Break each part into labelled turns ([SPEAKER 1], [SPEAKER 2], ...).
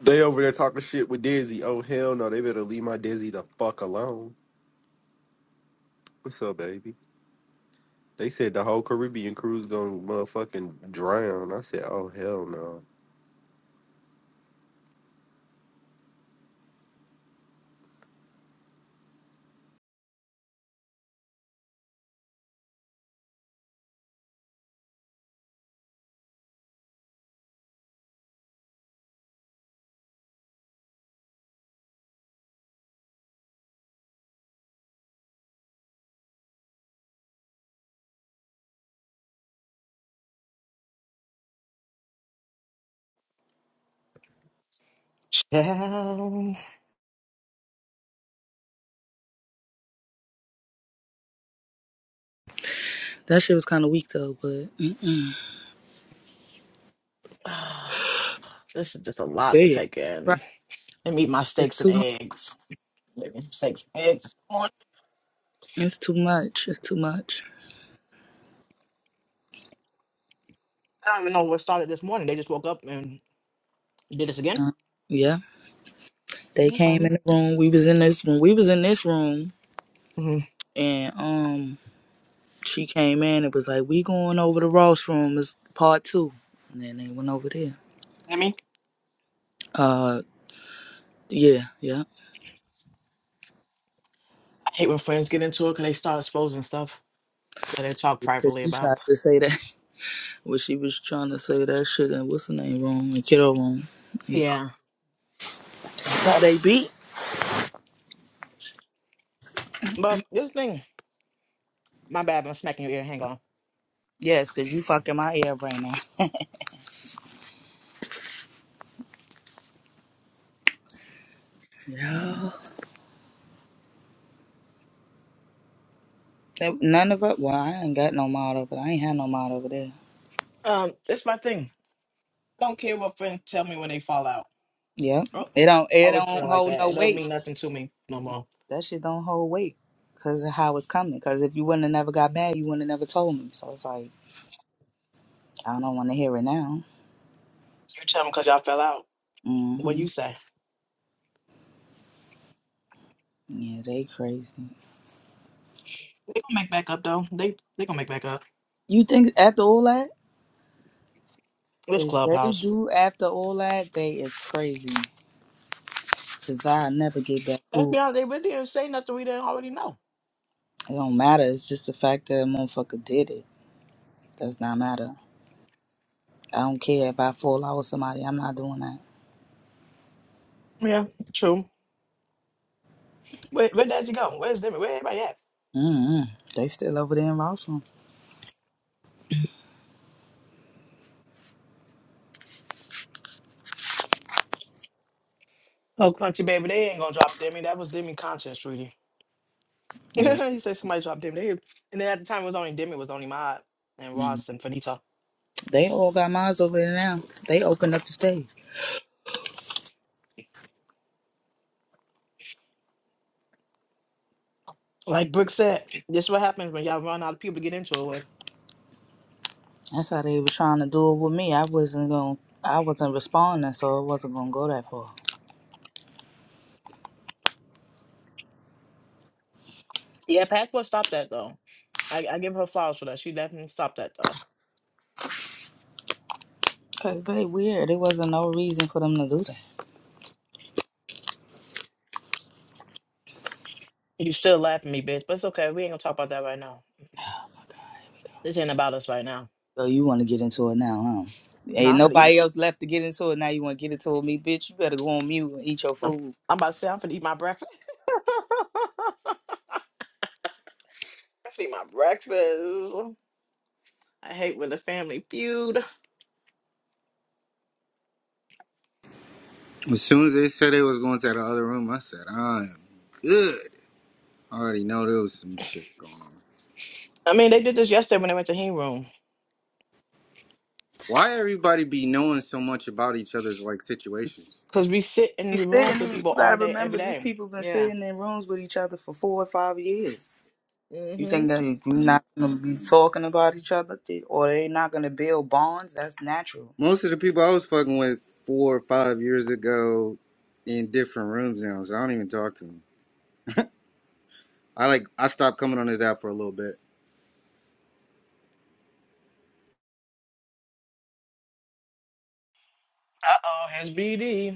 [SPEAKER 1] They over there talking shit with Dizzy. Oh hell no, they better leave my Dizzy the fuck alone. What's up, baby? They said the whole Caribbean crew's gonna motherfucking drown. I said, oh hell no.
[SPEAKER 2] Yeah,
[SPEAKER 3] That shit was kind of weak though, but mm-mm.
[SPEAKER 2] this is just a lot to take
[SPEAKER 3] Right.
[SPEAKER 2] in. Let me eat my
[SPEAKER 3] it's
[SPEAKER 2] steaks and
[SPEAKER 3] too much.
[SPEAKER 2] eggs. Let me Steaks and eggs. this morning.
[SPEAKER 3] It's too much. It's too much.
[SPEAKER 2] I don't even know what started this morning. They just woke up and did this again.
[SPEAKER 3] Uh, yeah, they came
[SPEAKER 2] Okay.
[SPEAKER 3] in the room. We was in this room. We was in this room,
[SPEAKER 2] hmm
[SPEAKER 3] and um, she came in. It was like we going over to Ross room. It's part two, and then they went over there.
[SPEAKER 2] I mean,
[SPEAKER 3] Uh, yeah, yeah.
[SPEAKER 2] I hate when friends get into it because they start exposing stuff that they talk
[SPEAKER 3] 'Cause
[SPEAKER 2] privately
[SPEAKER 3] she tried
[SPEAKER 2] about.
[SPEAKER 3] to say that. Well, she was trying to say that shit. And what's the name wrong? The kiddo wrong. He,
[SPEAKER 2] Yeah.
[SPEAKER 3] how they beat?
[SPEAKER 2] But this thing, my bad, I'm smacking your ear. Hang on.
[SPEAKER 3] Yes, cause you fucking my ear right now. Yeah. Nope, None of it. Well, I ain't got no mod over. I ain't had no mod over there.
[SPEAKER 2] Um, it's my thing. I don't care what friends tell me when they fall out.
[SPEAKER 3] Yep.
[SPEAKER 2] Oh,
[SPEAKER 3] It don't. It
[SPEAKER 2] always
[SPEAKER 3] don't
[SPEAKER 2] been like
[SPEAKER 3] hold
[SPEAKER 2] that.
[SPEAKER 3] no
[SPEAKER 2] It don't
[SPEAKER 3] weight.
[SPEAKER 2] mean nothing to me no more.
[SPEAKER 3] That shit don't hold weight because of how it's coming. Because if you wouldn't have never got mad, you wouldn't have never told me. So it's like I don't want to hear it now.
[SPEAKER 2] You tell them because y'all fell out. What
[SPEAKER 3] hmm
[SPEAKER 2] you say?
[SPEAKER 3] Yeah, they crazy.
[SPEAKER 2] They gonna make back up though. They they gonna make back up.
[SPEAKER 3] You think after all that,
[SPEAKER 2] This
[SPEAKER 3] if they
[SPEAKER 2] clubhouse.
[SPEAKER 3] do after all that, they is crazy. Cause I never get back
[SPEAKER 2] Let's
[SPEAKER 3] cool.
[SPEAKER 2] be honest, they really didn't say nothing we didn't already know.
[SPEAKER 3] It don't matter. It's just the fact that a motherfucker did it. Does not matter. I don't care if I fall out with somebody. I'm not doing that.
[SPEAKER 2] Yeah, true. Where where Daddy go? Where's Demi? Where everybody at?
[SPEAKER 3] Mm-mm. They still over there in Rossville.
[SPEAKER 2] Oh, country baby, they ain't gonna drop Demi. That was Demi content, sweetie.
[SPEAKER 3] Yeah.
[SPEAKER 2] he said somebody dropped Demi. They, and then at the time it was only Demi was the only mod and
[SPEAKER 3] Mm.
[SPEAKER 2] Ross and Finita.
[SPEAKER 3] They all got mines over there now. They opened up the stage.
[SPEAKER 2] Like Brooke said, this is what happens when y'all run out of people to get into it with.
[SPEAKER 3] That's how they was trying to do it with me. I wasn't going to I wasn't responding, so it wasn't gonna go that far.
[SPEAKER 2] Yeah, Pac will stop that though. I, I give her flowers for that. She definitely stopped that though.
[SPEAKER 3] Cause they weird. There wasn't no reason for them to do that.
[SPEAKER 2] You still laughing at me, bitch, but it's okay. We ain't gonna talk about that right now. This ain't about us right now.
[SPEAKER 3] So you want to get into it now, huh?
[SPEAKER 2] No,
[SPEAKER 3] Ain't
[SPEAKER 2] I'm finna eat.
[SPEAKER 3] nobody else left to get into it. Now you want to get into it with me, bitch? You better go on mute and eat your
[SPEAKER 2] I'm
[SPEAKER 3] food.
[SPEAKER 2] I'm about to say I'm finna eat my breakfast. I'm finna eat my breakfast. I hate when the family feud.
[SPEAKER 4] As soon as they said they was going to the other room, I said, I am good. I already know there was some shit going on.
[SPEAKER 2] I mean, they did this yesterday when they went to hang room
[SPEAKER 4] Why everybody be knowing so much about each other's like situations?
[SPEAKER 2] because we sit in
[SPEAKER 3] Be
[SPEAKER 2] the
[SPEAKER 3] sitting.
[SPEAKER 2] rooms with
[SPEAKER 3] in- You
[SPEAKER 2] people
[SPEAKER 3] gotta
[SPEAKER 2] all day, every
[SPEAKER 3] remember, these
[SPEAKER 2] day.
[SPEAKER 3] people been
[SPEAKER 2] Yeah.
[SPEAKER 3] sitting in rooms with each other for four or five years. You
[SPEAKER 2] Mm-hmm.
[SPEAKER 3] think that you're not gonna be talking about each other, th- or they not gonna build bonds? That's natural.
[SPEAKER 4] Most of the people I was fucking with four or five years ago in different rooms now, so I don't even talk to them. I like I stopped coming on this app for a little bit.
[SPEAKER 2] Uh oh, here's BD.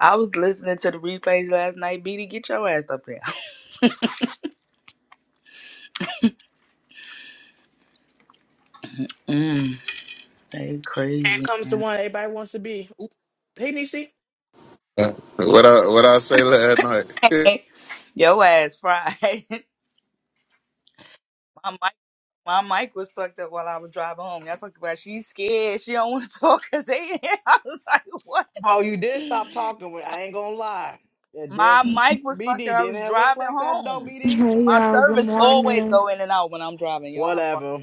[SPEAKER 3] I was listening to the replays last night. BD, get your ass up there. Mm, they
[SPEAKER 2] Here
[SPEAKER 3] crazy,
[SPEAKER 2] comes the
[SPEAKER 3] man.
[SPEAKER 2] one everybody wants to be. Oop. Hey, Nisi.
[SPEAKER 5] Uh, what I what I say last night.
[SPEAKER 3] your ass fried. my mic, my mic was plugged up while I was driving home. Y'all talking about she's scared. She don't want to talk because they. I was like, what?
[SPEAKER 2] Oh, you did stop talking. With, I ain't gonna lie. It did.
[SPEAKER 3] My mic was fucked up.
[SPEAKER 2] BD,
[SPEAKER 3] I
[SPEAKER 2] didn't
[SPEAKER 3] was
[SPEAKER 2] it look
[SPEAKER 3] driving
[SPEAKER 2] like that though,
[SPEAKER 3] home.
[SPEAKER 2] BD?
[SPEAKER 6] Hey
[SPEAKER 3] My
[SPEAKER 6] y'all, good
[SPEAKER 3] service always
[SPEAKER 6] morning.
[SPEAKER 3] go in and out when I'm driving. Y'all,
[SPEAKER 2] Whatever.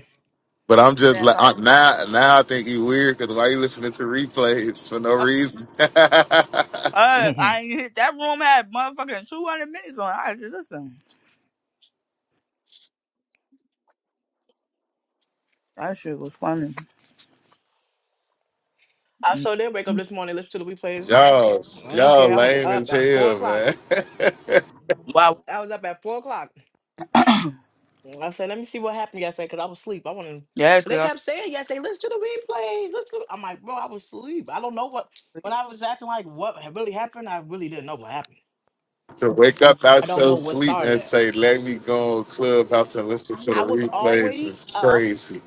[SPEAKER 5] but I'm just like I,
[SPEAKER 3] fuck.
[SPEAKER 5] now. Now I think he weird because why you listening to replays for no reason?
[SPEAKER 3] Uh,
[SPEAKER 2] I
[SPEAKER 3] I ain't hit that room had motherfucking two hundred minutes on. it. I just listen. That shit was funny. Mm.
[SPEAKER 2] so did wake up this morning, listen to the replays.
[SPEAKER 5] y'all,
[SPEAKER 2] I don't
[SPEAKER 5] y'all
[SPEAKER 2] care. I was
[SPEAKER 5] lame
[SPEAKER 2] up
[SPEAKER 5] as
[SPEAKER 2] at four
[SPEAKER 5] hell,
[SPEAKER 2] o'clock.
[SPEAKER 5] man.
[SPEAKER 3] Wow.
[SPEAKER 2] I was up at four o'clock. And I said, let me see what happened yesterday because I was asleep. I want to.
[SPEAKER 3] Yeah, it's
[SPEAKER 2] They
[SPEAKER 3] cause
[SPEAKER 2] kept saying yesterday, listen to the replay. Listen. to-" I'm like, bro, I was asleep. I don't know what.
[SPEAKER 3] I,
[SPEAKER 2] When I was acting like what had really happened, I really didn't know what happened.
[SPEAKER 5] to wake up
[SPEAKER 2] I
[SPEAKER 5] out
[SPEAKER 2] don't
[SPEAKER 5] your
[SPEAKER 2] know what
[SPEAKER 5] sleep
[SPEAKER 2] started
[SPEAKER 5] and
[SPEAKER 2] it.
[SPEAKER 5] say, "Let me go on clubhouse and listen to
[SPEAKER 2] I
[SPEAKER 5] the
[SPEAKER 2] was
[SPEAKER 5] replays"
[SPEAKER 2] already
[SPEAKER 5] is
[SPEAKER 2] up.
[SPEAKER 5] crazy.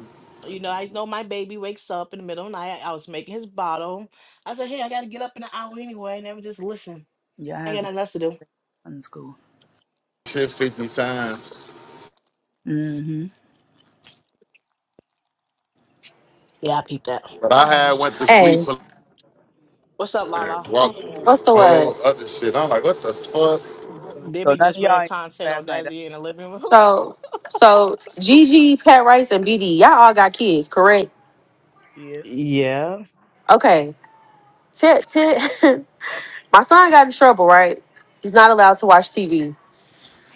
[SPEAKER 2] You know, I just know my baby wakes up in the middle of the night. I was making his bottle. I said, hey, I got to get up in an hour anyway. And then just listen.
[SPEAKER 3] yeah, I
[SPEAKER 2] I
[SPEAKER 3] had
[SPEAKER 2] got
[SPEAKER 3] to get
[SPEAKER 2] nothing else to do.
[SPEAKER 3] from school.
[SPEAKER 5] Shit, fifty times.
[SPEAKER 3] hmm
[SPEAKER 2] Yeah, I peeped that.
[SPEAKER 5] But I had went to sleep
[SPEAKER 7] Hey,
[SPEAKER 5] for
[SPEAKER 2] What's up,
[SPEAKER 5] and
[SPEAKER 2] Lala?
[SPEAKER 5] walked with this
[SPEAKER 7] what's the word?
[SPEAKER 5] whole other shit. I'm like, what the fuck?
[SPEAKER 3] So
[SPEAKER 2] Demi
[SPEAKER 3] none of
[SPEAKER 2] just
[SPEAKER 3] y'all
[SPEAKER 2] ran
[SPEAKER 3] ain't
[SPEAKER 2] content
[SPEAKER 3] last
[SPEAKER 2] on
[SPEAKER 3] night. That,
[SPEAKER 2] Dazzy in the living room.
[SPEAKER 7] So, so Gigi, Pat Rice, and BD, y'all all got kids, correct?
[SPEAKER 3] yeah,
[SPEAKER 2] yeah.
[SPEAKER 7] Okay. T- t- my son got in trouble, right? He's not allowed to watch TV.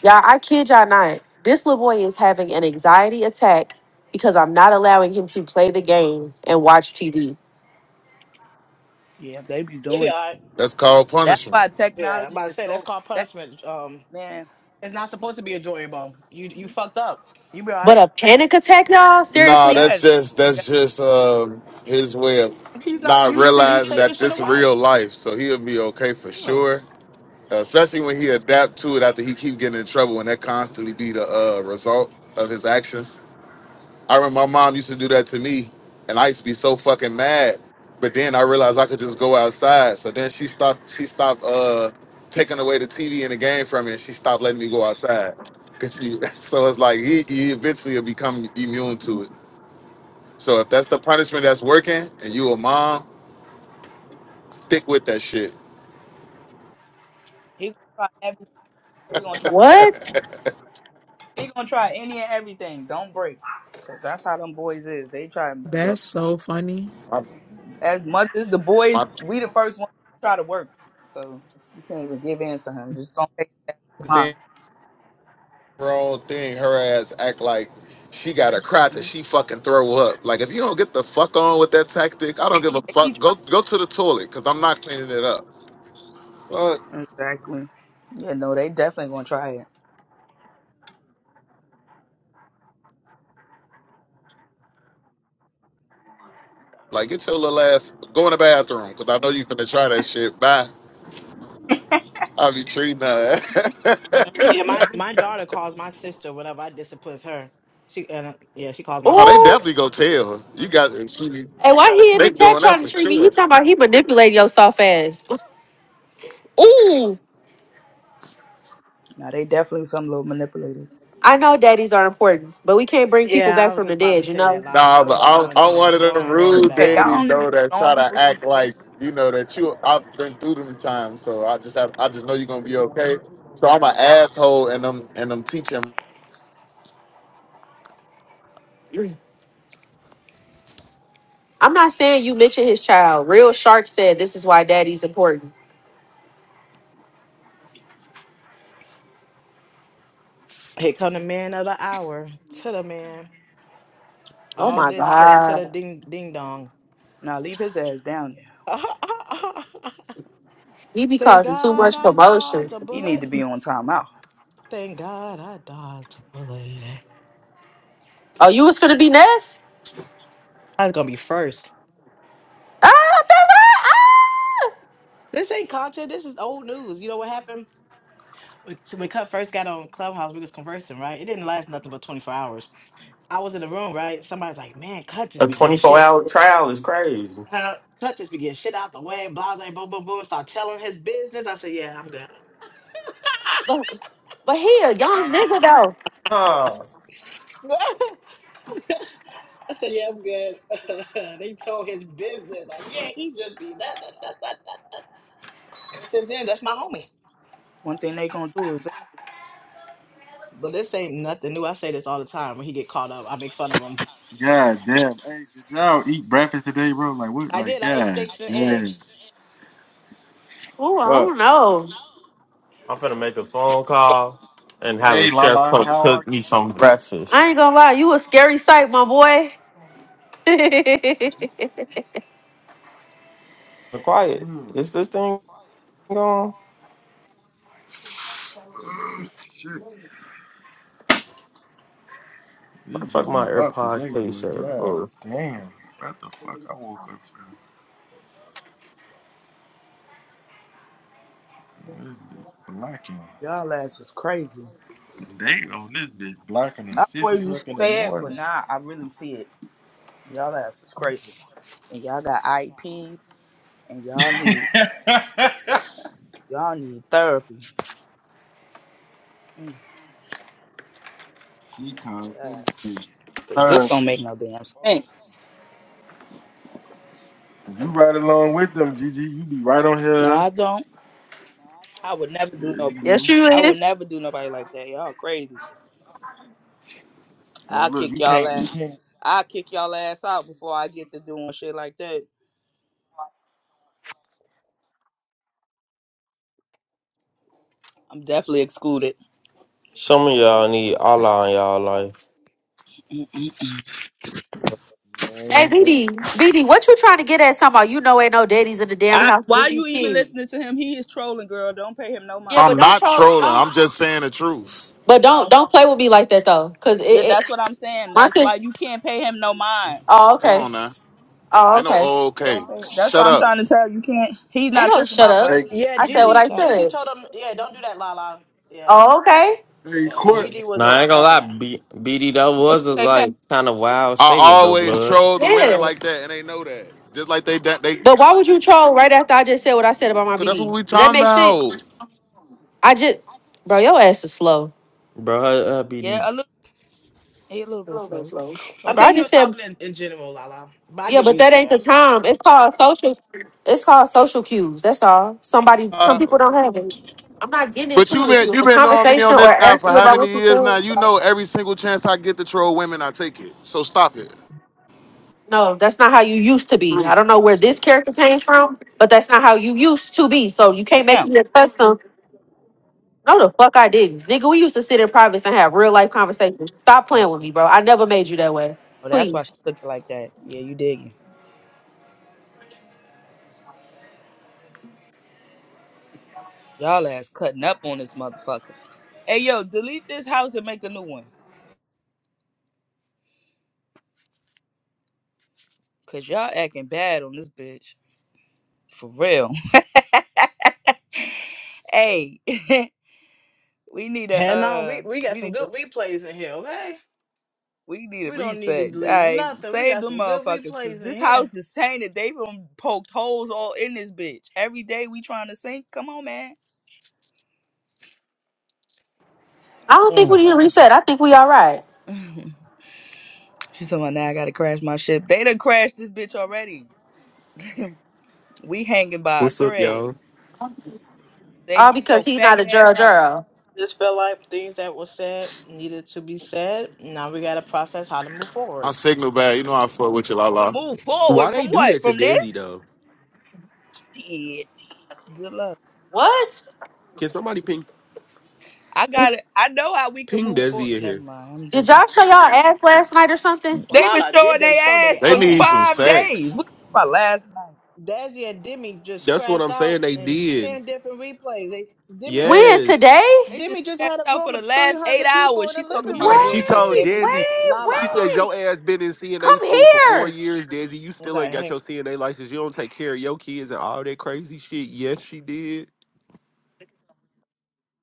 [SPEAKER 7] Y'all, I kid y'all not. This little boy is having an anxiety attack because I'm not allowing him to play the game and watch TV.
[SPEAKER 3] yeah, they be
[SPEAKER 2] he be
[SPEAKER 3] doing.
[SPEAKER 2] all right.
[SPEAKER 5] That's called
[SPEAKER 3] That's
[SPEAKER 5] punishment.
[SPEAKER 3] why
[SPEAKER 2] Yeah, I'm
[SPEAKER 3] technology
[SPEAKER 2] about to
[SPEAKER 3] is
[SPEAKER 2] say that's
[SPEAKER 3] so
[SPEAKER 2] called
[SPEAKER 3] that
[SPEAKER 2] punishment. Um,
[SPEAKER 3] man.
[SPEAKER 2] it's not supposed to be enjoyable. You you fucked up. You be
[SPEAKER 7] But
[SPEAKER 2] alright.
[SPEAKER 7] a panic attack, y'all?
[SPEAKER 5] Nah,
[SPEAKER 7] Seriously?
[SPEAKER 5] that's
[SPEAKER 3] Yes,
[SPEAKER 5] just
[SPEAKER 3] yes.
[SPEAKER 5] that's just uh,
[SPEAKER 3] we-
[SPEAKER 5] his way of
[SPEAKER 2] He's not
[SPEAKER 5] not
[SPEAKER 2] used to you
[SPEAKER 5] realizing
[SPEAKER 2] taking
[SPEAKER 5] that
[SPEAKER 2] shit
[SPEAKER 5] this real
[SPEAKER 2] away.
[SPEAKER 5] life. So he'll be okay for
[SPEAKER 2] Yeah.
[SPEAKER 5] sure. Uh, especially when he adapt to it after he keep getting in trouble, and that constantly be the uh, result of his actions. I remember my mom used to do that to me, and I used to be so fucking mad. But then I realized I could just go outside. So then she stopped. She stopped uh, taking away the TV and the game from me, and she stopped letting me go outside. Cause she, so it's like he, he eventually will become immune to it. So if that's the punishment that's working and you a mom, stick with that shit.
[SPEAKER 3] He gonna try everything. He gonna try. Everything.
[SPEAKER 7] What?
[SPEAKER 3] He gonna try any and everything. Don't break, cause that's how them boys is. They try. to.
[SPEAKER 6] That's me.
[SPEAKER 3] As mothers, the boys, we the first ones to try to work. So you can't even give in to him. Just don't take that
[SPEAKER 5] Thing
[SPEAKER 3] line.
[SPEAKER 5] wrong thing, her ass act like she got a crotch that
[SPEAKER 3] Mhm.
[SPEAKER 5] she fucking throw up. Like if you don't get the fuck on with that tactic, I don't give a
[SPEAKER 3] They be
[SPEAKER 5] fuck. Go go to the toilet because I'm not cleaning it up. Fuck.
[SPEAKER 3] trying. Exactly. Yeah, no, they definitely gonna try it.
[SPEAKER 5] Like get your little ass go in the bathroom because I know you finna try that shit. Bye. I'll be treating her.
[SPEAKER 2] Yeah,
[SPEAKER 3] Mhm.
[SPEAKER 2] my my daughter calls my sister whenever I disciplines her. She and uh, yeah, she calls my
[SPEAKER 5] oh, they
[SPEAKER 2] sister.
[SPEAKER 7] Ooh.
[SPEAKER 5] definitely go tell. You got she,
[SPEAKER 7] Hey, why he in
[SPEAKER 2] Huh?
[SPEAKER 5] they
[SPEAKER 7] the chat
[SPEAKER 5] doing that
[SPEAKER 7] trying to
[SPEAKER 5] for
[SPEAKER 7] treat me?
[SPEAKER 5] sure.
[SPEAKER 7] He talking about he manipulating your soft ass. Ooh.
[SPEAKER 3] Now they definitely some little manipulators.
[SPEAKER 7] I know daddies are important, but we can't bring people
[SPEAKER 2] Yeah,
[SPEAKER 7] back
[SPEAKER 2] I was
[SPEAKER 7] from the
[SPEAKER 2] just about to
[SPEAKER 7] dead, you
[SPEAKER 2] say
[SPEAKER 7] know?
[SPEAKER 2] that, Lala.
[SPEAKER 5] Nah,
[SPEAKER 2] Don't
[SPEAKER 5] but
[SPEAKER 2] even
[SPEAKER 5] I'm,
[SPEAKER 2] go into
[SPEAKER 5] I'm one of
[SPEAKER 2] that. Don't
[SPEAKER 5] them
[SPEAKER 2] even go into
[SPEAKER 5] rude
[SPEAKER 2] that.
[SPEAKER 3] Yeah,
[SPEAKER 2] Uh,
[SPEAKER 3] y'all
[SPEAKER 5] daddies
[SPEAKER 3] don't even
[SPEAKER 5] though that
[SPEAKER 3] know
[SPEAKER 5] try to
[SPEAKER 3] people's
[SPEAKER 5] act
[SPEAKER 3] situations.
[SPEAKER 5] like you
[SPEAKER 3] Y'all
[SPEAKER 5] know
[SPEAKER 3] just
[SPEAKER 5] that
[SPEAKER 3] saying
[SPEAKER 5] you
[SPEAKER 3] stuff.
[SPEAKER 5] I've been through them times, so I just have I just know you're gonna be okay. So I'm an asshole, and I'm and I'm teaching.
[SPEAKER 7] I'm not saying you mention his child. Real Shark said this is why daddy's important.
[SPEAKER 2] here come the man of the hour. To the man.
[SPEAKER 7] Oh
[SPEAKER 2] All
[SPEAKER 3] Mm-mm.
[SPEAKER 7] my
[SPEAKER 2] this cause to the
[SPEAKER 7] God.
[SPEAKER 2] ding ding dong.
[SPEAKER 3] Now leave his ass down there.
[SPEAKER 7] He be
[SPEAKER 2] Thank
[SPEAKER 7] causing too
[SPEAKER 2] God
[SPEAKER 7] much
[SPEAKER 2] I dodged
[SPEAKER 7] commotion.
[SPEAKER 2] a
[SPEAKER 3] He need
[SPEAKER 2] bullet.
[SPEAKER 3] to be on timeout.
[SPEAKER 2] Thank God I dodged a bullet.
[SPEAKER 7] Oh, you was gonna be next?
[SPEAKER 2] I was gonna be first.
[SPEAKER 7] Ah, baby, ah!
[SPEAKER 2] This ain't content. This is old news. You know what happened when, so when Cut first got on Clubhouse? We was conversing, right? It didn't last nothing but twenty four hours. I was in the room, right? Somebody's like, "Man, Cut
[SPEAKER 8] A
[SPEAKER 2] just began
[SPEAKER 8] 24
[SPEAKER 2] shit.
[SPEAKER 8] hour trial is crazy.
[SPEAKER 2] Uh, Cut just began shit out the way." Blah blah boom boom boom. Start telling his business. I said, "Yeah, I'm good."
[SPEAKER 7] But, but he a young nigga though.
[SPEAKER 8] Ah,
[SPEAKER 2] I said, "Yeah, I'm good." they told his business, like, "Yeah, he just be that that that that." that." Ever since then, that's my homie.
[SPEAKER 3] One thing they gonna do is they,
[SPEAKER 2] But this ain't nothing new. I say this all the time. When he get caught up, I make fun of him.
[SPEAKER 9] God damn. Hey, did y'all eat breakfast today, bro? Like, what?
[SPEAKER 2] I
[SPEAKER 9] Like,
[SPEAKER 2] did. I ate
[SPEAKER 9] God
[SPEAKER 2] steaks and
[SPEAKER 9] damn.
[SPEAKER 2] eggs.
[SPEAKER 7] Oh, I
[SPEAKER 9] Fuck.
[SPEAKER 7] don't know.
[SPEAKER 8] I'm finna make a phone call and have
[SPEAKER 9] Hey,
[SPEAKER 8] a chef
[SPEAKER 9] Lala,
[SPEAKER 8] cook,
[SPEAKER 9] how are
[SPEAKER 8] cook me
[SPEAKER 9] you?
[SPEAKER 8] some breakfast.
[SPEAKER 7] I ain't gonna lie, you a scary sight, my boy. yes,
[SPEAKER 8] Quiet.
[SPEAKER 9] Damn.
[SPEAKER 8] Is this thing going?
[SPEAKER 9] Ugh, Shit.
[SPEAKER 8] What
[SPEAKER 9] This
[SPEAKER 8] the fuck
[SPEAKER 9] bitch
[SPEAKER 8] my
[SPEAKER 9] went up
[SPEAKER 8] AirPod
[SPEAKER 9] today,
[SPEAKER 8] case
[SPEAKER 9] boy.
[SPEAKER 8] shirt
[SPEAKER 9] God
[SPEAKER 8] for?
[SPEAKER 9] damn. What the fuck I woke up to? This bitch blacking.
[SPEAKER 3] y'all ass is crazy.
[SPEAKER 9] Damn, this bitch blacking at
[SPEAKER 3] I
[SPEAKER 9] 6
[SPEAKER 3] always used
[SPEAKER 9] o'clock
[SPEAKER 3] to
[SPEAKER 9] in the
[SPEAKER 3] say it, but
[SPEAKER 9] morning.
[SPEAKER 3] now I really see it. Y'all ass is crazy, and y'all got IEPs, and y'all need Y'all need therapy. Mm,
[SPEAKER 9] she called that
[SPEAKER 3] God.
[SPEAKER 9] bitch.
[SPEAKER 3] This
[SPEAKER 9] Uh,
[SPEAKER 3] don't make no damn sense.
[SPEAKER 9] you ride along with them, Gigi. You be right on
[SPEAKER 3] No,
[SPEAKER 9] here.
[SPEAKER 3] I don't. I would never do
[SPEAKER 9] Yeah,
[SPEAKER 3] no.
[SPEAKER 9] you do.
[SPEAKER 7] you
[SPEAKER 3] I would
[SPEAKER 7] is.
[SPEAKER 3] never do nobody like that. Y'all crazy.
[SPEAKER 9] Hey,
[SPEAKER 3] I'll
[SPEAKER 9] look,
[SPEAKER 3] kick
[SPEAKER 9] you
[SPEAKER 3] y'all
[SPEAKER 9] can't, you
[SPEAKER 3] ass.
[SPEAKER 9] can't.
[SPEAKER 3] I'll kick y'all ass out before I get to doing shit like that. I'm definitely excluded.
[SPEAKER 8] Some of y'all need Allah in y'all life.
[SPEAKER 3] Mm-mm.
[SPEAKER 7] Hey,
[SPEAKER 9] Man, that,
[SPEAKER 7] BD, BD, what you trying to get at? Talking about you know ain't no daddies in the damn
[SPEAKER 3] I,
[SPEAKER 7] house with
[SPEAKER 3] why
[SPEAKER 7] these
[SPEAKER 3] you even
[SPEAKER 7] kids.
[SPEAKER 3] listening to him? He is trolling, girl. Don't pay him no
[SPEAKER 7] Yeah,
[SPEAKER 3] mind.
[SPEAKER 7] but
[SPEAKER 5] I'm
[SPEAKER 7] don't
[SPEAKER 5] not
[SPEAKER 7] troll.
[SPEAKER 5] trolling. I'm
[SPEAKER 7] Don't.
[SPEAKER 5] just saying the truth.
[SPEAKER 7] But don't
[SPEAKER 3] No,
[SPEAKER 7] don't play with me like that though, cause it.
[SPEAKER 3] yeah,
[SPEAKER 7] it
[SPEAKER 3] that's what I'm saying.
[SPEAKER 7] my
[SPEAKER 3] That's
[SPEAKER 7] sis.
[SPEAKER 3] why you can't pay him no mind.
[SPEAKER 7] Oh
[SPEAKER 5] Come
[SPEAKER 7] okay.
[SPEAKER 5] on now,
[SPEAKER 7] Oh
[SPEAKER 5] ain't no
[SPEAKER 7] okay.
[SPEAKER 5] oh,
[SPEAKER 3] Don't
[SPEAKER 5] okay.
[SPEAKER 3] pay. That's
[SPEAKER 5] Shut
[SPEAKER 3] why I'm
[SPEAKER 5] up.
[SPEAKER 3] trying to tell you. you can't. He's
[SPEAKER 7] Ain't
[SPEAKER 3] not
[SPEAKER 7] no
[SPEAKER 3] talking
[SPEAKER 7] shut
[SPEAKER 3] about
[SPEAKER 7] up.
[SPEAKER 9] hey,
[SPEAKER 3] us.
[SPEAKER 2] Yeah,
[SPEAKER 7] I
[SPEAKER 3] We
[SPEAKER 7] said what
[SPEAKER 3] just
[SPEAKER 7] I
[SPEAKER 2] Gigi.
[SPEAKER 3] chatting.
[SPEAKER 2] Gigi
[SPEAKER 7] said.
[SPEAKER 2] told him, yeah, don't do that, Lala. Yeah, c-
[SPEAKER 7] Oh okay.
[SPEAKER 9] hey,
[SPEAKER 2] yeah, cause
[SPEAKER 3] Oh,
[SPEAKER 9] Court,
[SPEAKER 3] man.
[SPEAKER 2] Gigi
[SPEAKER 8] Nah, I
[SPEAKER 2] wasn't
[SPEAKER 8] ain't gonna
[SPEAKER 2] on
[SPEAKER 8] lie,
[SPEAKER 2] that.
[SPEAKER 8] B- BD, that
[SPEAKER 3] what
[SPEAKER 8] was a
[SPEAKER 3] you say, Pat?
[SPEAKER 8] like kind of wild
[SPEAKER 5] I
[SPEAKER 8] statement though,
[SPEAKER 5] always
[SPEAKER 8] blood.
[SPEAKER 5] troll the women
[SPEAKER 7] Yeah.
[SPEAKER 5] like that, and they know that. Just like they that they,
[SPEAKER 7] But why
[SPEAKER 5] cause
[SPEAKER 7] would you troll right after I just said what I said about my
[SPEAKER 5] that's what
[SPEAKER 7] BD?
[SPEAKER 5] we
[SPEAKER 7] Do that
[SPEAKER 5] talking
[SPEAKER 7] make sense? I just, bro, your ass is slow.
[SPEAKER 8] Bro, uh,
[SPEAKER 3] Yeah,
[SPEAKER 8] BD.
[SPEAKER 3] a little, he a little bit slow.
[SPEAKER 2] I
[SPEAKER 7] Bro,
[SPEAKER 3] Okay,
[SPEAKER 7] I
[SPEAKER 2] think he
[SPEAKER 7] just
[SPEAKER 2] was
[SPEAKER 7] said
[SPEAKER 2] talking in, in general, Lala. But I
[SPEAKER 7] yeah,
[SPEAKER 2] get what
[SPEAKER 7] but
[SPEAKER 2] you
[SPEAKER 7] that ain't the
[SPEAKER 2] saying.
[SPEAKER 7] time. It's called social. It's called social cues. That's all. Somebody, some
[SPEAKER 5] about.
[SPEAKER 7] people don't have it. I'm not getting
[SPEAKER 5] But
[SPEAKER 7] into
[SPEAKER 5] you
[SPEAKER 7] it with
[SPEAKER 5] been
[SPEAKER 7] you. If
[SPEAKER 5] you
[SPEAKER 7] a
[SPEAKER 5] been knowing me on
[SPEAKER 7] conversation or
[SPEAKER 5] this app
[SPEAKER 7] ask
[SPEAKER 5] for
[SPEAKER 7] you
[SPEAKER 5] how
[SPEAKER 7] about
[SPEAKER 5] many
[SPEAKER 7] what you
[SPEAKER 5] years now? You
[SPEAKER 7] feel.
[SPEAKER 5] know every single chance I get to troll women, I take it. So stop it.
[SPEAKER 7] No, that's not how you used to be.
[SPEAKER 5] My
[SPEAKER 7] I don't know where this character came from, but that's not how you used to be. So you can't make
[SPEAKER 3] damn.
[SPEAKER 7] me a custom. No, the fuck I didn't. Nigga, we used to sit in privates and have real life conversations. Stop
[SPEAKER 3] Oh,
[SPEAKER 7] playing with me, bro. I never made you that way.
[SPEAKER 3] oh, that's why she
[SPEAKER 7] Please.
[SPEAKER 3] took it like that. Yeah, you digging. Y'all ass cutting up on this motherfucker. Hey, yo, delete this house and make a new one. Cause y'all acting bad on this bitch. For real. hey, we need a
[SPEAKER 2] Hell no,
[SPEAKER 3] uh,
[SPEAKER 2] we we got
[SPEAKER 3] we
[SPEAKER 2] some
[SPEAKER 3] need a
[SPEAKER 2] good replays in here. Okay,
[SPEAKER 3] we need a
[SPEAKER 2] we don't need to
[SPEAKER 3] reset. All
[SPEAKER 2] delete
[SPEAKER 3] right,
[SPEAKER 2] nothing. We
[SPEAKER 3] save
[SPEAKER 2] got
[SPEAKER 3] them
[SPEAKER 2] some good
[SPEAKER 3] motherfuckers, cause
[SPEAKER 2] replays in
[SPEAKER 3] this
[SPEAKER 2] here.
[SPEAKER 3] house is tainted. They been poked holes all in this bitch. Every day we trying to sink. Come on, man.
[SPEAKER 7] I don't think
[SPEAKER 3] How
[SPEAKER 7] we
[SPEAKER 2] Mm.
[SPEAKER 7] need
[SPEAKER 3] about
[SPEAKER 7] to reset. I think we all right.
[SPEAKER 3] that? She said, well, now I gotta crash my ship. They done crashed this bitch already. we hanging by a
[SPEAKER 1] What's up,
[SPEAKER 3] thread.
[SPEAKER 1] y'all?
[SPEAKER 3] They
[SPEAKER 7] All
[SPEAKER 3] get your
[SPEAKER 7] because he's not a
[SPEAKER 3] faggot
[SPEAKER 7] Juro
[SPEAKER 3] ass out.
[SPEAKER 7] Juro.
[SPEAKER 2] Just felt like things that were said needed to be said. Now we gotta process how to move forward.
[SPEAKER 5] signal bad. You know I fuck with you, la la.
[SPEAKER 3] Move
[SPEAKER 1] Why
[SPEAKER 3] forward
[SPEAKER 1] they
[SPEAKER 3] from
[SPEAKER 1] do
[SPEAKER 3] what?
[SPEAKER 1] that to
[SPEAKER 3] From this?
[SPEAKER 1] Dizzy though?
[SPEAKER 3] Shit. Good luck.
[SPEAKER 7] What?
[SPEAKER 1] Can somebody ping
[SPEAKER 3] I got it. I know how we can
[SPEAKER 1] ping
[SPEAKER 3] move forward.
[SPEAKER 1] Dizzy in
[SPEAKER 3] Never
[SPEAKER 1] here?
[SPEAKER 3] mind. I'm
[SPEAKER 7] Did
[SPEAKER 3] just.
[SPEAKER 7] y'all show y'all ass last night or something?
[SPEAKER 3] They been
[SPEAKER 2] Lala,
[SPEAKER 3] showing
[SPEAKER 2] did they show
[SPEAKER 3] their
[SPEAKER 2] their
[SPEAKER 3] ass
[SPEAKER 5] They
[SPEAKER 3] for
[SPEAKER 5] need
[SPEAKER 2] ass?
[SPEAKER 5] some
[SPEAKER 3] five days.
[SPEAKER 5] sex.
[SPEAKER 3] What about last night?
[SPEAKER 2] Dazzy and Demi just
[SPEAKER 1] That's what
[SPEAKER 2] crashed
[SPEAKER 1] I'm saying.
[SPEAKER 2] out
[SPEAKER 1] They
[SPEAKER 2] in
[SPEAKER 1] did.
[SPEAKER 2] ten different replays. They, Demi was
[SPEAKER 7] When?
[SPEAKER 2] just
[SPEAKER 1] Yes.
[SPEAKER 7] Today?
[SPEAKER 3] They just
[SPEAKER 2] Demi just
[SPEAKER 3] crashed
[SPEAKER 2] had a
[SPEAKER 3] out for
[SPEAKER 2] room
[SPEAKER 3] the
[SPEAKER 2] with three
[SPEAKER 3] last eight
[SPEAKER 2] hundred people
[SPEAKER 3] hours.
[SPEAKER 2] in the
[SPEAKER 3] She talking
[SPEAKER 2] living
[SPEAKER 3] about
[SPEAKER 1] Yes. She
[SPEAKER 3] win
[SPEAKER 2] room.
[SPEAKER 1] told
[SPEAKER 7] Wait,
[SPEAKER 3] today.
[SPEAKER 1] Dizzy.
[SPEAKER 7] wait,
[SPEAKER 2] La
[SPEAKER 1] She
[SPEAKER 2] la.
[SPEAKER 1] said
[SPEAKER 7] wait.
[SPEAKER 1] your ass been in CNA
[SPEAKER 7] Come
[SPEAKER 1] school for four
[SPEAKER 7] here.
[SPEAKER 1] years, Dizzy. You still ain't
[SPEAKER 2] Okay,
[SPEAKER 1] got
[SPEAKER 2] hang.
[SPEAKER 1] your CNA license. You don't take care of your kids and all that crazy shit. Yes, she did.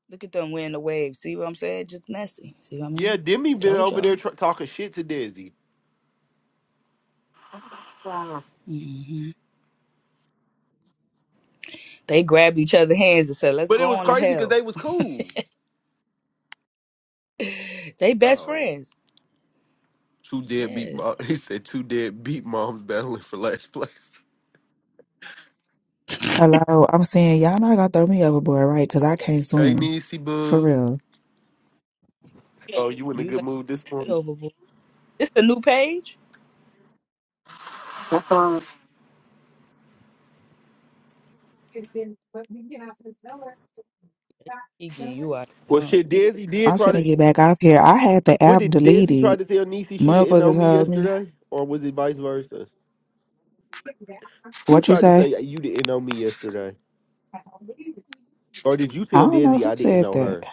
[SPEAKER 3] Look at them win the wave. See what I'm saying? Just messy. See what I
[SPEAKER 1] Yeah,
[SPEAKER 3] mean?
[SPEAKER 1] Demi been
[SPEAKER 3] Told
[SPEAKER 1] over there
[SPEAKER 3] y'all.
[SPEAKER 1] tr- talking shit to Dizzy, Wow!
[SPEAKER 3] Mhm. They grabbed each other's hands and said, "Let's
[SPEAKER 1] but
[SPEAKER 3] go
[SPEAKER 1] it was
[SPEAKER 3] on to
[SPEAKER 1] crazy because
[SPEAKER 3] hell."
[SPEAKER 1] they was cool.
[SPEAKER 3] they best
[SPEAKER 1] Oh,
[SPEAKER 3] friends.
[SPEAKER 1] two dead beat. Mo-
[SPEAKER 3] Yes,
[SPEAKER 1] he said two dead beat moms battling for last place.
[SPEAKER 10] Hello, I'm saying y'all not gonna throw me overboard, right? Because I can't
[SPEAKER 1] Hey,
[SPEAKER 10] swim.
[SPEAKER 1] Niecy
[SPEAKER 10] For
[SPEAKER 1] boo.
[SPEAKER 10] real.
[SPEAKER 1] Oh, you in a
[SPEAKER 3] you
[SPEAKER 1] good
[SPEAKER 3] let
[SPEAKER 1] mood this
[SPEAKER 3] me
[SPEAKER 1] morning?
[SPEAKER 3] overboard. This a new page. He getting you out, of
[SPEAKER 1] Well,
[SPEAKER 3] here, huh?
[SPEAKER 1] shit, Desi did
[SPEAKER 10] I'm
[SPEAKER 1] try
[SPEAKER 10] finna
[SPEAKER 1] to.
[SPEAKER 10] get back up here. I had the
[SPEAKER 1] What
[SPEAKER 10] app
[SPEAKER 1] did Desi try
[SPEAKER 10] deleted.
[SPEAKER 1] to tell Niecy she didn't know
[SPEAKER 10] Motherfuckers
[SPEAKER 1] me
[SPEAKER 10] told me.
[SPEAKER 1] yesterday, or was it vice versa? Who
[SPEAKER 10] What you
[SPEAKER 1] tried to
[SPEAKER 10] say?
[SPEAKER 1] say "Hey, you didn't know me yesterday, or did you
[SPEAKER 10] I
[SPEAKER 1] tell
[SPEAKER 10] don't know
[SPEAKER 1] Desi
[SPEAKER 10] who
[SPEAKER 1] I didn't
[SPEAKER 10] said
[SPEAKER 1] know
[SPEAKER 10] that.
[SPEAKER 1] her?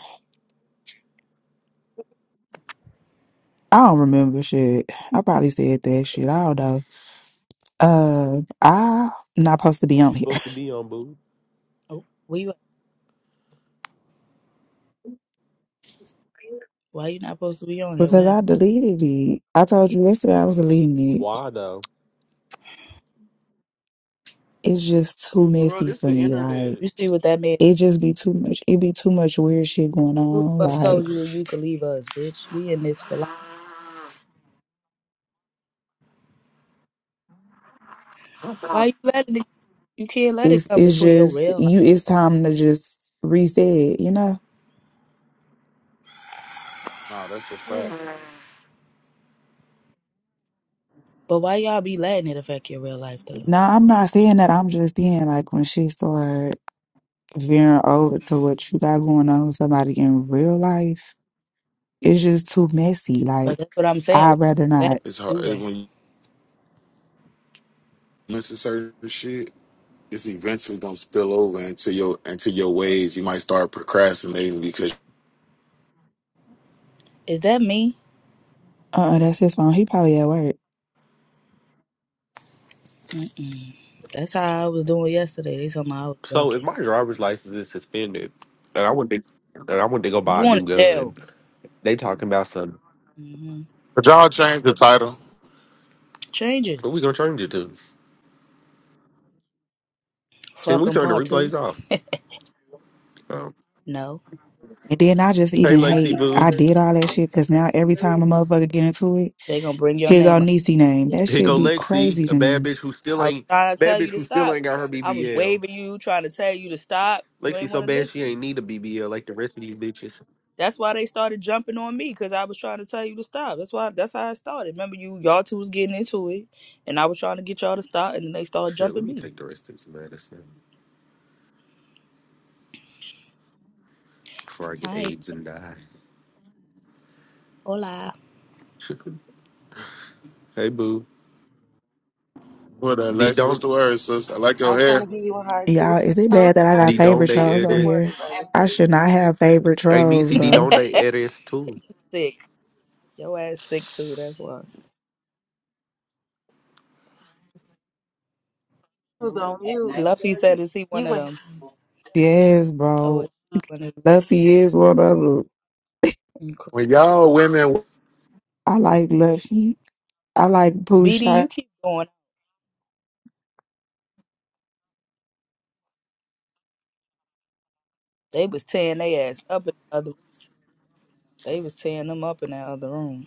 [SPEAKER 10] I don't remember shit. I probably said that shit. I don't know. Uh, I'm not supposed to be
[SPEAKER 1] What
[SPEAKER 10] on
[SPEAKER 1] you
[SPEAKER 10] here
[SPEAKER 1] supposed to be on, boo?
[SPEAKER 3] Oh, where you? At? Why you not supposed to be on here? What
[SPEAKER 10] because
[SPEAKER 3] happened?
[SPEAKER 10] I deleted it. I told you yesterday I was deleting it.
[SPEAKER 1] Why though?
[SPEAKER 10] It's just too
[SPEAKER 1] Bro,
[SPEAKER 10] messy
[SPEAKER 1] this
[SPEAKER 10] for
[SPEAKER 1] the
[SPEAKER 10] me. Like
[SPEAKER 1] internet.
[SPEAKER 3] You see what that man?
[SPEAKER 10] it just be too much. It be too much weird shit going
[SPEAKER 3] Who
[SPEAKER 10] on.
[SPEAKER 3] the fuck told
[SPEAKER 10] Like
[SPEAKER 3] you that you could leave us, bitch? We in this for life. Why you letting it? You can't let it
[SPEAKER 10] it's
[SPEAKER 3] come
[SPEAKER 10] it's
[SPEAKER 3] between your
[SPEAKER 10] just
[SPEAKER 3] real life.
[SPEAKER 10] you. It's time to just reset. You know.
[SPEAKER 5] Nah, that's a fact.
[SPEAKER 3] But why y'all be letting it affect your real life though?
[SPEAKER 10] No, I'm not saying that. I'm just saying like when she started veering over to what you got going on with somebody in real life, it's just too messy.
[SPEAKER 3] But
[SPEAKER 10] Like
[SPEAKER 3] that's what I'm saying. Why
[SPEAKER 10] I'd rather
[SPEAKER 3] you let it
[SPEAKER 10] not.
[SPEAKER 5] It's hard
[SPEAKER 3] do
[SPEAKER 5] it-
[SPEAKER 3] that?
[SPEAKER 5] when you mention certain shit. It's eventually gonna spill over into your into your ways. You might start procrastinating because.
[SPEAKER 3] Is that me?
[SPEAKER 10] Uh, uh that's his phone. He probably at work.
[SPEAKER 3] Mm-mm. That's how I was doing yesterday. They told me I was
[SPEAKER 1] So if
[SPEAKER 3] ducking.
[SPEAKER 1] my driver's license is suspended, and I want to, and I want to go
[SPEAKER 3] You
[SPEAKER 1] buy a
[SPEAKER 3] going
[SPEAKER 1] new
[SPEAKER 3] to jail?
[SPEAKER 1] gun, they talking about some.
[SPEAKER 3] hmm
[SPEAKER 5] But y'all change the title.
[SPEAKER 3] Change it.
[SPEAKER 1] What we gonna change it to? Can we
[SPEAKER 3] Fucking
[SPEAKER 1] turn the
[SPEAKER 3] part two.
[SPEAKER 1] replays off? Um,
[SPEAKER 3] No,
[SPEAKER 10] And then I just
[SPEAKER 1] hey
[SPEAKER 10] even
[SPEAKER 11] I'm
[SPEAKER 1] Lexi,
[SPEAKER 10] hate
[SPEAKER 11] sorry, not
[SPEAKER 1] boo.
[SPEAKER 10] I
[SPEAKER 11] 32.
[SPEAKER 10] did all that shit because now every
[SPEAKER 11] 30.
[SPEAKER 10] time a motherfucker get into it,
[SPEAKER 3] they gonna bring your
[SPEAKER 10] here go
[SPEAKER 3] name up.
[SPEAKER 10] Niecy name.
[SPEAKER 3] Yes.
[SPEAKER 10] That
[SPEAKER 1] Here
[SPEAKER 10] shit
[SPEAKER 1] go
[SPEAKER 10] be crazy
[SPEAKER 1] Lexi, a
[SPEAKER 10] to
[SPEAKER 1] bad
[SPEAKER 10] me.
[SPEAKER 1] bitch who still
[SPEAKER 3] I was
[SPEAKER 1] ain't
[SPEAKER 3] trying to
[SPEAKER 1] bad
[SPEAKER 3] tell
[SPEAKER 1] bitch
[SPEAKER 3] you to
[SPEAKER 1] who still
[SPEAKER 3] stop.
[SPEAKER 1] ain't got her
[SPEAKER 3] I was
[SPEAKER 1] BBL.
[SPEAKER 3] waving you, trying to tell you to stop. You
[SPEAKER 1] Lexi
[SPEAKER 3] ain't
[SPEAKER 1] so
[SPEAKER 3] want to
[SPEAKER 1] bad she
[SPEAKER 3] listen.
[SPEAKER 1] ain't need a BBL like the rest of these bitches.
[SPEAKER 3] That's why they started jumping on me because I was trying to tell you to stop. That's why. That's how I started. Remember, you y'all two was getting into it, and I was trying to get y'all to stop, and then they started
[SPEAKER 1] Here, let
[SPEAKER 3] jumping
[SPEAKER 1] me
[SPEAKER 3] me.
[SPEAKER 1] take the rest of this medicine before I get
[SPEAKER 3] Hi,
[SPEAKER 1] AIDS and die.
[SPEAKER 3] hola.
[SPEAKER 1] hey boo,
[SPEAKER 5] What that,
[SPEAKER 1] D
[SPEAKER 5] Lexi? What's the
[SPEAKER 1] don't
[SPEAKER 5] word, sis? I like your
[SPEAKER 11] I'm trying
[SPEAKER 5] hair.
[SPEAKER 11] to give you a hard two.
[SPEAKER 10] Y'all, is it
[SPEAKER 11] I'm
[SPEAKER 10] bad that I
[SPEAKER 11] sorry.
[SPEAKER 10] got
[SPEAKER 1] D don't
[SPEAKER 10] favorite
[SPEAKER 1] they
[SPEAKER 11] Yes.
[SPEAKER 10] trolls on
[SPEAKER 11] Good
[SPEAKER 1] edit?
[SPEAKER 11] morning,
[SPEAKER 10] here?
[SPEAKER 11] brother. After
[SPEAKER 10] I should not have favorite
[SPEAKER 1] Hey
[SPEAKER 10] trolls,
[SPEAKER 1] Nisi, D
[SPEAKER 3] you
[SPEAKER 10] bro.
[SPEAKER 1] don't they edit too?
[SPEAKER 3] sick? Your ass sick too. That's why.
[SPEAKER 11] I was on at mute. 9:30.
[SPEAKER 3] Luffy said, "Is he one
[SPEAKER 11] You
[SPEAKER 3] of
[SPEAKER 11] ain't.
[SPEAKER 3] them?"
[SPEAKER 10] Yes,
[SPEAKER 3] Oh, is
[SPEAKER 10] bro.
[SPEAKER 3] he one of
[SPEAKER 10] Luffy is one of them.
[SPEAKER 3] them?
[SPEAKER 5] When
[SPEAKER 3] Okay.
[SPEAKER 5] y'all women
[SPEAKER 10] I like Luffy. I like
[SPEAKER 3] BD, you
[SPEAKER 10] Pusha.
[SPEAKER 3] keep going They was tearing their ass up in the other. They was tearing them up in that other room.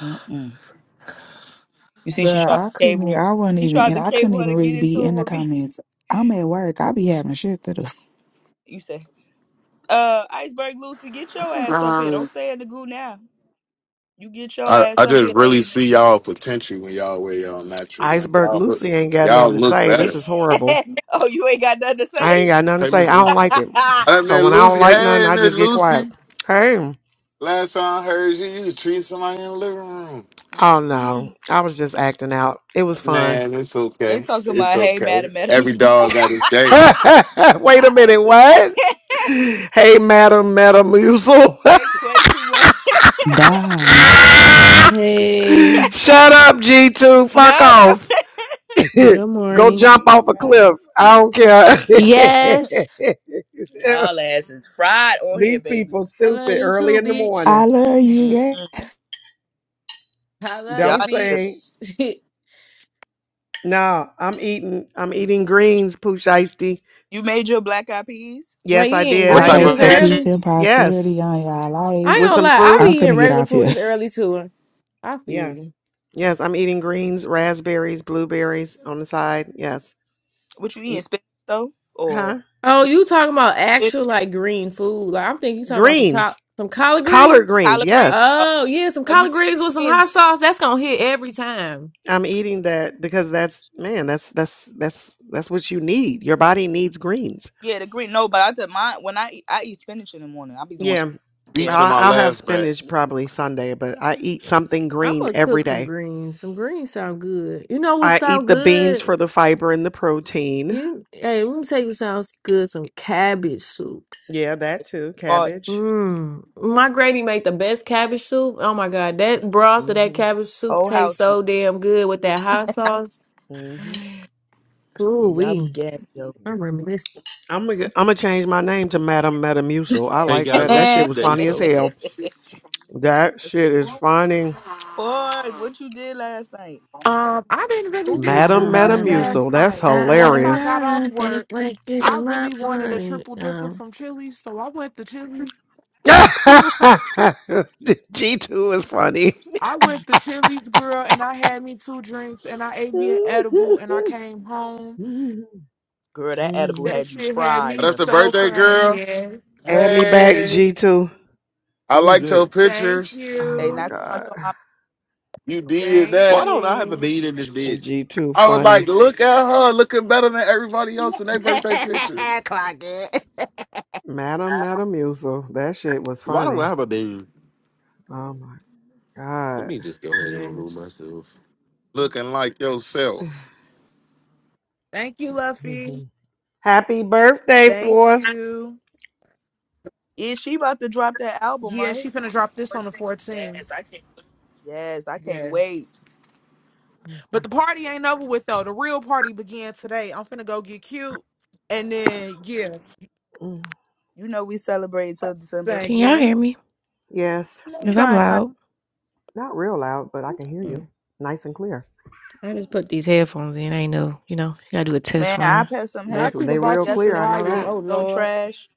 [SPEAKER 3] Mm-mm. You see, she tried to
[SPEAKER 10] Girl, I couldn't. e-
[SPEAKER 3] cable.
[SPEAKER 10] I wasn't
[SPEAKER 3] She
[SPEAKER 10] even,
[SPEAKER 3] tried
[SPEAKER 10] and
[SPEAKER 3] to
[SPEAKER 10] I couldn't
[SPEAKER 3] cable her
[SPEAKER 10] even
[SPEAKER 3] to get
[SPEAKER 10] really be
[SPEAKER 3] into it
[SPEAKER 10] in the
[SPEAKER 3] with me.
[SPEAKER 10] comments. I'm at work. I be having shit to do.
[SPEAKER 3] You say, "Uh, iceberg Lucy, get your ass up here. Don't stay in the goo now. You get your
[SPEAKER 5] I, I
[SPEAKER 3] ass up here,
[SPEAKER 5] just really
[SPEAKER 3] lady."
[SPEAKER 5] see y'all potential when y'all wear y'all natural. man.
[SPEAKER 12] Iceberg
[SPEAKER 5] y'all
[SPEAKER 12] Lucy
[SPEAKER 5] look,
[SPEAKER 12] ain't got
[SPEAKER 5] y'all
[SPEAKER 12] nothing to
[SPEAKER 5] look
[SPEAKER 12] say. This
[SPEAKER 5] better.
[SPEAKER 12] is horrible.
[SPEAKER 3] oh, you ain't got nothing to
[SPEAKER 12] I ain't
[SPEAKER 3] say.
[SPEAKER 12] got nothing to
[SPEAKER 1] Hey
[SPEAKER 12] say.
[SPEAKER 1] Miss
[SPEAKER 12] I don't
[SPEAKER 1] Lucy.
[SPEAKER 12] like it.
[SPEAKER 5] I
[SPEAKER 12] So
[SPEAKER 5] met
[SPEAKER 12] when I don't
[SPEAKER 5] Lucy.
[SPEAKER 12] like nothing,
[SPEAKER 5] Hey,
[SPEAKER 12] I
[SPEAKER 5] Miss
[SPEAKER 12] just get quiet.
[SPEAKER 5] Lucy.
[SPEAKER 12] Hey.
[SPEAKER 5] Last time I heard you, you was treating somebody in the living room.
[SPEAKER 12] Oh no.
[SPEAKER 3] Mm-mm.
[SPEAKER 12] I was just acting out. It was fun.
[SPEAKER 5] Man, it's
[SPEAKER 3] They
[SPEAKER 5] okay.
[SPEAKER 3] talking
[SPEAKER 5] It's
[SPEAKER 3] about, "Hey,
[SPEAKER 5] okay.
[SPEAKER 3] madam, madam."
[SPEAKER 5] Every dog got his day.
[SPEAKER 12] Wait a
[SPEAKER 3] I
[SPEAKER 12] minute,
[SPEAKER 3] hate this.
[SPEAKER 12] what? Hey Madam Metamucil.
[SPEAKER 3] they play too much.
[SPEAKER 10] Damn.
[SPEAKER 13] Hey,
[SPEAKER 12] Shut up, G2.
[SPEAKER 3] no,
[SPEAKER 12] Fuck
[SPEAKER 3] that
[SPEAKER 12] off.
[SPEAKER 13] good
[SPEAKER 12] Go
[SPEAKER 13] morning.
[SPEAKER 12] jump
[SPEAKER 3] he
[SPEAKER 12] off a
[SPEAKER 3] cried.
[SPEAKER 12] cliff. I don't care.
[SPEAKER 13] Yes,
[SPEAKER 3] Y'all ass is fried on here,
[SPEAKER 12] These
[SPEAKER 3] baby.
[SPEAKER 12] people
[SPEAKER 13] I love
[SPEAKER 12] stupid
[SPEAKER 13] you
[SPEAKER 12] early
[SPEAKER 13] too,
[SPEAKER 12] in the
[SPEAKER 13] bitch.
[SPEAKER 12] morning.
[SPEAKER 10] I love you, girl.
[SPEAKER 3] Mm-mm.
[SPEAKER 13] I love
[SPEAKER 12] Don't
[SPEAKER 13] you,
[SPEAKER 3] Y'all, niggas-
[SPEAKER 12] sing.
[SPEAKER 13] bitch.
[SPEAKER 12] No, I'm eating. I'm eating greens, pooch icedy.
[SPEAKER 3] you made your black eyed peas?
[SPEAKER 13] Well,
[SPEAKER 12] Yes,
[SPEAKER 13] you
[SPEAKER 12] I
[SPEAKER 13] eating
[SPEAKER 12] did.
[SPEAKER 10] I
[SPEAKER 5] What
[SPEAKER 12] I
[SPEAKER 13] greens
[SPEAKER 5] type
[SPEAKER 10] pray
[SPEAKER 12] just
[SPEAKER 13] this
[SPEAKER 5] of
[SPEAKER 10] for
[SPEAKER 12] had
[SPEAKER 5] meat you
[SPEAKER 10] peace
[SPEAKER 13] early?
[SPEAKER 10] and
[SPEAKER 12] yes
[SPEAKER 10] prosperity on y'all
[SPEAKER 13] I ain't
[SPEAKER 10] life.
[SPEAKER 12] with
[SPEAKER 13] gonna
[SPEAKER 12] some
[SPEAKER 13] lie, I be
[SPEAKER 12] fruit.
[SPEAKER 10] I'm
[SPEAKER 13] eating
[SPEAKER 10] finna get
[SPEAKER 13] regular
[SPEAKER 10] off
[SPEAKER 13] food
[SPEAKER 10] here.
[SPEAKER 13] this early too. I feel
[SPEAKER 12] Yes,
[SPEAKER 13] you.
[SPEAKER 12] yes. I'm eating greens, raspberries, blueberries on the side. Yes,
[SPEAKER 3] What you
[SPEAKER 12] You-
[SPEAKER 3] eating, spinach though, or
[SPEAKER 12] huh?
[SPEAKER 13] Oh,
[SPEAKER 3] what
[SPEAKER 13] you talking about
[SPEAKER 3] you spinach,
[SPEAKER 13] actual like green food? Like I'm thinking you talking about some col-
[SPEAKER 12] Greens,
[SPEAKER 13] some collard
[SPEAKER 12] collard
[SPEAKER 13] greens.
[SPEAKER 12] greens.
[SPEAKER 3] collard green?
[SPEAKER 12] Yes,
[SPEAKER 3] Uh,
[SPEAKER 13] Oh yeah, some
[SPEAKER 3] Cause you
[SPEAKER 13] collard
[SPEAKER 3] say
[SPEAKER 13] greens with some hot
[SPEAKER 3] greens,
[SPEAKER 13] sauce. That's gonna hit every time.
[SPEAKER 12] I'm eating that because that's man. That's that's that's that's what you need. Your body needs greens.
[SPEAKER 3] yeah, the green. No, but I did mine when I eat, I eat spinach in the morning. I be doing
[SPEAKER 12] Yeah,
[SPEAKER 3] spinach. Yeah,
[SPEAKER 5] beats in
[SPEAKER 12] I'll,
[SPEAKER 5] my
[SPEAKER 12] I'll have
[SPEAKER 5] last bet?
[SPEAKER 12] spinach probably Sunday, but I eat something
[SPEAKER 13] I'm
[SPEAKER 12] green
[SPEAKER 13] gonna
[SPEAKER 12] every
[SPEAKER 13] cook some
[SPEAKER 12] day.
[SPEAKER 13] greens. Some greens sound good. You know what
[SPEAKER 12] I
[SPEAKER 13] sound
[SPEAKER 12] eat the beans
[SPEAKER 13] good?
[SPEAKER 12] for the fiber and the protein.
[SPEAKER 13] You hey, let me tell you sounds good. Some cabbage soup.
[SPEAKER 12] Yeah, that too.
[SPEAKER 3] but
[SPEAKER 12] Cabbage.
[SPEAKER 13] Mm. My granny made the best cabbage soup. Oh my god, that broth of that
[SPEAKER 12] hmm
[SPEAKER 13] cabbage soup
[SPEAKER 3] whole house.
[SPEAKER 13] tastes so damn good with that hot sauce.
[SPEAKER 12] hmm
[SPEAKER 13] Ooh
[SPEAKER 3] Yeah, y'all
[SPEAKER 13] we.
[SPEAKER 3] be gassed, yo.
[SPEAKER 13] I remember this.
[SPEAKER 12] I'm gonna I'm gonna change my name to Madam Metamucil. I
[SPEAKER 1] Hey
[SPEAKER 12] like
[SPEAKER 1] guys,
[SPEAKER 12] that.
[SPEAKER 1] I'm
[SPEAKER 12] That shit
[SPEAKER 1] six
[SPEAKER 12] was
[SPEAKER 1] days
[SPEAKER 12] funny as
[SPEAKER 1] sober.
[SPEAKER 12] hell. That shit is funny.
[SPEAKER 3] Ford, what you did last night?
[SPEAKER 6] Um, I didn't really
[SPEAKER 3] Who?
[SPEAKER 6] do
[SPEAKER 13] Da
[SPEAKER 6] too
[SPEAKER 13] da
[SPEAKER 12] Madam
[SPEAKER 13] da
[SPEAKER 6] much
[SPEAKER 13] da
[SPEAKER 6] last
[SPEAKER 12] Metamucil. That's
[SPEAKER 6] night.
[SPEAKER 13] da da da.
[SPEAKER 6] Once I
[SPEAKER 12] hilarious.
[SPEAKER 6] got off
[SPEAKER 13] da. Can't
[SPEAKER 6] work,
[SPEAKER 13] wait, this is
[SPEAKER 6] I
[SPEAKER 13] my
[SPEAKER 6] really wanted a
[SPEAKER 13] money.
[SPEAKER 6] triple dipper
[SPEAKER 13] Um,
[SPEAKER 6] from Chili's, so I went to Chili's. I
[SPEAKER 12] G2 is funny.
[SPEAKER 6] went to Chili's, girl, and I had me two drinks, and I ate me an edible, and I came home.
[SPEAKER 3] Girl, that edible
[SPEAKER 6] That
[SPEAKER 3] had you
[SPEAKER 6] shit had
[SPEAKER 5] Oh,
[SPEAKER 3] fried.
[SPEAKER 6] me
[SPEAKER 5] that's the
[SPEAKER 6] so
[SPEAKER 5] birthday
[SPEAKER 6] fried.
[SPEAKER 5] girl.
[SPEAKER 6] Yeah,
[SPEAKER 3] Yeah,
[SPEAKER 12] Add me back,
[SPEAKER 5] Hey,
[SPEAKER 12] G2.
[SPEAKER 5] I
[SPEAKER 1] Who is
[SPEAKER 5] liked her
[SPEAKER 1] that?
[SPEAKER 6] thank
[SPEAKER 5] pictures.
[SPEAKER 3] hey,
[SPEAKER 12] Oh
[SPEAKER 3] they
[SPEAKER 12] my
[SPEAKER 3] not
[SPEAKER 6] you,
[SPEAKER 3] too much
[SPEAKER 12] god.
[SPEAKER 3] on my.
[SPEAKER 5] You did
[SPEAKER 6] thank
[SPEAKER 1] Why
[SPEAKER 5] that.
[SPEAKER 1] don't I have a
[SPEAKER 6] you.
[SPEAKER 1] bean in this bitch?
[SPEAKER 12] G2
[SPEAKER 5] I was like,
[SPEAKER 12] funny.
[SPEAKER 5] look at her, looking better than everybody else in their birthday pictures,
[SPEAKER 6] Clock it.
[SPEAKER 12] Madam
[SPEAKER 14] I
[SPEAKER 12] Metamucil. That shit was
[SPEAKER 1] Why don't I
[SPEAKER 12] funny.
[SPEAKER 1] have a bean?
[SPEAKER 12] Oh my
[SPEAKER 1] Let me just go ahead and remove
[SPEAKER 6] Yes,
[SPEAKER 1] myself.
[SPEAKER 5] looking like
[SPEAKER 12] god.
[SPEAKER 5] yourself.
[SPEAKER 6] thank you, Luffy.
[SPEAKER 12] Happy birthday,
[SPEAKER 6] Thank
[SPEAKER 12] fourth.
[SPEAKER 6] you.
[SPEAKER 3] Is she about to drop that album,
[SPEAKER 6] Yeah,
[SPEAKER 3] right?
[SPEAKER 6] she finna drop this on the 14th.
[SPEAKER 3] Yes, I can't wait.
[SPEAKER 6] Yes. But the party ain't over with though. The real party began today. I'm finna go get cute. And then yeah.
[SPEAKER 12] Mhm.
[SPEAKER 3] You know we celebrate till December.
[SPEAKER 6] Thank
[SPEAKER 13] Can y'all hear
[SPEAKER 6] you.
[SPEAKER 13] me?
[SPEAKER 12] Yes,
[SPEAKER 3] We
[SPEAKER 13] Because I'm
[SPEAKER 3] trying not.
[SPEAKER 13] loud.
[SPEAKER 12] not real loud, but I can hear
[SPEAKER 13] Mm.
[SPEAKER 12] you nice and clear.
[SPEAKER 13] I just put these headphones in. I ain't know, you know, you gotta do a test
[SPEAKER 3] Man, I
[SPEAKER 13] run.
[SPEAKER 3] passed some
[SPEAKER 12] They
[SPEAKER 6] Not you done
[SPEAKER 12] they
[SPEAKER 3] headphones in
[SPEAKER 12] real
[SPEAKER 6] bought you some
[SPEAKER 12] clear.
[SPEAKER 3] yesterday.
[SPEAKER 12] I know
[SPEAKER 6] wires.
[SPEAKER 3] Just
[SPEAKER 12] that.
[SPEAKER 3] was
[SPEAKER 6] Oh
[SPEAKER 3] so
[SPEAKER 6] Lord.
[SPEAKER 3] trash.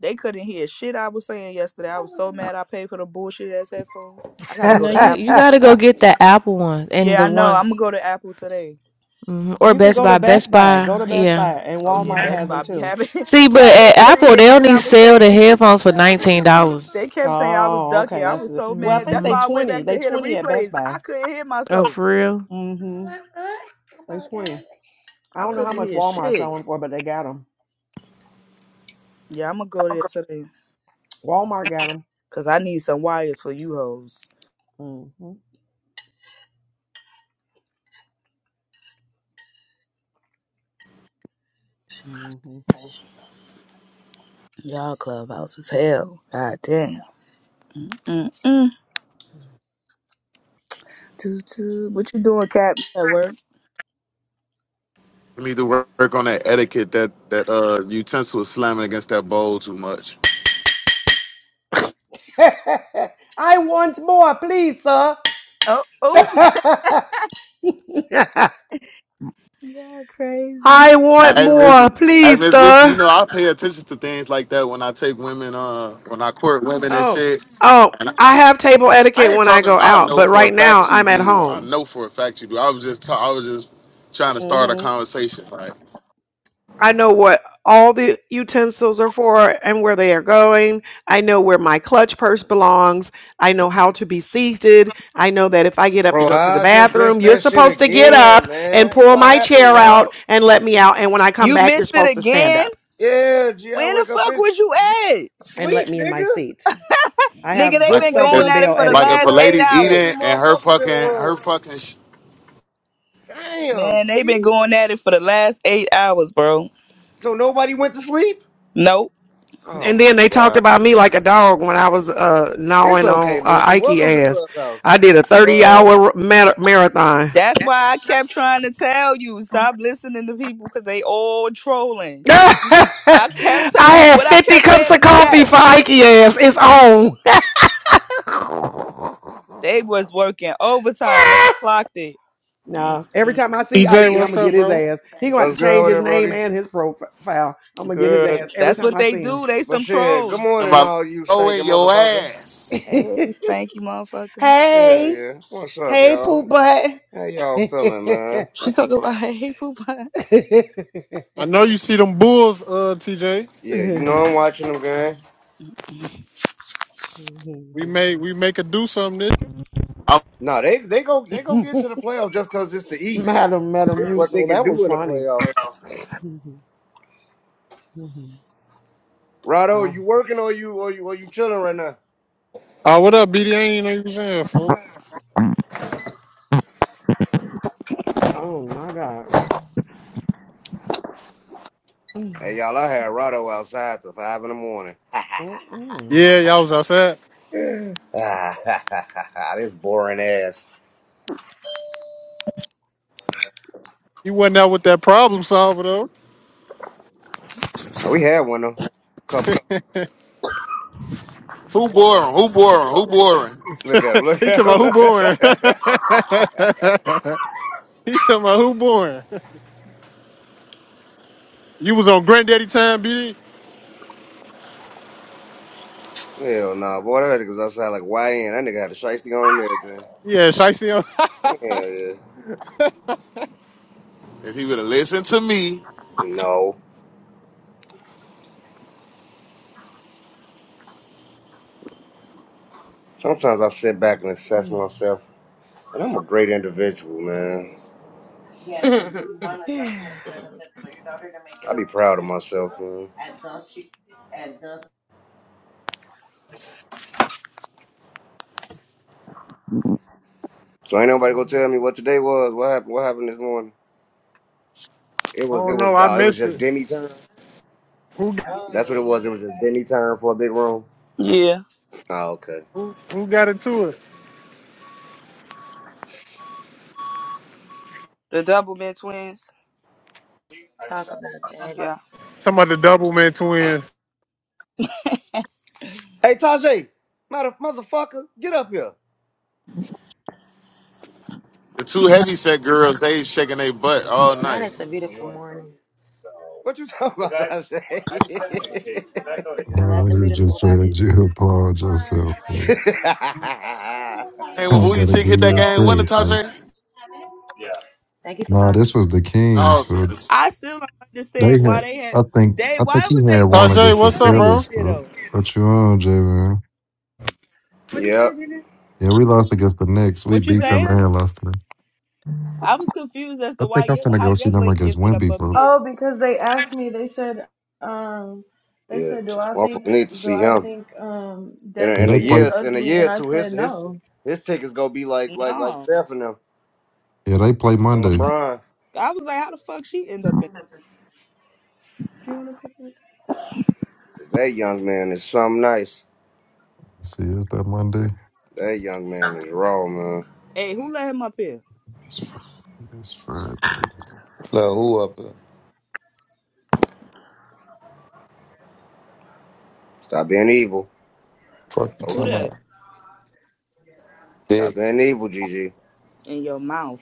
[SPEAKER 3] They couldn't hear shit I was saying yesterday. I was so mad. I paid for the bullshit ass headphones. I gotta
[SPEAKER 13] You
[SPEAKER 3] go
[SPEAKER 13] know,
[SPEAKER 3] to
[SPEAKER 13] you you
[SPEAKER 3] Apple.
[SPEAKER 13] gotta go get the Apple ones and
[SPEAKER 3] Yeah,
[SPEAKER 13] the
[SPEAKER 3] I know.
[SPEAKER 13] ones.
[SPEAKER 3] I'm gonna go to Apple today.
[SPEAKER 13] Mhm. Or
[SPEAKER 12] you can
[SPEAKER 13] Best
[SPEAKER 12] go to
[SPEAKER 13] Buy.
[SPEAKER 12] Best
[SPEAKER 13] Best
[SPEAKER 12] Buy. Go
[SPEAKER 13] Buy,
[SPEAKER 12] to Best
[SPEAKER 13] yeah.
[SPEAKER 12] Buy, and
[SPEAKER 3] Oh yeah,
[SPEAKER 12] Walmart has
[SPEAKER 3] Best
[SPEAKER 13] hmm
[SPEAKER 12] them
[SPEAKER 3] Buy be
[SPEAKER 12] too.
[SPEAKER 3] having
[SPEAKER 13] See, but
[SPEAKER 3] cap. They
[SPEAKER 13] at
[SPEAKER 3] couldn't
[SPEAKER 13] Apple,
[SPEAKER 3] hear
[SPEAKER 13] they
[SPEAKER 3] shit
[SPEAKER 13] only
[SPEAKER 3] I was
[SPEAKER 13] sell the
[SPEAKER 3] saying.
[SPEAKER 13] headphones for $19.
[SPEAKER 3] they kept saying I was
[SPEAKER 12] Oh,
[SPEAKER 3] ducking.
[SPEAKER 12] okay.
[SPEAKER 3] I
[SPEAKER 12] That's
[SPEAKER 3] was
[SPEAKER 12] the,
[SPEAKER 3] so
[SPEAKER 12] well. I
[SPEAKER 3] mad.
[SPEAKER 12] think
[SPEAKER 3] That's
[SPEAKER 13] hmm
[SPEAKER 12] they
[SPEAKER 3] why I went
[SPEAKER 12] twenty.
[SPEAKER 3] back to
[SPEAKER 12] They
[SPEAKER 3] hear the
[SPEAKER 12] twenty at Best
[SPEAKER 3] replays. I
[SPEAKER 12] Buy.
[SPEAKER 3] couldn't hear
[SPEAKER 13] Oh,
[SPEAKER 3] myself.
[SPEAKER 13] for real?
[SPEAKER 12] Mm-hmm. They twenty. I
[SPEAKER 3] I
[SPEAKER 12] don't know how
[SPEAKER 3] couldn't
[SPEAKER 12] much
[SPEAKER 3] hear
[SPEAKER 12] Walmart
[SPEAKER 3] shit.
[SPEAKER 12] selling for, but they got them.
[SPEAKER 3] Yeah, I'm gonna go there today.
[SPEAKER 12] Walmart got them.
[SPEAKER 3] Cause I need some wires for you hoes.
[SPEAKER 12] Mm-hmm. Mm-hmm.
[SPEAKER 3] Y'all clubhouse is hell. God damn. Mm-mm. Toot toot. What you doing, Cap? At work?
[SPEAKER 5] We need to work work on that etiquette that that uh utensil is slamming against that bowl too much.
[SPEAKER 12] I want more, please, sir.
[SPEAKER 3] Oh, oh. Y'all crazy.
[SPEAKER 12] I want
[SPEAKER 5] Hey Miss,
[SPEAKER 12] more,
[SPEAKER 5] hey
[SPEAKER 12] please,
[SPEAKER 5] Miss Lucy, you
[SPEAKER 12] sir.
[SPEAKER 5] know I pay attention to things like that when I take women, uh, when I court women and
[SPEAKER 12] Oh,
[SPEAKER 5] shit.
[SPEAKER 12] oh,
[SPEAKER 5] And I,
[SPEAKER 12] I have table
[SPEAKER 5] I
[SPEAKER 12] etiquette
[SPEAKER 5] ain't
[SPEAKER 12] when I
[SPEAKER 5] talking.
[SPEAKER 12] go
[SPEAKER 5] I
[SPEAKER 12] out,
[SPEAKER 5] know
[SPEAKER 12] but
[SPEAKER 5] for a
[SPEAKER 12] right now
[SPEAKER 5] fact you
[SPEAKER 12] I'm at
[SPEAKER 5] do. I
[SPEAKER 12] home.
[SPEAKER 5] know for a fact you do. I was just, ta- I was just trying to start a
[SPEAKER 12] hmm
[SPEAKER 5] conversation. Like,
[SPEAKER 12] I know what all the utensils are for and where they are going. I know where my clutch purse belongs. I know how to be seated. I know that if I get up to
[SPEAKER 15] Bro,
[SPEAKER 12] go to the
[SPEAKER 15] I just
[SPEAKER 12] bathroom,
[SPEAKER 15] missed
[SPEAKER 12] you're
[SPEAKER 15] that shit
[SPEAKER 12] supposed to get
[SPEAKER 15] again,
[SPEAKER 12] up and
[SPEAKER 15] man.
[SPEAKER 12] pull
[SPEAKER 15] What
[SPEAKER 12] my
[SPEAKER 15] happened,
[SPEAKER 12] chair
[SPEAKER 15] y'all?
[SPEAKER 12] out and let me out. And when I come
[SPEAKER 3] You
[SPEAKER 12] back, you're
[SPEAKER 3] missed it
[SPEAKER 12] supposed to stand
[SPEAKER 3] again?
[SPEAKER 12] up
[SPEAKER 15] Yeah, G, I
[SPEAKER 3] Where the
[SPEAKER 15] wake up,
[SPEAKER 3] fuck
[SPEAKER 15] it's
[SPEAKER 3] was you at?
[SPEAKER 12] and let
[SPEAKER 15] sleep,
[SPEAKER 12] me in my
[SPEAKER 15] nigga.
[SPEAKER 12] seat. I
[SPEAKER 3] Nigga,
[SPEAKER 12] have
[SPEAKER 3] they
[SPEAKER 5] like
[SPEAKER 12] good
[SPEAKER 15] I
[SPEAKER 3] been
[SPEAKER 15] wake
[SPEAKER 5] if,
[SPEAKER 3] going
[SPEAKER 12] Southern
[SPEAKER 15] up,
[SPEAKER 3] at it
[SPEAKER 12] Belle
[SPEAKER 15] it's
[SPEAKER 3] for the
[SPEAKER 5] like if
[SPEAKER 12] etiquette.
[SPEAKER 5] a
[SPEAKER 3] last eight
[SPEAKER 5] lady
[SPEAKER 3] hours.
[SPEAKER 15] 270
[SPEAKER 5] eating and her
[SPEAKER 15] motherfuckers in the
[SPEAKER 5] fucking, her
[SPEAKER 15] room.
[SPEAKER 5] fucking, sh-
[SPEAKER 15] Damn,
[SPEAKER 3] Man, they been
[SPEAKER 15] G.
[SPEAKER 3] going at it for the last eight hours, bro.
[SPEAKER 15] So nobody went to sleep?
[SPEAKER 3] Nope.
[SPEAKER 15] Oh
[SPEAKER 12] And then
[SPEAKER 15] my
[SPEAKER 12] they talked
[SPEAKER 15] god.
[SPEAKER 12] about me like a dog when I was uh,
[SPEAKER 15] It's
[SPEAKER 12] gnawing on
[SPEAKER 15] okay,
[SPEAKER 12] uh,
[SPEAKER 15] Lucy.
[SPEAKER 12] Ike
[SPEAKER 15] Welcome to
[SPEAKER 12] ass.
[SPEAKER 15] Clubhouse.
[SPEAKER 12] I did a 30
[SPEAKER 15] Uh,
[SPEAKER 12] hour mar- marathon.
[SPEAKER 3] That's why I kept trying to tell you, stop listening to people because they all trolling. I
[SPEAKER 12] I
[SPEAKER 3] kept telling
[SPEAKER 12] had
[SPEAKER 3] what I
[SPEAKER 12] 50
[SPEAKER 3] kept
[SPEAKER 12] cups
[SPEAKER 3] saying
[SPEAKER 12] of
[SPEAKER 3] in the
[SPEAKER 12] coffee
[SPEAKER 3] chat.
[SPEAKER 12] for Ike ass. It's on.
[SPEAKER 3] They was working overtime. They clocked it.
[SPEAKER 12] Nah, every
[SPEAKER 3] Mm-mm.
[SPEAKER 12] time I see Ike,
[SPEAKER 16] TJ,
[SPEAKER 12] I'm
[SPEAKER 16] what's
[SPEAKER 12] gonna
[SPEAKER 16] up,
[SPEAKER 12] get his
[SPEAKER 16] bro?
[SPEAKER 12] ass. He gonna have
[SPEAKER 15] what's
[SPEAKER 12] to
[SPEAKER 15] good
[SPEAKER 12] change
[SPEAKER 15] with
[SPEAKER 12] his
[SPEAKER 15] it,
[SPEAKER 12] name
[SPEAKER 15] Brody?
[SPEAKER 12] and his profile. I'm gonna get his
[SPEAKER 3] Girl,
[SPEAKER 12] ass every
[SPEAKER 3] that's
[SPEAKER 12] time
[SPEAKER 3] what
[SPEAKER 12] I
[SPEAKER 3] they
[SPEAKER 12] see him.
[SPEAKER 3] do. They
[SPEAKER 15] But
[SPEAKER 3] some
[SPEAKER 15] shit, good
[SPEAKER 3] trolls.
[SPEAKER 5] I'm
[SPEAKER 15] morning,
[SPEAKER 5] like,
[SPEAKER 15] all you
[SPEAKER 5] go
[SPEAKER 15] stinking
[SPEAKER 5] in your
[SPEAKER 15] motherfuckers.
[SPEAKER 5] ass.
[SPEAKER 3] Hey, thank you, motherfucker.
[SPEAKER 15] Hell
[SPEAKER 12] hey,
[SPEAKER 15] yeah. What's up,
[SPEAKER 12] hey,
[SPEAKER 15] y'all?
[SPEAKER 12] poop butt.
[SPEAKER 15] How y'all feeling, man?
[SPEAKER 3] She talking about hey hey, poop.
[SPEAKER 16] I know you see them Bulls, uh, TJ.
[SPEAKER 15] Yeah, you know I'm watching them, gang.
[SPEAKER 16] We may we make a do something this.
[SPEAKER 5] I'm,
[SPEAKER 15] No, they they go they go get to the playoffs just because it's the East.
[SPEAKER 12] Madam, Madam
[SPEAKER 15] It's what they
[SPEAKER 12] Musil,
[SPEAKER 15] can
[SPEAKER 12] that was
[SPEAKER 15] do in the
[SPEAKER 12] funny.
[SPEAKER 15] playoffs.
[SPEAKER 14] don't
[SPEAKER 15] Rado,
[SPEAKER 12] oh,
[SPEAKER 15] you working or you or you or you chilling right now?
[SPEAKER 16] Oh, what up, BD? ain't know you was in here, fool.
[SPEAKER 12] oh my God. Mm,
[SPEAKER 15] Hey y'all, I had Rado outside till five in the morning.
[SPEAKER 12] mm,
[SPEAKER 16] Yeah, y'all was outside.
[SPEAKER 15] Ah, this boring ass.
[SPEAKER 16] He wasn't out with that problem solver though.
[SPEAKER 15] Now, we had one though, couple.
[SPEAKER 5] who boring? Who boring? Who boring?
[SPEAKER 15] Look at him. Look
[SPEAKER 16] He
[SPEAKER 15] at
[SPEAKER 16] talking
[SPEAKER 15] him.
[SPEAKER 16] about who born. he talking about who born. You was on granddaddy time, BD.
[SPEAKER 15] Hell nah, boy, that nigga was outside like YN. That nigga had a shiesty on and everything.
[SPEAKER 16] Yeah, Shicey. on- I
[SPEAKER 15] Hell yeah.
[SPEAKER 5] If he would have listened to me,
[SPEAKER 15] No. Sometimes I sit back and assess
[SPEAKER 12] mm.
[SPEAKER 15] myself And I'm a great individual, man.
[SPEAKER 11] Yes, if you want mm-hmm. to definitely, like I said, tell your daughter to make
[SPEAKER 15] I
[SPEAKER 11] an
[SPEAKER 15] be proud of
[SPEAKER 11] appointment for you
[SPEAKER 15] myself, man.
[SPEAKER 11] at the she at the
[SPEAKER 15] So ain't nobody gonna tell me what today was. What happened? What happened this morning? It was. It
[SPEAKER 16] don't know.
[SPEAKER 15] was.
[SPEAKER 16] I
[SPEAKER 15] Uh, it was
[SPEAKER 16] missed
[SPEAKER 15] just
[SPEAKER 16] it.
[SPEAKER 15] demi turn.
[SPEAKER 16] Who
[SPEAKER 11] have a Oh, good
[SPEAKER 15] That's what it
[SPEAKER 11] day.
[SPEAKER 15] was. It was
[SPEAKER 11] you
[SPEAKER 15] just demi turn for a big room.
[SPEAKER 3] Yeah,
[SPEAKER 15] Oh, okay.
[SPEAKER 16] who, who got into it?
[SPEAKER 3] the double men twins.
[SPEAKER 11] talk about that.
[SPEAKER 3] Yeah,
[SPEAKER 16] Talking about the double man twins.
[SPEAKER 15] Hey, Tajay, mother motherfucker, get up here.
[SPEAKER 5] the two heavyset girls, they shaking their butt all
[SPEAKER 11] Now
[SPEAKER 5] night.
[SPEAKER 11] that's a beautiful morning.
[SPEAKER 15] What you talking about, Tajay?
[SPEAKER 17] Oh,
[SPEAKER 11] Nothing
[SPEAKER 17] when you
[SPEAKER 11] beautiful
[SPEAKER 17] just
[SPEAKER 11] about
[SPEAKER 17] said
[SPEAKER 11] this
[SPEAKER 17] you
[SPEAKER 11] morning.
[SPEAKER 17] applaud yourself. For,
[SPEAKER 5] And
[SPEAKER 17] I
[SPEAKER 5] with Booty
[SPEAKER 17] gotta
[SPEAKER 5] Chick
[SPEAKER 17] give
[SPEAKER 5] hit that
[SPEAKER 17] you
[SPEAKER 5] game
[SPEAKER 12] Mm,
[SPEAKER 5] winner,
[SPEAKER 17] credit for.
[SPEAKER 5] Tajay.
[SPEAKER 11] Thank you for
[SPEAKER 17] Nah,
[SPEAKER 11] calling.
[SPEAKER 17] this was the Kings
[SPEAKER 5] Awesome.
[SPEAKER 17] for.
[SPEAKER 3] I still don't understand
[SPEAKER 17] They
[SPEAKER 3] why
[SPEAKER 17] had,
[SPEAKER 3] they had
[SPEAKER 17] I think,
[SPEAKER 3] they.
[SPEAKER 17] I think
[SPEAKER 3] Why
[SPEAKER 17] he
[SPEAKER 3] would
[SPEAKER 17] had
[SPEAKER 3] they? Why
[SPEAKER 17] one
[SPEAKER 3] they
[SPEAKER 16] Tajay,
[SPEAKER 17] against
[SPEAKER 3] put
[SPEAKER 17] the
[SPEAKER 16] what's
[SPEAKER 3] your
[SPEAKER 16] up,
[SPEAKER 3] link
[SPEAKER 16] bro?
[SPEAKER 17] Phillies
[SPEAKER 3] up there
[SPEAKER 17] for.
[SPEAKER 3] though?
[SPEAKER 17] What you on, J man?
[SPEAKER 18] What'd you say,
[SPEAKER 15] yep.
[SPEAKER 18] Gina?
[SPEAKER 17] Yeah, we lost against the Knicks. We
[SPEAKER 3] What you
[SPEAKER 17] beat
[SPEAKER 18] What'd you
[SPEAKER 17] them
[SPEAKER 3] say?
[SPEAKER 18] say?
[SPEAKER 17] and lost to them.
[SPEAKER 3] I was confused as
[SPEAKER 17] I
[SPEAKER 3] to why
[SPEAKER 17] think I'm
[SPEAKER 3] your
[SPEAKER 17] finna
[SPEAKER 3] how
[SPEAKER 17] go see
[SPEAKER 3] your
[SPEAKER 17] them
[SPEAKER 3] link
[SPEAKER 17] against
[SPEAKER 3] ended up
[SPEAKER 17] Wimby
[SPEAKER 3] up
[SPEAKER 17] for.
[SPEAKER 3] there.
[SPEAKER 18] Oh, because they asked me, they said, um, they
[SPEAKER 15] Yeah.
[SPEAKER 18] said, do
[SPEAKER 15] Just
[SPEAKER 18] I
[SPEAKER 15] motherfuckers
[SPEAKER 18] think,
[SPEAKER 15] need to
[SPEAKER 18] do
[SPEAKER 15] see
[SPEAKER 18] I
[SPEAKER 15] him.
[SPEAKER 18] think, um,
[SPEAKER 15] In a,
[SPEAKER 17] Yeah,
[SPEAKER 15] in
[SPEAKER 18] Desi
[SPEAKER 15] a
[SPEAKER 17] they
[SPEAKER 18] is
[SPEAKER 17] play.
[SPEAKER 15] year, in a
[SPEAKER 18] ugly?
[SPEAKER 15] year or
[SPEAKER 18] And I
[SPEAKER 15] two, his
[SPEAKER 18] said,
[SPEAKER 15] his
[SPEAKER 18] no.
[SPEAKER 15] his tickets gonna be like like like
[SPEAKER 3] No,
[SPEAKER 15] Steph and them
[SPEAKER 17] Yeah, they play
[SPEAKER 15] and
[SPEAKER 17] Monday.
[SPEAKER 15] LeBron.
[SPEAKER 3] I was like, how the fuck she end up in?
[SPEAKER 18] Do you want to pick me?
[SPEAKER 15] That young man is something nice.
[SPEAKER 17] Let's see, is that Monday?
[SPEAKER 15] That young man is raw, man.
[SPEAKER 3] Hey, who let him up here?
[SPEAKER 17] It's Friday. It's Friday.
[SPEAKER 19] Look, who up here?
[SPEAKER 15] Stop being evil,
[SPEAKER 19] Fuck you talking
[SPEAKER 15] folks.
[SPEAKER 3] Who that
[SPEAKER 19] about?
[SPEAKER 15] Stop
[SPEAKER 19] Dick,
[SPEAKER 15] being evil, Gigi.
[SPEAKER 3] in your mouth?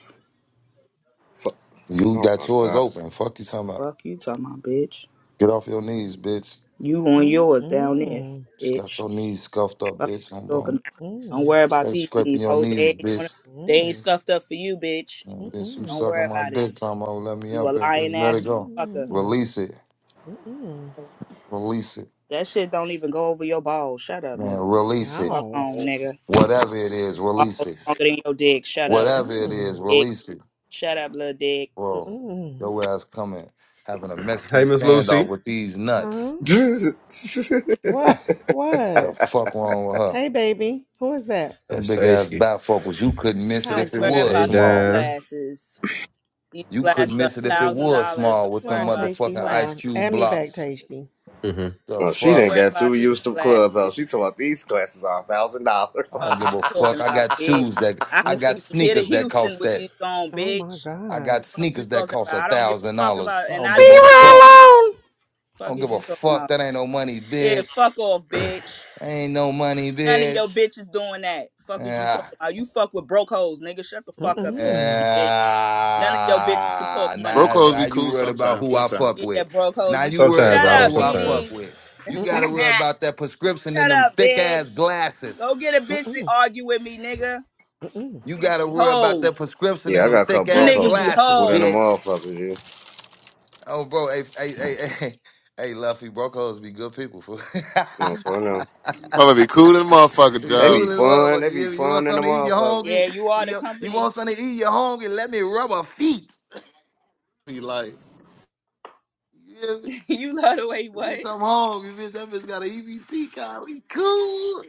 [SPEAKER 15] Fuck.
[SPEAKER 19] you
[SPEAKER 15] Oh
[SPEAKER 19] got
[SPEAKER 15] my
[SPEAKER 19] yours
[SPEAKER 15] god.
[SPEAKER 19] open. Fuck you talking about?
[SPEAKER 3] Fuck you, talking about bitch.
[SPEAKER 19] Get off your knees, bitch.
[SPEAKER 3] You on
[SPEAKER 12] mm, mm,
[SPEAKER 3] yours down there,
[SPEAKER 12] mm,
[SPEAKER 19] Just got
[SPEAKER 3] bitch.
[SPEAKER 19] your knees scuffed up,
[SPEAKER 3] Fuck
[SPEAKER 19] bitch. I'm
[SPEAKER 3] you talking.
[SPEAKER 19] wrong.
[SPEAKER 12] mm,
[SPEAKER 3] about. Don't
[SPEAKER 12] mm,
[SPEAKER 3] worry about
[SPEAKER 19] Stay
[SPEAKER 3] these
[SPEAKER 19] scraping
[SPEAKER 3] knees,
[SPEAKER 19] your
[SPEAKER 3] hoes.
[SPEAKER 19] knees,
[SPEAKER 3] They ain't, on-
[SPEAKER 19] bitch.
[SPEAKER 3] they ain't
[SPEAKER 12] mm,
[SPEAKER 3] stuffed up for you, bitch.
[SPEAKER 12] mm,
[SPEAKER 19] Mm, bitch, you
[SPEAKER 12] mm.
[SPEAKER 3] Don't
[SPEAKER 19] sucking
[SPEAKER 3] worry
[SPEAKER 19] my
[SPEAKER 3] about it.
[SPEAKER 19] dick, talking about let me
[SPEAKER 3] You a
[SPEAKER 19] up here.
[SPEAKER 3] lying
[SPEAKER 19] Bitch, let
[SPEAKER 3] ass
[SPEAKER 19] it go.
[SPEAKER 3] motherfucker.
[SPEAKER 12] Mm-mm.
[SPEAKER 19] Release it.
[SPEAKER 12] Mm-mm.
[SPEAKER 19] Release it.
[SPEAKER 3] That shit don't even go over your balls. Shut up,
[SPEAKER 19] Man,
[SPEAKER 3] nigga.
[SPEAKER 19] release it.
[SPEAKER 3] Fuck
[SPEAKER 12] No.
[SPEAKER 3] on, nigga.
[SPEAKER 19] Whatever it is,
[SPEAKER 3] Balls
[SPEAKER 19] release it.
[SPEAKER 3] longer than your dick. Shut up,
[SPEAKER 19] Whatever it
[SPEAKER 12] Mm-mm.
[SPEAKER 19] is,
[SPEAKER 3] dick.
[SPEAKER 19] release it.
[SPEAKER 3] Shut up, little dick.
[SPEAKER 19] Bro,
[SPEAKER 12] Mm-mm.
[SPEAKER 19] your ass coming having a Mexican
[SPEAKER 20] Hey, Miss
[SPEAKER 19] standoff
[SPEAKER 20] Lucy.
[SPEAKER 19] with these nuts.
[SPEAKER 12] Huh? What?
[SPEAKER 19] The
[SPEAKER 12] What?
[SPEAKER 19] fuck wrong with her?
[SPEAKER 12] Hey, baby. Who is that?
[SPEAKER 19] Them
[SPEAKER 20] That's
[SPEAKER 19] big ass
[SPEAKER 20] Tasty.
[SPEAKER 19] bifocals. You couldn't miss it
[SPEAKER 12] Hi,
[SPEAKER 3] Don't
[SPEAKER 19] if it
[SPEAKER 3] worry
[SPEAKER 19] was
[SPEAKER 20] Hey,
[SPEAKER 3] about
[SPEAKER 12] Tashki.
[SPEAKER 3] these
[SPEAKER 19] small.
[SPEAKER 20] Dime.
[SPEAKER 3] glasses. These
[SPEAKER 19] You couldn't
[SPEAKER 3] glasses are
[SPEAKER 19] miss it
[SPEAKER 3] a
[SPEAKER 19] if it
[SPEAKER 3] thousand
[SPEAKER 12] Mm.
[SPEAKER 19] was
[SPEAKER 3] dollars.
[SPEAKER 19] small
[SPEAKER 3] Don't
[SPEAKER 19] with them
[SPEAKER 3] worry
[SPEAKER 12] Oh,
[SPEAKER 3] about these
[SPEAKER 12] Tashki,
[SPEAKER 19] motherfucking
[SPEAKER 12] hold
[SPEAKER 19] ice
[SPEAKER 12] on.
[SPEAKER 3] glasses.
[SPEAKER 19] cube
[SPEAKER 12] Add me back,
[SPEAKER 19] blocks.
[SPEAKER 12] Tashki.
[SPEAKER 20] hmm
[SPEAKER 19] The
[SPEAKER 15] well, she
[SPEAKER 3] Don't
[SPEAKER 15] didn't
[SPEAKER 19] fuck?
[SPEAKER 3] worry
[SPEAKER 15] got too
[SPEAKER 3] about these
[SPEAKER 15] used to
[SPEAKER 3] glasses.
[SPEAKER 15] clubhouse. She told about these classes are a thousand dollars.
[SPEAKER 19] I don't
[SPEAKER 3] Fuck
[SPEAKER 19] give
[SPEAKER 3] is you
[SPEAKER 19] a fuck.
[SPEAKER 3] talking
[SPEAKER 19] I
[SPEAKER 3] about,
[SPEAKER 19] got
[SPEAKER 3] bitch?
[SPEAKER 19] shoes that
[SPEAKER 3] I
[SPEAKER 19] I
[SPEAKER 3] can see
[SPEAKER 12] Mm-mm.
[SPEAKER 19] got
[SPEAKER 3] from here to
[SPEAKER 19] sneakers that
[SPEAKER 3] Houston
[SPEAKER 19] cost
[SPEAKER 3] with
[SPEAKER 19] that.
[SPEAKER 3] these on,
[SPEAKER 12] Oh, my
[SPEAKER 3] bitch.
[SPEAKER 19] I
[SPEAKER 12] God.
[SPEAKER 19] got
[SPEAKER 3] Fuck you
[SPEAKER 19] sneakers that
[SPEAKER 3] talking
[SPEAKER 19] cost
[SPEAKER 3] about?
[SPEAKER 19] a
[SPEAKER 3] I don't give
[SPEAKER 19] thousand
[SPEAKER 3] a fuck
[SPEAKER 19] dollars.
[SPEAKER 3] about,
[SPEAKER 19] I
[SPEAKER 3] and
[SPEAKER 19] don't
[SPEAKER 3] I
[SPEAKER 19] give a
[SPEAKER 3] do
[SPEAKER 12] Leave her
[SPEAKER 3] too.
[SPEAKER 19] fuck.
[SPEAKER 12] alone!
[SPEAKER 19] I
[SPEAKER 3] Fuck
[SPEAKER 19] don't
[SPEAKER 3] is
[SPEAKER 19] give a
[SPEAKER 3] you talking
[SPEAKER 19] fuck.
[SPEAKER 3] about?
[SPEAKER 19] That ain't no money,
[SPEAKER 3] Yeah,
[SPEAKER 19] bitch.
[SPEAKER 3] fuck off, bitch.
[SPEAKER 19] Ain't no money,
[SPEAKER 3] None of your
[SPEAKER 19] bitch.
[SPEAKER 3] bitches doing that. Fuck is you
[SPEAKER 19] Yeah.
[SPEAKER 3] talking about? You fuck with broke hoes, nigga. Shut the fuck up talking to
[SPEAKER 12] Mm-mm.
[SPEAKER 3] me, bitch. None of your bitches can talk
[SPEAKER 19] Yeah,
[SPEAKER 3] money,
[SPEAKER 19] now, it's-
[SPEAKER 3] nigga.
[SPEAKER 5] Brocos
[SPEAKER 19] now
[SPEAKER 5] be
[SPEAKER 19] you
[SPEAKER 5] cool
[SPEAKER 19] worried about
[SPEAKER 5] sometimes,
[SPEAKER 19] who I fuck
[SPEAKER 5] sometimes.
[SPEAKER 3] Yeah,
[SPEAKER 19] with.
[SPEAKER 3] broke hoes,
[SPEAKER 19] Now
[SPEAKER 3] be
[SPEAKER 19] you
[SPEAKER 3] cool.
[SPEAKER 19] worried
[SPEAKER 20] Sometimes,
[SPEAKER 3] Shut
[SPEAKER 20] right
[SPEAKER 19] about
[SPEAKER 3] up,
[SPEAKER 19] who I
[SPEAKER 20] Sometimes.
[SPEAKER 19] fuck
[SPEAKER 3] BD.
[SPEAKER 19] with. You gotta
[SPEAKER 12] Mm-mm.
[SPEAKER 19] worry about that prescription in
[SPEAKER 3] Shut
[SPEAKER 19] them
[SPEAKER 3] up,
[SPEAKER 19] thick
[SPEAKER 3] bitch.
[SPEAKER 19] ass glasses.
[SPEAKER 3] Go get a bitch to
[SPEAKER 12] Mm-mm.
[SPEAKER 3] argue with me, nigga.
[SPEAKER 12] Mm-mm.
[SPEAKER 3] You
[SPEAKER 19] You
[SPEAKER 3] niggas
[SPEAKER 19] gotta
[SPEAKER 3] be
[SPEAKER 19] worry about that
[SPEAKER 3] hoes.
[SPEAKER 19] prescription
[SPEAKER 15] Yeah,
[SPEAKER 19] in
[SPEAKER 15] I
[SPEAKER 19] them
[SPEAKER 15] got a couple
[SPEAKER 19] thick
[SPEAKER 3] You
[SPEAKER 15] broke
[SPEAKER 19] ass
[SPEAKER 3] niggas
[SPEAKER 15] hoes
[SPEAKER 3] be
[SPEAKER 15] that's
[SPEAKER 19] glasses,
[SPEAKER 15] cool than the
[SPEAKER 3] hoes.
[SPEAKER 19] bitch.
[SPEAKER 15] motherfuckers, you.
[SPEAKER 19] Oh, bro, hey, hey, hey, hey, hey Luffy, brocos be good people. fool.
[SPEAKER 15] You know, for now.
[SPEAKER 5] I'm gonna be cool than motherfucker,
[SPEAKER 19] be
[SPEAKER 15] They
[SPEAKER 19] cool
[SPEAKER 15] be
[SPEAKER 5] dog.
[SPEAKER 19] in the
[SPEAKER 15] fun.
[SPEAKER 19] motherfucker.
[SPEAKER 15] They be
[SPEAKER 19] You, you want
[SPEAKER 15] fun than the
[SPEAKER 19] something to eat? You
[SPEAKER 15] motherfuckers.
[SPEAKER 19] hungry?
[SPEAKER 3] Yeah, you are the
[SPEAKER 19] You, you
[SPEAKER 3] company.
[SPEAKER 19] want something to eat? You hungry? Let me rub her feet.
[SPEAKER 5] Be like,
[SPEAKER 3] you love the way
[SPEAKER 19] If
[SPEAKER 3] what?
[SPEAKER 19] bitch, I'm home. You bitch, that bitch got an EBT card. We cool.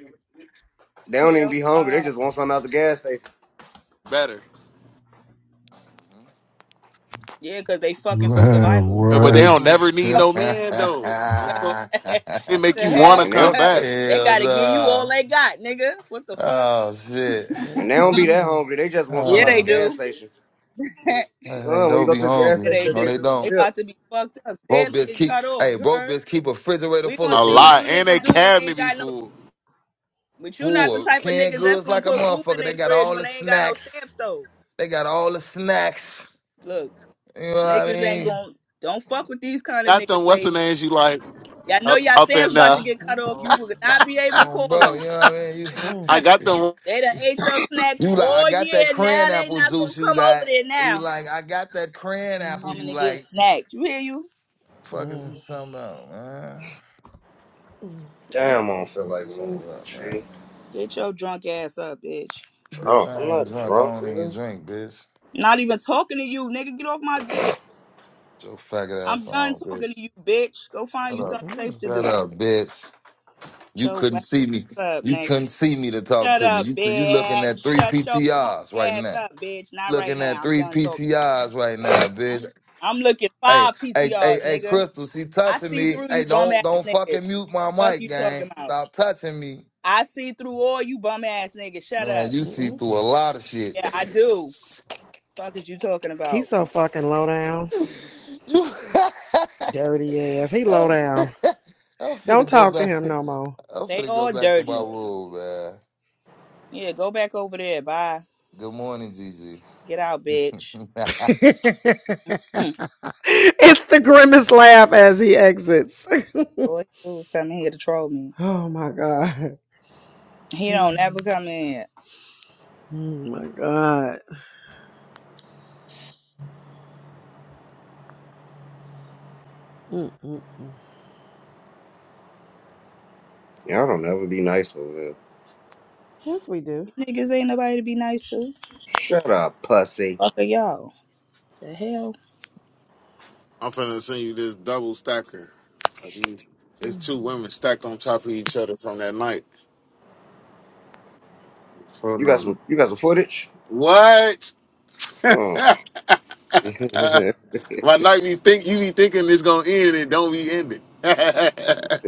[SPEAKER 15] They don't even
[SPEAKER 3] Hell,
[SPEAKER 15] be hungry. They
[SPEAKER 3] uh,
[SPEAKER 15] just want something out the gas station.
[SPEAKER 5] better.
[SPEAKER 3] yeah, because they fucking for
[SPEAKER 17] Man,
[SPEAKER 3] survival.
[SPEAKER 5] Uh,
[SPEAKER 3] Fuck.
[SPEAKER 5] But they
[SPEAKER 17] what?
[SPEAKER 5] don't
[SPEAKER 12] Oh.
[SPEAKER 5] never need
[SPEAKER 3] Oh,
[SPEAKER 5] no
[SPEAKER 19] hmm
[SPEAKER 5] man, though. I'm fuck- they make
[SPEAKER 3] the
[SPEAKER 5] you wanna
[SPEAKER 3] hell,
[SPEAKER 15] And they
[SPEAKER 5] come
[SPEAKER 15] don't,
[SPEAKER 5] back
[SPEAKER 3] they
[SPEAKER 19] Hell
[SPEAKER 3] gotta give you
[SPEAKER 19] nah.
[SPEAKER 3] all they got, nigga. What the fuck?
[SPEAKER 19] Oh shit.
[SPEAKER 15] and they don't be that
[SPEAKER 12] Mm-mm.
[SPEAKER 15] hungry. They just want
[SPEAKER 3] Yeah,
[SPEAKER 15] something out the
[SPEAKER 3] they
[SPEAKER 19] Oh,
[SPEAKER 15] gas
[SPEAKER 3] do.
[SPEAKER 15] station.
[SPEAKER 3] yeah,
[SPEAKER 19] man, they
[SPEAKER 15] Uh, when you
[SPEAKER 19] don't
[SPEAKER 15] go
[SPEAKER 19] be
[SPEAKER 15] to the gas
[SPEAKER 19] hungry.
[SPEAKER 15] station,
[SPEAKER 3] they
[SPEAKER 15] just
[SPEAKER 19] No,
[SPEAKER 3] do.
[SPEAKER 15] get
[SPEAKER 19] they
[SPEAKER 15] them some
[SPEAKER 3] They
[SPEAKER 19] don't.
[SPEAKER 15] chips.
[SPEAKER 3] about to be fucked up.
[SPEAKER 19] Broke
[SPEAKER 3] Steps
[SPEAKER 19] bitch
[SPEAKER 3] getting
[SPEAKER 19] keep.
[SPEAKER 3] cut off.
[SPEAKER 19] Hey,
[SPEAKER 3] You
[SPEAKER 19] broke
[SPEAKER 3] heard?
[SPEAKER 19] bitch keep a refrigerator
[SPEAKER 3] We
[SPEAKER 19] full
[SPEAKER 3] gonna
[SPEAKER 19] of
[SPEAKER 5] a
[SPEAKER 3] see what
[SPEAKER 19] food.
[SPEAKER 3] you
[SPEAKER 5] lot. And they
[SPEAKER 3] niggas do when they
[SPEAKER 5] cabinet
[SPEAKER 3] ain't
[SPEAKER 5] be
[SPEAKER 3] got no.
[SPEAKER 5] full.
[SPEAKER 3] But you not the
[SPEAKER 19] Full
[SPEAKER 3] type of
[SPEAKER 19] canned
[SPEAKER 3] niggas that's
[SPEAKER 19] goods
[SPEAKER 3] gonna
[SPEAKER 19] like a
[SPEAKER 3] put food in
[SPEAKER 19] motherfucker. They
[SPEAKER 3] their
[SPEAKER 19] got
[SPEAKER 3] fridge
[SPEAKER 19] all
[SPEAKER 3] when
[SPEAKER 19] the
[SPEAKER 3] they ain't got no
[SPEAKER 19] snacks.
[SPEAKER 3] stamps though.
[SPEAKER 19] They got all the snacks.
[SPEAKER 3] Look,
[SPEAKER 19] You know what I
[SPEAKER 3] niggas ain't
[SPEAKER 19] mean?
[SPEAKER 3] gonna. Don't fuck with these kind of
[SPEAKER 5] Got
[SPEAKER 3] niggas,
[SPEAKER 5] them, what's
[SPEAKER 3] lady.
[SPEAKER 5] the names you like?
[SPEAKER 3] Y'all know
[SPEAKER 5] Up,
[SPEAKER 3] y'all
[SPEAKER 5] up
[SPEAKER 3] Sam's
[SPEAKER 5] in
[SPEAKER 3] about
[SPEAKER 5] there.
[SPEAKER 3] to get cut
[SPEAKER 12] Mm-hmm.
[SPEAKER 3] off. You
[SPEAKER 19] Um,
[SPEAKER 3] will not be able to
[SPEAKER 19] um
[SPEAKER 3] call
[SPEAKER 19] bro. You
[SPEAKER 3] on.
[SPEAKER 19] know what I mean?
[SPEAKER 5] I
[SPEAKER 3] 'em.
[SPEAKER 5] got
[SPEAKER 19] You.
[SPEAKER 5] them.
[SPEAKER 3] they done ate your snacks
[SPEAKER 19] You like, I
[SPEAKER 3] all
[SPEAKER 19] got that
[SPEAKER 3] year. Now
[SPEAKER 19] crayon
[SPEAKER 3] they
[SPEAKER 19] apple
[SPEAKER 3] not gonna
[SPEAKER 19] juice you
[SPEAKER 3] come
[SPEAKER 19] got.
[SPEAKER 3] over there
[SPEAKER 19] You
[SPEAKER 3] now.
[SPEAKER 19] like, I got that crayon apple
[SPEAKER 3] I'm
[SPEAKER 19] you
[SPEAKER 12] Mm-mm.
[SPEAKER 3] gonna get
[SPEAKER 19] like.
[SPEAKER 3] snacked. You hear you?
[SPEAKER 19] Fuck is you
[SPEAKER 12] Mm-mm.
[SPEAKER 19] talking about, man?
[SPEAKER 15] Damn, I
[SPEAKER 19] Fuck is
[SPEAKER 15] don't feel like
[SPEAKER 19] you
[SPEAKER 15] moving.
[SPEAKER 19] talking about, man?
[SPEAKER 15] She
[SPEAKER 3] Get your drunk ass up, bitch.
[SPEAKER 19] Bitch,
[SPEAKER 15] drunk. I'm
[SPEAKER 19] I ain't
[SPEAKER 15] not
[SPEAKER 19] drunk. I
[SPEAKER 15] drunk,
[SPEAKER 19] don't even
[SPEAKER 15] nigga.
[SPEAKER 19] drink, bitch.
[SPEAKER 3] Not even talking to you, nigga. Get off my dick.
[SPEAKER 19] Get Your faggot
[SPEAKER 3] I'm
[SPEAKER 19] ass
[SPEAKER 3] done
[SPEAKER 19] on,
[SPEAKER 3] talking
[SPEAKER 19] bitch.
[SPEAKER 3] to you, bitch. Go find
[SPEAKER 19] Shut
[SPEAKER 3] you
[SPEAKER 19] up.
[SPEAKER 3] something safe
[SPEAKER 12] Mm-mm.
[SPEAKER 3] to
[SPEAKER 19] Shut
[SPEAKER 3] do.
[SPEAKER 19] up, bitch. You
[SPEAKER 3] Shut
[SPEAKER 19] couldn't
[SPEAKER 3] your ass
[SPEAKER 19] see me.
[SPEAKER 3] up,
[SPEAKER 19] You
[SPEAKER 3] nigga.
[SPEAKER 19] couldn't see me to talk
[SPEAKER 3] Shut
[SPEAKER 19] to me.
[SPEAKER 3] up,
[SPEAKER 19] You you looking
[SPEAKER 3] bitch.
[SPEAKER 19] at three
[SPEAKER 3] Shut your funky
[SPEAKER 19] PTRs right
[SPEAKER 3] ass
[SPEAKER 19] now.
[SPEAKER 3] up, bitch. Not right
[SPEAKER 19] Looking at
[SPEAKER 3] now. I'm
[SPEAKER 19] three
[SPEAKER 3] done talking.
[SPEAKER 19] PTRs right now, bitch.
[SPEAKER 3] I'm looking
[SPEAKER 19] Hey,
[SPEAKER 3] five
[SPEAKER 19] hey, hey,
[SPEAKER 3] PTRs,
[SPEAKER 19] hey,
[SPEAKER 3] nigga.
[SPEAKER 19] Crystal, she
[SPEAKER 3] I
[SPEAKER 19] touching
[SPEAKER 3] see
[SPEAKER 19] me.
[SPEAKER 3] through
[SPEAKER 19] Hey,
[SPEAKER 3] you bum
[SPEAKER 19] don't
[SPEAKER 3] ass
[SPEAKER 19] don't
[SPEAKER 3] niggas.
[SPEAKER 19] fucking mute my
[SPEAKER 3] Fuck
[SPEAKER 19] mic,
[SPEAKER 3] you
[SPEAKER 19] gang.
[SPEAKER 3] talking about?
[SPEAKER 19] Stop touching me.
[SPEAKER 3] I see through all you bum ass niggas. Shut
[SPEAKER 19] Man,
[SPEAKER 3] up.
[SPEAKER 19] you see through
[SPEAKER 12] Mm-mm.
[SPEAKER 19] a lot of shit.
[SPEAKER 3] Yeah, I do. Fuck is you talking
[SPEAKER 12] He's
[SPEAKER 3] about?
[SPEAKER 12] so fucking low down.
[SPEAKER 19] you
[SPEAKER 12] Dirty ass. He low
[SPEAKER 19] I'm,
[SPEAKER 12] down.
[SPEAKER 19] I'm
[SPEAKER 12] Don't
[SPEAKER 19] finna go
[SPEAKER 12] talk to
[SPEAKER 19] back
[SPEAKER 12] him
[SPEAKER 19] to
[SPEAKER 12] no more.
[SPEAKER 19] I'm
[SPEAKER 3] They
[SPEAKER 19] finna go
[SPEAKER 3] all
[SPEAKER 19] back to my
[SPEAKER 3] dirty.
[SPEAKER 19] room, man.
[SPEAKER 3] Yeah, go back over there. Bye.
[SPEAKER 19] Good morning, Gigi.
[SPEAKER 3] Get out, bitch.
[SPEAKER 12] it's
[SPEAKER 3] Hmm.
[SPEAKER 12] the grimmest laugh as he exits.
[SPEAKER 3] Boy, he was coming here to troll me.
[SPEAKER 12] oh my God.
[SPEAKER 3] He don't ever
[SPEAKER 12] Mm.
[SPEAKER 3] come in. here.
[SPEAKER 12] Oh my God. Mm-mm-mm.
[SPEAKER 15] Y'all don't ever be nice over here.
[SPEAKER 12] Yes, we do.
[SPEAKER 3] You niggas ain't nobody to be nice to.
[SPEAKER 15] Shut up, pussy.
[SPEAKER 3] Fuck are y'all. The hell?
[SPEAKER 5] I'm finna send you this double stacker. of these. It's
[SPEAKER 12] Mm.
[SPEAKER 5] two women stacked on top of each other from that night. So
[SPEAKER 15] You got
[SPEAKER 5] now,
[SPEAKER 15] some. You got some footage.
[SPEAKER 5] what?
[SPEAKER 15] Oh. TJ
[SPEAKER 5] My night be think you be thinking it's gonna end and don't be ending.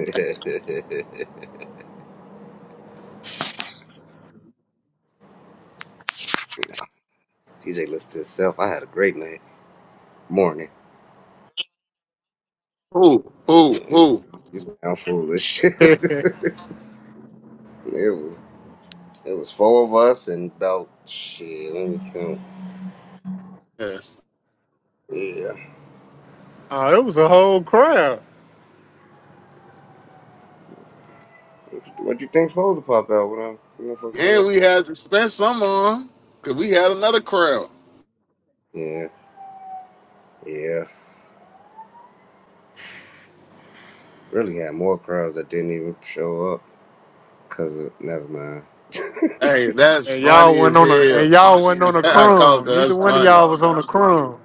[SPEAKER 15] listen to himself. I had a great night. Morning.
[SPEAKER 5] who, who, who?
[SPEAKER 15] You sound foolish. it
[SPEAKER 16] uh, it
[SPEAKER 15] was. It was four of us and about shit. Let me count.
[SPEAKER 5] Yes.
[SPEAKER 15] Yeah.
[SPEAKER 16] was a whole crowd.
[SPEAKER 15] What you think's supposed to pop out when I'm when I fuck come
[SPEAKER 5] And
[SPEAKER 15] out?
[SPEAKER 5] we had to spend some on, cause we had another crowd.
[SPEAKER 15] Yeah. Yeah. Really had more crowds that didn't even show up because of, never mind.
[SPEAKER 5] Hey, that's
[SPEAKER 16] And
[SPEAKER 5] funny
[SPEAKER 16] y'all wasn't
[SPEAKER 5] as
[SPEAKER 16] on a
[SPEAKER 5] hell.
[SPEAKER 16] and y'all wasn't on a
[SPEAKER 5] I called that.
[SPEAKER 16] crumb. Neither
[SPEAKER 5] That's
[SPEAKER 16] one of
[SPEAKER 5] funny.
[SPEAKER 16] y'all was on a crumb.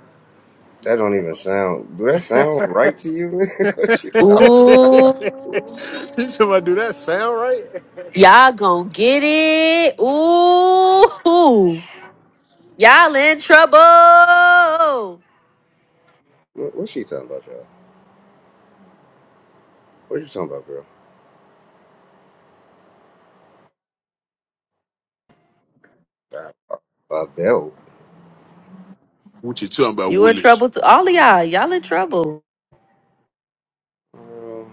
[SPEAKER 15] That don't even sound, do that sound right to you? man? what you talking about?
[SPEAKER 7] Ooh.
[SPEAKER 16] You somebody do that sound right?
[SPEAKER 7] Y'all gonna get it. Ooh. Y'all in trouble.
[SPEAKER 15] What, what's she talking about, y'all? What you talking about, girl? Uh, A belt.
[SPEAKER 5] What you talking about,
[SPEAKER 7] You in
[SPEAKER 5] Willis?
[SPEAKER 7] trouble too. All of y'all. Y'all in trouble.
[SPEAKER 15] Um,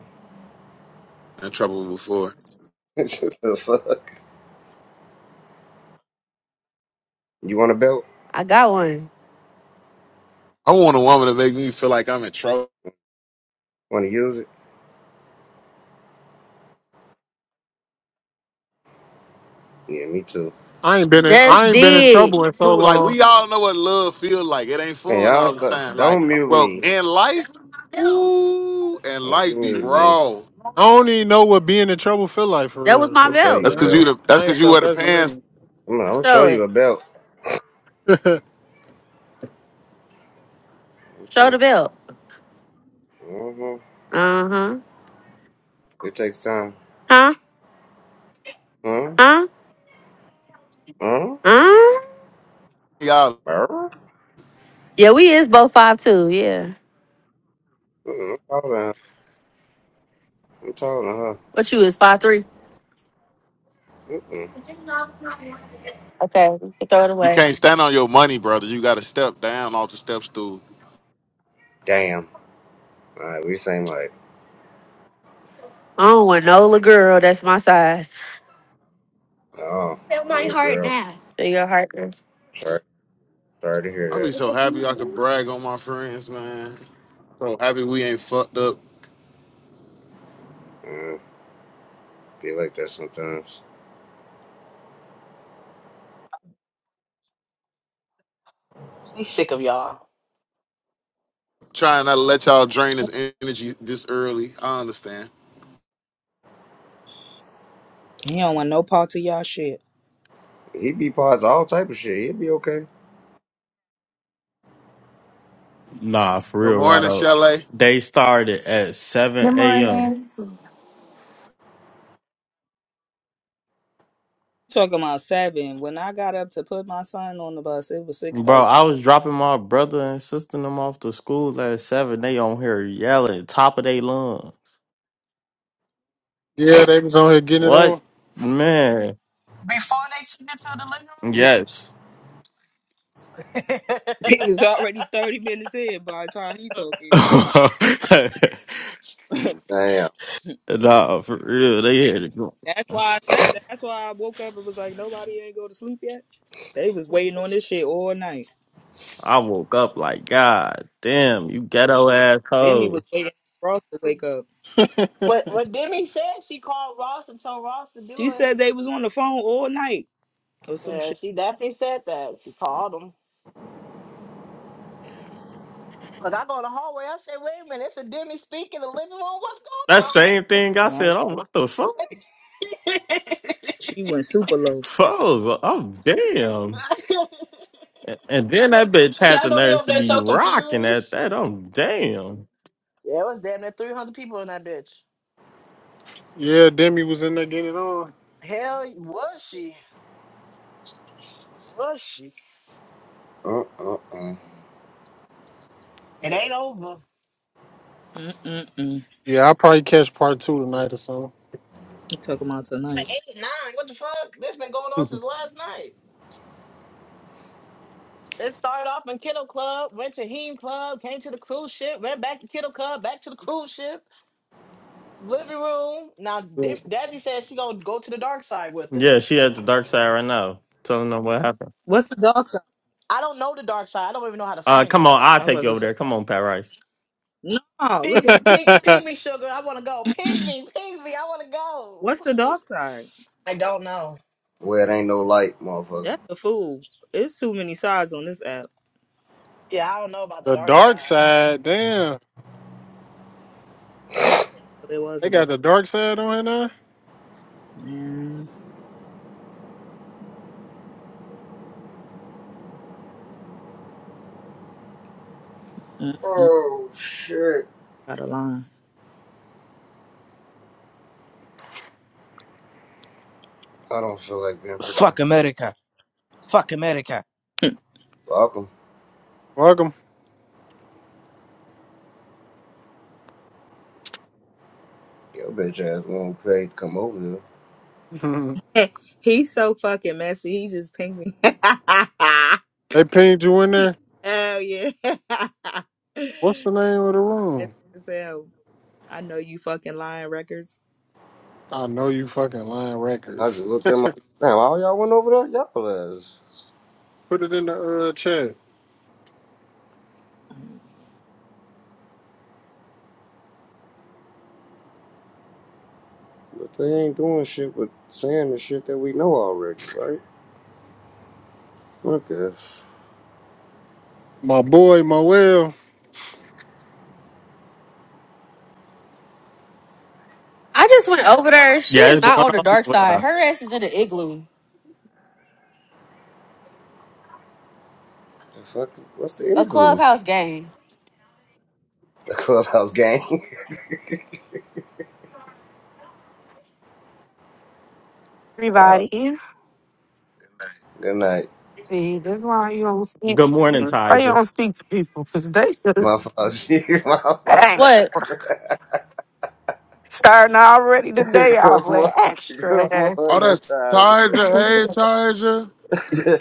[SPEAKER 5] In trouble before.
[SPEAKER 15] the fuck? You want a belt?
[SPEAKER 7] I got one.
[SPEAKER 5] I want a woman to make me feel like I'm in trouble.
[SPEAKER 15] Want to use it? Yeah, me too.
[SPEAKER 16] I ain't been in I
[SPEAKER 7] Just
[SPEAKER 16] ain't been in
[SPEAKER 7] did.
[SPEAKER 16] trouble in so
[SPEAKER 5] cool. Like
[SPEAKER 16] long.
[SPEAKER 5] we all know what love feel like. It ain't
[SPEAKER 15] Hey,
[SPEAKER 5] fun
[SPEAKER 15] y'all,
[SPEAKER 5] all the
[SPEAKER 15] stop,
[SPEAKER 5] time. Like,
[SPEAKER 15] don't mute
[SPEAKER 5] bro,
[SPEAKER 15] me.
[SPEAKER 5] in life, ooh, and
[SPEAKER 15] Don't you
[SPEAKER 5] life be
[SPEAKER 15] mute me. I'm
[SPEAKER 5] raw.
[SPEAKER 16] I don't even know what being in trouble feel like for
[SPEAKER 7] That was
[SPEAKER 16] real.
[SPEAKER 7] my
[SPEAKER 15] gonna
[SPEAKER 16] For,
[SPEAKER 15] show
[SPEAKER 16] to
[SPEAKER 7] belt.
[SPEAKER 16] be
[SPEAKER 15] you
[SPEAKER 5] That's
[SPEAKER 15] a
[SPEAKER 5] cause you
[SPEAKER 15] belt.
[SPEAKER 16] honest,
[SPEAKER 5] the that's
[SPEAKER 16] I ain't
[SPEAKER 5] cause you
[SPEAKER 16] felt
[SPEAKER 5] wear the
[SPEAKER 16] that in a
[SPEAKER 5] pants,
[SPEAKER 16] minute.
[SPEAKER 15] I'm gonna, I'm gonna show
[SPEAKER 7] Show
[SPEAKER 15] you
[SPEAKER 7] it.
[SPEAKER 15] a belt.
[SPEAKER 7] Show
[SPEAKER 15] hmm
[SPEAKER 7] the belt.
[SPEAKER 15] hmm
[SPEAKER 7] Uh-huh.
[SPEAKER 15] It takes time.
[SPEAKER 7] Huh?
[SPEAKER 15] Huh?
[SPEAKER 7] Huh?
[SPEAKER 15] Huh?
[SPEAKER 7] Huh?
[SPEAKER 5] y'all.
[SPEAKER 15] Huh?
[SPEAKER 7] Yeah, we is both five two. Yeah.
[SPEAKER 15] Mm-mm, I'm taller than her. I'm taller
[SPEAKER 7] What you is five three?
[SPEAKER 15] than her.
[SPEAKER 7] Okay. we can Throw it
[SPEAKER 5] You
[SPEAKER 7] away.
[SPEAKER 5] can't stand on your money, brother. You gotta step down off the step stool.
[SPEAKER 15] Damn. All right, we same like,
[SPEAKER 7] I don't want no little girl that's my size.
[SPEAKER 15] oh, little girl.
[SPEAKER 7] Big your heart.
[SPEAKER 15] Sorry, sorry to
[SPEAKER 5] I be
[SPEAKER 15] hear
[SPEAKER 5] so happy I could brag on my friends, man. So happy we ain't fucked up.
[SPEAKER 15] that. Uh, be like that sometimes.
[SPEAKER 2] He's sick of y'all.
[SPEAKER 5] Trying not to let y'all drain this energy this early. I understand.
[SPEAKER 3] He don't want no part of y'all shit.
[SPEAKER 15] He be pods all type of shit. He'd be okay.
[SPEAKER 8] Nah, for
[SPEAKER 5] Good
[SPEAKER 8] real, right
[SPEAKER 5] morning,
[SPEAKER 8] up.
[SPEAKER 5] Chalet.
[SPEAKER 8] They started at
[SPEAKER 21] Good
[SPEAKER 8] 7 a.m.
[SPEAKER 21] morning.
[SPEAKER 3] Talking about seven. When I got up to put my son on the bus, it was six
[SPEAKER 8] Bro,
[SPEAKER 3] thirty.
[SPEAKER 8] I was dropping my brother and sister them off to school last seven. They on here yelling top of their lungs.
[SPEAKER 16] Yeah, they was on here getting it
[SPEAKER 8] What
[SPEAKER 16] on.
[SPEAKER 8] man?
[SPEAKER 2] Before they took it
[SPEAKER 3] Yeah,
[SPEAKER 8] Yes.
[SPEAKER 2] to the living room.
[SPEAKER 3] it was already thirty minutes in by the time he
[SPEAKER 8] nah,
[SPEAKER 3] talking.
[SPEAKER 15] Damn.
[SPEAKER 8] for real. They here to go.
[SPEAKER 3] That's why I said that. That's why I woke up and was like, nobody ain't go to sleep yet. They was waiting on this shit all night.
[SPEAKER 8] I woke up like, God damn, you ghetto
[SPEAKER 3] Demi was
[SPEAKER 8] assholes.
[SPEAKER 3] waiting for Ross to wake up.
[SPEAKER 2] what what Demi said, she called Ross and told Ross to do
[SPEAKER 3] She said
[SPEAKER 2] it.
[SPEAKER 3] they was on the phone all night or some
[SPEAKER 2] Yeah,
[SPEAKER 3] shit.
[SPEAKER 2] she definitely said that. She called him. Cause I go in the hallway, I say, wait a minute, it's a Demi speak in the living room. What's
[SPEAKER 8] That same thing I
[SPEAKER 3] Yeah, I
[SPEAKER 8] said,
[SPEAKER 3] ain't
[SPEAKER 8] oh
[SPEAKER 3] gonna lie.
[SPEAKER 8] what the fuck?
[SPEAKER 2] going
[SPEAKER 3] she went super low.
[SPEAKER 8] Fuck, oh damn.
[SPEAKER 2] on?
[SPEAKER 8] And and then that bitch
[SPEAKER 2] See,
[SPEAKER 8] had
[SPEAKER 2] I
[SPEAKER 8] the
[SPEAKER 2] know they
[SPEAKER 8] nerves
[SPEAKER 2] over
[SPEAKER 8] to
[SPEAKER 2] there
[SPEAKER 8] be
[SPEAKER 2] so
[SPEAKER 8] rocking at
[SPEAKER 2] confused.
[SPEAKER 8] that. I'm damn.
[SPEAKER 2] Yeah, it was damn near 300 people in that bitch.
[SPEAKER 16] Yeah, Demi was in there getting it on.
[SPEAKER 2] Hell, was she? Was she?
[SPEAKER 15] Uh, uh, uh.
[SPEAKER 2] It ain't over.
[SPEAKER 3] Mm-mm-mm.
[SPEAKER 16] Yeah, I'll probably catch part two tonight or something.
[SPEAKER 3] You talking about
[SPEAKER 2] i
[SPEAKER 3] tonight.
[SPEAKER 2] Eight, nine, what the fuck? This been going on since last night. It started off in Kittle Club, went to Heen Club, came to the cruise ship, went back to Kittle Club, back to the cruise ship, living room. Now,
[SPEAKER 16] But-
[SPEAKER 2] Dip- Daddy says she gonna go to the dark side with it.
[SPEAKER 8] Yeah, she at the dark side right now, telling them what happened.
[SPEAKER 3] What's the dark side?
[SPEAKER 2] I don't know the dark side. I don't even know how to
[SPEAKER 8] Uh,
[SPEAKER 2] find
[SPEAKER 8] come
[SPEAKER 2] it.
[SPEAKER 8] on, I'll
[SPEAKER 3] I
[SPEAKER 8] take
[SPEAKER 3] was
[SPEAKER 8] you
[SPEAKER 3] about to
[SPEAKER 8] over
[SPEAKER 3] say,
[SPEAKER 8] there. Come on, Pat Rice.
[SPEAKER 3] no, look
[SPEAKER 2] Ping
[SPEAKER 3] at
[SPEAKER 2] me, ping, ping me, sugar. I want to go.
[SPEAKER 3] her.
[SPEAKER 2] Ping me, ping me. I want to go.
[SPEAKER 3] What's the dark side?
[SPEAKER 2] I don't know.
[SPEAKER 15] Well, it ain't no light, motherfucker.
[SPEAKER 3] That's the fool. It's too many sides on this app.
[SPEAKER 2] Yeah, I don't know about the
[SPEAKER 16] the
[SPEAKER 2] dark
[SPEAKER 16] dark
[SPEAKER 2] side.
[SPEAKER 16] side, damn.
[SPEAKER 3] I didn't know there was
[SPEAKER 16] They
[SPEAKER 3] a
[SPEAKER 16] got
[SPEAKER 3] dark
[SPEAKER 16] the dark side on here now?
[SPEAKER 3] Man, mm-mm.
[SPEAKER 15] Oh shit.
[SPEAKER 3] Got a line.
[SPEAKER 15] I don't feel like being productive.
[SPEAKER 22] Fuck America. Fuck America.
[SPEAKER 15] Welcome.
[SPEAKER 16] Fuck
[SPEAKER 15] Your bitch ass won't pay to come over here.
[SPEAKER 16] 'em.
[SPEAKER 3] He's so fucking messy. He just pinged me.
[SPEAKER 16] they pinged you in there?
[SPEAKER 3] Hell yeah.
[SPEAKER 16] What's
[SPEAKER 3] Messy
[SPEAKER 16] the name of the room?
[SPEAKER 3] as hell. I know you fucking lying records.
[SPEAKER 16] I know you fucking lying
[SPEAKER 15] I
[SPEAKER 16] records.
[SPEAKER 15] just looked at my. Damn, all y'all went over there, y'all ass.
[SPEAKER 16] Put it in the uh, chat.
[SPEAKER 15] But they ain't doing shit but saying the shit that we know already, right? What the,
[SPEAKER 16] My boy Moel.
[SPEAKER 7] I just went over there. She
[SPEAKER 8] Yeah, it's
[SPEAKER 7] is not
[SPEAKER 8] going
[SPEAKER 7] on the
[SPEAKER 8] on
[SPEAKER 7] dark
[SPEAKER 8] over
[SPEAKER 7] side.
[SPEAKER 8] there.
[SPEAKER 7] Her ass is in the igloo,
[SPEAKER 15] the fuck? Is, what's the
[SPEAKER 7] a
[SPEAKER 15] igloo?
[SPEAKER 7] clubhouse game.
[SPEAKER 15] the clubhouse gang. Uh,
[SPEAKER 23] everybody.
[SPEAKER 15] good night.
[SPEAKER 23] See, this is why you don't speak.
[SPEAKER 8] Good morning,
[SPEAKER 23] That's why you
[SPEAKER 8] Tyja.
[SPEAKER 23] don't speak to people because they
[SPEAKER 15] My
[SPEAKER 23] just
[SPEAKER 15] fault. She, my fault.
[SPEAKER 23] extra.
[SPEAKER 7] What?
[SPEAKER 23] Starting already today, I
[SPEAKER 15] good
[SPEAKER 23] with
[SPEAKER 15] morning.
[SPEAKER 23] extra.
[SPEAKER 15] Good
[SPEAKER 23] ass.
[SPEAKER 5] Oh,
[SPEAKER 15] morning,
[SPEAKER 5] that's
[SPEAKER 15] Tasha.
[SPEAKER 5] Tiger. Hey, Tiger.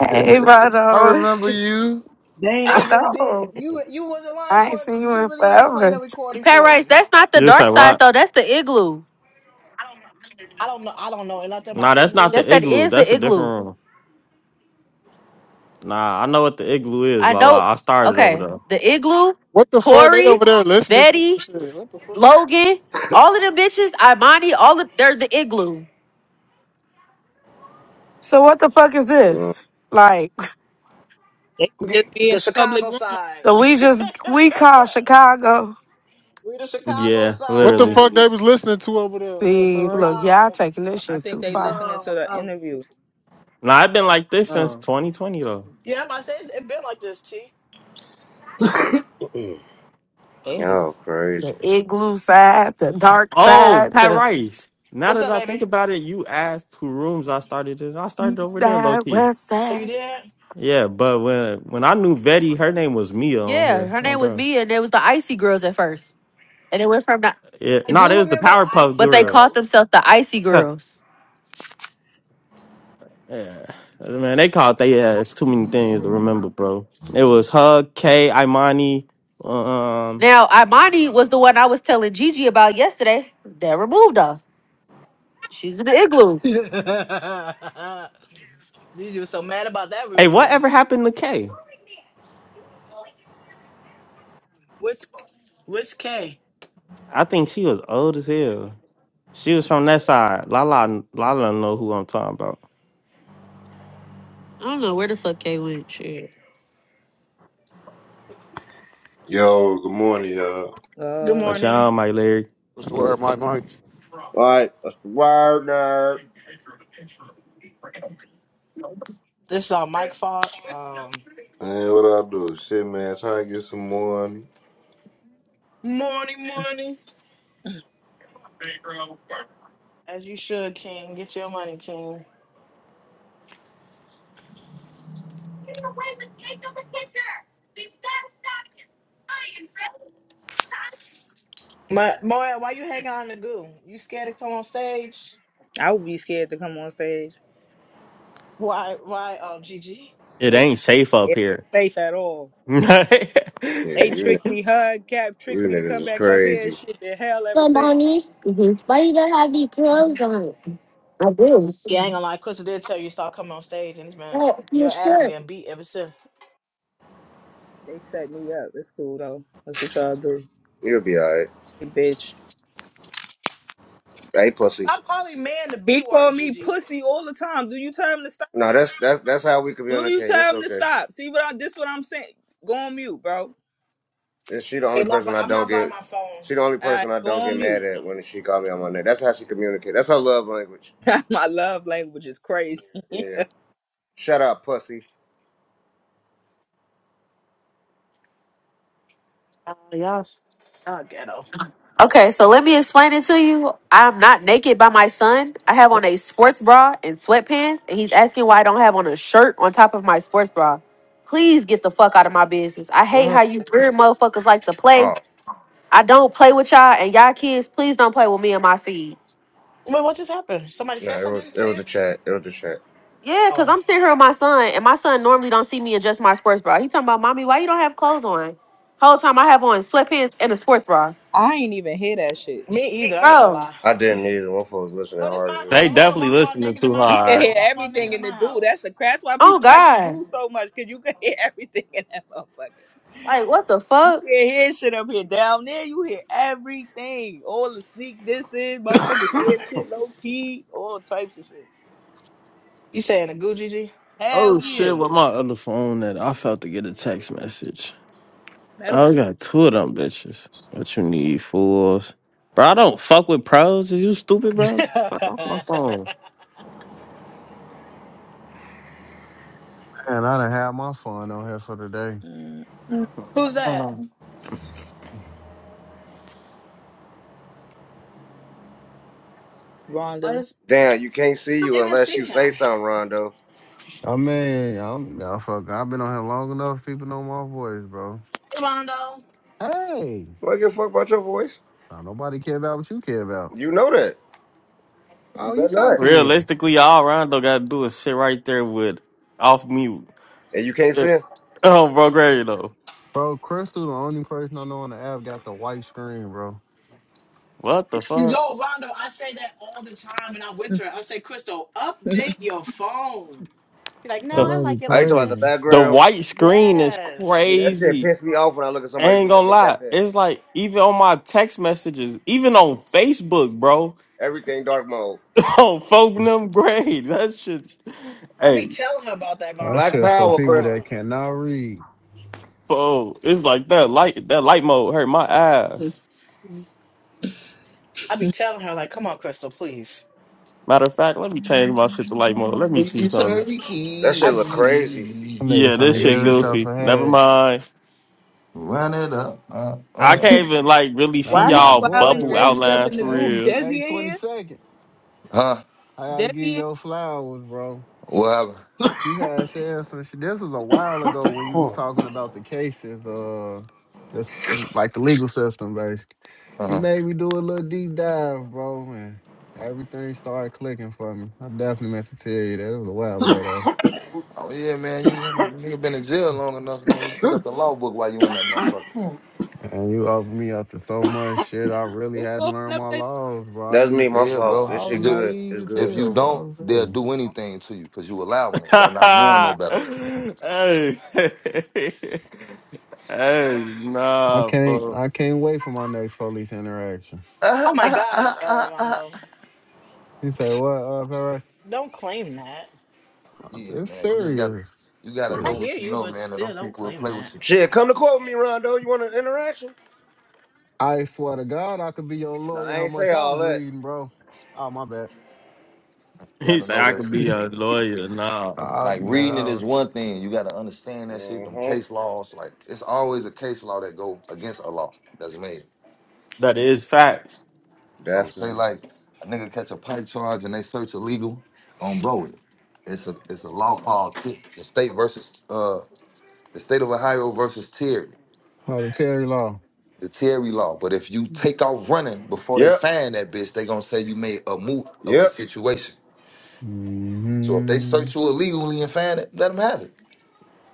[SPEAKER 23] hey, but
[SPEAKER 5] I
[SPEAKER 23] uh,
[SPEAKER 5] remember you.
[SPEAKER 2] Dang, they
[SPEAKER 23] I
[SPEAKER 2] really did.
[SPEAKER 23] know
[SPEAKER 2] You you wasn't lying,
[SPEAKER 23] I ain't
[SPEAKER 2] Court.
[SPEAKER 23] seen you
[SPEAKER 2] She
[SPEAKER 23] in
[SPEAKER 2] really is playing
[SPEAKER 23] forever.
[SPEAKER 2] a recording
[SPEAKER 7] Pat
[SPEAKER 2] for
[SPEAKER 7] Rice,
[SPEAKER 2] him.
[SPEAKER 7] that's not the
[SPEAKER 8] You
[SPEAKER 7] dark
[SPEAKER 8] say
[SPEAKER 7] side,
[SPEAKER 8] what?
[SPEAKER 7] though. That's the igloo.
[SPEAKER 2] I don't know. I don't know And nothing
[SPEAKER 8] Nah,
[SPEAKER 2] about
[SPEAKER 8] that's not
[SPEAKER 7] Yes,
[SPEAKER 2] igloos
[SPEAKER 8] the
[SPEAKER 7] that
[SPEAKER 2] and
[SPEAKER 8] igloo.
[SPEAKER 7] is the
[SPEAKER 8] That's a
[SPEAKER 7] igloo.
[SPEAKER 8] different room. Nah, I know what the igloo is,
[SPEAKER 7] I
[SPEAKER 8] la
[SPEAKER 7] know.
[SPEAKER 8] la. I started over
[SPEAKER 7] Okay.
[SPEAKER 8] there.
[SPEAKER 7] The igloo,
[SPEAKER 16] What the fuck? They
[SPEAKER 7] Tori,
[SPEAKER 16] over there listening to some
[SPEAKER 7] Betty,
[SPEAKER 16] shit. What the fuck?
[SPEAKER 7] Logan, all of them bitches, Imani, all of they're the igloo.
[SPEAKER 23] So what the fuck is this? Like,
[SPEAKER 3] They could just be in
[SPEAKER 2] the
[SPEAKER 3] a public
[SPEAKER 2] Chicago
[SPEAKER 3] room. right
[SPEAKER 2] side.
[SPEAKER 23] so we just we call Chicago.
[SPEAKER 2] we the Chicago
[SPEAKER 8] Yeah,
[SPEAKER 16] What the
[SPEAKER 2] side.
[SPEAKER 8] literally.
[SPEAKER 16] fuck they was listening to over there, uh,
[SPEAKER 23] See, look,
[SPEAKER 16] Perry?
[SPEAKER 23] y'all
[SPEAKER 2] Um.
[SPEAKER 23] taking this
[SPEAKER 3] now. I
[SPEAKER 23] shit
[SPEAKER 3] think
[SPEAKER 23] too
[SPEAKER 3] they
[SPEAKER 2] Uh,
[SPEAKER 23] far.
[SPEAKER 3] listening
[SPEAKER 2] uh,
[SPEAKER 3] to the
[SPEAKER 2] uh,
[SPEAKER 3] interview.
[SPEAKER 8] Nah, I've been like this since
[SPEAKER 16] Uh,
[SPEAKER 8] 2020 though.
[SPEAKER 2] yeah, my say it's it been like this. T.
[SPEAKER 3] They need to.
[SPEAKER 15] oh, crazy.
[SPEAKER 23] The igloo side, the dark
[SPEAKER 8] Oh,
[SPEAKER 23] side,
[SPEAKER 8] Pat
[SPEAKER 23] the
[SPEAKER 8] Rice. Now
[SPEAKER 2] What's
[SPEAKER 8] that
[SPEAKER 2] up,
[SPEAKER 8] I think
[SPEAKER 2] baby?
[SPEAKER 8] about it, you asked who rooms I started in. I started
[SPEAKER 23] east
[SPEAKER 8] over there, low
[SPEAKER 23] side,
[SPEAKER 8] key.
[SPEAKER 23] west
[SPEAKER 2] Are
[SPEAKER 23] side.
[SPEAKER 2] you there?
[SPEAKER 8] Yeah, but when when I knew Vetti, her name was Mia on
[SPEAKER 7] Yeah,
[SPEAKER 8] here.
[SPEAKER 7] her
[SPEAKER 8] Oh,
[SPEAKER 7] name was
[SPEAKER 8] bro.
[SPEAKER 7] Mia, and it was the Icy Girls at first. And it went from that,
[SPEAKER 8] Yeah,
[SPEAKER 2] I
[SPEAKER 8] no,
[SPEAKER 2] do
[SPEAKER 8] there's the
[SPEAKER 2] remember the
[SPEAKER 8] Powerpuff
[SPEAKER 2] icy
[SPEAKER 7] but they called
[SPEAKER 8] Girls.
[SPEAKER 2] girls.
[SPEAKER 7] themselves the Icy
[SPEAKER 8] Huh.
[SPEAKER 7] Girls.
[SPEAKER 8] Yeah, man, they called they ass too many things to remember, bro. It was Hug, K, Imani. Um,
[SPEAKER 7] Now, Imani was the one I was telling Gigi about yesterday that removed her. She's in the igloo.
[SPEAKER 2] Jeez, you were so mad about that
[SPEAKER 8] hey,
[SPEAKER 2] removal.
[SPEAKER 8] whatever happened to K?
[SPEAKER 2] Which which K?
[SPEAKER 8] I think she was old as hell. She was from that side. Lala, Lala don't know who I'm talking about.
[SPEAKER 7] I don't know where the fuck Kay went. Shit.
[SPEAKER 24] Yo, good morning, y'all.
[SPEAKER 2] Good
[SPEAKER 3] Uh,
[SPEAKER 8] But
[SPEAKER 2] morning.
[SPEAKER 8] y'all, my Larry,
[SPEAKER 5] What's the
[SPEAKER 15] All
[SPEAKER 5] word, Mike? Mike?
[SPEAKER 15] right, that's the word, nerd.
[SPEAKER 2] This is all Mike fault. Um,
[SPEAKER 24] Man, what I do? Shit, man, trying to get some money.
[SPEAKER 2] morning, morning. As you should, King. Get your money, King. My Moya, why you hanging on the goo? You scared to come on stage?
[SPEAKER 3] I would be scared to come on stage
[SPEAKER 2] Why? Why? Um, Gigi.
[SPEAKER 8] it
[SPEAKER 3] because
[SPEAKER 8] ain't safe up
[SPEAKER 3] it's
[SPEAKER 8] here.
[SPEAKER 3] safe at all.
[SPEAKER 8] they
[SPEAKER 15] Yeah,
[SPEAKER 3] They
[SPEAKER 15] you
[SPEAKER 3] tricked me hard, cap
[SPEAKER 15] you
[SPEAKER 3] tricked me to
[SPEAKER 15] niggas
[SPEAKER 3] come
[SPEAKER 15] is
[SPEAKER 3] back up here and
[SPEAKER 15] crazy.
[SPEAKER 3] shit been hell ever
[SPEAKER 7] But
[SPEAKER 3] since.
[SPEAKER 7] mommy, hmm why you don't have these clothes on? I do.
[SPEAKER 2] Yeah, I ain't gonna lie. Quincy did tell you to stop coming on stage, and this man,
[SPEAKER 7] But your
[SPEAKER 2] your ass been
[SPEAKER 7] shirt.
[SPEAKER 2] getting beat ever since.
[SPEAKER 3] They set me up. It's cool though. That's what y'all do.
[SPEAKER 15] You'll be all right.
[SPEAKER 3] Hey, Bitch.
[SPEAKER 15] Hey, pussy.
[SPEAKER 2] Stop calling man the B
[SPEAKER 3] He
[SPEAKER 2] word,
[SPEAKER 3] called me
[SPEAKER 2] Gigi.
[SPEAKER 3] pussy all the time. Do you tell him to stop?
[SPEAKER 15] No, that's that's that's how we
[SPEAKER 3] Do you
[SPEAKER 15] communicate. It's
[SPEAKER 3] tell him to
[SPEAKER 15] okay.
[SPEAKER 3] stop? See what I this what I'm saying. Go on mute, bro. All
[SPEAKER 15] And she the only
[SPEAKER 2] I'm not. By,
[SPEAKER 15] person I
[SPEAKER 2] I'm
[SPEAKER 15] don't
[SPEAKER 2] not by
[SPEAKER 15] get.
[SPEAKER 2] my phone.
[SPEAKER 15] She the only
[SPEAKER 3] right,
[SPEAKER 15] person I
[SPEAKER 3] go
[SPEAKER 15] don't get
[SPEAKER 3] on mute.
[SPEAKER 15] mad at when she called me on my name. That's how she communicates. That's her love language.
[SPEAKER 3] My love language is crazy.
[SPEAKER 15] Yeah. Shut up, pussy.
[SPEAKER 2] Uh, yes. Oh, ghetto.
[SPEAKER 7] Okay, so let me explain it to you. I'm not naked by my son. I have on a sports bra and sweatpants, and he's asking why I don't have on a shirt on top of my sports bra. Please get the fuck out of my business. I hate
[SPEAKER 15] 100
[SPEAKER 7] how you weird motherfuckers like to
[SPEAKER 15] Oh
[SPEAKER 7] play. I don't play with y'all, and y'all kids, please don't play with me and my seed.
[SPEAKER 2] Wait, what just happened? Somebody
[SPEAKER 15] no,
[SPEAKER 2] said
[SPEAKER 15] it was
[SPEAKER 2] something
[SPEAKER 15] it
[SPEAKER 2] to
[SPEAKER 15] was
[SPEAKER 2] you?
[SPEAKER 15] a chat. It was a chat.
[SPEAKER 7] Yeah, because
[SPEAKER 2] Oh,
[SPEAKER 7] I'm sitting here with my son, and my son normally don't see me in just my sports bra. He talking about, mommy, why you don't have clothes on? Whole time I have on sweatpants and a sports bra.
[SPEAKER 3] I ain't even hear that shit.
[SPEAKER 2] me either. I ain't gonna
[SPEAKER 7] Bro,
[SPEAKER 2] lie.
[SPEAKER 15] I didn't either. One folks listening
[SPEAKER 2] Girl, this my
[SPEAKER 15] hard
[SPEAKER 2] house.
[SPEAKER 15] as
[SPEAKER 2] If I want to
[SPEAKER 8] definitely
[SPEAKER 2] walk around
[SPEAKER 8] listening
[SPEAKER 2] naked in
[SPEAKER 8] too
[SPEAKER 2] my
[SPEAKER 3] You
[SPEAKER 2] house, I
[SPEAKER 3] can
[SPEAKER 8] hard.
[SPEAKER 2] want
[SPEAKER 3] hear
[SPEAKER 2] to walk around naked
[SPEAKER 3] everything
[SPEAKER 2] in
[SPEAKER 3] in the
[SPEAKER 2] my
[SPEAKER 3] goo. That's
[SPEAKER 2] house.
[SPEAKER 3] the that's why
[SPEAKER 7] oh
[SPEAKER 3] people like the
[SPEAKER 7] God.
[SPEAKER 3] goo so much, cause you can hear everything in that motherfucker.
[SPEAKER 7] Like, what the
[SPEAKER 3] You
[SPEAKER 7] fuck?
[SPEAKER 3] can't hear shit up here. Down there, you hear everything. All the sneak this in, motherfucker
[SPEAKER 15] hell.
[SPEAKER 3] saying shit low key, all types of shit.
[SPEAKER 2] You saying a Gucci G?
[SPEAKER 3] Hell
[SPEAKER 8] Oh shit!
[SPEAKER 3] yeah.
[SPEAKER 8] With my other phone that I felt to get a text message.
[SPEAKER 3] Matter of
[SPEAKER 8] I
[SPEAKER 3] fact,
[SPEAKER 8] got two of them bitches. What you need, fools? Bro, I don't fuck with pros. Is you stupid, bro? Fuck off my phone.
[SPEAKER 25] And I done had my fun on here for today.
[SPEAKER 3] mm,
[SPEAKER 2] Who's that?
[SPEAKER 8] Oh.
[SPEAKER 2] I
[SPEAKER 3] Rondo.
[SPEAKER 2] just
[SPEAKER 15] Damn, you can't see
[SPEAKER 2] I don't
[SPEAKER 15] you
[SPEAKER 2] even
[SPEAKER 15] unless
[SPEAKER 2] see
[SPEAKER 15] you say
[SPEAKER 2] him.
[SPEAKER 15] something, Rondo.
[SPEAKER 25] I mean, I'm, I fuck, I've been on here long enough. People know my voice, bro.
[SPEAKER 2] Hey, Rondo.
[SPEAKER 25] Hey,
[SPEAKER 15] Do I give a fuck about your voice?
[SPEAKER 25] now nobody care about what you care about,
[SPEAKER 15] You know that. You
[SPEAKER 25] Oh, you
[SPEAKER 15] better not.
[SPEAKER 25] talking then?
[SPEAKER 8] Realistically, all Rondo got to do is sit right there with off mute.
[SPEAKER 15] And you can't
[SPEAKER 8] Yeah.
[SPEAKER 15] sing.
[SPEAKER 8] Oh, bro, great though.
[SPEAKER 25] bro. Crystal, the only person I know on the app, got the white screen, bro.
[SPEAKER 8] What the
[SPEAKER 2] You
[SPEAKER 8] fuck?
[SPEAKER 2] go, Rondo. I say that all the time, and I'm with her. I say, Crystal, update your phone. She's like,
[SPEAKER 25] That
[SPEAKER 2] no,
[SPEAKER 8] The
[SPEAKER 2] I
[SPEAKER 25] lady
[SPEAKER 2] like it
[SPEAKER 15] I ain't
[SPEAKER 2] like
[SPEAKER 15] talking about the
[SPEAKER 25] crazy.
[SPEAKER 2] this.
[SPEAKER 8] the
[SPEAKER 15] background.
[SPEAKER 8] white screen is
[SPEAKER 15] Dude, that
[SPEAKER 2] Yes.
[SPEAKER 15] shit
[SPEAKER 8] crazy.
[SPEAKER 15] pissed me off when I look at
[SPEAKER 8] I
[SPEAKER 15] somebody
[SPEAKER 8] ain't
[SPEAKER 15] phone
[SPEAKER 8] gonna
[SPEAKER 15] and they got
[SPEAKER 8] lie.
[SPEAKER 15] that.
[SPEAKER 8] It's like even on my text messages, even on Facebook, bro.
[SPEAKER 15] Everything dark mode.
[SPEAKER 8] On folk them grade. That shit.
[SPEAKER 2] I
[SPEAKER 8] hey,
[SPEAKER 2] be telling her about that,
[SPEAKER 25] That
[SPEAKER 2] Rondo.
[SPEAKER 15] Black
[SPEAKER 2] I'm
[SPEAKER 25] shit
[SPEAKER 2] like,
[SPEAKER 25] for
[SPEAKER 15] power,
[SPEAKER 2] come
[SPEAKER 25] people that
[SPEAKER 15] Crystal.
[SPEAKER 2] on.
[SPEAKER 25] cannot read.
[SPEAKER 8] Oh, it's like that light. That light mode hurt my eyes.
[SPEAKER 2] I be telling her, like, come on, Crystal, please.
[SPEAKER 8] Matter of fact, let me change my shit to light mode. Let me see
[SPEAKER 19] You turn
[SPEAKER 8] something.
[SPEAKER 19] the
[SPEAKER 15] That shit
[SPEAKER 2] I.
[SPEAKER 15] look crazy.
[SPEAKER 25] That nigga
[SPEAKER 19] keys.
[SPEAKER 8] Yeah, this
[SPEAKER 25] finna
[SPEAKER 8] shit
[SPEAKER 25] give
[SPEAKER 19] Amen.
[SPEAKER 25] himself
[SPEAKER 8] goofy.
[SPEAKER 25] a
[SPEAKER 8] Never
[SPEAKER 25] headache.
[SPEAKER 8] mind.
[SPEAKER 19] Run it up. Uh,
[SPEAKER 8] I
[SPEAKER 19] uh.
[SPEAKER 8] can't even like really see
[SPEAKER 25] That's
[SPEAKER 3] Why he
[SPEAKER 25] my
[SPEAKER 8] y'all
[SPEAKER 3] wilding
[SPEAKER 25] boy
[SPEAKER 8] bubble
[SPEAKER 25] right
[SPEAKER 3] Desi up
[SPEAKER 25] there.
[SPEAKER 8] outlines
[SPEAKER 3] in the
[SPEAKER 8] for
[SPEAKER 25] Hey,
[SPEAKER 3] group?
[SPEAKER 8] real.
[SPEAKER 3] Desi in
[SPEAKER 25] hey, twenty
[SPEAKER 3] here?
[SPEAKER 25] second.
[SPEAKER 19] Huh?
[SPEAKER 25] I
[SPEAKER 3] Desi
[SPEAKER 25] gotta
[SPEAKER 3] in
[SPEAKER 25] give
[SPEAKER 3] here?
[SPEAKER 25] your flowers, bro.
[SPEAKER 19] What happened?
[SPEAKER 25] You had said some shit. This was a while ago when you was talking about the cases, uh, just mm, like the legal system, basically. You
[SPEAKER 19] Uh-huh.
[SPEAKER 25] made me do a little deep dive, bro, and everything started clicking for me. I definitely meant to tell you that. It was a while ago though.
[SPEAKER 19] Oh yeah, man. You in that nigga been in jail long enough, man. You pick up the law book while you in that motherfucker.
[SPEAKER 25] And you opened me up to so much shit. I really
[SPEAKER 3] Who
[SPEAKER 25] hadn't
[SPEAKER 3] open
[SPEAKER 25] learned
[SPEAKER 3] up
[SPEAKER 25] my
[SPEAKER 3] that
[SPEAKER 25] laws, bro. I
[SPEAKER 15] That's me,
[SPEAKER 25] didn't.
[SPEAKER 15] my
[SPEAKER 19] Yeah,
[SPEAKER 25] I,
[SPEAKER 15] fault.
[SPEAKER 19] bro.
[SPEAKER 15] This
[SPEAKER 25] I was
[SPEAKER 15] shit
[SPEAKER 19] Cause if
[SPEAKER 15] good.
[SPEAKER 25] naive
[SPEAKER 15] It's
[SPEAKER 25] as
[SPEAKER 19] if
[SPEAKER 15] good.
[SPEAKER 19] you
[SPEAKER 25] hell, bro. I
[SPEAKER 19] don't,
[SPEAKER 25] was
[SPEAKER 19] they'll
[SPEAKER 25] very.
[SPEAKER 19] do anything to you because you allowing it by not knowing no
[SPEAKER 8] hey,
[SPEAKER 19] better.
[SPEAKER 8] hey,
[SPEAKER 25] I
[SPEAKER 8] nah,
[SPEAKER 25] can't.
[SPEAKER 8] fuck.
[SPEAKER 25] I can't wait for my next police interaction.
[SPEAKER 19] Ah,
[SPEAKER 2] Oh my
[SPEAKER 19] ah,
[SPEAKER 2] God,
[SPEAKER 19] ah,
[SPEAKER 2] uh,
[SPEAKER 19] ah,
[SPEAKER 2] Rondo,
[SPEAKER 19] ah.
[SPEAKER 25] He said, "What, uh, Perez?
[SPEAKER 2] don't claim that.
[SPEAKER 19] Yeah,
[SPEAKER 25] It's
[SPEAKER 19] man. You just gotta
[SPEAKER 25] serious.
[SPEAKER 19] you gotta
[SPEAKER 2] I
[SPEAKER 19] know
[SPEAKER 25] Serious."
[SPEAKER 2] hear
[SPEAKER 19] what you
[SPEAKER 2] you,
[SPEAKER 19] know,
[SPEAKER 2] but
[SPEAKER 19] man, or them
[SPEAKER 2] still don't
[SPEAKER 19] people will
[SPEAKER 2] claim
[SPEAKER 19] play with
[SPEAKER 2] that.
[SPEAKER 19] you.
[SPEAKER 15] Shit, come to court with me, Rondo. You want an interaction?
[SPEAKER 25] I swear to God, I could be your
[SPEAKER 15] No,
[SPEAKER 25] lawyer.
[SPEAKER 15] I
[SPEAKER 25] How
[SPEAKER 15] ain't say
[SPEAKER 25] much I
[SPEAKER 15] all
[SPEAKER 25] was
[SPEAKER 15] that.
[SPEAKER 25] reading, bro? Oh my bad.
[SPEAKER 19] You
[SPEAKER 8] He
[SPEAKER 19] gotta
[SPEAKER 8] said
[SPEAKER 19] know
[SPEAKER 8] I
[SPEAKER 19] that
[SPEAKER 8] could
[SPEAKER 19] shit.
[SPEAKER 8] be a lawyer. Nah,
[SPEAKER 25] I,
[SPEAKER 19] Like
[SPEAKER 25] man,
[SPEAKER 19] reading
[SPEAKER 25] I
[SPEAKER 19] it
[SPEAKER 25] was,
[SPEAKER 19] is one thing. You gotta understand that shit, them
[SPEAKER 15] Mm-hmm.
[SPEAKER 19] case laws. Like it's always a case law that go against a law that's made.
[SPEAKER 8] that is facts.
[SPEAKER 19] So say
[SPEAKER 15] Definitely.
[SPEAKER 19] like a nigga catch a pipe charge and they search illegal on bro. It's a it's a law called T- the state versus uh the state of Ohio versus Terry,
[SPEAKER 25] no, the Terry Law.
[SPEAKER 19] the Terry law. But if you take off running before they
[SPEAKER 15] Yep,
[SPEAKER 19] find that bitch, they gonna say you made a move of the
[SPEAKER 15] yep.
[SPEAKER 19] situation. So if they
[SPEAKER 25] Mm-hmm.
[SPEAKER 19] search you illegally and find it, let them have it.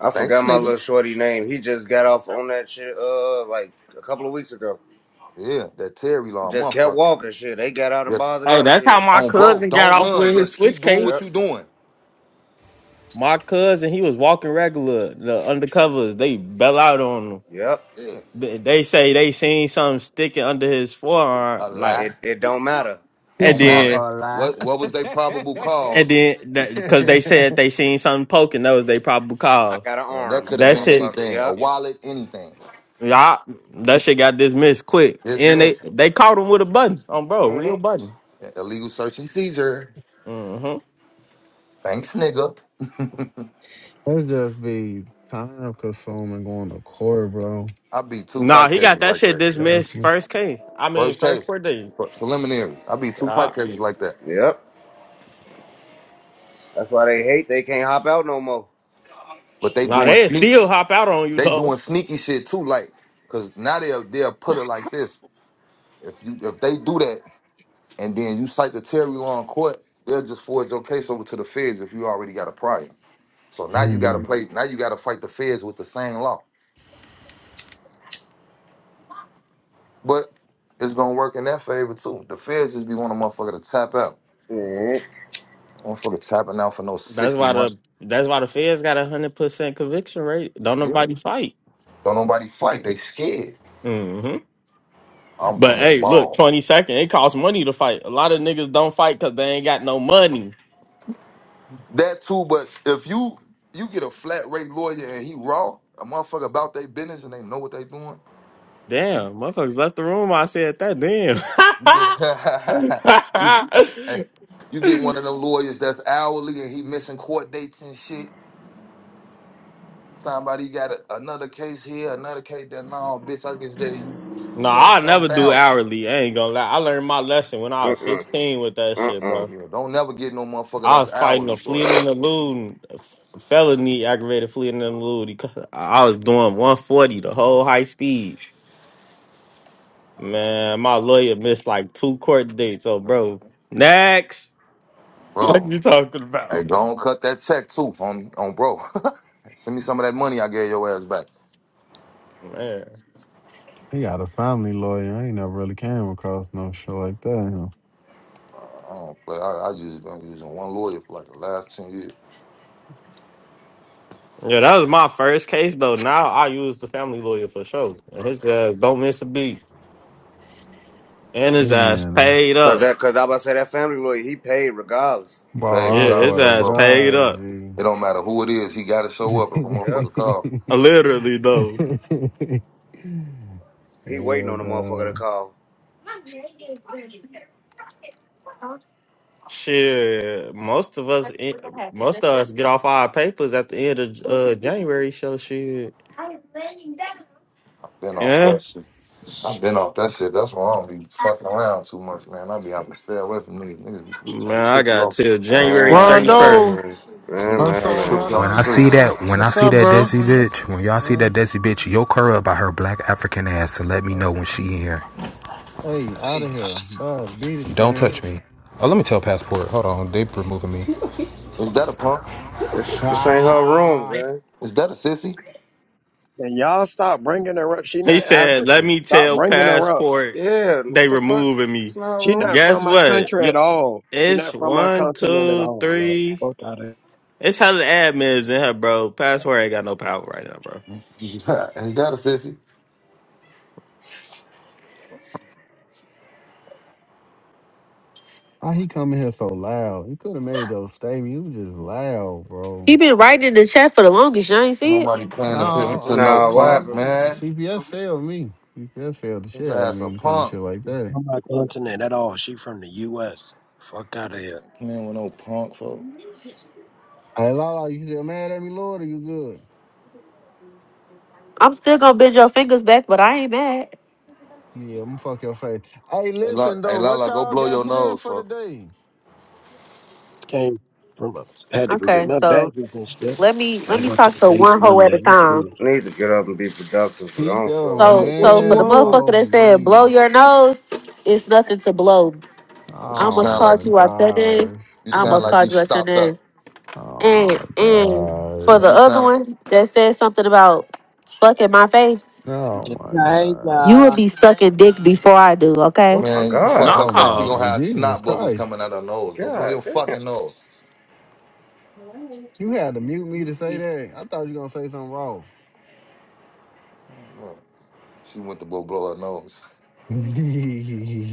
[SPEAKER 15] I
[SPEAKER 19] Thanks,
[SPEAKER 15] forgot my
[SPEAKER 19] nigga.
[SPEAKER 15] little shorty name. He just got off on that shit uh like a couple of weeks ago.
[SPEAKER 19] Yeah, that Terry
[SPEAKER 15] He
[SPEAKER 19] law,
[SPEAKER 15] just kept
[SPEAKER 19] motherfucker.
[SPEAKER 15] walking shit. They got out and
[SPEAKER 19] Just
[SPEAKER 15] bothered
[SPEAKER 8] Hey,
[SPEAKER 15] him
[SPEAKER 8] that's how
[SPEAKER 15] shit.
[SPEAKER 8] my
[SPEAKER 19] on bro,
[SPEAKER 8] cousin got
[SPEAKER 19] don't
[SPEAKER 8] off
[SPEAKER 19] run.
[SPEAKER 8] with his
[SPEAKER 19] Just
[SPEAKER 8] switch
[SPEAKER 19] keep doing what
[SPEAKER 15] Yep.
[SPEAKER 19] you doing.
[SPEAKER 8] My cousin, he was walking regular. The undercovers, they bell out on him.
[SPEAKER 15] Yep.
[SPEAKER 19] Yeah,
[SPEAKER 8] They they say they seen something sticking under his forearm,
[SPEAKER 19] a
[SPEAKER 8] like,
[SPEAKER 19] lie
[SPEAKER 15] It it don't matter.
[SPEAKER 25] He's
[SPEAKER 8] and
[SPEAKER 19] don't
[SPEAKER 25] talking about
[SPEAKER 8] then
[SPEAKER 19] matter.
[SPEAKER 25] a
[SPEAKER 19] What what was their probable
[SPEAKER 25] lie.
[SPEAKER 8] and
[SPEAKER 19] cause?
[SPEAKER 8] then because they said they seen something poking. That was they probable
[SPEAKER 15] I
[SPEAKER 8] cause.
[SPEAKER 15] got an
[SPEAKER 19] And that
[SPEAKER 15] arm,
[SPEAKER 19] could have
[SPEAKER 8] That
[SPEAKER 19] been
[SPEAKER 8] shit,
[SPEAKER 15] motherfucker.
[SPEAKER 19] anything, a
[SPEAKER 15] Yep.
[SPEAKER 19] wallet, anything.
[SPEAKER 8] yeah, that shit got dismissed quick, and they
[SPEAKER 19] Dismiss.
[SPEAKER 8] they caught him with a button on bro, real
[SPEAKER 15] Mm-hmm.
[SPEAKER 8] button.
[SPEAKER 19] illegal search and seizure.
[SPEAKER 8] hmm
[SPEAKER 19] Thanks, nigga.
[SPEAKER 25] That just be time consuming going to court, bro.
[SPEAKER 19] I beat two
[SPEAKER 8] Nah,
[SPEAKER 19] pipe
[SPEAKER 8] he got
[SPEAKER 19] cases
[SPEAKER 8] that
[SPEAKER 19] like
[SPEAKER 8] shit
[SPEAKER 19] that.
[SPEAKER 8] dismissed
[SPEAKER 25] Definitely.
[SPEAKER 8] first case. I mean,
[SPEAKER 19] First
[SPEAKER 8] first
[SPEAKER 19] case,
[SPEAKER 8] court day.
[SPEAKER 19] pre- preliminary. I beat two
[SPEAKER 8] Nah,
[SPEAKER 19] pipe cases like that.
[SPEAKER 15] Yep. That's why they hate they can't hop out no more.
[SPEAKER 19] But they
[SPEAKER 8] nah,
[SPEAKER 19] doing
[SPEAKER 8] they
[SPEAKER 19] sneak,
[SPEAKER 8] still hop out on you
[SPEAKER 19] they
[SPEAKER 8] though.
[SPEAKER 19] doing sneaky shit too. Like, cause now they'll they'll put it like this. If you if they do that and then you cite the Terry law in court, they'll just forward your case over to the feds if you already got a prior. So now you got
[SPEAKER 25] Hmm.
[SPEAKER 19] to play. Now you got to fight the feds with the same law. But it's gonna work in their favor too. The feds just be wanting a motherfucker to tap out.
[SPEAKER 15] Mm-hmm.
[SPEAKER 19] Motherfucker tapping out for no
[SPEAKER 8] That's
[SPEAKER 19] 60
[SPEAKER 8] why
[SPEAKER 19] months.
[SPEAKER 8] the that's why the feds got a hundred percent conviction rate. Don't
[SPEAKER 19] Yeah.
[SPEAKER 8] nobody fight.
[SPEAKER 19] Don't nobody fight, they scared.
[SPEAKER 8] hmm
[SPEAKER 19] I'm
[SPEAKER 8] But
[SPEAKER 19] playing
[SPEAKER 8] hey, look,
[SPEAKER 19] ball.
[SPEAKER 8] twenty second. It costs money to fight. A lot of niggas don't fight because they ain't got no money.
[SPEAKER 19] That too, but if you you get a flat rate lawyer and he raw, a motherfucker about their business and they know what they doing, you
[SPEAKER 8] Damn, motherfuckers left the room. I said that. Damn.
[SPEAKER 19] you get you, hey, you get one of them lawyers that's hourly and he missing court dates and shit. Somebody got a, another case here, another case there. No, bitch, I just gave you
[SPEAKER 8] no,
[SPEAKER 19] twenty
[SPEAKER 8] I
[SPEAKER 19] some
[SPEAKER 8] never do
[SPEAKER 19] thousand.
[SPEAKER 8] hourly. I ain't gonna lie. I learned my lesson when I was
[SPEAKER 15] Mm-mm.
[SPEAKER 8] sixteen with that shit,
[SPEAKER 15] Mm-mm.
[SPEAKER 8] bro.
[SPEAKER 19] Yeah, don't never get no motherfucker
[SPEAKER 8] I
[SPEAKER 19] that's
[SPEAKER 8] was fighting
[SPEAKER 19] hourly,
[SPEAKER 8] a
[SPEAKER 19] shorty.
[SPEAKER 8] fleeing and eluding a felony aggravated fleeing and eluding. Because I was doing 140 the whole high speed. Man, my lawyer missed like two court dates. So, bro, next. Fuck
[SPEAKER 19] Bro,
[SPEAKER 8] you talking
[SPEAKER 19] hey,
[SPEAKER 8] about,
[SPEAKER 19] don't cut that check too, on on bro. Send me some of that money I gave your ass back.
[SPEAKER 8] man?
[SPEAKER 25] He got a family lawyer. I ain't never really came across no shit like that. You know.
[SPEAKER 19] Uh, I don't play. I, I just been using one lawyer for like the last ten years.
[SPEAKER 8] Yeah, that was my first case though. Now I use the family lawyer for sure. And his ass don't miss a beat, and
[SPEAKER 25] He
[SPEAKER 8] his
[SPEAKER 25] be
[SPEAKER 8] ass
[SPEAKER 25] in there.
[SPEAKER 8] paid
[SPEAKER 15] Cause
[SPEAKER 8] up.
[SPEAKER 15] that cause I about to say that family lawyer, he paid regardless.
[SPEAKER 19] You paid
[SPEAKER 8] Yeah,
[SPEAKER 25] Bro, I
[SPEAKER 8] his
[SPEAKER 25] swear
[SPEAKER 19] regardless, my
[SPEAKER 25] to
[SPEAKER 8] ass
[SPEAKER 19] bro.
[SPEAKER 8] paid
[SPEAKER 25] God,
[SPEAKER 8] up.
[SPEAKER 25] G.
[SPEAKER 19] It don't matter who it is. He got to show
[SPEAKER 25] Hell
[SPEAKER 19] up if a
[SPEAKER 15] Yep.
[SPEAKER 19] motherfucker call.
[SPEAKER 8] Literally though.
[SPEAKER 15] He waiting on the motherfucker to
[SPEAKER 25] no.
[SPEAKER 15] call.
[SPEAKER 8] Shit, most of us, eh, most of us get off our papers at the end of uh, January. So shit,
[SPEAKER 19] I've been off
[SPEAKER 8] yeah,
[SPEAKER 19] that shit. I've been off that shit. That's why I don't be fucking around too much, man. I be having to stay away from niggas. Niggas be trying
[SPEAKER 8] man,
[SPEAKER 19] to
[SPEAKER 8] I
[SPEAKER 19] trick you
[SPEAKER 8] got
[SPEAKER 19] off.
[SPEAKER 8] till January
[SPEAKER 15] Ah,
[SPEAKER 8] thirty first.
[SPEAKER 16] Rondo,
[SPEAKER 15] man,
[SPEAKER 19] Niggas
[SPEAKER 15] man,
[SPEAKER 19] be
[SPEAKER 15] man,
[SPEAKER 25] What's
[SPEAKER 19] trying
[SPEAKER 25] up,
[SPEAKER 19] to
[SPEAKER 15] man.
[SPEAKER 19] trick you
[SPEAKER 25] brother?
[SPEAKER 19] off
[SPEAKER 26] When
[SPEAKER 25] How
[SPEAKER 19] the
[SPEAKER 26] I
[SPEAKER 25] you
[SPEAKER 19] street.
[SPEAKER 26] see
[SPEAKER 25] feeling?
[SPEAKER 26] that, when I
[SPEAKER 16] what's
[SPEAKER 26] see
[SPEAKER 16] up,
[SPEAKER 26] that
[SPEAKER 16] bro?
[SPEAKER 26] Desi bitch, when y'all see that
[SPEAKER 25] Hey,
[SPEAKER 26] Desi bitch, yoke her up by her black African ass and let me
[SPEAKER 25] uh,
[SPEAKER 26] know when she in here.
[SPEAKER 25] hey, out of here. Bad beat it,
[SPEAKER 26] Don't
[SPEAKER 25] scram.
[SPEAKER 26] touch me. Oh, let me tell Passport. Hold on, they removing me.
[SPEAKER 19] Is that a punk?
[SPEAKER 15] This this ain't her room,
[SPEAKER 25] Ah,
[SPEAKER 15] gang.
[SPEAKER 19] Is that a sissy?
[SPEAKER 27] And y'all stop bringing her up. She
[SPEAKER 8] He
[SPEAKER 27] not
[SPEAKER 8] said, "Let
[SPEAKER 27] African.
[SPEAKER 8] me
[SPEAKER 27] Stop
[SPEAKER 8] tell
[SPEAKER 27] bringing her up.
[SPEAKER 8] passport
[SPEAKER 15] Yeah,
[SPEAKER 8] they
[SPEAKER 15] what the fuck?
[SPEAKER 8] removing me."
[SPEAKER 15] It's not her
[SPEAKER 27] She not
[SPEAKER 15] room.
[SPEAKER 27] from
[SPEAKER 8] Guess
[SPEAKER 27] my
[SPEAKER 8] what?
[SPEAKER 27] country
[SPEAKER 8] Yo-
[SPEAKER 27] at all. She
[SPEAKER 8] It's
[SPEAKER 27] not from my
[SPEAKER 8] one,
[SPEAKER 27] continent at
[SPEAKER 8] two,
[SPEAKER 27] all. Like
[SPEAKER 8] three.
[SPEAKER 27] fuck out of here.
[SPEAKER 8] It's hella admins in here, bro. Passport ain't got no power right now, bro.
[SPEAKER 19] Is that a sissy?
[SPEAKER 25] why he coming here so loud? He could have made those statements. You was just loud,
[SPEAKER 7] He
[SPEAKER 25] bro.
[SPEAKER 7] been writing in the chat for the longest. You ain't
[SPEAKER 19] Ain't
[SPEAKER 7] see
[SPEAKER 19] nobody
[SPEAKER 7] it?
[SPEAKER 25] No,
[SPEAKER 19] paying
[SPEAKER 8] Uh uh
[SPEAKER 19] attention to
[SPEAKER 25] I'm.
[SPEAKER 19] no
[SPEAKER 25] I,
[SPEAKER 15] Nah, what
[SPEAKER 19] punk,
[SPEAKER 15] happened?
[SPEAKER 25] you
[SPEAKER 19] man.
[SPEAKER 25] CPS failed me. CPS failed the
[SPEAKER 19] This
[SPEAKER 25] shit out of
[SPEAKER 19] ass
[SPEAKER 25] me
[SPEAKER 19] a
[SPEAKER 25] when it comes to
[SPEAKER 19] punk.
[SPEAKER 25] shit like that.
[SPEAKER 27] From my continent at all. She from the U.S. Fuck out of here.
[SPEAKER 19] Ain't playing with no punk, folk.
[SPEAKER 25] Hey, Lala, you still mad at me, Lord? Or you good?
[SPEAKER 7] I'm still gonna bend your fingers back, but I ain't mad.
[SPEAKER 25] Yeah, I'm fuck your face. Hey,
[SPEAKER 19] Hey, Lala,
[SPEAKER 25] listen
[SPEAKER 19] hey,
[SPEAKER 25] though, what
[SPEAKER 19] Lala go
[SPEAKER 25] y'all
[SPEAKER 19] blow
[SPEAKER 25] got
[SPEAKER 19] your
[SPEAKER 25] planned
[SPEAKER 19] nose,
[SPEAKER 25] for
[SPEAKER 19] folk.
[SPEAKER 25] today?
[SPEAKER 27] Came from. I had to go get
[SPEAKER 7] Okay,
[SPEAKER 27] my
[SPEAKER 7] so
[SPEAKER 27] badges and shit.
[SPEAKER 7] let me let
[SPEAKER 27] Gotta
[SPEAKER 7] me
[SPEAKER 27] go to
[SPEAKER 7] talk
[SPEAKER 27] the
[SPEAKER 7] to
[SPEAKER 27] base
[SPEAKER 7] one hoe at a
[SPEAKER 27] Monday.
[SPEAKER 7] time.
[SPEAKER 27] Cool.
[SPEAKER 15] I need to get up and be productive, but I
[SPEAKER 25] Keep
[SPEAKER 15] don't feel
[SPEAKER 25] your
[SPEAKER 15] like it.
[SPEAKER 7] So
[SPEAKER 27] What
[SPEAKER 7] so
[SPEAKER 27] you
[SPEAKER 7] for the
[SPEAKER 25] hands
[SPEAKER 27] want?
[SPEAKER 7] motherfucker
[SPEAKER 25] off
[SPEAKER 7] that said blow
[SPEAKER 25] me.
[SPEAKER 7] your nose, it's nothing to blow.
[SPEAKER 19] 'Cause
[SPEAKER 7] I
[SPEAKER 19] You
[SPEAKER 25] Oh
[SPEAKER 7] almost
[SPEAKER 19] sound
[SPEAKER 7] called
[SPEAKER 25] my
[SPEAKER 19] like you,
[SPEAKER 7] you out your name.
[SPEAKER 25] gosh.
[SPEAKER 19] you
[SPEAKER 7] I
[SPEAKER 25] We
[SPEAKER 19] sound
[SPEAKER 7] almost
[SPEAKER 25] just
[SPEAKER 19] like you
[SPEAKER 7] called you out your
[SPEAKER 19] stopped
[SPEAKER 7] name.
[SPEAKER 19] up.
[SPEAKER 25] oh
[SPEAKER 7] And
[SPEAKER 25] my
[SPEAKER 7] and for
[SPEAKER 19] Man,
[SPEAKER 7] the
[SPEAKER 19] You
[SPEAKER 25] gosh.
[SPEAKER 7] other
[SPEAKER 19] sound,
[SPEAKER 7] one that said something about fucking my face,
[SPEAKER 25] Oh
[SPEAKER 27] Just,
[SPEAKER 25] my
[SPEAKER 27] hey,
[SPEAKER 25] gosh.
[SPEAKER 7] you
[SPEAKER 27] you
[SPEAKER 7] would be sucking dick before I do, okay?
[SPEAKER 15] Oh my
[SPEAKER 19] man, you fuck
[SPEAKER 15] god.
[SPEAKER 19] her
[SPEAKER 25] Oh
[SPEAKER 19] face, she
[SPEAKER 25] my
[SPEAKER 8] No.
[SPEAKER 19] gonna
[SPEAKER 25] g-
[SPEAKER 19] have
[SPEAKER 25] Jesus
[SPEAKER 19] snot bubbles
[SPEAKER 25] Christ.
[SPEAKER 19] coming out her nose. Go blow
[SPEAKER 15] God
[SPEAKER 19] your
[SPEAKER 15] damn.
[SPEAKER 19] fucking nose.
[SPEAKER 25] You had to mute me to say that. I thought you were gonna say something wrong.
[SPEAKER 19] Look, She went to go blow her nose.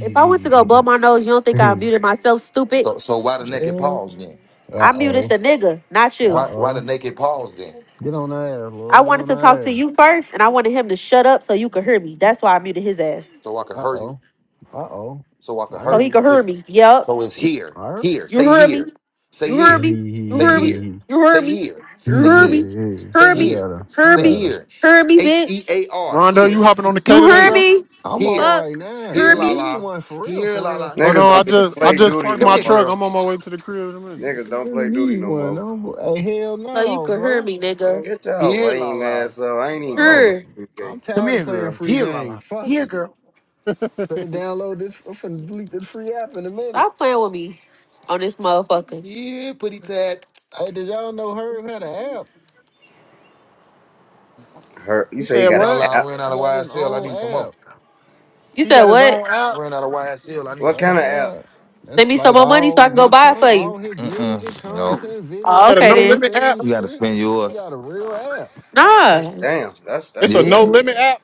[SPEAKER 7] If I went to go blow my nose, you don't think I muted myself, stupid?
[SPEAKER 19] So, so why the naked paws then?
[SPEAKER 25] uh
[SPEAKER 7] I muted
[SPEAKER 25] oh.
[SPEAKER 7] the nigga, not
[SPEAKER 25] Uh
[SPEAKER 7] you.
[SPEAKER 19] Why, why the
[SPEAKER 25] oh.
[SPEAKER 19] naked paws then?
[SPEAKER 25] Get on the ass,
[SPEAKER 7] I
[SPEAKER 25] Lord. Get
[SPEAKER 7] wanted
[SPEAKER 25] on the
[SPEAKER 7] to talk to
[SPEAKER 25] ass.
[SPEAKER 7] you first, and I wanted him to shut up so you could hear me. That's why I muted his ass.
[SPEAKER 19] So I could
[SPEAKER 25] Uh
[SPEAKER 19] hurt you.
[SPEAKER 25] oh. Uh oh.
[SPEAKER 19] so I can
[SPEAKER 7] So
[SPEAKER 19] hear
[SPEAKER 25] Nice.
[SPEAKER 7] he
[SPEAKER 19] you.
[SPEAKER 7] could hear
[SPEAKER 19] It's,
[SPEAKER 7] me. Yup.
[SPEAKER 19] so it's here,
[SPEAKER 25] All right.
[SPEAKER 19] here,
[SPEAKER 7] You
[SPEAKER 19] say
[SPEAKER 7] heard me.
[SPEAKER 19] here, say
[SPEAKER 7] You heard
[SPEAKER 19] here,
[SPEAKER 7] me. You
[SPEAKER 19] say
[SPEAKER 7] heard me.
[SPEAKER 19] here,
[SPEAKER 7] You
[SPEAKER 19] say
[SPEAKER 7] heard me.
[SPEAKER 19] here,
[SPEAKER 7] You
[SPEAKER 19] say
[SPEAKER 25] Yeah.
[SPEAKER 7] heard me.
[SPEAKER 19] here,
[SPEAKER 25] Yeah.
[SPEAKER 19] say
[SPEAKER 7] Heard
[SPEAKER 25] We
[SPEAKER 7] me.
[SPEAKER 19] here,
[SPEAKER 25] got her. We
[SPEAKER 7] Heard
[SPEAKER 19] say
[SPEAKER 7] me.
[SPEAKER 25] got her.
[SPEAKER 19] here.
[SPEAKER 7] Heard me,
[SPEAKER 19] H
[SPEAKER 7] bitch.
[SPEAKER 19] E A R,
[SPEAKER 16] Rondo, you
[SPEAKER 19] here,
[SPEAKER 16] hopping on the K
[SPEAKER 7] You
[SPEAKER 16] today,
[SPEAKER 7] heard
[SPEAKER 16] bro?
[SPEAKER 19] here,
[SPEAKER 7] me.
[SPEAKER 25] I'm all
[SPEAKER 19] here,
[SPEAKER 25] right
[SPEAKER 7] Fuck.
[SPEAKER 25] now.
[SPEAKER 19] here,
[SPEAKER 7] Heard
[SPEAKER 25] We
[SPEAKER 19] la
[SPEAKER 7] me.
[SPEAKER 25] need
[SPEAKER 19] la,
[SPEAKER 25] one for real,
[SPEAKER 19] here,
[SPEAKER 25] for
[SPEAKER 19] la
[SPEAKER 25] real.
[SPEAKER 19] la.
[SPEAKER 16] Hold
[SPEAKER 15] Niggas
[SPEAKER 16] on, I
[SPEAKER 15] don't even
[SPEAKER 16] just
[SPEAKER 25] we
[SPEAKER 16] I
[SPEAKER 15] play
[SPEAKER 16] just
[SPEAKER 15] duty
[SPEAKER 16] parked
[SPEAKER 19] Come
[SPEAKER 15] no
[SPEAKER 16] my
[SPEAKER 19] here,
[SPEAKER 15] more.
[SPEAKER 16] truck.
[SPEAKER 19] girl.
[SPEAKER 16] I'm on my way to the crib in a minute.
[SPEAKER 15] Niggas don't
[SPEAKER 25] really
[SPEAKER 15] play duty
[SPEAKER 25] need
[SPEAKER 15] no
[SPEAKER 25] one.
[SPEAKER 15] more.
[SPEAKER 25] No, hey, hell
[SPEAKER 7] So you
[SPEAKER 25] no,
[SPEAKER 7] can hear
[SPEAKER 25] bro.
[SPEAKER 7] me,
[SPEAKER 15] Man,
[SPEAKER 7] nigga.
[SPEAKER 15] get y'all
[SPEAKER 19] Here, la
[SPEAKER 15] lame
[SPEAKER 19] la.
[SPEAKER 15] ass up. I ain't even bought no
[SPEAKER 25] Whoa.
[SPEAKER 7] Hear.
[SPEAKER 15] 2K.
[SPEAKER 25] I'm
[SPEAKER 19] Come
[SPEAKER 25] tired of
[SPEAKER 19] here,
[SPEAKER 25] playing
[SPEAKER 19] girl.
[SPEAKER 25] free
[SPEAKER 19] Here, la
[SPEAKER 25] game.
[SPEAKER 19] la.
[SPEAKER 25] Fuck
[SPEAKER 19] Here,
[SPEAKER 25] it.
[SPEAKER 19] girl.
[SPEAKER 25] Could have downloaded this. I'm finna delete this free app in a minute.
[SPEAKER 7] Stop playing with me on this motherfucker.
[SPEAKER 19] Yeah, pretty tat.
[SPEAKER 25] Hey, did y'all know Herb had an app?
[SPEAKER 15] Her you
[SPEAKER 16] You
[SPEAKER 15] say he
[SPEAKER 16] said
[SPEAKER 19] And
[SPEAKER 15] got an
[SPEAKER 19] la
[SPEAKER 16] what?
[SPEAKER 19] la, I
[SPEAKER 15] app?
[SPEAKER 19] ran out
[SPEAKER 25] He
[SPEAKER 19] of
[SPEAKER 25] got his
[SPEAKER 19] YSL. I
[SPEAKER 25] own
[SPEAKER 19] need some
[SPEAKER 25] app.
[SPEAKER 19] more.
[SPEAKER 7] You
[SPEAKER 16] He
[SPEAKER 7] said
[SPEAKER 16] got his
[SPEAKER 7] what?
[SPEAKER 16] own
[SPEAKER 19] I
[SPEAKER 16] app.
[SPEAKER 19] ran out of
[SPEAKER 25] I
[SPEAKER 19] YSL. I need
[SPEAKER 15] What
[SPEAKER 25] swear
[SPEAKER 19] some
[SPEAKER 25] to
[SPEAKER 15] kind of
[SPEAKER 19] more.
[SPEAKER 15] app?
[SPEAKER 25] God.
[SPEAKER 7] Send
[SPEAKER 25] That's
[SPEAKER 7] me some
[SPEAKER 25] like
[SPEAKER 7] more money so I
[SPEAKER 25] all
[SPEAKER 7] can go
[SPEAKER 25] his
[SPEAKER 7] buy
[SPEAKER 25] con
[SPEAKER 7] it for you.
[SPEAKER 25] all his music,
[SPEAKER 19] Mm-mm. No,
[SPEAKER 25] content,
[SPEAKER 16] He
[SPEAKER 7] Oh,
[SPEAKER 25] videos,
[SPEAKER 16] got a
[SPEAKER 7] okay
[SPEAKER 16] no
[SPEAKER 25] behind the
[SPEAKER 7] then.
[SPEAKER 16] limit app.
[SPEAKER 25] scenes
[SPEAKER 19] you got to
[SPEAKER 25] shit.
[SPEAKER 19] spend
[SPEAKER 25] He got
[SPEAKER 19] yours.
[SPEAKER 25] a real app.
[SPEAKER 15] That's
[SPEAKER 7] Nah.
[SPEAKER 15] damn. That's that's
[SPEAKER 16] It's a
[SPEAKER 15] what's
[SPEAKER 19] Yeah.
[SPEAKER 16] no
[SPEAKER 15] up.
[SPEAKER 16] limit app.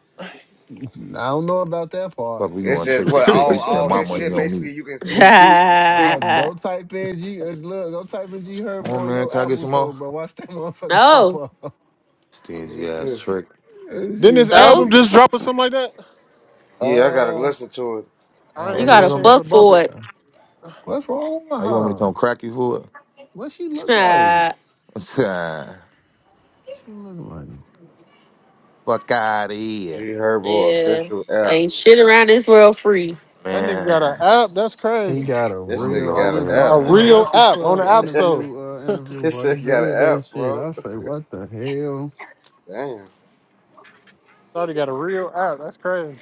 [SPEAKER 25] I don't know about that
[SPEAKER 19] Fuck,
[SPEAKER 25] part.
[SPEAKER 19] we
[SPEAKER 15] it's
[SPEAKER 19] going
[SPEAKER 15] just
[SPEAKER 19] trick for
[SPEAKER 15] what
[SPEAKER 19] trick. You
[SPEAKER 15] all
[SPEAKER 19] spend
[SPEAKER 15] all
[SPEAKER 19] my
[SPEAKER 15] his
[SPEAKER 19] money
[SPEAKER 15] shit
[SPEAKER 25] it's
[SPEAKER 19] on me.
[SPEAKER 15] basically you can you can keep, you can
[SPEAKER 25] uh, go type in G uh, look, go type in G
[SPEAKER 19] Come
[SPEAKER 25] Herb
[SPEAKER 19] on,
[SPEAKER 25] on
[SPEAKER 19] man.
[SPEAKER 25] your
[SPEAKER 19] Can I get
[SPEAKER 25] Apple
[SPEAKER 19] some
[SPEAKER 25] store,
[SPEAKER 19] more?
[SPEAKER 25] bro. Watch that motherfucker pop
[SPEAKER 7] no.
[SPEAKER 25] up.
[SPEAKER 19] Stingy ass
[SPEAKER 15] see.
[SPEAKER 19] trick.
[SPEAKER 25] that
[SPEAKER 16] Didn't
[SPEAKER 25] shit
[SPEAKER 16] his
[SPEAKER 7] So
[SPEAKER 16] album
[SPEAKER 25] funny.
[SPEAKER 16] just drop or something like that?
[SPEAKER 15] Yeah, I gotta
[SPEAKER 25] Uh oh,
[SPEAKER 15] listen to it.
[SPEAKER 25] I
[SPEAKER 16] I
[SPEAKER 7] you
[SPEAKER 16] didn't
[SPEAKER 19] Damn,
[SPEAKER 16] get
[SPEAKER 19] you
[SPEAKER 16] a
[SPEAKER 19] ain't
[SPEAKER 7] gotta
[SPEAKER 25] don't
[SPEAKER 19] gonna.
[SPEAKER 16] chance to
[SPEAKER 7] fuck
[SPEAKER 25] see.
[SPEAKER 16] bump it.
[SPEAKER 7] for it.
[SPEAKER 25] What's wrong with
[SPEAKER 19] Oh, you want me to
[SPEAKER 25] her?
[SPEAKER 19] come crack you for
[SPEAKER 25] What she look like?
[SPEAKER 7] yeah.
[SPEAKER 19] it?
[SPEAKER 25] She look like?
[SPEAKER 19] Fuck out of
[SPEAKER 15] G
[SPEAKER 19] here,
[SPEAKER 15] Herbo official app.
[SPEAKER 7] Ain't shit around this world free.
[SPEAKER 16] That nigga got an
[SPEAKER 19] man.
[SPEAKER 16] app. That's
[SPEAKER 25] He
[SPEAKER 16] crazy.
[SPEAKER 25] got a
[SPEAKER 19] Let
[SPEAKER 15] This
[SPEAKER 19] me
[SPEAKER 15] nigga
[SPEAKER 25] real.
[SPEAKER 19] go
[SPEAKER 25] I
[SPEAKER 15] got
[SPEAKER 19] over
[SPEAKER 15] an
[SPEAKER 25] just
[SPEAKER 19] here,
[SPEAKER 15] app,
[SPEAKER 16] A
[SPEAKER 25] watched his
[SPEAKER 19] man.
[SPEAKER 15] bro.
[SPEAKER 16] real
[SPEAKER 25] Breakfast
[SPEAKER 16] app on the
[SPEAKER 25] Club
[SPEAKER 16] App Store.
[SPEAKER 25] interview. Uh, interview,
[SPEAKER 15] this
[SPEAKER 25] bro. He
[SPEAKER 15] nigga got an
[SPEAKER 25] said that
[SPEAKER 15] app,
[SPEAKER 25] shit.
[SPEAKER 15] bro.
[SPEAKER 25] I say, what the hell?
[SPEAKER 15] Damn.
[SPEAKER 16] Shorty got a real app. That's crazy.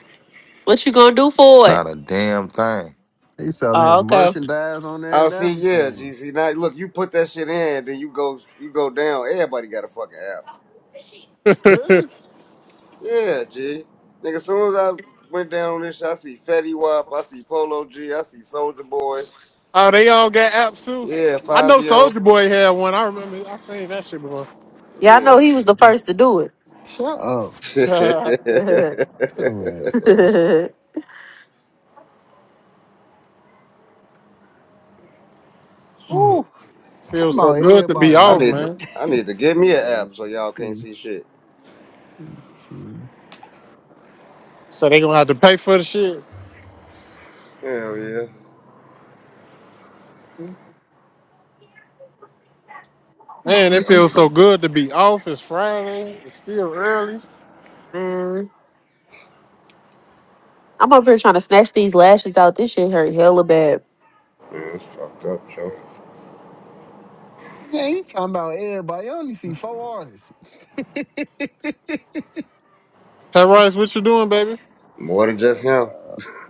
[SPEAKER 7] What you gonna do for it?
[SPEAKER 19] Not a damn thing.
[SPEAKER 25] He selling
[SPEAKER 7] Oh,
[SPEAKER 25] his
[SPEAKER 7] okay.
[SPEAKER 25] merchandise on there
[SPEAKER 15] Oh,
[SPEAKER 25] and
[SPEAKER 15] see, yeah,
[SPEAKER 25] everything.
[SPEAKER 15] GC. Now, look, you put that shit in, then you go, you go down. Everybody got a fucking app.
[SPEAKER 25] Really?
[SPEAKER 15] Yeah, G. Nigga, as soon as I went down on this, shit, I see Fetty Wap, I see Polo G, I see Soldier Boy.
[SPEAKER 16] oh, they all got apps too.
[SPEAKER 15] Yeah,
[SPEAKER 16] I
[SPEAKER 15] five
[SPEAKER 16] know
[SPEAKER 15] yo.
[SPEAKER 16] Soldier Boy had one. I remember. I seen that shit before.
[SPEAKER 7] Yeah, I know
[SPEAKER 15] Yeah.
[SPEAKER 7] he was the first to do it.
[SPEAKER 25] Shut up.
[SPEAKER 15] Shit.
[SPEAKER 25] Shut your ass up. Oh.
[SPEAKER 16] Woo.
[SPEAKER 25] Talking
[SPEAKER 16] Feels so
[SPEAKER 25] about
[SPEAKER 16] good to be
[SPEAKER 25] everybody
[SPEAKER 15] I
[SPEAKER 25] and
[SPEAKER 16] off,
[SPEAKER 15] need to,
[SPEAKER 16] man.
[SPEAKER 15] I
[SPEAKER 25] just.
[SPEAKER 15] need to get me an
[SPEAKER 25] well, let
[SPEAKER 15] app so
[SPEAKER 25] me
[SPEAKER 15] y'all can't
[SPEAKER 25] see.
[SPEAKER 15] see shit.
[SPEAKER 25] Let me see.
[SPEAKER 16] So they gonna have to pay for the shit.
[SPEAKER 15] Hell yeah.
[SPEAKER 25] Man,
[SPEAKER 16] Man, it
[SPEAKER 25] yo,
[SPEAKER 16] feels so good to be off. It's Friday. It's still early.
[SPEAKER 7] Man. I'm over here trying to snatch these lashes out. This shit hurt hella bad.
[SPEAKER 15] Yeah, it's fucked up, yo.
[SPEAKER 25] man, you talking about everybody? You only see four artists.
[SPEAKER 16] Hey Rice, what you doing, baby?
[SPEAKER 15] More than just
[SPEAKER 25] Hell
[SPEAKER 15] him.
[SPEAKER 25] no.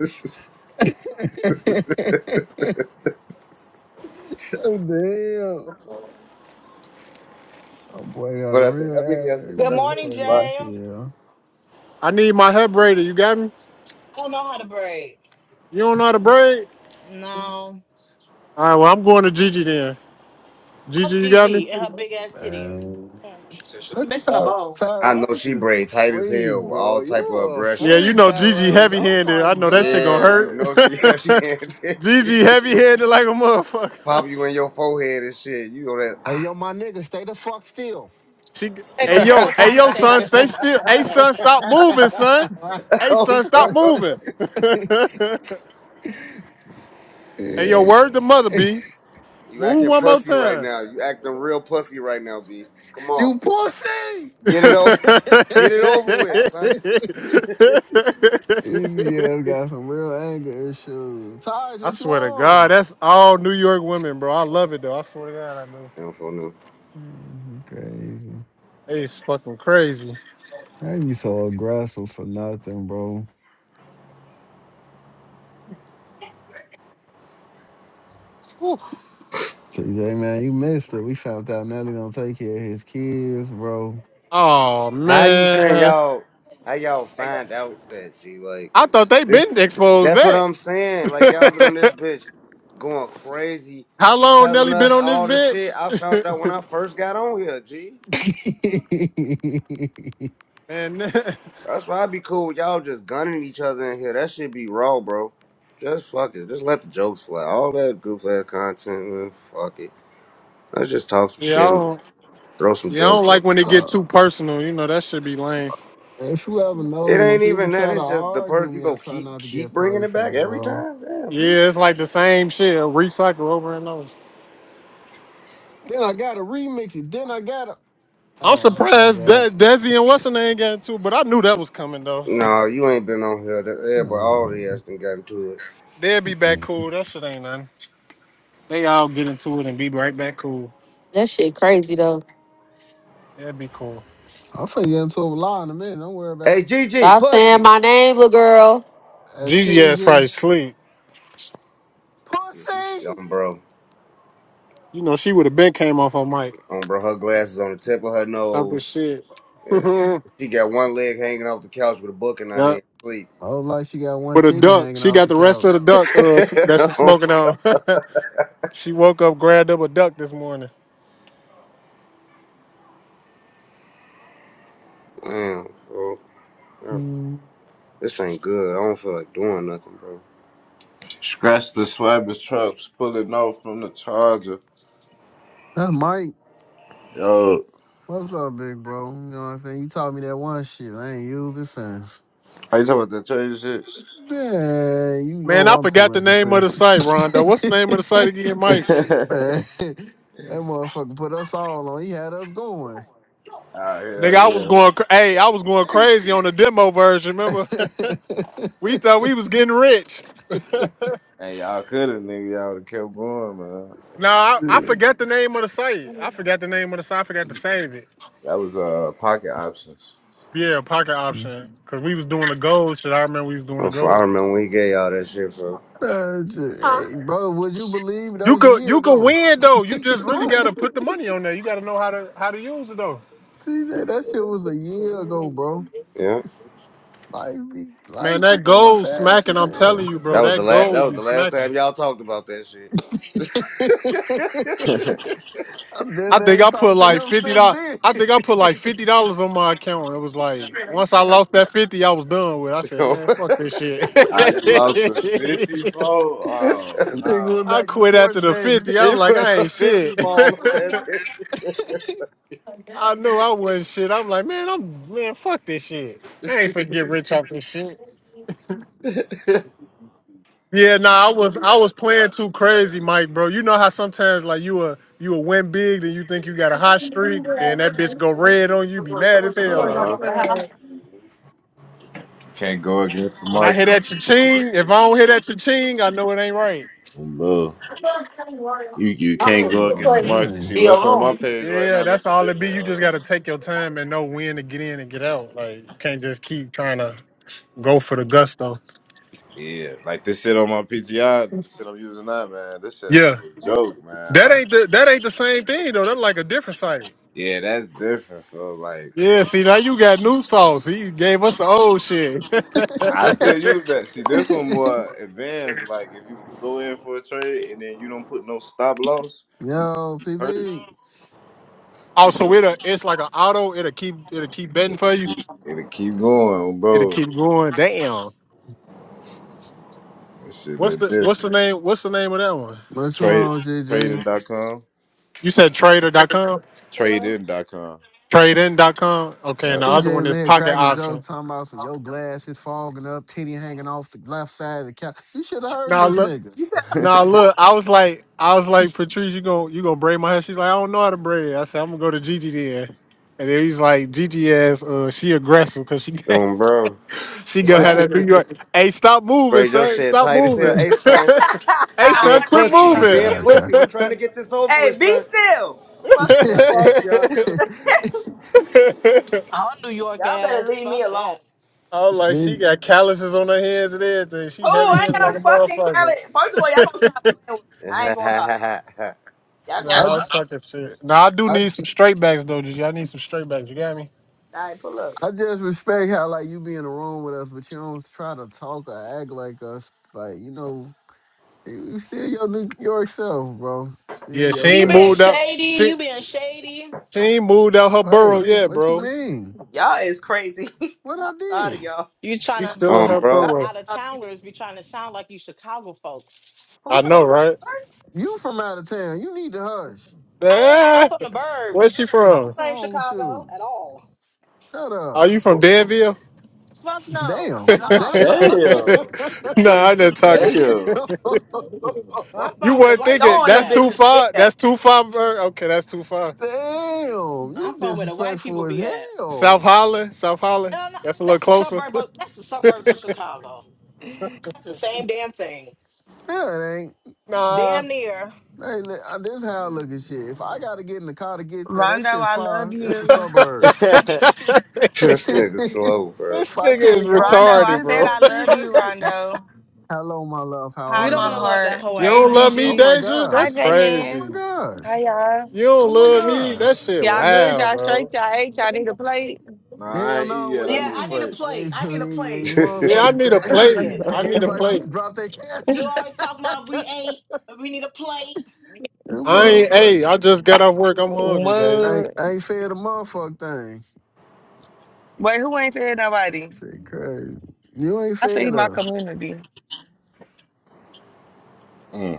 [SPEAKER 25] What the hell? Oh boy, got
[SPEAKER 15] what
[SPEAKER 25] a
[SPEAKER 15] I say?
[SPEAKER 25] real
[SPEAKER 15] How many I say?
[SPEAKER 25] ad.
[SPEAKER 15] What
[SPEAKER 2] Good
[SPEAKER 25] This
[SPEAKER 15] I
[SPEAKER 25] shit
[SPEAKER 15] say?
[SPEAKER 2] morning, Jay.
[SPEAKER 15] A
[SPEAKER 25] funny
[SPEAKER 15] lot.
[SPEAKER 25] as
[SPEAKER 2] I
[SPEAKER 25] hell,
[SPEAKER 16] I need my hair braided. You got me?
[SPEAKER 2] don't know how to braid.
[SPEAKER 16] You don't know how to braid?
[SPEAKER 2] No.
[SPEAKER 16] All right, well I'm going to Gigi then. Gigi,
[SPEAKER 2] Fuck
[SPEAKER 16] you got me?
[SPEAKER 2] Gigi and her big ass titties.
[SPEAKER 25] man.
[SPEAKER 2] Mm. She said she. I'm
[SPEAKER 25] Look at
[SPEAKER 2] missing a
[SPEAKER 25] Ty,
[SPEAKER 2] bowl.
[SPEAKER 25] Ty
[SPEAKER 15] I know
[SPEAKER 25] Rice
[SPEAKER 15] she
[SPEAKER 25] is a
[SPEAKER 15] braid tight as
[SPEAKER 25] freak,
[SPEAKER 15] hell with
[SPEAKER 25] bro.
[SPEAKER 15] all
[SPEAKER 25] You
[SPEAKER 15] type of
[SPEAKER 25] a
[SPEAKER 16] Yeah,
[SPEAKER 15] aggression.
[SPEAKER 16] you
[SPEAKER 25] freak,
[SPEAKER 16] know
[SPEAKER 25] Ty
[SPEAKER 16] Gigi
[SPEAKER 25] Rice.
[SPEAKER 16] heavy
[SPEAKER 25] Oh
[SPEAKER 16] handed.
[SPEAKER 25] my
[SPEAKER 16] I know that shit gonna
[SPEAKER 15] Yeah, you
[SPEAKER 25] god.
[SPEAKER 16] hurt.
[SPEAKER 15] know she heavy handed. She
[SPEAKER 16] Gigi heavy handed like a motherfucker.
[SPEAKER 15] pop you in your forehead and shit. You know that
[SPEAKER 25] Hey, yo, my nigga, stay the fuck still.
[SPEAKER 16] She,
[SPEAKER 2] Hey,
[SPEAKER 16] hey
[SPEAKER 2] go tell me
[SPEAKER 16] yo,
[SPEAKER 2] what
[SPEAKER 16] hey
[SPEAKER 2] time it
[SPEAKER 16] yo,
[SPEAKER 2] says on
[SPEAKER 16] son, stay
[SPEAKER 2] on my
[SPEAKER 16] still.
[SPEAKER 2] on my
[SPEAKER 16] Hey son,
[SPEAKER 2] desk.
[SPEAKER 16] stop
[SPEAKER 15] ah.
[SPEAKER 16] moving, son. Hey
[SPEAKER 15] oh,
[SPEAKER 16] son,
[SPEAKER 15] bro.
[SPEAKER 16] stop moving. Hey yo,
[SPEAKER 25] Yeah,
[SPEAKER 16] word to mother B.
[SPEAKER 15] You
[SPEAKER 16] Move
[SPEAKER 15] acting
[SPEAKER 16] one more
[SPEAKER 15] pussy right
[SPEAKER 16] time.
[SPEAKER 15] now. You acting real pussy right now, B. Come on,
[SPEAKER 25] You pussy!
[SPEAKER 15] get it over, get it over with, son.
[SPEAKER 25] Yeah, got some real anger issues. Taj,
[SPEAKER 16] I
[SPEAKER 25] what you
[SPEAKER 16] swear to God,
[SPEAKER 25] on?
[SPEAKER 16] that's all New York women, bro. I love it though. I swear to God, I do.
[SPEAKER 15] I don't know.
[SPEAKER 25] Man, you Crazy.
[SPEAKER 16] It's fucking crazy.
[SPEAKER 25] I be so aggressive for nothing, bro.
[SPEAKER 16] Whew.
[SPEAKER 25] TJ, man, you missed it. We found out Nelly don't take care of his kids, bro.
[SPEAKER 16] Oh
[SPEAKER 15] How you saying
[SPEAKER 16] man.
[SPEAKER 15] y'all? How y'all find out that G like?
[SPEAKER 16] I thought they
[SPEAKER 15] This
[SPEAKER 16] been exposed
[SPEAKER 15] that's what
[SPEAKER 16] that.
[SPEAKER 15] I'm saying. Like y'all been on this bitch going crazy,
[SPEAKER 16] How long
[SPEAKER 15] telling
[SPEAKER 16] Nelly been
[SPEAKER 15] us
[SPEAKER 16] on this
[SPEAKER 15] all the shit. I
[SPEAKER 16] bitch?
[SPEAKER 15] found out when I first got on here, G.
[SPEAKER 25] uh,
[SPEAKER 16] And
[SPEAKER 15] That's why i be cool with y'all just gunning each other in here. That shit be raw, bro. Just fuck it. Just let the jokes fly. All that goof ass content, man. Fuck it. Let's just talk some
[SPEAKER 16] yeah, I
[SPEAKER 15] shit and just
[SPEAKER 16] don't,
[SPEAKER 15] throw some
[SPEAKER 16] yeah, I don't
[SPEAKER 15] jokes.
[SPEAKER 16] like when it get too personal. You know that should be lame.
[SPEAKER 25] if you ever
[SPEAKER 15] It
[SPEAKER 25] notice, when
[SPEAKER 15] ain't
[SPEAKER 25] people
[SPEAKER 15] even that.
[SPEAKER 25] try to
[SPEAKER 15] It's just the
[SPEAKER 25] argue
[SPEAKER 15] person
[SPEAKER 25] with
[SPEAKER 15] you
[SPEAKER 25] me, I
[SPEAKER 15] go
[SPEAKER 25] try
[SPEAKER 15] keep
[SPEAKER 25] not to
[SPEAKER 15] keep
[SPEAKER 25] get
[SPEAKER 15] bringing it back
[SPEAKER 25] personal,
[SPEAKER 15] every
[SPEAKER 25] bro.
[SPEAKER 15] time. Damn, G.
[SPEAKER 16] Yeah, it's like the same shit, recycle over and over.
[SPEAKER 25] Then I gotta remix it. Then I gotta.
[SPEAKER 16] I'm
[SPEAKER 25] Oh, my
[SPEAKER 16] surprised
[SPEAKER 25] bad.
[SPEAKER 16] that Desi and Weston ain't got into it, but I knew that was coming though.
[SPEAKER 15] No, you ain't been on here. That- Yeah, but all
[SPEAKER 25] Uh,
[SPEAKER 15] the ass done got into it.
[SPEAKER 16] They'll be back cool. That shit ain't nothing. They all get into it and be right back cool.
[SPEAKER 7] That shit crazy though.
[SPEAKER 16] That'd be cool.
[SPEAKER 25] I'm finna get into a lie in a minute. Don't worry about
[SPEAKER 15] Hey, G. G.
[SPEAKER 7] Stop saying
[SPEAKER 15] pussy.
[SPEAKER 7] my name, little girl.
[SPEAKER 25] it.
[SPEAKER 16] Gigi
[SPEAKER 25] Excuse
[SPEAKER 16] ass
[SPEAKER 25] you.
[SPEAKER 16] probably sleep.
[SPEAKER 15] Yeah, she's
[SPEAKER 25] Pussy!
[SPEAKER 15] um, bro,
[SPEAKER 16] You know she would have been came off her mic
[SPEAKER 15] um, bro. Her glasses on the tip of her
[SPEAKER 16] talking
[SPEAKER 15] nose.
[SPEAKER 16] shit.
[SPEAKER 15] Yeah. She got one leg hanging off the couch with a book in her
[SPEAKER 16] yeah,
[SPEAKER 15] hand. Sleep.
[SPEAKER 25] Oh, like she got one
[SPEAKER 16] with a
[SPEAKER 25] titty
[SPEAKER 16] duck.
[SPEAKER 25] hanging
[SPEAKER 16] She
[SPEAKER 25] off
[SPEAKER 16] got
[SPEAKER 25] the
[SPEAKER 16] the rest of
[SPEAKER 25] couch.
[SPEAKER 16] the duck uh, that she's smoking
[SPEAKER 15] um,
[SPEAKER 16] on. she woke up, grabbed up a duck this morning.
[SPEAKER 15] Damn, bro.
[SPEAKER 25] Mm,
[SPEAKER 15] This ain't good. I don't feel like doing nothing, bro.
[SPEAKER 24] Scratch the swabber trucks, pulling off from the charger.
[SPEAKER 25] that's Mike.
[SPEAKER 24] Yo,
[SPEAKER 25] What's up, big bro? You know what I'm saying? You taught me that one shit. I ain't used it since.
[SPEAKER 24] are you talking about that change shit?
[SPEAKER 25] Man, you
[SPEAKER 16] Man,
[SPEAKER 25] know
[SPEAKER 16] I
[SPEAKER 25] I'm
[SPEAKER 16] forgot
[SPEAKER 25] too
[SPEAKER 16] the name of the
[SPEAKER 25] inconsistent.
[SPEAKER 16] site, Rondo.
[SPEAKER 25] Man,
[SPEAKER 16] What's the name of the site again, Mike?
[SPEAKER 25] that motherfucker put us all on. He had us going.
[SPEAKER 24] Ah,
[SPEAKER 16] Nigga,
[SPEAKER 24] hell
[SPEAKER 16] I was
[SPEAKER 24] yeah.
[SPEAKER 16] going, cra- hey, I was going crazy on the demo version. Remember, we thought we was getting rich.
[SPEAKER 24] Hey, y'all coulda, nigga. Y'all woulda kept going, man.
[SPEAKER 16] No, I, I forgot the name of the site. I forgot the name of the site. I forgot to save it.
[SPEAKER 24] That was uh pocket options.
[SPEAKER 16] Yeah, pocket option. Cause we was doing the gold shit. I remember we was doing
[SPEAKER 15] Oh,
[SPEAKER 16] the
[SPEAKER 15] f- I
[SPEAKER 16] gold.
[SPEAKER 15] remember when he gave y'all that shit, bro.
[SPEAKER 25] Uh, j- hey, bro, would you believe it? that
[SPEAKER 16] You
[SPEAKER 25] was a
[SPEAKER 16] could
[SPEAKER 25] year
[SPEAKER 16] you could
[SPEAKER 25] ago?
[SPEAKER 16] win though. You just really gotta put the money on there. You gotta know how to how to use it though.
[SPEAKER 25] TJ, that shit was a year ago, bro.
[SPEAKER 15] Yeah,
[SPEAKER 25] Life be
[SPEAKER 16] Man,
[SPEAKER 25] life be
[SPEAKER 16] that
[SPEAKER 25] going
[SPEAKER 16] gold
[SPEAKER 25] fast
[SPEAKER 16] smacking.
[SPEAKER 25] as
[SPEAKER 16] I'm telling
[SPEAKER 25] hell.
[SPEAKER 16] you,
[SPEAKER 15] that
[SPEAKER 16] bro,
[SPEAKER 15] was the
[SPEAKER 16] that
[SPEAKER 15] last. That
[SPEAKER 16] gold
[SPEAKER 15] was
[SPEAKER 16] be
[SPEAKER 15] the last
[SPEAKER 16] smacking.
[SPEAKER 15] time y'all talked about that shit.
[SPEAKER 25] I've been
[SPEAKER 16] I
[SPEAKER 25] there
[SPEAKER 16] think
[SPEAKER 25] and
[SPEAKER 16] I put
[SPEAKER 25] talked to
[SPEAKER 16] like
[SPEAKER 25] him
[SPEAKER 16] fifty
[SPEAKER 25] since
[SPEAKER 16] dollars.
[SPEAKER 25] then.
[SPEAKER 16] I think I put like fifty dollars on my account. and It was like once I lost that fifty, I was done with. it. I said,
[SPEAKER 15] so
[SPEAKER 16] man, fuck this shit.
[SPEAKER 24] Ah, you lost the 54? Oh,
[SPEAKER 25] That nigga
[SPEAKER 24] no.
[SPEAKER 25] went
[SPEAKER 16] I
[SPEAKER 25] back to
[SPEAKER 16] quit
[SPEAKER 25] sports
[SPEAKER 16] after the
[SPEAKER 25] betting.
[SPEAKER 16] fifty. I'm
[SPEAKER 15] he
[SPEAKER 16] like,
[SPEAKER 15] put
[SPEAKER 16] I
[SPEAKER 15] a
[SPEAKER 16] ain't shit.
[SPEAKER 15] fifty ball on that
[SPEAKER 16] I knew I wasn't shit. I'm like, man, I'm man, fuck this shit. I ain't finna get rich off this shit.
[SPEAKER 15] bitch.
[SPEAKER 16] Yeah, nah, I was I was playing too crazy, Mike, bro. You know how sometimes like you a you a win big, then you think you got a hot streak, then that bitch go red on you, be mad as hell. Like
[SPEAKER 24] Uh-huh.
[SPEAKER 16] man.
[SPEAKER 24] You can't go against the
[SPEAKER 16] when I hit
[SPEAKER 24] market.
[SPEAKER 16] that cha-ching, if I don't hit that cha-ching, I know it ain't right.
[SPEAKER 24] No, you, you
[SPEAKER 25] What
[SPEAKER 24] can't
[SPEAKER 25] fuck
[SPEAKER 24] go
[SPEAKER 25] on the
[SPEAKER 24] against the market. See, what's on my page right
[SPEAKER 16] Yeah,
[SPEAKER 24] now,
[SPEAKER 16] that's
[SPEAKER 24] that's a
[SPEAKER 16] all it be.
[SPEAKER 24] different...
[SPEAKER 16] You
[SPEAKER 24] uh
[SPEAKER 16] just gotta take your time and know when to get in and get out. Like you can't just keep trying to go for the gusto.
[SPEAKER 24] Yeah, like this shit on my PTI, The shit I'm using now, man. This shit ain't
[SPEAKER 16] Yeah.
[SPEAKER 24] no joke, man.
[SPEAKER 16] That
[SPEAKER 24] Like,
[SPEAKER 16] ain't the that ain't the same thing though. That's like a different site.
[SPEAKER 24] yeah, that's different. So, like,
[SPEAKER 16] Yeah, see now you got new sauce. He gave us the old shit.
[SPEAKER 24] I still use that. See, this one
[SPEAKER 25] game?
[SPEAKER 24] more advanced. Like, if you put, go in for a trade and then you don't put no stop loss, you
[SPEAKER 25] Yo,
[SPEAKER 24] hurt.
[SPEAKER 25] PB,
[SPEAKER 16] Oh,
[SPEAKER 24] You
[SPEAKER 16] so
[SPEAKER 24] go,
[SPEAKER 16] it'll it's like an auto. It'll keep it'll keep betting
[SPEAKER 24] it,
[SPEAKER 16] for you.
[SPEAKER 24] it'll keep going,
[SPEAKER 16] It'll
[SPEAKER 24] bro.
[SPEAKER 16] keep
[SPEAKER 24] That
[SPEAKER 16] going. Damn.
[SPEAKER 24] shit
[SPEAKER 16] What's
[SPEAKER 24] look
[SPEAKER 16] the
[SPEAKER 24] different.
[SPEAKER 16] what's the name what's the name of that one?
[SPEAKER 25] what you
[SPEAKER 24] Trade,
[SPEAKER 25] on, GG?
[SPEAKER 24] trading.com,
[SPEAKER 16] You said Trader dot com,
[SPEAKER 3] chilling?
[SPEAKER 24] tradein.com.
[SPEAKER 16] TradeIn dot com. Okay, and
[SPEAKER 24] Yep.
[SPEAKER 16] the other
[SPEAKER 25] TJ
[SPEAKER 16] one
[SPEAKER 25] was in
[SPEAKER 16] is
[SPEAKER 25] here
[SPEAKER 16] pocket
[SPEAKER 25] cracking
[SPEAKER 16] option.
[SPEAKER 25] jokes, talking about some yo glass is fogging up, titty hanging off the left side of the couch. You should have heard
[SPEAKER 16] Now
[SPEAKER 25] this
[SPEAKER 16] look
[SPEAKER 25] nigga.
[SPEAKER 3] You said
[SPEAKER 16] now
[SPEAKER 3] who?
[SPEAKER 16] look, I was like I was like, Patrice, you gonna you gonna braid my hair? She's like, I don't know how to braid. I said, I'm gonna go to Gigi then. And then he's like, Gigi ass, uh, she aggressive because she
[SPEAKER 15] um, bro.
[SPEAKER 16] she gonna have
[SPEAKER 3] What?
[SPEAKER 16] that New York. Hey, stop moving,
[SPEAKER 15] Bray Joe
[SPEAKER 16] son.
[SPEAKER 15] shit
[SPEAKER 16] Stop
[SPEAKER 15] tight as
[SPEAKER 16] moving.
[SPEAKER 15] hell. Hey son,
[SPEAKER 2] You
[SPEAKER 16] hey
[SPEAKER 15] you
[SPEAKER 2] don't
[SPEAKER 16] son,
[SPEAKER 15] being
[SPEAKER 2] want
[SPEAKER 16] quit
[SPEAKER 2] Gigi
[SPEAKER 15] pussy. You
[SPEAKER 2] touching
[SPEAKER 15] being
[SPEAKER 25] Okay, okay.
[SPEAKER 2] you.
[SPEAKER 15] pussy. We
[SPEAKER 16] moving.
[SPEAKER 15] trying to get this over
[SPEAKER 3] hey,
[SPEAKER 15] with,
[SPEAKER 3] be
[SPEAKER 15] son.
[SPEAKER 3] still. Fuck
[SPEAKER 15] The
[SPEAKER 3] you.
[SPEAKER 15] fuck, y'all.
[SPEAKER 16] I
[SPEAKER 2] Oh, New York
[SPEAKER 3] Y'all better
[SPEAKER 2] ass.
[SPEAKER 3] leave me
[SPEAKER 2] Fuck
[SPEAKER 3] alone.
[SPEAKER 2] that.
[SPEAKER 16] was like, she
[SPEAKER 25] Man,
[SPEAKER 16] got calluses on her hands and everything. She
[SPEAKER 3] Who?
[SPEAKER 16] heavy
[SPEAKER 3] I ain't
[SPEAKER 16] handed
[SPEAKER 3] got
[SPEAKER 16] like
[SPEAKER 3] no
[SPEAKER 16] a
[SPEAKER 3] fucking
[SPEAKER 16] motherfucker.
[SPEAKER 3] talent. First of all, y'all gonna stop playing with me. I ain't gonna lie.
[SPEAKER 15] Mm.
[SPEAKER 3] Y'all
[SPEAKER 16] no,
[SPEAKER 3] gonna
[SPEAKER 25] I,
[SPEAKER 3] stop.
[SPEAKER 16] I'm
[SPEAKER 25] j-
[SPEAKER 16] talking shit. No, I do
[SPEAKER 25] I,
[SPEAKER 16] need some straight backs though. Did y'all need some straight backs? You got me?
[SPEAKER 3] I ain't pull up.
[SPEAKER 25] I just respect how like you be in the room with us, but you don't try to talk or act like us. Like you know. You you still your New York self, bro. Still
[SPEAKER 16] Yeah, she
[SPEAKER 2] You
[SPEAKER 16] ain't
[SPEAKER 2] being
[SPEAKER 25] yourself.
[SPEAKER 16] moved out.
[SPEAKER 2] shady.
[SPEAKER 16] She
[SPEAKER 2] You being shady.
[SPEAKER 16] she ain't moved out her burrow
[SPEAKER 25] Hey,
[SPEAKER 16] yet,
[SPEAKER 25] what you
[SPEAKER 16] bro.
[SPEAKER 25] mean?
[SPEAKER 3] Y'all is crazy.
[SPEAKER 25] What I
[SPEAKER 3] I'm tired of
[SPEAKER 25] did?
[SPEAKER 3] y'all.
[SPEAKER 2] You trying
[SPEAKER 16] She's
[SPEAKER 2] to
[SPEAKER 16] still in
[SPEAKER 15] um,
[SPEAKER 2] imply
[SPEAKER 16] her
[SPEAKER 3] Y'all
[SPEAKER 2] the
[SPEAKER 15] bro.
[SPEAKER 16] burrow.
[SPEAKER 2] out of
[SPEAKER 3] stop picking
[SPEAKER 2] towners be trying to sound like you Chicago folks.
[SPEAKER 3] who
[SPEAKER 16] I
[SPEAKER 3] trying
[SPEAKER 16] know, right?
[SPEAKER 25] You from out of town. You need to hush.
[SPEAKER 2] I am. I'm
[SPEAKER 16] Ah,
[SPEAKER 2] from the
[SPEAKER 16] Where's she
[SPEAKER 2] burbs. I don't
[SPEAKER 16] from?
[SPEAKER 2] claim
[SPEAKER 25] Oh, with
[SPEAKER 2] Chicago
[SPEAKER 25] you.
[SPEAKER 2] at all.
[SPEAKER 25] Shut
[SPEAKER 16] Are
[SPEAKER 25] up.
[SPEAKER 16] you from Danville?
[SPEAKER 2] Fuck no. I'm
[SPEAKER 25] Damn.
[SPEAKER 16] nah,
[SPEAKER 2] talking
[SPEAKER 3] what?
[SPEAKER 2] about
[SPEAKER 3] No.
[SPEAKER 25] Damn.
[SPEAKER 2] Trigo.
[SPEAKER 24] Damn.
[SPEAKER 16] I'm just
[SPEAKER 25] Damn.
[SPEAKER 16] talking.
[SPEAKER 24] Damn.
[SPEAKER 2] I'm
[SPEAKER 16] You
[SPEAKER 2] from where the
[SPEAKER 16] weren't
[SPEAKER 2] white
[SPEAKER 16] thinking
[SPEAKER 2] folks
[SPEAKER 3] Throwing them
[SPEAKER 16] that's
[SPEAKER 2] at.
[SPEAKER 16] too
[SPEAKER 3] bitches in
[SPEAKER 16] far.
[SPEAKER 3] here.
[SPEAKER 16] That's too far, bro. Okay, that's too far.
[SPEAKER 25] Damn. You
[SPEAKER 2] I'm from where the white
[SPEAKER 25] disrespectful
[SPEAKER 2] people
[SPEAKER 25] as
[SPEAKER 2] be at.
[SPEAKER 16] South
[SPEAKER 25] hell.
[SPEAKER 16] Holland, South Holland.
[SPEAKER 2] No, no,
[SPEAKER 16] That's a little
[SPEAKER 2] that's the
[SPEAKER 16] closer.
[SPEAKER 2] suburb. Of, that's the suburbs of Chicago. That's the same damn thing.
[SPEAKER 25] Yeah, it ain't.
[SPEAKER 16] Nah.
[SPEAKER 2] Damn near.
[SPEAKER 25] Hey, li- uh, this how I look at shit. If I gotta get in the car to get there, that
[SPEAKER 28] Rondo,
[SPEAKER 25] shit
[SPEAKER 28] I
[SPEAKER 25] far.
[SPEAKER 28] love
[SPEAKER 25] It's the
[SPEAKER 16] this
[SPEAKER 28] you.
[SPEAKER 25] suburbs.
[SPEAKER 15] This
[SPEAKER 25] if
[SPEAKER 15] nigga slow, bro.
[SPEAKER 25] I
[SPEAKER 16] nigga
[SPEAKER 25] can't
[SPEAKER 16] is
[SPEAKER 25] walk
[SPEAKER 28] Rondo,
[SPEAKER 25] to
[SPEAKER 28] I
[SPEAKER 16] retarded,
[SPEAKER 25] get
[SPEAKER 28] said
[SPEAKER 16] bro.
[SPEAKER 25] that
[SPEAKER 28] I
[SPEAKER 25] G,
[SPEAKER 28] love
[SPEAKER 25] that
[SPEAKER 28] you,
[SPEAKER 25] shit.
[SPEAKER 28] Rondo.
[SPEAKER 25] Hello, my love. How
[SPEAKER 28] Hi,
[SPEAKER 2] You
[SPEAKER 25] are
[SPEAKER 2] don't
[SPEAKER 28] my
[SPEAKER 25] you?
[SPEAKER 2] want to
[SPEAKER 25] I,
[SPEAKER 2] love that
[SPEAKER 28] heart.
[SPEAKER 2] hoe
[SPEAKER 16] You
[SPEAKER 2] ass
[SPEAKER 25] I,
[SPEAKER 28] Hey,
[SPEAKER 16] don't love
[SPEAKER 2] nigga.
[SPEAKER 16] me,
[SPEAKER 25] oh
[SPEAKER 28] Gigi.
[SPEAKER 25] my
[SPEAKER 16] Deja?
[SPEAKER 28] Hi,
[SPEAKER 16] That's
[SPEAKER 25] gosh.
[SPEAKER 28] J
[SPEAKER 25] Oh my
[SPEAKER 28] Man.
[SPEAKER 16] crazy.
[SPEAKER 25] gosh.
[SPEAKER 28] Hi, y'all.
[SPEAKER 16] You don't
[SPEAKER 25] Oh my
[SPEAKER 16] love me?
[SPEAKER 25] gosh.
[SPEAKER 16] That shit,
[SPEAKER 28] Y'all good?
[SPEAKER 16] wow,
[SPEAKER 28] Y'all straight?
[SPEAKER 16] bro.
[SPEAKER 28] Y'all ate? Y'all need a plate?
[SPEAKER 24] nah, I
[SPEAKER 25] Hell
[SPEAKER 24] ain't eat
[SPEAKER 25] no, we
[SPEAKER 24] yet. I
[SPEAKER 2] Yeah,
[SPEAKER 24] need
[SPEAKER 25] ain't
[SPEAKER 24] to
[SPEAKER 2] I need a
[SPEAKER 24] play.
[SPEAKER 25] eat. Ain't,
[SPEAKER 2] plate.
[SPEAKER 25] ain't
[SPEAKER 2] I need a plate.
[SPEAKER 25] eating
[SPEAKER 3] They
[SPEAKER 16] Yeah,
[SPEAKER 3] need to
[SPEAKER 16] I
[SPEAKER 15] that
[SPEAKER 25] motherfucking
[SPEAKER 16] need a
[SPEAKER 3] play.
[SPEAKER 25] thing.
[SPEAKER 2] Fuck
[SPEAKER 16] plate.
[SPEAKER 2] it.
[SPEAKER 16] I
[SPEAKER 25] Hey,
[SPEAKER 16] need a
[SPEAKER 25] everybody
[SPEAKER 16] plate.
[SPEAKER 25] drop their cash.
[SPEAKER 2] You always talk
[SPEAKER 25] that
[SPEAKER 2] about we ain't. We need a plate.
[SPEAKER 16] I ain't, hey,
[SPEAKER 25] motherfucker.
[SPEAKER 16] I just got off work. I'm hungry, Deja.
[SPEAKER 25] I ain't,
[SPEAKER 28] what?
[SPEAKER 25] I ain't fed a motherfucking thing.
[SPEAKER 28] Wait, who ain't fed nobody?
[SPEAKER 25] Shit crazy. You ain't
[SPEAKER 28] I feed
[SPEAKER 25] fed
[SPEAKER 28] my
[SPEAKER 25] us.
[SPEAKER 28] community.
[SPEAKER 24] Mm.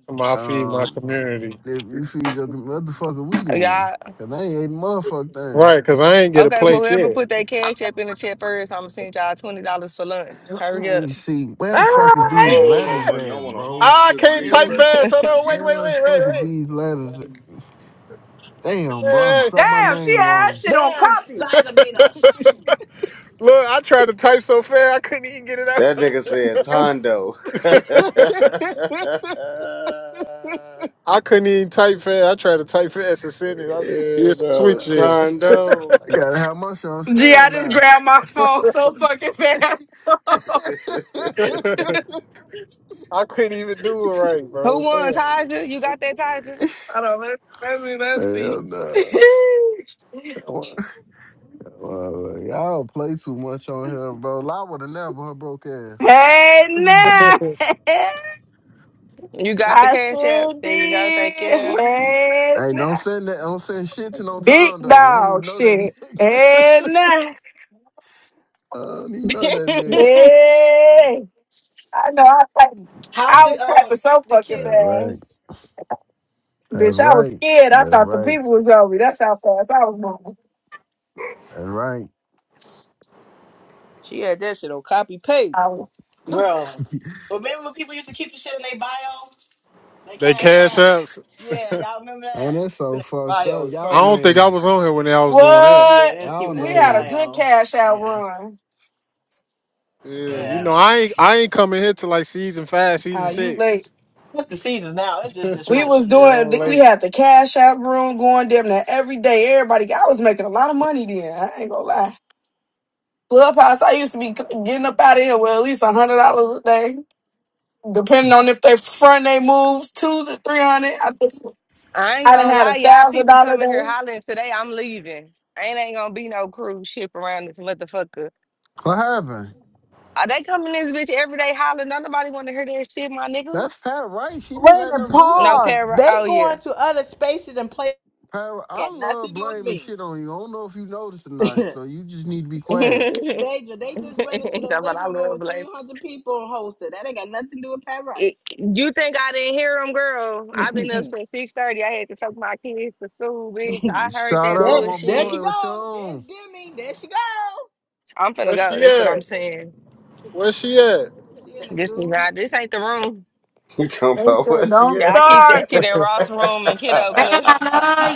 [SPEAKER 16] So I feed my
[SPEAKER 25] Um,
[SPEAKER 16] community.
[SPEAKER 25] if you feed your motherfucker, we then.
[SPEAKER 28] Y'all.
[SPEAKER 25] Cause I ain't ate a motherfucking thing.
[SPEAKER 16] Right, because I ain't get a
[SPEAKER 28] Okay, well,
[SPEAKER 16] plate
[SPEAKER 28] whoever
[SPEAKER 16] yet.
[SPEAKER 28] put their cash app in the chat first, I'm going to send y'all $20 for lunch.
[SPEAKER 25] Let
[SPEAKER 28] Hurry up.
[SPEAKER 25] me see. Where
[SPEAKER 16] Ah,
[SPEAKER 25] the fuck is
[SPEAKER 24] I
[SPEAKER 16] I
[SPEAKER 25] these
[SPEAKER 24] don't want no
[SPEAKER 16] ain't-
[SPEAKER 25] letters
[SPEAKER 16] yet.
[SPEAKER 24] money. I
[SPEAKER 25] at,
[SPEAKER 24] want a
[SPEAKER 25] bro?
[SPEAKER 24] home
[SPEAKER 16] ah, I
[SPEAKER 24] cooked
[SPEAKER 16] can't
[SPEAKER 24] meal,
[SPEAKER 16] type
[SPEAKER 25] It,
[SPEAKER 24] baby.
[SPEAKER 16] fast. Hold on, wait, wait,
[SPEAKER 25] where the
[SPEAKER 16] wait,
[SPEAKER 25] fuck is
[SPEAKER 16] wait,
[SPEAKER 25] these
[SPEAKER 16] wait.
[SPEAKER 25] letters at?
[SPEAKER 16] Hey,
[SPEAKER 25] Damn, bro, I done
[SPEAKER 16] hey.
[SPEAKER 25] spelled my
[SPEAKER 3] Damn, she
[SPEAKER 25] name
[SPEAKER 3] had
[SPEAKER 25] wrong.
[SPEAKER 3] shit on
[SPEAKER 2] Damn,
[SPEAKER 3] copy.
[SPEAKER 2] Sizer beat us.
[SPEAKER 16] Look, I tried to type so fast I couldn't even get it
[SPEAKER 15] nigga said Tondo.
[SPEAKER 16] out.
[SPEAKER 25] I
[SPEAKER 16] I couldn't even type fast. I tried to type fast and send it. I
[SPEAKER 15] yeah,
[SPEAKER 16] just
[SPEAKER 15] no,
[SPEAKER 16] switch it.
[SPEAKER 15] Tondo.
[SPEAKER 25] gotta have my shit on
[SPEAKER 23] Gee, I just
[SPEAKER 25] standby.
[SPEAKER 23] grabbed my phone so fucking fast.
[SPEAKER 16] I couldn't even do it right,
[SPEAKER 28] Who
[SPEAKER 16] bro.
[SPEAKER 28] won,
[SPEAKER 16] Damn.
[SPEAKER 28] Taja? You got that, Taja?
[SPEAKER 23] I don't let let me let's see.
[SPEAKER 25] Hell no. Y'all play too much on here, bro. I would have never her broke ass.
[SPEAKER 23] hey
[SPEAKER 25] Oh.
[SPEAKER 23] now,
[SPEAKER 28] You got the
[SPEAKER 23] I
[SPEAKER 28] cash app?
[SPEAKER 23] sure
[SPEAKER 28] There you go. Thank you.
[SPEAKER 23] did. Hey
[SPEAKER 25] hey, don't
[SPEAKER 23] now,
[SPEAKER 25] send that. Don't send shit to no
[SPEAKER 23] big
[SPEAKER 25] time though. I don't even
[SPEAKER 23] dog
[SPEAKER 25] know that
[SPEAKER 23] shit.
[SPEAKER 25] nigga.
[SPEAKER 23] Hey now,
[SPEAKER 25] I don't even know that nigga.
[SPEAKER 23] hey. I know. I type,
[SPEAKER 2] How's
[SPEAKER 23] I
[SPEAKER 2] the
[SPEAKER 23] was
[SPEAKER 2] um
[SPEAKER 23] typing so
[SPEAKER 2] the
[SPEAKER 23] fucking
[SPEAKER 25] That
[SPEAKER 2] kids, baby?
[SPEAKER 25] right.
[SPEAKER 23] fast,
[SPEAKER 25] That's
[SPEAKER 23] bitch. I was
[SPEAKER 25] right.
[SPEAKER 23] scared. I
[SPEAKER 25] That's
[SPEAKER 23] thought the
[SPEAKER 25] right.
[SPEAKER 23] people was over. me. That's how fast I was moving.
[SPEAKER 25] That's right.
[SPEAKER 3] She had that shit on copy
[SPEAKER 23] I
[SPEAKER 3] paste.
[SPEAKER 23] was,
[SPEAKER 2] Bro, remember when people used to keep the shit in their bio, they
[SPEAKER 16] They
[SPEAKER 2] cash
[SPEAKER 16] cash
[SPEAKER 2] app.
[SPEAKER 16] apps.
[SPEAKER 2] Yeah, y'all remember
[SPEAKER 25] And
[SPEAKER 2] that?
[SPEAKER 25] it's so
[SPEAKER 3] Even that
[SPEAKER 25] fucked
[SPEAKER 3] Bio
[SPEAKER 25] up.
[SPEAKER 3] is
[SPEAKER 16] I
[SPEAKER 25] Y'all
[SPEAKER 3] crazy.
[SPEAKER 16] don't think I
[SPEAKER 25] names,
[SPEAKER 16] was on here when I was doing that.
[SPEAKER 2] Yeah,
[SPEAKER 23] what?
[SPEAKER 2] that's
[SPEAKER 25] y'all
[SPEAKER 2] keeping in
[SPEAKER 23] We
[SPEAKER 2] their
[SPEAKER 23] had a
[SPEAKER 25] names.
[SPEAKER 23] good
[SPEAKER 2] bio.
[SPEAKER 23] cash out
[SPEAKER 2] Yeah.
[SPEAKER 23] run.
[SPEAKER 16] Yeah,
[SPEAKER 25] Uh,
[SPEAKER 16] you
[SPEAKER 25] yeah.
[SPEAKER 16] know,
[SPEAKER 2] Yeah.
[SPEAKER 16] I ain't I ain't coming here to like season five, season
[SPEAKER 23] Uh, you
[SPEAKER 16] six.
[SPEAKER 23] late.
[SPEAKER 2] Fuck the seasons now. It's just
[SPEAKER 16] yeah,
[SPEAKER 23] We was
[SPEAKER 2] dysfunction now.
[SPEAKER 23] doing.
[SPEAKER 16] I'm
[SPEAKER 23] We
[SPEAKER 2] Fuck
[SPEAKER 16] late.
[SPEAKER 2] it.
[SPEAKER 23] had the cash out room going damn near every day. Everybody, I was making a lot of money then. I ain't gonna lie. Clubhouse, I used to be c- getting up out of here with at least a hundred dollars a day, depending on if they front they moves two to three hundred. I just
[SPEAKER 28] I ain't
[SPEAKER 23] I done
[SPEAKER 28] gonna
[SPEAKER 23] had
[SPEAKER 28] lie,
[SPEAKER 23] a
[SPEAKER 28] y'all.
[SPEAKER 23] thousand
[SPEAKER 28] People
[SPEAKER 23] dollar
[SPEAKER 28] coming
[SPEAKER 23] day.
[SPEAKER 28] here hollering today. I'm leaving. Ain't ain't gonna be no cruise ship around this motherfucker.
[SPEAKER 25] What happened?
[SPEAKER 28] Are they coming this bitch every day hollering? Don't nobody want to hear that shit, my nigga.
[SPEAKER 25] That's Pat Wright. She
[SPEAKER 2] Wait
[SPEAKER 25] be
[SPEAKER 2] a
[SPEAKER 25] letting
[SPEAKER 2] minute,
[SPEAKER 25] them do
[SPEAKER 28] No
[SPEAKER 25] that.
[SPEAKER 2] pause.
[SPEAKER 28] para.
[SPEAKER 2] They
[SPEAKER 28] Oh yeah.
[SPEAKER 2] going to other spaces and play
[SPEAKER 25] Pat, Wri- I
[SPEAKER 2] got nothing
[SPEAKER 25] love
[SPEAKER 2] to do with
[SPEAKER 25] blaming
[SPEAKER 2] me.
[SPEAKER 25] shit on you. I don't know if you noticed or not, so
[SPEAKER 2] they
[SPEAKER 25] you just need to be quiet.
[SPEAKER 2] ju- they just went into the
[SPEAKER 28] That's what I
[SPEAKER 2] living room with
[SPEAKER 28] love,
[SPEAKER 2] three hundred people and hosted. That ain't got nothing to do with Pat
[SPEAKER 28] It,
[SPEAKER 2] Rice.
[SPEAKER 28] you think I didn't hear him, girl? I've been up since six thirty. I had to take my kids to school, bitch. I heard
[SPEAKER 25] Shout
[SPEAKER 28] that
[SPEAKER 25] out
[SPEAKER 2] there,
[SPEAKER 25] my
[SPEAKER 2] there she
[SPEAKER 28] bullshit.
[SPEAKER 25] boy with your
[SPEAKER 2] go. There's
[SPEAKER 25] own.
[SPEAKER 2] Demi. There she go.
[SPEAKER 28] I'm finna
[SPEAKER 16] Where
[SPEAKER 28] go.
[SPEAKER 16] she
[SPEAKER 28] That's what I'm
[SPEAKER 16] at?
[SPEAKER 28] saying.
[SPEAKER 16] Where she at?
[SPEAKER 2] She in the
[SPEAKER 28] This is
[SPEAKER 2] goo.
[SPEAKER 28] not. This ain't the room.
[SPEAKER 15] he talking
[SPEAKER 23] They
[SPEAKER 15] about
[SPEAKER 23] said
[SPEAKER 15] what
[SPEAKER 23] don't
[SPEAKER 15] she
[SPEAKER 28] Yeah,
[SPEAKER 15] at?
[SPEAKER 28] I keep
[SPEAKER 23] start.
[SPEAKER 28] that shit in Ross room and kiddo club.
[SPEAKER 29] I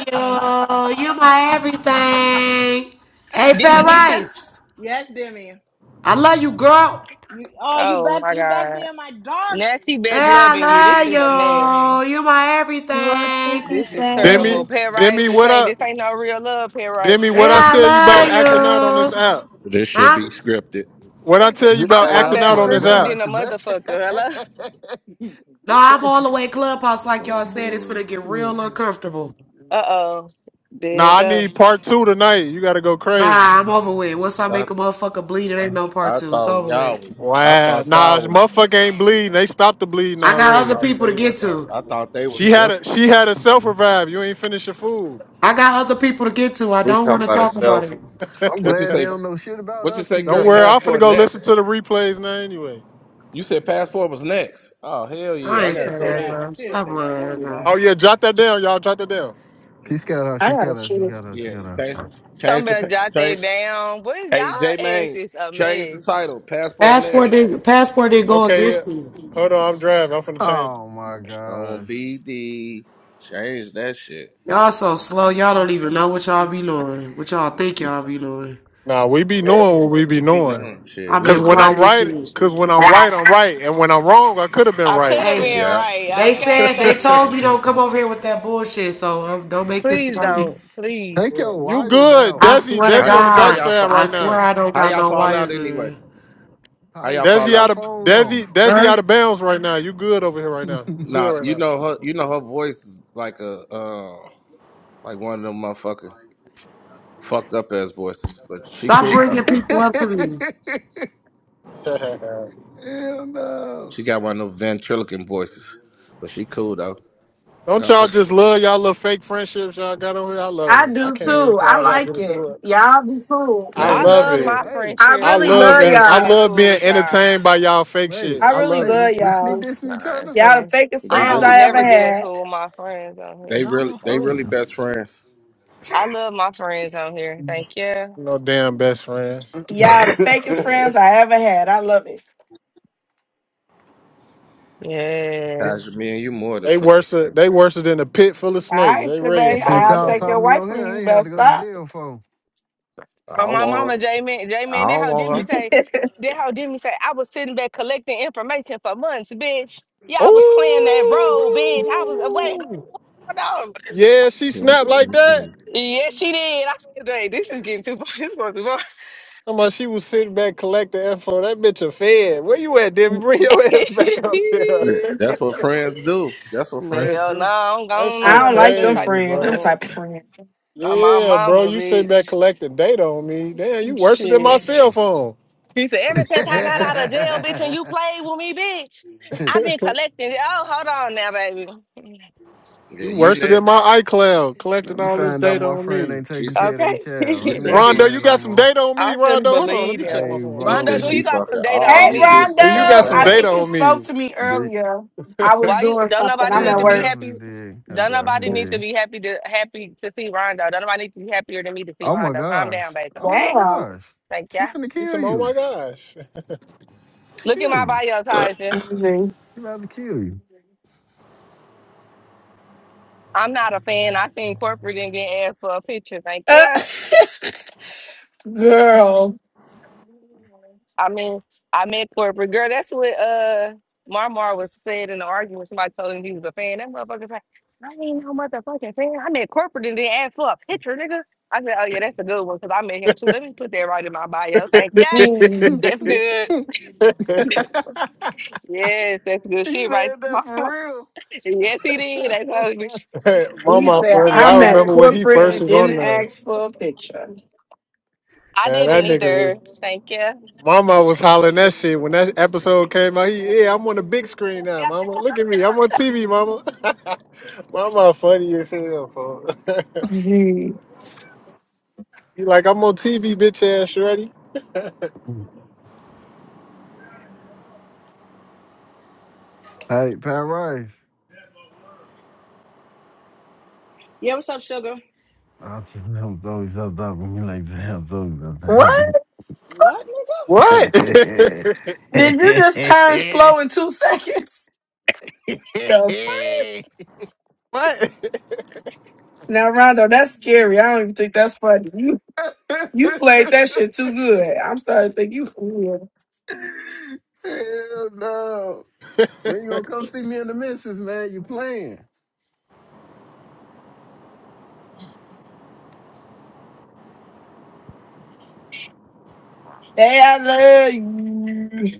[SPEAKER 29] love you. You my everything. Hey,
[SPEAKER 28] Didn't we
[SPEAKER 29] Pat
[SPEAKER 28] get ya?
[SPEAKER 29] Rice.
[SPEAKER 2] yes, Demi.
[SPEAKER 29] I love you, girl.
[SPEAKER 2] You oh you
[SPEAKER 28] Oh
[SPEAKER 2] back
[SPEAKER 28] my
[SPEAKER 2] you back
[SPEAKER 28] god,
[SPEAKER 2] being my daughter.
[SPEAKER 28] nasty back
[SPEAKER 29] Yeah,
[SPEAKER 2] Yes.
[SPEAKER 28] loving you. This
[SPEAKER 29] I
[SPEAKER 28] is a man.
[SPEAKER 29] love you. You my
[SPEAKER 23] You are
[SPEAKER 29] everything.
[SPEAKER 23] stinky
[SPEAKER 28] This is
[SPEAKER 2] Yes.
[SPEAKER 16] Demi,
[SPEAKER 28] terrible.
[SPEAKER 23] thing.
[SPEAKER 28] Pair rice.
[SPEAKER 16] Demi,
[SPEAKER 28] This
[SPEAKER 16] what
[SPEAKER 28] ain't.
[SPEAKER 16] I
[SPEAKER 28] This ain't no real love. Pair rice.
[SPEAKER 16] Demi, what I
[SPEAKER 29] Yeah,
[SPEAKER 16] tell you
[SPEAKER 29] I
[SPEAKER 16] about
[SPEAKER 29] love
[SPEAKER 16] acting out on this
[SPEAKER 29] you.
[SPEAKER 16] app?
[SPEAKER 30] This should
[SPEAKER 29] Huh?
[SPEAKER 30] be scripted.
[SPEAKER 16] What I tell you
[SPEAKER 25] Th-
[SPEAKER 28] I'm
[SPEAKER 16] about
[SPEAKER 25] Hey,
[SPEAKER 28] talking
[SPEAKER 25] I
[SPEAKER 16] acting
[SPEAKER 28] about
[SPEAKER 16] out
[SPEAKER 25] swear
[SPEAKER 16] on
[SPEAKER 25] to
[SPEAKER 16] this
[SPEAKER 28] scripted
[SPEAKER 16] app?
[SPEAKER 25] God,
[SPEAKER 28] than a
[SPEAKER 25] Shabbat.
[SPEAKER 28] motherfucker. Hello.
[SPEAKER 29] No, I'm all the way clubhouse like
[SPEAKER 25] oh
[SPEAKER 29] y'all said. It's
[SPEAKER 25] boy,
[SPEAKER 29] finna get
[SPEAKER 25] shit.
[SPEAKER 29] real uncomfortable.
[SPEAKER 28] Uh oh. There you
[SPEAKER 16] Nah, I
[SPEAKER 28] go.
[SPEAKER 16] need part two tonight. You gotta go crazy.
[SPEAKER 29] Nah, I'm over with. Once I
[SPEAKER 30] I,
[SPEAKER 29] make a motherfucker bleed, it ain't no part
[SPEAKER 30] I
[SPEAKER 29] two. It's
[SPEAKER 30] thought
[SPEAKER 29] over
[SPEAKER 30] y'all
[SPEAKER 29] with.
[SPEAKER 30] was. I
[SPEAKER 16] Wow.
[SPEAKER 30] thought
[SPEAKER 16] Nah,
[SPEAKER 30] y'all
[SPEAKER 16] this
[SPEAKER 30] was.
[SPEAKER 16] motherfucker ain't bleeding. They stopped the bleeding
[SPEAKER 29] I
[SPEAKER 30] I
[SPEAKER 29] got
[SPEAKER 16] already.
[SPEAKER 29] other
[SPEAKER 30] thought
[SPEAKER 29] people to
[SPEAKER 30] they
[SPEAKER 29] get
[SPEAKER 30] was.
[SPEAKER 29] to.
[SPEAKER 30] I thought they was
[SPEAKER 16] She had a
[SPEAKER 30] sisters.
[SPEAKER 16] she had a self revive. You ain't finished your food.
[SPEAKER 29] I got other people to get to. I
[SPEAKER 15] he
[SPEAKER 29] don't
[SPEAKER 15] talking
[SPEAKER 29] want to
[SPEAKER 15] about
[SPEAKER 29] talk about
[SPEAKER 15] herself.
[SPEAKER 29] it.
[SPEAKER 25] I'm
[SPEAKER 30] What you
[SPEAKER 25] glad they
[SPEAKER 30] say?
[SPEAKER 25] don't know shit about
[SPEAKER 30] What you
[SPEAKER 25] us,
[SPEAKER 30] say,
[SPEAKER 16] Don't
[SPEAKER 30] girl?
[SPEAKER 25] TJ.
[SPEAKER 16] worry, I'm finna
[SPEAKER 30] Passport
[SPEAKER 16] go listen
[SPEAKER 30] next.
[SPEAKER 16] to the replays now anyway.
[SPEAKER 30] You said passport was next. Oh hell
[SPEAKER 29] I
[SPEAKER 30] yeah! I
[SPEAKER 29] ain't
[SPEAKER 30] gotta
[SPEAKER 29] say that,
[SPEAKER 30] tune
[SPEAKER 29] bro. Stop lying, bro.
[SPEAKER 16] Oh yeah, jot that down, y'all. Jot that down.
[SPEAKER 30] in.
[SPEAKER 25] She's got us.
[SPEAKER 23] I
[SPEAKER 25] She's
[SPEAKER 23] gotta
[SPEAKER 25] got us. She
[SPEAKER 23] shit. it.
[SPEAKER 25] got us. She
[SPEAKER 30] Yeah,
[SPEAKER 25] got us.
[SPEAKER 30] change, change
[SPEAKER 28] Something
[SPEAKER 30] the pa-
[SPEAKER 28] better jot
[SPEAKER 30] change.
[SPEAKER 28] that down. Boys,
[SPEAKER 30] Hey J
[SPEAKER 28] y'all ass
[SPEAKER 30] Main,
[SPEAKER 28] is a
[SPEAKER 30] change the
[SPEAKER 28] mess.
[SPEAKER 30] title. Passport next
[SPEAKER 29] Passport didn't passport didn't go
[SPEAKER 16] Okay, yeah.
[SPEAKER 29] against me.
[SPEAKER 16] Hold on, I'm driving. I'm finna change.
[SPEAKER 25] Oh my
[SPEAKER 30] on
[SPEAKER 25] gosh.
[SPEAKER 30] BD. Change that shit.
[SPEAKER 29] Y'all so slow. Y'all don't even know what y'all be doing. What y'all think y'all be doing.
[SPEAKER 16] Nah, we be knowing what we be
[SPEAKER 30] We be
[SPEAKER 16] knowing.
[SPEAKER 30] knowing shit.
[SPEAKER 29] I've
[SPEAKER 30] We
[SPEAKER 16] Cause
[SPEAKER 29] been
[SPEAKER 30] just
[SPEAKER 16] when
[SPEAKER 30] waiting.
[SPEAKER 16] I'm
[SPEAKER 29] plotting this
[SPEAKER 16] right,
[SPEAKER 29] shit.
[SPEAKER 16] cause when I'm right, I'm right, and when I'm wrong, I could have been
[SPEAKER 28] I could
[SPEAKER 16] right.
[SPEAKER 28] have
[SPEAKER 29] Hey,
[SPEAKER 16] So
[SPEAKER 28] been
[SPEAKER 30] Yeah.
[SPEAKER 28] right.
[SPEAKER 29] they
[SPEAKER 28] Okay,
[SPEAKER 29] said they
[SPEAKER 28] thank you.
[SPEAKER 29] told me
[SPEAKER 30] mm-hmm.
[SPEAKER 29] don't come over here with that bullshit. So um, don't make this
[SPEAKER 28] Please
[SPEAKER 29] about me.
[SPEAKER 28] don't. Please.
[SPEAKER 25] Take
[SPEAKER 16] Yeah.
[SPEAKER 25] your
[SPEAKER 16] You
[SPEAKER 25] wires
[SPEAKER 16] good,
[SPEAKER 25] out.
[SPEAKER 29] I
[SPEAKER 16] Desi?
[SPEAKER 29] swear to
[SPEAKER 30] How
[SPEAKER 16] Desi
[SPEAKER 30] y-
[SPEAKER 16] on the
[SPEAKER 30] how
[SPEAKER 16] dark
[SPEAKER 29] God,
[SPEAKER 30] y'all
[SPEAKER 16] side
[SPEAKER 30] fa-
[SPEAKER 29] I
[SPEAKER 16] right
[SPEAKER 29] swear
[SPEAKER 16] now.
[SPEAKER 29] I don't
[SPEAKER 30] how
[SPEAKER 29] got
[SPEAKER 30] y'all
[SPEAKER 29] no
[SPEAKER 30] fall out
[SPEAKER 29] wires
[SPEAKER 30] anyway?
[SPEAKER 29] in.
[SPEAKER 30] How
[SPEAKER 25] I
[SPEAKER 30] y'all
[SPEAKER 25] turn
[SPEAKER 30] fall
[SPEAKER 16] Desi
[SPEAKER 30] out?
[SPEAKER 25] your
[SPEAKER 16] out of
[SPEAKER 25] phone
[SPEAKER 16] Desi
[SPEAKER 25] off.
[SPEAKER 16] Desi
[SPEAKER 29] Huh?
[SPEAKER 16] out of bounds right now. You good over here right now? You
[SPEAKER 30] Nah,
[SPEAKER 16] good
[SPEAKER 30] you
[SPEAKER 16] right
[SPEAKER 30] know her. You know her voice is like a uh, like one of them motherfucker fucked up ass voices, but she
[SPEAKER 29] Stop
[SPEAKER 30] cool though.
[SPEAKER 29] bringing people
[SPEAKER 25] Hell
[SPEAKER 29] up to me.
[SPEAKER 16] now?
[SPEAKER 25] no.
[SPEAKER 30] She got one of them ventriloquist voices, but she cool though.
[SPEAKER 16] Don't
[SPEAKER 30] Come
[SPEAKER 16] y'all just love y'all little fake friendships y'all got on here? I love
[SPEAKER 23] I
[SPEAKER 16] it. I
[SPEAKER 23] do
[SPEAKER 16] can't
[SPEAKER 30] Man,
[SPEAKER 16] wait to
[SPEAKER 23] too.
[SPEAKER 16] see
[SPEAKER 23] I
[SPEAKER 16] how y'all get
[SPEAKER 23] like it.
[SPEAKER 16] into it.
[SPEAKER 23] Y'all be cool.
[SPEAKER 16] I
[SPEAKER 30] man,
[SPEAKER 28] I
[SPEAKER 25] Hey,
[SPEAKER 16] love
[SPEAKER 25] wait
[SPEAKER 28] love
[SPEAKER 25] a
[SPEAKER 30] they
[SPEAKER 16] it.
[SPEAKER 28] my
[SPEAKER 25] wait,
[SPEAKER 23] I
[SPEAKER 16] I
[SPEAKER 28] friendships.
[SPEAKER 23] really
[SPEAKER 28] I
[SPEAKER 25] wait,
[SPEAKER 28] would
[SPEAKER 16] love
[SPEAKER 23] love
[SPEAKER 16] enter-
[SPEAKER 28] never
[SPEAKER 16] I
[SPEAKER 28] get
[SPEAKER 23] y'all.
[SPEAKER 16] love
[SPEAKER 28] into it
[SPEAKER 16] being
[SPEAKER 28] with y'all.
[SPEAKER 16] entertained by y'all fake
[SPEAKER 25] wait,
[SPEAKER 16] shit.
[SPEAKER 23] I
[SPEAKER 16] I
[SPEAKER 23] really
[SPEAKER 16] love
[SPEAKER 25] wait.
[SPEAKER 16] it.
[SPEAKER 23] love
[SPEAKER 25] We we
[SPEAKER 23] y'all.
[SPEAKER 25] sneak this in each other?
[SPEAKER 23] Y'all the
[SPEAKER 28] Nonsense.
[SPEAKER 23] fakest
[SPEAKER 30] they
[SPEAKER 25] Y'all
[SPEAKER 28] I
[SPEAKER 23] friends
[SPEAKER 25] my
[SPEAKER 30] really
[SPEAKER 28] would
[SPEAKER 23] I ever
[SPEAKER 28] never get
[SPEAKER 25] friends.
[SPEAKER 28] into
[SPEAKER 23] had.
[SPEAKER 28] it with my friends on
[SPEAKER 30] they
[SPEAKER 28] here.
[SPEAKER 25] Y'all
[SPEAKER 30] really
[SPEAKER 25] my
[SPEAKER 30] they
[SPEAKER 28] Oh,
[SPEAKER 30] really
[SPEAKER 25] friends.
[SPEAKER 30] best friends.
[SPEAKER 28] I love my friends on here. Thank you.
[SPEAKER 16] No damn best friends.
[SPEAKER 23] Y'all the
[SPEAKER 30] That's
[SPEAKER 23] fakest
[SPEAKER 30] fucked up.
[SPEAKER 23] friends I ever had. I love it.
[SPEAKER 30] Tasha,
[SPEAKER 28] Yes.
[SPEAKER 30] me and you more than
[SPEAKER 16] They
[SPEAKER 30] friends.
[SPEAKER 16] worse.
[SPEAKER 30] baby.
[SPEAKER 16] They worse than a pit full of
[SPEAKER 23] All
[SPEAKER 16] snakes.
[SPEAKER 23] right,
[SPEAKER 16] They ready to
[SPEAKER 23] Shebay,
[SPEAKER 16] bite
[SPEAKER 25] Shit
[SPEAKER 23] I'll
[SPEAKER 16] each
[SPEAKER 25] y'all
[SPEAKER 23] take
[SPEAKER 16] other.
[SPEAKER 25] taught
[SPEAKER 23] your
[SPEAKER 25] me
[SPEAKER 23] wife
[SPEAKER 25] on
[SPEAKER 23] from
[SPEAKER 25] here, I
[SPEAKER 23] you.
[SPEAKER 25] ain't had to
[SPEAKER 23] Best
[SPEAKER 25] go to
[SPEAKER 23] stop.
[SPEAKER 25] jail for.
[SPEAKER 30] I
[SPEAKER 28] Oh,
[SPEAKER 30] don't
[SPEAKER 28] my
[SPEAKER 30] want
[SPEAKER 28] mama,
[SPEAKER 30] her.
[SPEAKER 28] J Man, J Man,
[SPEAKER 30] I
[SPEAKER 28] that
[SPEAKER 30] don't
[SPEAKER 28] hoe didn't be
[SPEAKER 30] want
[SPEAKER 28] say,
[SPEAKER 23] I
[SPEAKER 28] that hoe didn't be say, I was sitting there collecting information for months, bitch. Yeah, I was playing that role, bitch. I was wait,
[SPEAKER 16] Oh.
[SPEAKER 28] hold on.
[SPEAKER 16] Yeah, she
[SPEAKER 30] her.
[SPEAKER 16] snapped like that.
[SPEAKER 28] Yes, she did. I said, hey, this is getting too far. This is going too far.
[SPEAKER 16] Somebody, she was sitting back collecting info. That bitch a fed. Where you at, Debbie? Bring your ass back up here.
[SPEAKER 30] Mhm. That's what friends do. That's what
[SPEAKER 25] That's
[SPEAKER 30] friends
[SPEAKER 28] Hell no,
[SPEAKER 30] do.
[SPEAKER 28] I don't, I
[SPEAKER 16] That
[SPEAKER 28] don't know
[SPEAKER 16] shit
[SPEAKER 23] don't
[SPEAKER 28] nothing about
[SPEAKER 23] like
[SPEAKER 28] them
[SPEAKER 23] them
[SPEAKER 28] type
[SPEAKER 16] crazy,
[SPEAKER 28] of
[SPEAKER 23] friends. Them
[SPEAKER 16] bro.
[SPEAKER 23] type of
[SPEAKER 28] friends.
[SPEAKER 23] friends.
[SPEAKER 28] Like my
[SPEAKER 16] Yeah, bro,
[SPEAKER 28] mama,
[SPEAKER 16] you sitting back
[SPEAKER 28] bitch.
[SPEAKER 16] collecting data on me. Damn, you worse than
[SPEAKER 28] Shit.
[SPEAKER 16] my cell phone.
[SPEAKER 28] He said, ever since I got out of jail, bitch, and you
[SPEAKER 25] Let
[SPEAKER 28] played with me, bitch, I've been collecting. Oh, hold on now, baby.
[SPEAKER 30] Yeah,
[SPEAKER 16] You
[SPEAKER 30] you
[SPEAKER 16] worse than
[SPEAKER 30] next.
[SPEAKER 16] my iCloud, collecting
[SPEAKER 25] me
[SPEAKER 16] all this
[SPEAKER 25] find out
[SPEAKER 16] data
[SPEAKER 25] my
[SPEAKER 16] on
[SPEAKER 25] friend
[SPEAKER 16] me.
[SPEAKER 25] ain't
[SPEAKER 30] She
[SPEAKER 25] taking
[SPEAKER 30] said.
[SPEAKER 25] care of their
[SPEAKER 28] Okay.
[SPEAKER 25] child.
[SPEAKER 30] She
[SPEAKER 25] Ain't
[SPEAKER 28] that
[SPEAKER 25] my
[SPEAKER 30] said. she.
[SPEAKER 16] Rondo,
[SPEAKER 28] bitch,
[SPEAKER 16] you
[SPEAKER 25] friend no
[SPEAKER 16] got some
[SPEAKER 25] more.
[SPEAKER 16] data on me,
[SPEAKER 28] I couldn't
[SPEAKER 16] Rondo. Hold on, let
[SPEAKER 28] believe
[SPEAKER 16] me check my
[SPEAKER 25] Hey,
[SPEAKER 28] him.
[SPEAKER 30] She
[SPEAKER 16] phone.
[SPEAKER 28] Rondo,
[SPEAKER 30] said
[SPEAKER 28] do
[SPEAKER 25] bro.
[SPEAKER 30] she
[SPEAKER 28] you got some
[SPEAKER 30] fucking
[SPEAKER 28] data
[SPEAKER 30] all
[SPEAKER 23] Hey,
[SPEAKER 28] on
[SPEAKER 30] you
[SPEAKER 28] me?
[SPEAKER 23] Rondo.
[SPEAKER 30] Houston
[SPEAKER 16] Do you got
[SPEAKER 30] motherfuckers
[SPEAKER 16] some
[SPEAKER 23] I
[SPEAKER 25] Hey,
[SPEAKER 16] data
[SPEAKER 30] up.
[SPEAKER 23] think
[SPEAKER 28] Ro-
[SPEAKER 23] you
[SPEAKER 16] on
[SPEAKER 23] spoke
[SPEAKER 16] me?
[SPEAKER 23] to me
[SPEAKER 25] the.
[SPEAKER 23] earlier. I was
[SPEAKER 28] Why you
[SPEAKER 23] doing
[SPEAKER 28] don't
[SPEAKER 23] something.
[SPEAKER 28] nobody
[SPEAKER 23] I'm
[SPEAKER 28] need
[SPEAKER 25] Yeah,
[SPEAKER 23] at
[SPEAKER 25] I
[SPEAKER 28] to be
[SPEAKER 23] work.
[SPEAKER 28] happy?
[SPEAKER 25] definitely did. I
[SPEAKER 28] Don't
[SPEAKER 25] definitely
[SPEAKER 28] nobody need to
[SPEAKER 25] did.
[SPEAKER 28] be happy to happy to see Rondo. Don't nobody need to be happier than me to see
[SPEAKER 25] Oh my
[SPEAKER 28] Rondo. Calm down,
[SPEAKER 25] gosh.
[SPEAKER 28] baby.
[SPEAKER 25] Oh my
[SPEAKER 23] Damn.
[SPEAKER 25] gosh.
[SPEAKER 28] Thank
[SPEAKER 25] She
[SPEAKER 28] ya.
[SPEAKER 25] finna
[SPEAKER 16] You
[SPEAKER 25] kill
[SPEAKER 16] tell me, oh my
[SPEAKER 25] you.
[SPEAKER 16] gosh.
[SPEAKER 28] Look at
[SPEAKER 25] Kill
[SPEAKER 28] my
[SPEAKER 25] you.
[SPEAKER 28] bio,
[SPEAKER 23] Let
[SPEAKER 28] Tyson.
[SPEAKER 23] me see.
[SPEAKER 25] She about to kill you.
[SPEAKER 28] I'm not a fan. I think corporate didn't get asked for a picture. Like, yeah.
[SPEAKER 23] Uh, Girl,
[SPEAKER 28] I mean, I met corporate girl. That's what uh Marmar was said in the argument. Somebody told him he was a fan. That motherfucker's like, I ain't no motherfucking fan. I met corporate and didn't ask for a picture, nigga. I said, oh yeah, that's a good one because I met him too. Let me put that right in my bio. Thank God.
[SPEAKER 23] mm.
[SPEAKER 28] That's good. yes, that's good
[SPEAKER 25] He
[SPEAKER 28] shit, right?
[SPEAKER 25] said that for real.
[SPEAKER 28] Yes, he did. That's how he was. He's, I ain't
[SPEAKER 23] we
[SPEAKER 28] no
[SPEAKER 16] Mama
[SPEAKER 23] said
[SPEAKER 16] funny.
[SPEAKER 23] I
[SPEAKER 28] plan,
[SPEAKER 16] I
[SPEAKER 23] am
[SPEAKER 28] nigga.
[SPEAKER 23] at
[SPEAKER 16] remember when he
[SPEAKER 23] corporate
[SPEAKER 16] first
[SPEAKER 25] hey,
[SPEAKER 23] and
[SPEAKER 16] was on
[SPEAKER 23] didn't
[SPEAKER 16] there.
[SPEAKER 23] ask for a picture.
[SPEAKER 28] I
[SPEAKER 16] Man, that
[SPEAKER 28] didn't
[SPEAKER 16] nigga was.
[SPEAKER 28] either. Thank you.
[SPEAKER 16] Mama was hollering that shit when that episode came out. He, yeah, I'm on the big screen now, Mama. Look at me, I'm on TV, Mama. mama, funny as hell, fool.
[SPEAKER 23] Mm.
[SPEAKER 16] he like, I'm on TV, bitch ass, Shreddy.
[SPEAKER 25] hey, Pat Rice.
[SPEAKER 2] yeah, what's up, sugar?
[SPEAKER 25] I just never throw yourself up when you like to have throw
[SPEAKER 23] What?
[SPEAKER 25] yourself.
[SPEAKER 2] What, nigga?
[SPEAKER 16] What?
[SPEAKER 23] Did you just turn slow in two seconds? The fuck? Now, Rondo, that's scary. I don't even think that's funny. You you played that shit too good. I'm starting to think you for real.
[SPEAKER 25] Hell no. When you gonna
[SPEAKER 16] what?
[SPEAKER 25] come see me in the missus, man? You playing?
[SPEAKER 23] Hey, I love you.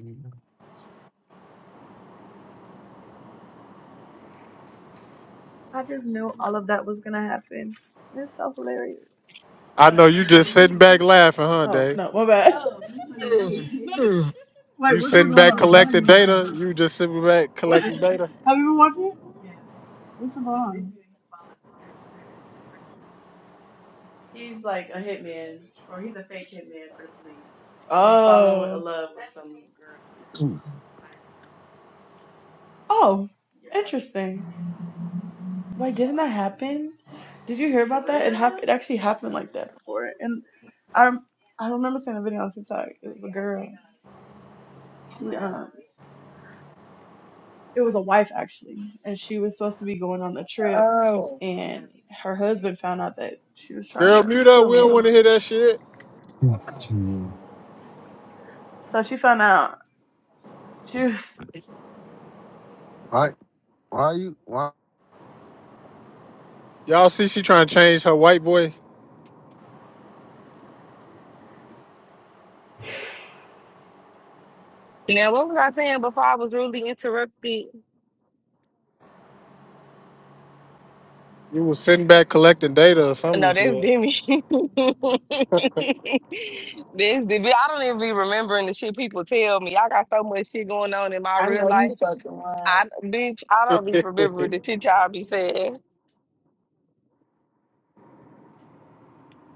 [SPEAKER 18] I just knew all of that was going to happen. And it's so hilarious.
[SPEAKER 16] I know you just sitting back laughing, huh,
[SPEAKER 18] Oh,
[SPEAKER 16] Dave?
[SPEAKER 18] no, my bad.
[SPEAKER 16] You sitting back collecting data. You just sitting back
[SPEAKER 18] What?
[SPEAKER 16] collecting data.
[SPEAKER 18] Yeah, he's like a hit. Oh. falling in love with some girl. Oh, Yeah. interesting. Wait, didn't that happen? Did you hear about that? It happened. It actually happened like that before. And. I rem- I remember seeing a video on TikTok. It was a girl. She um, it was a wife actually, and she was supposed to be going on the trip,
[SPEAKER 23] Oh,
[SPEAKER 18] and her husband found out that she was trying
[SPEAKER 16] Girl,
[SPEAKER 18] to
[SPEAKER 16] mute up. We
[SPEAKER 18] kill
[SPEAKER 16] don't
[SPEAKER 18] him.
[SPEAKER 16] want to hear that shit.
[SPEAKER 18] So she found out she was
[SPEAKER 25] Why? Why you? Why?
[SPEAKER 16] Y'all see, she trying to change her white voice.
[SPEAKER 28] Now, what was I saying before I was really interrupted?
[SPEAKER 16] You was sitting back collecting data or something, you
[SPEAKER 28] No, that's Demi. That's Demi. I don't even be remembering the shit people tell me. I got so much shit going on in my
[SPEAKER 23] I
[SPEAKER 28] real
[SPEAKER 23] know you
[SPEAKER 28] life.
[SPEAKER 23] fucking lying.
[SPEAKER 28] I bitch, I
[SPEAKER 16] said.
[SPEAKER 28] don't even remember the shit y'all be saying.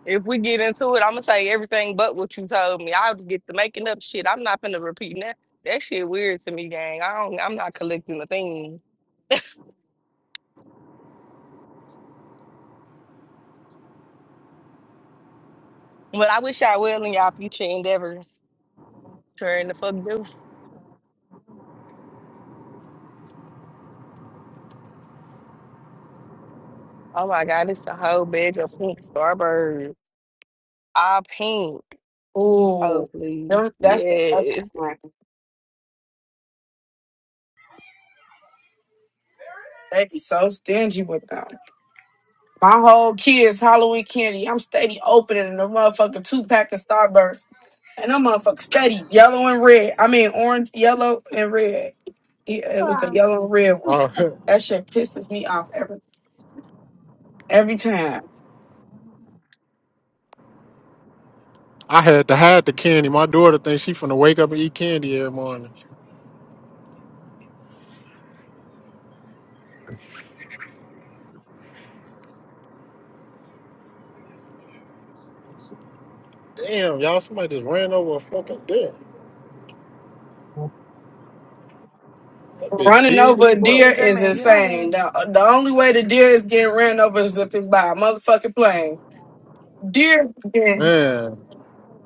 [SPEAKER 28] If we get into it, I'm gonna say everything but what you told me. I'll get the making up shit. I'm not gonna repeat that. That shit weird to me, gang. I don't. I'm not collecting the thing. But I wish y'all well in y'all future endeavors. Sure in the fuck do. Oh my god, it's a whole bag of pink Starburst. All pink. Oh,
[SPEAKER 23] Ooh,
[SPEAKER 28] please.
[SPEAKER 23] them, that's the best
[SPEAKER 28] Yes.
[SPEAKER 23] one. They be so stingy with them. My whole kids Halloween candy. I'm steady opening the motherfucking two pack of Starburst. And I'm motherfucking steady yellow and red. I mean orange, yellow, and red. Yeah, it was the yellow and red ones.
[SPEAKER 16] Uh,
[SPEAKER 23] That shit pisses me off every every time.
[SPEAKER 16] I had to hide the candy. My daughter thinks she finna wake up and eat candy every morning. Damn, y'all, somebody just ran over a fucking deer. That bitch
[SPEAKER 18] wait,
[SPEAKER 23] Running
[SPEAKER 18] J
[SPEAKER 16] big
[SPEAKER 23] over
[SPEAKER 16] as
[SPEAKER 23] a
[SPEAKER 18] man,
[SPEAKER 23] deer
[SPEAKER 18] J
[SPEAKER 16] fuck.
[SPEAKER 23] is
[SPEAKER 18] man, you're not
[SPEAKER 23] insane.
[SPEAKER 18] in
[SPEAKER 23] The, the only way the deer is getting ran over is if it's by a motherfucking plane. Deer, yeah,
[SPEAKER 16] Man,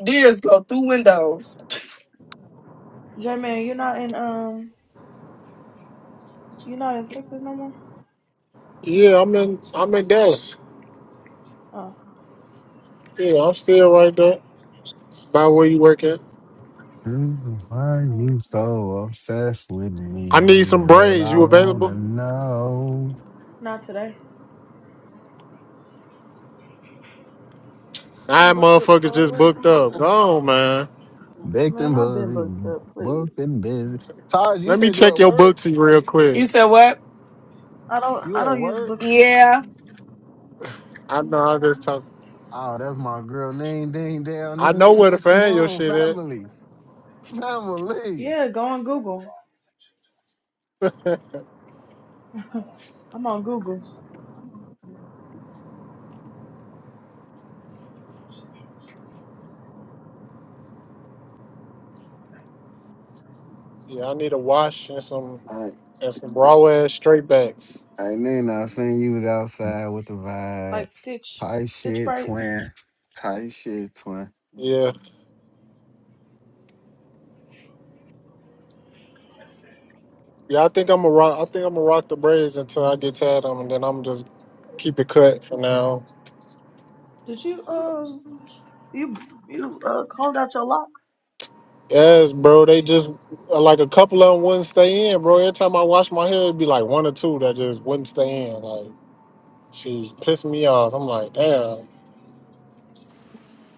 [SPEAKER 23] deers go through windows.
[SPEAKER 18] J man, you're not in um, you're not in Texas no more.
[SPEAKER 16] yeah, I'm in, I'm in Dallas.
[SPEAKER 18] Oh,
[SPEAKER 16] Yeah, I'm still right there. By where you work at?
[SPEAKER 25] Why are
[SPEAKER 18] oh,
[SPEAKER 25] you so obsessed with
[SPEAKER 16] I need
[SPEAKER 25] me,
[SPEAKER 16] some
[SPEAKER 25] girl?
[SPEAKER 16] braids.
[SPEAKER 25] I
[SPEAKER 16] You available?
[SPEAKER 25] wanna know.
[SPEAKER 18] not today. I'm
[SPEAKER 16] Nine
[SPEAKER 18] booked up
[SPEAKER 16] motherfuckers
[SPEAKER 18] all the
[SPEAKER 16] just
[SPEAKER 18] way.
[SPEAKER 16] booked up. Go on, man.
[SPEAKER 25] Baked and
[SPEAKER 18] Man, I've been booked
[SPEAKER 25] busy,
[SPEAKER 18] up. Please,
[SPEAKER 25] booked and busy. Taj, you
[SPEAKER 16] Let me
[SPEAKER 25] said you
[SPEAKER 16] check
[SPEAKER 25] at
[SPEAKER 16] your
[SPEAKER 25] work.
[SPEAKER 16] booksy real quick.
[SPEAKER 23] You said what?
[SPEAKER 18] I don't I
[SPEAKER 25] You at
[SPEAKER 18] don't use
[SPEAKER 25] work?
[SPEAKER 18] Booksy.
[SPEAKER 23] Yeah.
[SPEAKER 16] I know I just talk.
[SPEAKER 25] Oh, that's my girl. Name, ding, down
[SPEAKER 16] I
[SPEAKER 25] there.
[SPEAKER 16] know
[SPEAKER 25] Name
[SPEAKER 16] where to
[SPEAKER 25] what you
[SPEAKER 16] find your
[SPEAKER 25] want,
[SPEAKER 16] shit at.
[SPEAKER 25] family, family.
[SPEAKER 18] Yeah, go on Google. I'm on Google.
[SPEAKER 16] Yeah, I need a wash and some and some raw ass straight backs.
[SPEAKER 25] And then I seen you was outside with the
[SPEAKER 18] like
[SPEAKER 25] vibes.
[SPEAKER 18] stitch
[SPEAKER 25] Tight
[SPEAKER 18] stitch
[SPEAKER 25] shit,
[SPEAKER 18] braids.
[SPEAKER 25] twin. Tight shit, twin.
[SPEAKER 16] Yeah. Yeah, I think I'm gonna rock. I think I'm gonna rock the braids until I get tired of them, and then I'm just keep it cut for now.
[SPEAKER 18] Did you um you you uh combed out your locks?
[SPEAKER 16] Yes, bro. They just uh, like a couple of them wouldn't stay in, bro. Every time I wash my hair, it'd be like one or two that just wouldn't stay in. Like she pissed me off. I'm like, damn.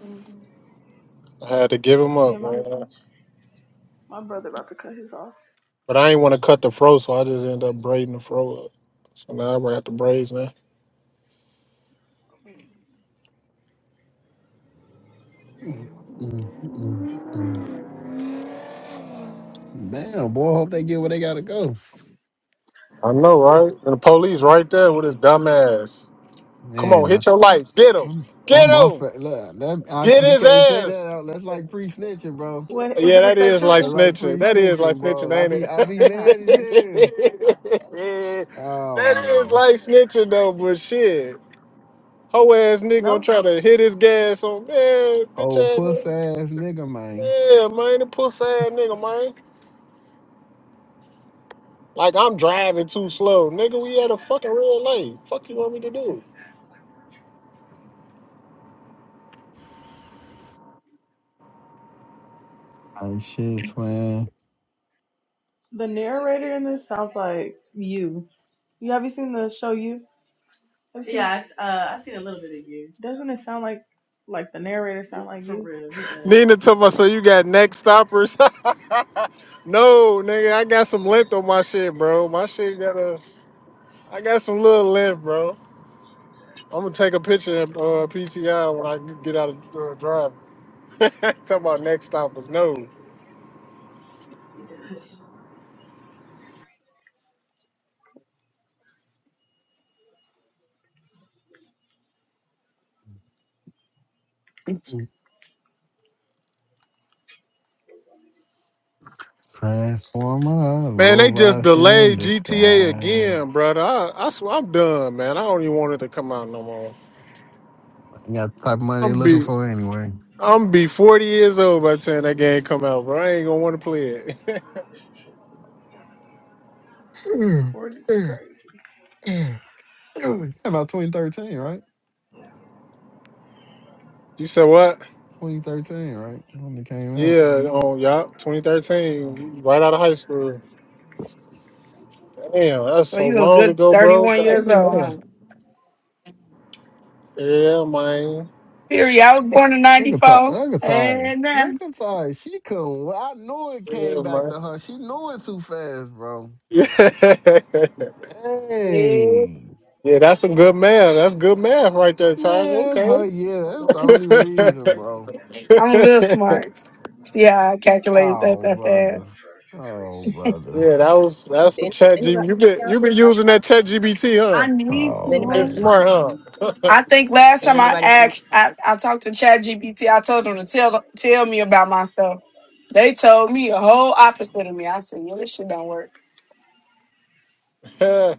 [SPEAKER 18] Mm,
[SPEAKER 16] I had to give them
[SPEAKER 18] yeah,
[SPEAKER 16] up,
[SPEAKER 18] my
[SPEAKER 16] man.
[SPEAKER 18] my brother about to cut his off.
[SPEAKER 16] But I ain't want to cut the fro, so I just end up braiding the fro up. So now I got the braids now.
[SPEAKER 25] Mm, mm, mm, mm. Damn, boy, hope they get where they gotta go.
[SPEAKER 16] I know, right? And the police right there with his dumb ass. Come on,
[SPEAKER 25] Man, uh,
[SPEAKER 16] hit your lights. Get him.
[SPEAKER 25] I'm, I'm
[SPEAKER 16] Get
[SPEAKER 25] my
[SPEAKER 16] him.
[SPEAKER 25] fa- look, that, I,
[SPEAKER 16] Get
[SPEAKER 25] you
[SPEAKER 16] his
[SPEAKER 25] can't say
[SPEAKER 16] ass.
[SPEAKER 25] that out. That's like pre-snitching, bro.
[SPEAKER 18] Wait, is
[SPEAKER 16] Yeah,
[SPEAKER 18] it a
[SPEAKER 16] that
[SPEAKER 18] state
[SPEAKER 16] is like
[SPEAKER 25] That's
[SPEAKER 18] trooper?
[SPEAKER 25] like
[SPEAKER 16] snitching. That is like
[SPEAKER 25] pre-snitching,
[SPEAKER 16] snitching,
[SPEAKER 25] bro. I
[SPEAKER 16] ain't
[SPEAKER 25] be
[SPEAKER 16] it?
[SPEAKER 25] I be mad as hell. Oh
[SPEAKER 16] that is
[SPEAKER 25] man.
[SPEAKER 16] like snitching though, but shit. Ho ass nigga gonna
[SPEAKER 18] No.
[SPEAKER 16] try to hit his gas on man, bitch
[SPEAKER 25] Old
[SPEAKER 16] ass
[SPEAKER 25] puss
[SPEAKER 16] nigga.
[SPEAKER 25] ass nigga, man.
[SPEAKER 16] Yeah, man, the pussy ass nigga, man. Like I'm driving too slow. Nigga, we at a fucking red light. Fuck you want me to do?
[SPEAKER 25] Tight shit, twin.
[SPEAKER 18] The narrator in this sounds like you. You have you seen the show you? Have you seen? Yeah, I, uh, I've seen a little bit of you. Doesn't it sound like like the narrator sound like For you? For real, he does.
[SPEAKER 16] Nina told me, so you got neck stoppers? no, nigga, I got some length on my shit, bro. My shit got a I got some little length, bro. I'm gonna take a picture of uh, PTI when I get out of uh, driving. Talk about next stop is no.
[SPEAKER 25] Transformer,
[SPEAKER 16] Man, they just
[SPEAKER 25] robots in
[SPEAKER 16] delayed GTA
[SPEAKER 25] disguise.
[SPEAKER 16] again, brother. I, I swear I'm done, man. I don't even want it to come out no more.
[SPEAKER 25] You got the type of money they
[SPEAKER 16] I'm
[SPEAKER 25] looking
[SPEAKER 16] be
[SPEAKER 25] for anyway.
[SPEAKER 16] I'm be 40 years old by the time that game come out, bro. I ain't gonna want to play it.
[SPEAKER 18] Forty's crazy.
[SPEAKER 25] Came out 2013, right?
[SPEAKER 16] you said what?
[SPEAKER 25] 2013, right? When it came out.
[SPEAKER 16] Yeah, on yeah, 2013, right out of high school. Damn, that's
[SPEAKER 23] So
[SPEAKER 16] so
[SPEAKER 23] you a
[SPEAKER 16] long
[SPEAKER 23] good
[SPEAKER 16] ago, bro.
[SPEAKER 23] 31
[SPEAKER 16] God,
[SPEAKER 23] years old, huh?
[SPEAKER 16] damn. yeah, man.
[SPEAKER 23] Period. I was born in
[SPEAKER 25] Look at Ty.
[SPEAKER 23] 94.
[SPEAKER 25] Look at Ty.
[SPEAKER 23] And uh,
[SPEAKER 25] Look at Ty. She couldn't. wa- I knew it
[SPEAKER 16] Yeah,
[SPEAKER 25] came back
[SPEAKER 16] man.
[SPEAKER 25] to her. She knew it too fast, bro.
[SPEAKER 16] Yeah.
[SPEAKER 23] yes.
[SPEAKER 25] Dang.
[SPEAKER 16] Yeah, that's some good math. That's good math right there, Taj.
[SPEAKER 25] Man, that's
[SPEAKER 16] Okay.
[SPEAKER 25] her. Yeah, that's the
[SPEAKER 16] yeah,
[SPEAKER 25] only reason, bro.
[SPEAKER 23] I'm a little smart. See how I calculated that
[SPEAKER 25] Oh,
[SPEAKER 23] that fast.
[SPEAKER 25] brother. Oh, brother.
[SPEAKER 16] that was that's some
[SPEAKER 31] Anybody,
[SPEAKER 16] chat GB.
[SPEAKER 31] anybody
[SPEAKER 16] You've been you've been using
[SPEAKER 31] see
[SPEAKER 16] that
[SPEAKER 31] my comment?
[SPEAKER 16] chat GBT, huh?
[SPEAKER 23] I need
[SPEAKER 31] Does
[SPEAKER 25] Oh,
[SPEAKER 31] anybody
[SPEAKER 16] It's
[SPEAKER 31] see
[SPEAKER 23] to.
[SPEAKER 25] man.
[SPEAKER 31] my
[SPEAKER 16] smart,
[SPEAKER 31] comment?
[SPEAKER 16] huh?
[SPEAKER 23] I think last
[SPEAKER 31] Does
[SPEAKER 23] time I
[SPEAKER 31] anybody see my
[SPEAKER 23] asked,
[SPEAKER 31] comment?
[SPEAKER 23] I, I talked to ChatGPT, I told them to tell tell me about myself. They told me a whole opposite of me. I said, yeah, this shit don't work.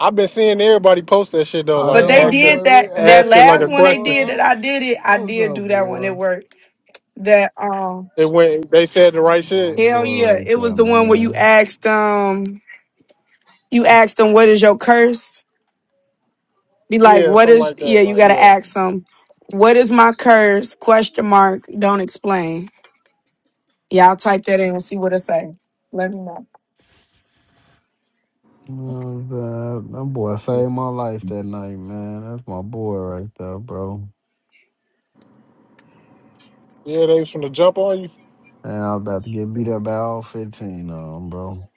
[SPEAKER 16] I've been seeing everybody post that shit though,
[SPEAKER 25] Oh,
[SPEAKER 23] But
[SPEAKER 16] like
[SPEAKER 25] that's
[SPEAKER 23] they
[SPEAKER 25] my
[SPEAKER 23] did
[SPEAKER 25] boy.
[SPEAKER 16] asking
[SPEAKER 25] Re-
[SPEAKER 23] that.
[SPEAKER 25] hey,
[SPEAKER 23] That
[SPEAKER 16] asking like
[SPEAKER 23] last
[SPEAKER 16] a
[SPEAKER 25] Rio,
[SPEAKER 23] one they
[SPEAKER 16] question.
[SPEAKER 23] did
[SPEAKER 25] boy.
[SPEAKER 23] that I
[SPEAKER 25] What's,
[SPEAKER 23] did it. I
[SPEAKER 25] what's
[SPEAKER 23] did
[SPEAKER 25] up,
[SPEAKER 23] do that one. It
[SPEAKER 25] boy?
[SPEAKER 23] worked. That um
[SPEAKER 16] It went they said the right
[SPEAKER 25] My
[SPEAKER 16] shit.
[SPEAKER 23] hell
[SPEAKER 25] boy
[SPEAKER 23] yeah.
[SPEAKER 25] right
[SPEAKER 23] It was
[SPEAKER 25] there,
[SPEAKER 23] the one where you
[SPEAKER 25] man.
[SPEAKER 23] asked um you ask them what is your curse be like
[SPEAKER 16] Yeah,
[SPEAKER 23] what
[SPEAKER 16] something
[SPEAKER 23] is
[SPEAKER 16] like that.
[SPEAKER 23] yeah you
[SPEAKER 16] Like
[SPEAKER 23] gotta
[SPEAKER 16] yeah.
[SPEAKER 23] ask them what is my curse question mark don't explain yeah i'll type that in and see what it say let me know
[SPEAKER 25] You know what I'm saying? That boy saved my life that night, man. That's my boy right there, bro.
[SPEAKER 16] Yeah, they was from the jump on you.
[SPEAKER 25] And i was about to get beat up by all 15 of them, bro.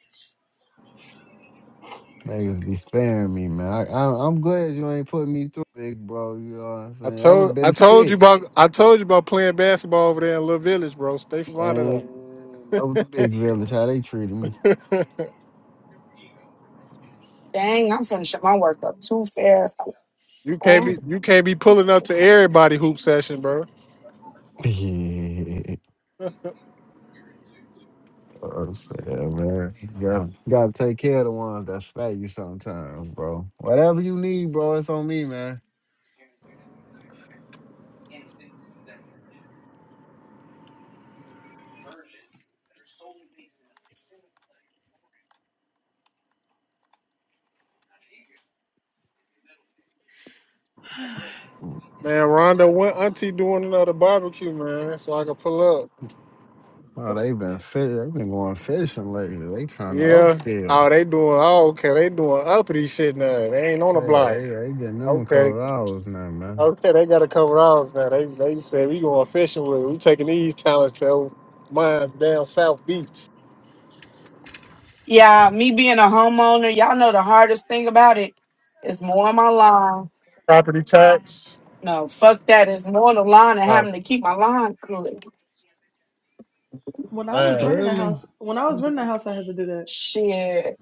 [SPEAKER 25] Niggas be sparing me, man. I, I, I'm glad you ain't put me through, big bro. You know what I'm
[SPEAKER 16] I
[SPEAKER 25] saying? That would have
[SPEAKER 16] told I
[SPEAKER 25] been a
[SPEAKER 16] told you
[SPEAKER 25] skit,
[SPEAKER 16] about I told you about playing basketball over there in Little Village, bro. Stay from out of
[SPEAKER 25] man.
[SPEAKER 16] there.
[SPEAKER 25] That was a big village, how they treated me.
[SPEAKER 23] dang i'm finishing my work up too fast
[SPEAKER 16] You can't be you can't be pulling up to everybody hoop session, bro.
[SPEAKER 25] Yeah, I'm saying, man. You gotta, you gotta take care of the ones that spare you sometimes, bro. Whatever you need, bro, it's on me, man.
[SPEAKER 16] Man, Rondo, when Auntie doing another barbecue, man, so I can pull up.
[SPEAKER 25] Oh, they've been fish. They've been going fishing lately. They trying to
[SPEAKER 16] Yeah.
[SPEAKER 25] upscale.
[SPEAKER 16] Oh, they doing oh, okay. They doing uppity shit now. They ain't on the
[SPEAKER 25] Yeah,
[SPEAKER 16] block.
[SPEAKER 25] they they getting them a
[SPEAKER 16] Okay.
[SPEAKER 25] couple dollars now, man.
[SPEAKER 16] Okay, they got a couple hours now. They they said we going fishing with it. We taking these talents to mine down South Beach.
[SPEAKER 23] Yeah,
[SPEAKER 25] Like,
[SPEAKER 23] me being a homeowner, y'all know the hardest thing about it is mowing my lawn.
[SPEAKER 16] Property tax.
[SPEAKER 23] No, fuck that. It's mowing the lawn and
[SPEAKER 16] Oh
[SPEAKER 23] having to keep my lawn clean.
[SPEAKER 18] When I was
[SPEAKER 16] man.
[SPEAKER 18] renting a
[SPEAKER 25] really?
[SPEAKER 18] house, when I was renting a house, I had to do that.
[SPEAKER 23] Shit.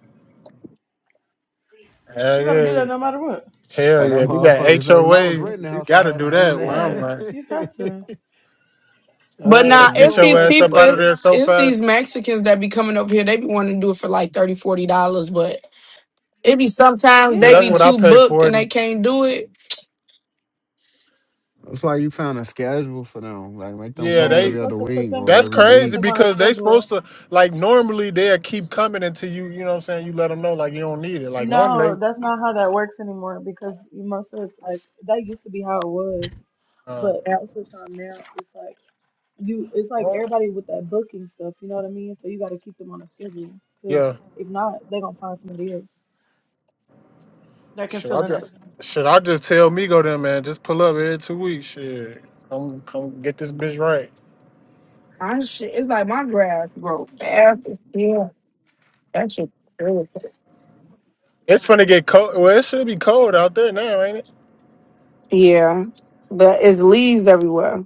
[SPEAKER 16] Hell
[SPEAKER 18] You got to do
[SPEAKER 16] yeah.
[SPEAKER 18] that no matter what.
[SPEAKER 16] Hell
[SPEAKER 25] And
[SPEAKER 16] yeah.
[SPEAKER 25] them
[SPEAKER 16] We got
[SPEAKER 25] motherfuckers that when I was
[SPEAKER 16] HOA.
[SPEAKER 25] renting the
[SPEAKER 16] We
[SPEAKER 25] house, I
[SPEAKER 16] gotta
[SPEAKER 25] had
[SPEAKER 16] do
[SPEAKER 25] to do
[SPEAKER 16] that where I'm
[SPEAKER 18] Yeah,
[SPEAKER 16] at.
[SPEAKER 18] you have
[SPEAKER 25] that.
[SPEAKER 18] to.
[SPEAKER 23] But
[SPEAKER 25] uh,
[SPEAKER 16] Yeah,
[SPEAKER 23] nah,
[SPEAKER 25] if you
[SPEAKER 23] it's
[SPEAKER 16] get
[SPEAKER 25] on
[SPEAKER 16] your
[SPEAKER 23] these
[SPEAKER 16] ass up
[SPEAKER 23] people,
[SPEAKER 25] section,
[SPEAKER 16] out of
[SPEAKER 23] it's
[SPEAKER 16] there
[SPEAKER 25] if
[SPEAKER 16] so
[SPEAKER 23] it's
[SPEAKER 16] fast.
[SPEAKER 23] these Mexicans that be coming over here. They be wanting to do it for like thirty, forty dollars, but it be sometimes
[SPEAKER 16] Yeah,
[SPEAKER 23] they
[SPEAKER 16] that's
[SPEAKER 23] be
[SPEAKER 16] what
[SPEAKER 18] Yeah.
[SPEAKER 16] I
[SPEAKER 23] too
[SPEAKER 16] paid
[SPEAKER 23] booked and
[SPEAKER 16] forty.
[SPEAKER 23] they can't do it.
[SPEAKER 25] it's like you found a schedule for them, like make them
[SPEAKER 16] Yeah,
[SPEAKER 18] Yeah,
[SPEAKER 25] come
[SPEAKER 18] you're
[SPEAKER 16] they
[SPEAKER 25] every other
[SPEAKER 18] supposed to put
[SPEAKER 25] week
[SPEAKER 18] them
[SPEAKER 25] or
[SPEAKER 18] you're
[SPEAKER 16] that's
[SPEAKER 25] every
[SPEAKER 18] supposed to put
[SPEAKER 16] crazy
[SPEAKER 25] week.
[SPEAKER 18] them on a
[SPEAKER 16] because they supposed
[SPEAKER 18] schedule.
[SPEAKER 16] to like normally they'll keep coming until you you know what I'm saying you let them know like you don't need it. Like
[SPEAKER 18] No,
[SPEAKER 16] normally,
[SPEAKER 18] that's not how that works anymore because you- most of it's like that used to be how it was,
[SPEAKER 16] uh,
[SPEAKER 18] but
[SPEAKER 23] Yeah.
[SPEAKER 18] most of the time now it's like you it's like
[SPEAKER 16] oh,
[SPEAKER 18] everybody with that booking stuff, you know what I mean? So you got to keep them on a schedule because
[SPEAKER 16] yeah.
[SPEAKER 18] if not, they're going to find somebody else that can
[SPEAKER 16] Should I
[SPEAKER 18] fill in
[SPEAKER 16] just
[SPEAKER 18] that spot.
[SPEAKER 16] should I just tell Migo then man just pull up every two weeks? Shit, come come get this bitch right.
[SPEAKER 23] My shit, it's like my grass grow fast as hell. That shit irritating.
[SPEAKER 16] It's finna get cold. Well, it should be cold out there now, ain't it?
[SPEAKER 23] Yeah, but it's leaves everywhere.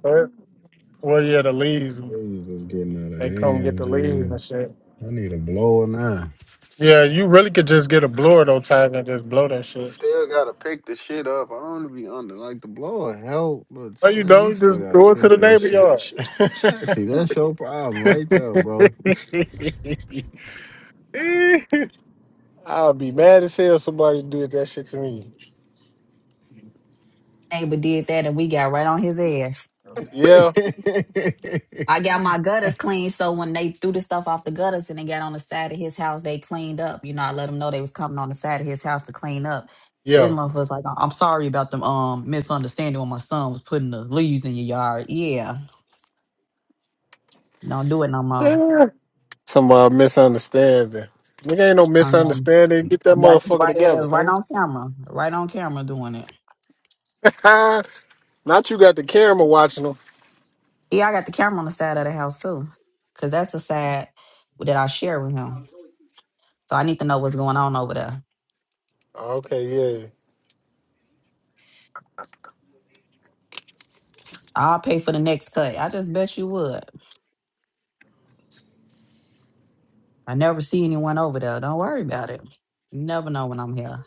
[SPEAKER 16] But- Well, yeah, the leaves.
[SPEAKER 25] They just getting out of
[SPEAKER 16] They come get
[SPEAKER 25] hand,
[SPEAKER 16] the leaves
[SPEAKER 25] dude.
[SPEAKER 16] and shit.
[SPEAKER 25] I need a blower now.
[SPEAKER 16] Yeah, you really could just get a blower though, tag and just blow that
[SPEAKER 25] You
[SPEAKER 16] shit.
[SPEAKER 25] still gotta pick the shit up. I don't be under like the blower help, but
[SPEAKER 16] Or you
[SPEAKER 25] man, you
[SPEAKER 16] know,
[SPEAKER 25] still
[SPEAKER 16] just
[SPEAKER 25] gotta
[SPEAKER 16] go into
[SPEAKER 25] pick
[SPEAKER 16] the
[SPEAKER 25] this
[SPEAKER 16] neighbor
[SPEAKER 25] shit
[SPEAKER 16] yard.
[SPEAKER 25] Yeah, See, that's your problem right there, bro.
[SPEAKER 16] I'll be mad as hell if somebody did that shit to me.
[SPEAKER 32] neighbor did that and we got right on his ass.
[SPEAKER 16] Yeah,
[SPEAKER 25] what
[SPEAKER 32] I got my gutters clean, so when they threw the stuff off the gutters and they got on the side of his house, they cleaned up. You know, I let them know they was coming on the side of his house to clean up. This
[SPEAKER 16] yeah.
[SPEAKER 32] motherfucker's like, "I- I'm sorry about them um misunderstanding when my son was putting the leaves in your yard. Yeah, don't do it no more.
[SPEAKER 16] Somebody misunderstanding. Nigga ain't no
[SPEAKER 32] I'm gonna
[SPEAKER 16] misunderstanding. Get that
[SPEAKER 32] got his
[SPEAKER 16] motherfucker
[SPEAKER 32] right ass
[SPEAKER 16] together.
[SPEAKER 32] right on camera, right on camera doing it.
[SPEAKER 16] man. Not you got the camera watching them.
[SPEAKER 32] Yeah, I got the camera on the side of the house too, cause that's the side that I share with him. So I need to know what's going on over there.
[SPEAKER 16] Okay, yeah.
[SPEAKER 32] I'll pay for the next cut. I just bet you would. I never see anyone over there. Don't worry about it. You never know when I'm here.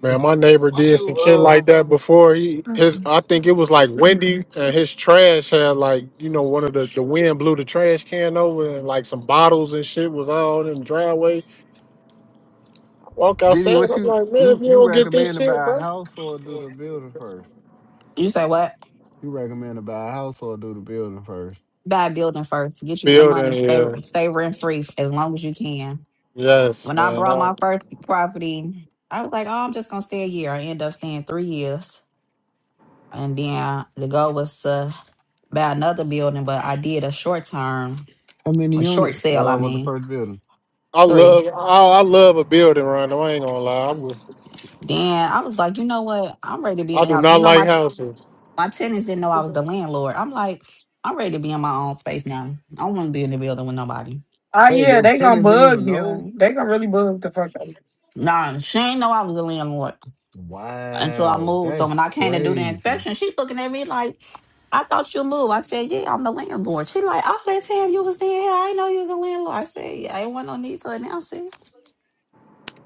[SPEAKER 16] Man, my neighbor did some
[SPEAKER 25] you
[SPEAKER 16] shit
[SPEAKER 25] uh
[SPEAKER 16] like that before. He his I think it was like windy and his trash had like, you know, one of the the wind blew the trash can over and like some bottles and shit was all in the driveway. Walk
[SPEAKER 25] Diddy,
[SPEAKER 16] outside,
[SPEAKER 25] what
[SPEAKER 16] I'm
[SPEAKER 25] you
[SPEAKER 16] like, man, if
[SPEAKER 25] you
[SPEAKER 16] you
[SPEAKER 25] you
[SPEAKER 16] don't get this
[SPEAKER 25] recommend to
[SPEAKER 16] shit,
[SPEAKER 25] buy a
[SPEAKER 16] bro.
[SPEAKER 25] house or do the building first?
[SPEAKER 32] You say what?
[SPEAKER 25] You recommend to buy a house or do the building first?
[SPEAKER 32] Buy a building first. Get you some money.
[SPEAKER 16] Building,
[SPEAKER 32] Stay
[SPEAKER 16] yeah.
[SPEAKER 32] stay rent free as long as you can.
[SPEAKER 16] Yes,
[SPEAKER 32] When I
[SPEAKER 16] man.
[SPEAKER 32] brought
[SPEAKER 16] I,
[SPEAKER 32] my first property, I was like, oh, I'm just gonna stay a year. I end up staying three years, and then the goal was to buy another building, but I did a short term,
[SPEAKER 25] How many
[SPEAKER 32] a short
[SPEAKER 25] units
[SPEAKER 32] sale. I
[SPEAKER 25] uh was the
[SPEAKER 32] mean,
[SPEAKER 25] first building?
[SPEAKER 16] I love
[SPEAKER 32] three.
[SPEAKER 16] I, I love a building, Rondo. I ain't gonna lie. I, would-
[SPEAKER 32] Then I was like, you know what? I'm ready to be in
[SPEAKER 16] I
[SPEAKER 32] the
[SPEAKER 16] do
[SPEAKER 32] house.
[SPEAKER 16] not
[SPEAKER 32] You know
[SPEAKER 16] like
[SPEAKER 32] my
[SPEAKER 16] houses.
[SPEAKER 32] my tenants didn't know I was the landlord. I'm like, I'm ready to be in my own space now. I don't want to be in the building with nobody.
[SPEAKER 23] Oh
[SPEAKER 25] Wait,
[SPEAKER 23] yeah,
[SPEAKER 25] your
[SPEAKER 23] they gonna
[SPEAKER 25] tenant didn't even
[SPEAKER 23] bug
[SPEAKER 25] know?
[SPEAKER 23] you. They gonna really bug the fuck out of you.
[SPEAKER 32] Nah, she ain't know I was the landlord until I
[SPEAKER 25] Wow,
[SPEAKER 32] moved. So
[SPEAKER 25] that's
[SPEAKER 32] when I came to do the
[SPEAKER 25] crazy.
[SPEAKER 32] inspection, she looking at me like, I thought you moved. I said, Yeah, I'm the landlord. She like, oh, that time you was in here, I ain't know you was a landlord. I said, Yeah, I ain't want no need to announce it.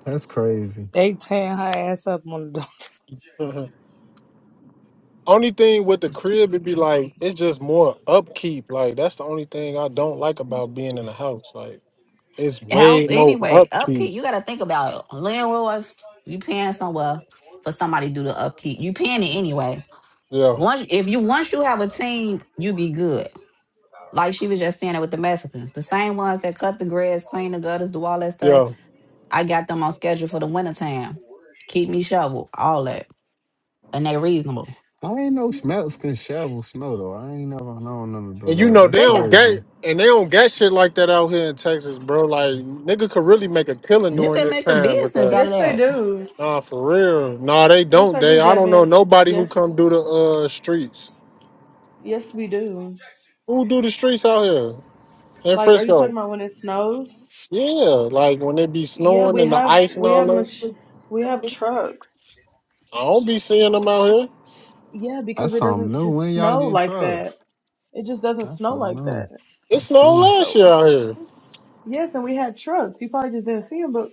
[SPEAKER 25] That's crazy.
[SPEAKER 3] They tearing her ass up on the door.
[SPEAKER 16] only thing with the crib it'd be like it's just more upkeep. Like that's the only thing I don't like about being in a house. Like It's way
[SPEAKER 32] House
[SPEAKER 16] more
[SPEAKER 32] anyway,
[SPEAKER 16] upkeep.
[SPEAKER 32] upkeep. You got to think about it. landlords. You paying somewhere for somebody to do the upkeep. You paying it anyway.
[SPEAKER 16] Yeah,
[SPEAKER 32] Once if you once you have a team, you be good Like she was just saying it with the Mexicans. The same ones that cut the grass, clean the gutters, do all that stuff.
[SPEAKER 16] yeah.
[SPEAKER 32] I got them on schedule for the wintertime. Keep me shovel, all that. And they reasonable.
[SPEAKER 25] I ain't know smells can shovel snow though. I ain't never known them to do
[SPEAKER 16] And you
[SPEAKER 25] that.
[SPEAKER 16] know they
[SPEAKER 25] That's
[SPEAKER 32] They
[SPEAKER 16] don't
[SPEAKER 32] got
[SPEAKER 16] get
[SPEAKER 25] crazy.
[SPEAKER 16] and they don't get shit like that out here in Texas, bro. Like nigga could really make a killing
[SPEAKER 32] you
[SPEAKER 16] during
[SPEAKER 32] can
[SPEAKER 16] this
[SPEAKER 32] make a
[SPEAKER 16] time with
[SPEAKER 32] business
[SPEAKER 16] us.
[SPEAKER 32] out of
[SPEAKER 18] Yes, they
[SPEAKER 32] that.
[SPEAKER 18] do.
[SPEAKER 16] Nah, for real. Nah, they
[SPEAKER 18] Yes,
[SPEAKER 16] don't.
[SPEAKER 18] I
[SPEAKER 16] They
[SPEAKER 18] do,
[SPEAKER 16] I don't know
[SPEAKER 18] Draymond.
[SPEAKER 16] nobody who
[SPEAKER 18] Yes,
[SPEAKER 16] come do the uh streets.
[SPEAKER 18] yes, we do.
[SPEAKER 16] Who do the streets out here in
[SPEAKER 18] Like, are you talking
[SPEAKER 16] Frisco?
[SPEAKER 18] about when it snows?
[SPEAKER 16] Yeah, like when it be
[SPEAKER 18] Yeah,
[SPEAKER 16] snowing
[SPEAKER 18] we
[SPEAKER 16] and the
[SPEAKER 18] have
[SPEAKER 16] ice and
[SPEAKER 18] we
[SPEAKER 16] all
[SPEAKER 18] have much
[SPEAKER 16] that.
[SPEAKER 18] we have trucks.
[SPEAKER 16] I don't be seeing them out here.
[SPEAKER 18] Yeah, because
[SPEAKER 25] That's
[SPEAKER 18] it
[SPEAKER 25] something
[SPEAKER 18] doesn't
[SPEAKER 25] new.
[SPEAKER 18] just
[SPEAKER 25] When y'all
[SPEAKER 18] snow
[SPEAKER 25] get
[SPEAKER 18] like
[SPEAKER 25] trucks?
[SPEAKER 18] that. It just doesn't
[SPEAKER 25] I
[SPEAKER 18] snow
[SPEAKER 25] don't
[SPEAKER 18] like
[SPEAKER 25] know.
[SPEAKER 18] that.
[SPEAKER 16] It
[SPEAKER 25] That's
[SPEAKER 16] snowed
[SPEAKER 25] true.
[SPEAKER 16] last year
[SPEAKER 18] So
[SPEAKER 16] out here.
[SPEAKER 18] yes, and we had trucks. You probably just didn't see them, but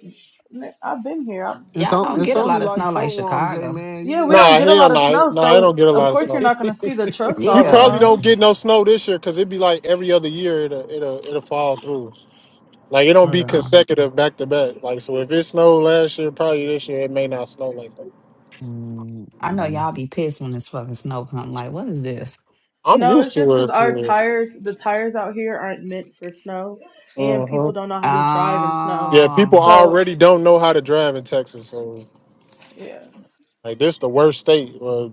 [SPEAKER 18] man, I've been here. I'm
[SPEAKER 25] It's
[SPEAKER 32] Y'all
[SPEAKER 25] on,
[SPEAKER 18] from
[SPEAKER 32] don't
[SPEAKER 25] it's
[SPEAKER 32] get
[SPEAKER 18] here.
[SPEAKER 32] a
[SPEAKER 25] only
[SPEAKER 32] lot of
[SPEAKER 25] like
[SPEAKER 32] snow like
[SPEAKER 25] four warm, J
[SPEAKER 32] Chicago.
[SPEAKER 25] man. You
[SPEAKER 18] Yeah,
[SPEAKER 25] be
[SPEAKER 18] we don't
[SPEAKER 16] Nah,
[SPEAKER 25] alright.
[SPEAKER 18] get a
[SPEAKER 16] hell
[SPEAKER 18] lot of
[SPEAKER 16] no. Nah,
[SPEAKER 18] snow,
[SPEAKER 16] nah, it don't
[SPEAKER 18] so
[SPEAKER 16] get a
[SPEAKER 18] of
[SPEAKER 16] lot of
[SPEAKER 18] course
[SPEAKER 16] snow.
[SPEAKER 18] you're not gonna see the trucks
[SPEAKER 16] We
[SPEAKER 18] all the
[SPEAKER 32] Yeah.
[SPEAKER 16] probably
[SPEAKER 18] time.
[SPEAKER 16] don't get no snow this year because it'd be like every other year it'll it'll it'll fall through. Like it don't
[SPEAKER 32] Hold
[SPEAKER 16] be
[SPEAKER 32] on.
[SPEAKER 16] consecutive back to back. Like so, if it snowed last year, probably this year it may not snow like that.
[SPEAKER 32] I know
[SPEAKER 25] Mm-mm.
[SPEAKER 32] y'all be pissed when this fucking snow come. Like, what is this?
[SPEAKER 16] I'm
[SPEAKER 18] No,
[SPEAKER 16] used
[SPEAKER 18] it's just
[SPEAKER 16] to it.
[SPEAKER 18] because our
[SPEAKER 16] So,
[SPEAKER 18] tires, the tires out here aren't meant for snow, and
[SPEAKER 16] uh-huh.
[SPEAKER 18] people don't know how to drive in snow.
[SPEAKER 16] Yeah, people
[SPEAKER 32] Oh,
[SPEAKER 18] So,
[SPEAKER 16] already don't know how to drive in Texas, so
[SPEAKER 18] yeah.
[SPEAKER 16] like this the worst state uh,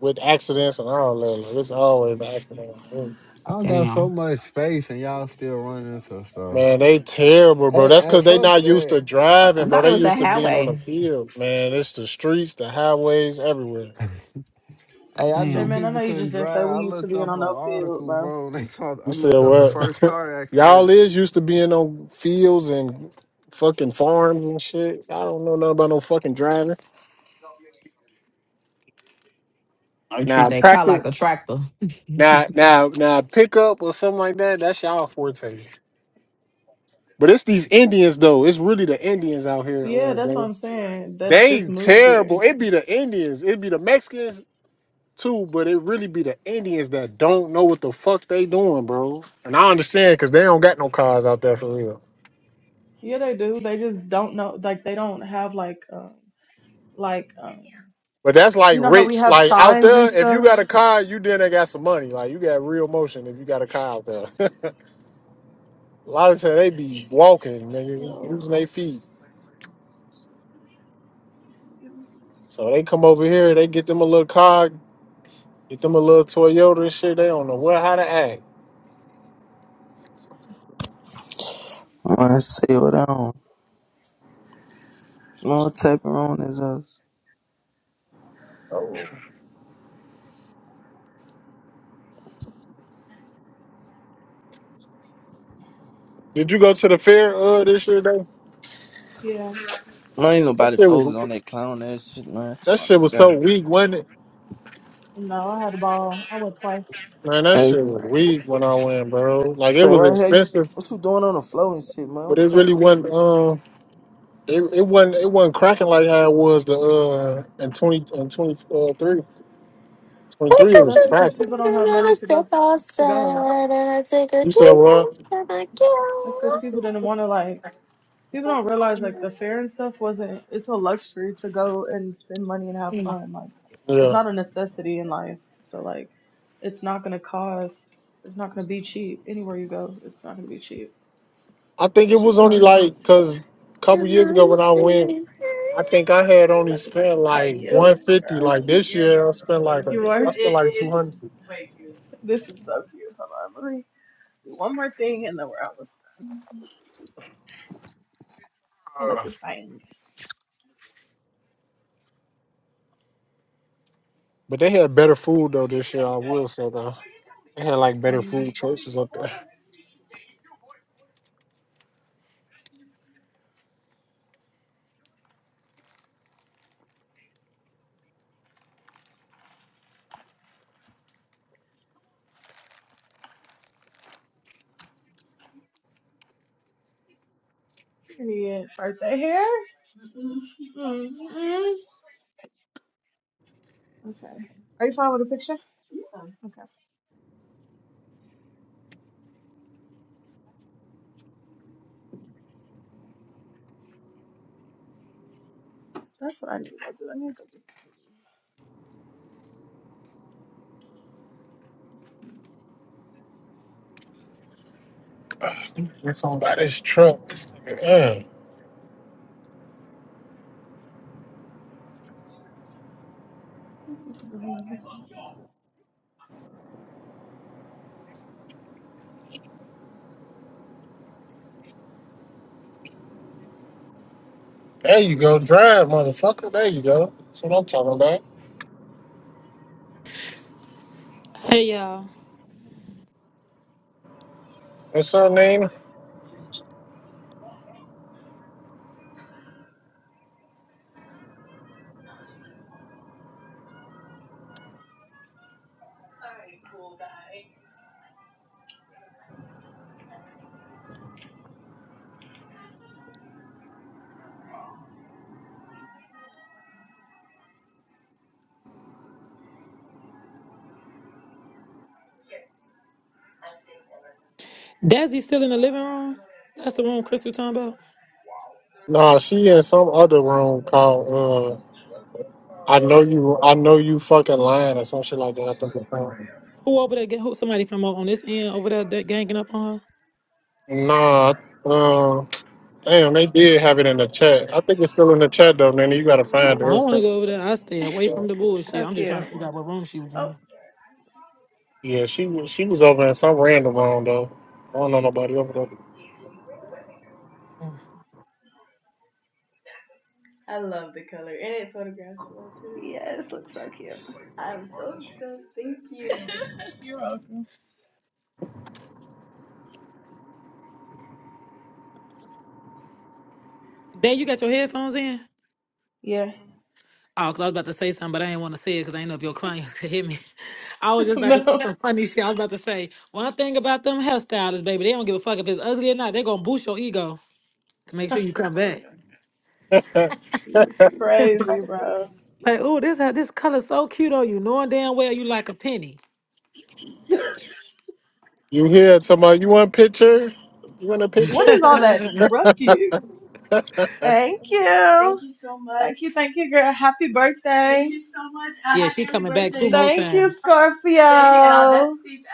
[SPEAKER 16] with accidents and all that. Like, it's always an accident.
[SPEAKER 25] I don't got so
[SPEAKER 32] damn.
[SPEAKER 25] much space, and y'all still running into stuff.
[SPEAKER 16] Man, they terrible, bro.
[SPEAKER 25] Hey,
[SPEAKER 16] That's
[SPEAKER 25] hey,
[SPEAKER 16] because they
[SPEAKER 25] fuck
[SPEAKER 16] not used
[SPEAKER 25] that.
[SPEAKER 16] to
[SPEAKER 32] Uh, I
[SPEAKER 16] driving, bro.
[SPEAKER 32] thought it
[SPEAKER 16] They
[SPEAKER 32] was the
[SPEAKER 16] used to being on the
[SPEAKER 32] highway.
[SPEAKER 16] field, man. It's the streets, the highways, everywhere.
[SPEAKER 25] Hey, I
[SPEAKER 18] J
[SPEAKER 25] knew
[SPEAKER 18] Man,
[SPEAKER 32] Damn.
[SPEAKER 18] I
[SPEAKER 25] people
[SPEAKER 18] know you
[SPEAKER 25] couldn't
[SPEAKER 18] just didn't say
[SPEAKER 25] drive. I
[SPEAKER 18] we used to
[SPEAKER 25] looked
[SPEAKER 18] be in
[SPEAKER 25] up an
[SPEAKER 18] on no field,
[SPEAKER 25] article,
[SPEAKER 18] bro.
[SPEAKER 25] bro. And they saw I
[SPEAKER 16] You said
[SPEAKER 25] looked up the
[SPEAKER 32] Mm.
[SPEAKER 25] first
[SPEAKER 16] what?
[SPEAKER 25] car
[SPEAKER 16] Y'all
[SPEAKER 25] accident.
[SPEAKER 16] is used to being on fields and fucking farms and shit. I don't know nothing about no fucking driving.
[SPEAKER 32] I
[SPEAKER 16] Now
[SPEAKER 32] treat that car
[SPEAKER 16] practice.
[SPEAKER 32] like a tractor.
[SPEAKER 16] Now, now, now, pickup or something like that. That's y'all forte. But it's these Indians though. It's really the Indians out here.
[SPEAKER 18] Yeah,
[SPEAKER 16] Uh,
[SPEAKER 18] that's what
[SPEAKER 16] Dana.
[SPEAKER 18] I'm saying. That
[SPEAKER 16] they
[SPEAKER 18] just moved here.
[SPEAKER 16] terrible. It be the Indians. It be the Mexicans too. But it really be the Indians that don't know what the fuck they doing, bro. And I understand because they don't got no cars out there for real.
[SPEAKER 18] Yeah, they do. They just don't know. Like, they don't have, like, um, like, um,
[SPEAKER 16] But that's like
[SPEAKER 18] you know how we
[SPEAKER 16] rich,
[SPEAKER 18] have
[SPEAKER 16] like out
[SPEAKER 18] signs and
[SPEAKER 16] there. If you
[SPEAKER 18] stuff?
[SPEAKER 16] got a car, you then they got some money. Like you got real motion if you got a car out there. a lot of time they be walking, nigga,
[SPEAKER 18] Yo,
[SPEAKER 16] using their feet. So they come over here, they get them a little car, get them a little Toyota and shit. They don't know where how to act.
[SPEAKER 33] I say what on? don't. No tapping on is us.
[SPEAKER 16] Oh. Did you go to the fair uh this year though?
[SPEAKER 18] Yeah.
[SPEAKER 33] No, ain't
[SPEAKER 16] That
[SPEAKER 33] nobody
[SPEAKER 16] shit
[SPEAKER 33] focus
[SPEAKER 16] was
[SPEAKER 33] on that clown ass shit, man. To
[SPEAKER 16] that
[SPEAKER 33] my
[SPEAKER 16] shit was
[SPEAKER 33] fair.
[SPEAKER 16] so weak, wasn't it?
[SPEAKER 18] No, I had a ball. I went twice.
[SPEAKER 16] Man, that
[SPEAKER 33] Hey,
[SPEAKER 16] shit was
[SPEAKER 33] say,
[SPEAKER 16] weak when I went, bro. Like it
[SPEAKER 33] say
[SPEAKER 16] was
[SPEAKER 33] what the hell you?
[SPEAKER 16] expensive,
[SPEAKER 33] What you doing on the floor and shit, man?
[SPEAKER 16] but
[SPEAKER 33] What
[SPEAKER 16] it
[SPEAKER 33] type
[SPEAKER 16] really
[SPEAKER 33] of?
[SPEAKER 16] wasn't. Um, It, it wasn't it wasn't cracking like how it was the uh in twenty in 23, 23
[SPEAKER 7] Wake
[SPEAKER 16] it
[SPEAKER 18] But
[SPEAKER 7] up in
[SPEAKER 16] was
[SPEAKER 18] that's
[SPEAKER 7] the
[SPEAKER 18] because
[SPEAKER 16] cracking.
[SPEAKER 18] people don't
[SPEAKER 7] morning
[SPEAKER 18] have
[SPEAKER 7] and
[SPEAKER 18] money
[SPEAKER 7] I
[SPEAKER 18] to go
[SPEAKER 7] step
[SPEAKER 18] to, to go.
[SPEAKER 7] outside and I take a
[SPEAKER 16] You said
[SPEAKER 7] deep
[SPEAKER 16] what?
[SPEAKER 7] breath and I get
[SPEAKER 18] That's because
[SPEAKER 7] up
[SPEAKER 18] people didn't want to, like, People don't realize like the fare and stuff wasn't. It's a luxury to go and spend money and have fun. Like it's
[SPEAKER 16] Yeah,
[SPEAKER 18] not a necessity in life. So like it's not gonna cost. It's not gonna be cheap anywhere you go. It's not gonna be cheap,
[SPEAKER 16] I think it
[SPEAKER 18] especially if
[SPEAKER 16] was
[SPEAKER 18] it's
[SPEAKER 16] only
[SPEAKER 18] not a
[SPEAKER 16] like
[SPEAKER 18] necessity.
[SPEAKER 16] because a couple
[SPEAKER 7] and
[SPEAKER 16] years ago
[SPEAKER 7] I
[SPEAKER 16] when I went,
[SPEAKER 7] sing.
[SPEAKER 16] I think I had
[SPEAKER 18] Uh,
[SPEAKER 16] only
[SPEAKER 18] This is
[SPEAKER 16] spent like
[SPEAKER 18] cute, girl.
[SPEAKER 16] one fifty. Like
[SPEAKER 18] I'm
[SPEAKER 16] this
[SPEAKER 18] scared
[SPEAKER 16] year, I
[SPEAKER 18] about the
[SPEAKER 16] spent
[SPEAKER 18] color.
[SPEAKER 16] like a,
[SPEAKER 18] You but are.
[SPEAKER 16] I
[SPEAKER 18] It,
[SPEAKER 16] spent like two
[SPEAKER 18] it's
[SPEAKER 16] hundred.
[SPEAKER 18] this is so cute. Hold on, let me do one more thing and then we're almost. I
[SPEAKER 25] Uh,
[SPEAKER 18] like this.
[SPEAKER 25] I
[SPEAKER 16] But they had better food though this year. I will say though, they had like better
[SPEAKER 18] Mhm.
[SPEAKER 16] food choices up there.
[SPEAKER 18] Period. Birthday hair. hmm Okay. Are you fine with the picture? Okay. That's what I do. I do. I need to go
[SPEAKER 16] We're talking about this truck. This nigga, uh,
[SPEAKER 18] get some
[SPEAKER 16] There you go, drive, motherfucker. There you go. That's what I'm talking about.
[SPEAKER 34] Hey y'all,
[SPEAKER 16] What's her name?
[SPEAKER 34] Dazzy still in the living room? That's the room Crystal talking about.
[SPEAKER 16] Nah, she in some other room called uh I know you I know you fucking lying or some shit like that. I think it's called.
[SPEAKER 34] Who over there? Get who? Somebody from on this end over there that ganging up on her.
[SPEAKER 16] Nah, um damn, they did have it in the chat. I think it's still in the chat though, Nanny. You gotta find it.
[SPEAKER 34] I I don't
[SPEAKER 16] It's-
[SPEAKER 34] want to go over there. I stay away from the bullshit. I'm just trying to figure out what room she was in.
[SPEAKER 16] Yeah, she was she was over in some random room though. I don't know nobody over
[SPEAKER 34] Mm.
[SPEAKER 18] You're welcome.
[SPEAKER 34] Dad, you got your headphones in?
[SPEAKER 18] Yeah.
[SPEAKER 34] Oh, cause I was about to say something, but I didn't want to say it because I didn't know if your client could hear me. I was just about to say
[SPEAKER 18] no.
[SPEAKER 34] some funny shit. I was about to say one thing about them hairstylists, baby. They don't give a fuck if it's ugly or not. They're gonna boost your ego to make sure
[SPEAKER 18] Shut
[SPEAKER 34] you
[SPEAKER 18] the
[SPEAKER 34] come
[SPEAKER 18] fuck
[SPEAKER 34] back.
[SPEAKER 18] up.
[SPEAKER 16] there.
[SPEAKER 18] You crazy, bro.
[SPEAKER 34] Like, ooh, this ha- this color so cute on you, knowing damn well you like a penny.
[SPEAKER 16] you here Somebody? you want a picture? You want a
[SPEAKER 18] What
[SPEAKER 16] picture?
[SPEAKER 18] is all that ruckus? Thank you. Thank you so much. Thank you, thank you, girl. Happy birthday. Thank you so much. A
[SPEAKER 34] yeah,
[SPEAKER 18] happy
[SPEAKER 34] she
[SPEAKER 18] early
[SPEAKER 34] coming back
[SPEAKER 18] birthday.
[SPEAKER 34] two more
[SPEAKER 18] Thank you,
[SPEAKER 34] times.
[SPEAKER 18] Scorpio. Thank you, Al. That's sweet,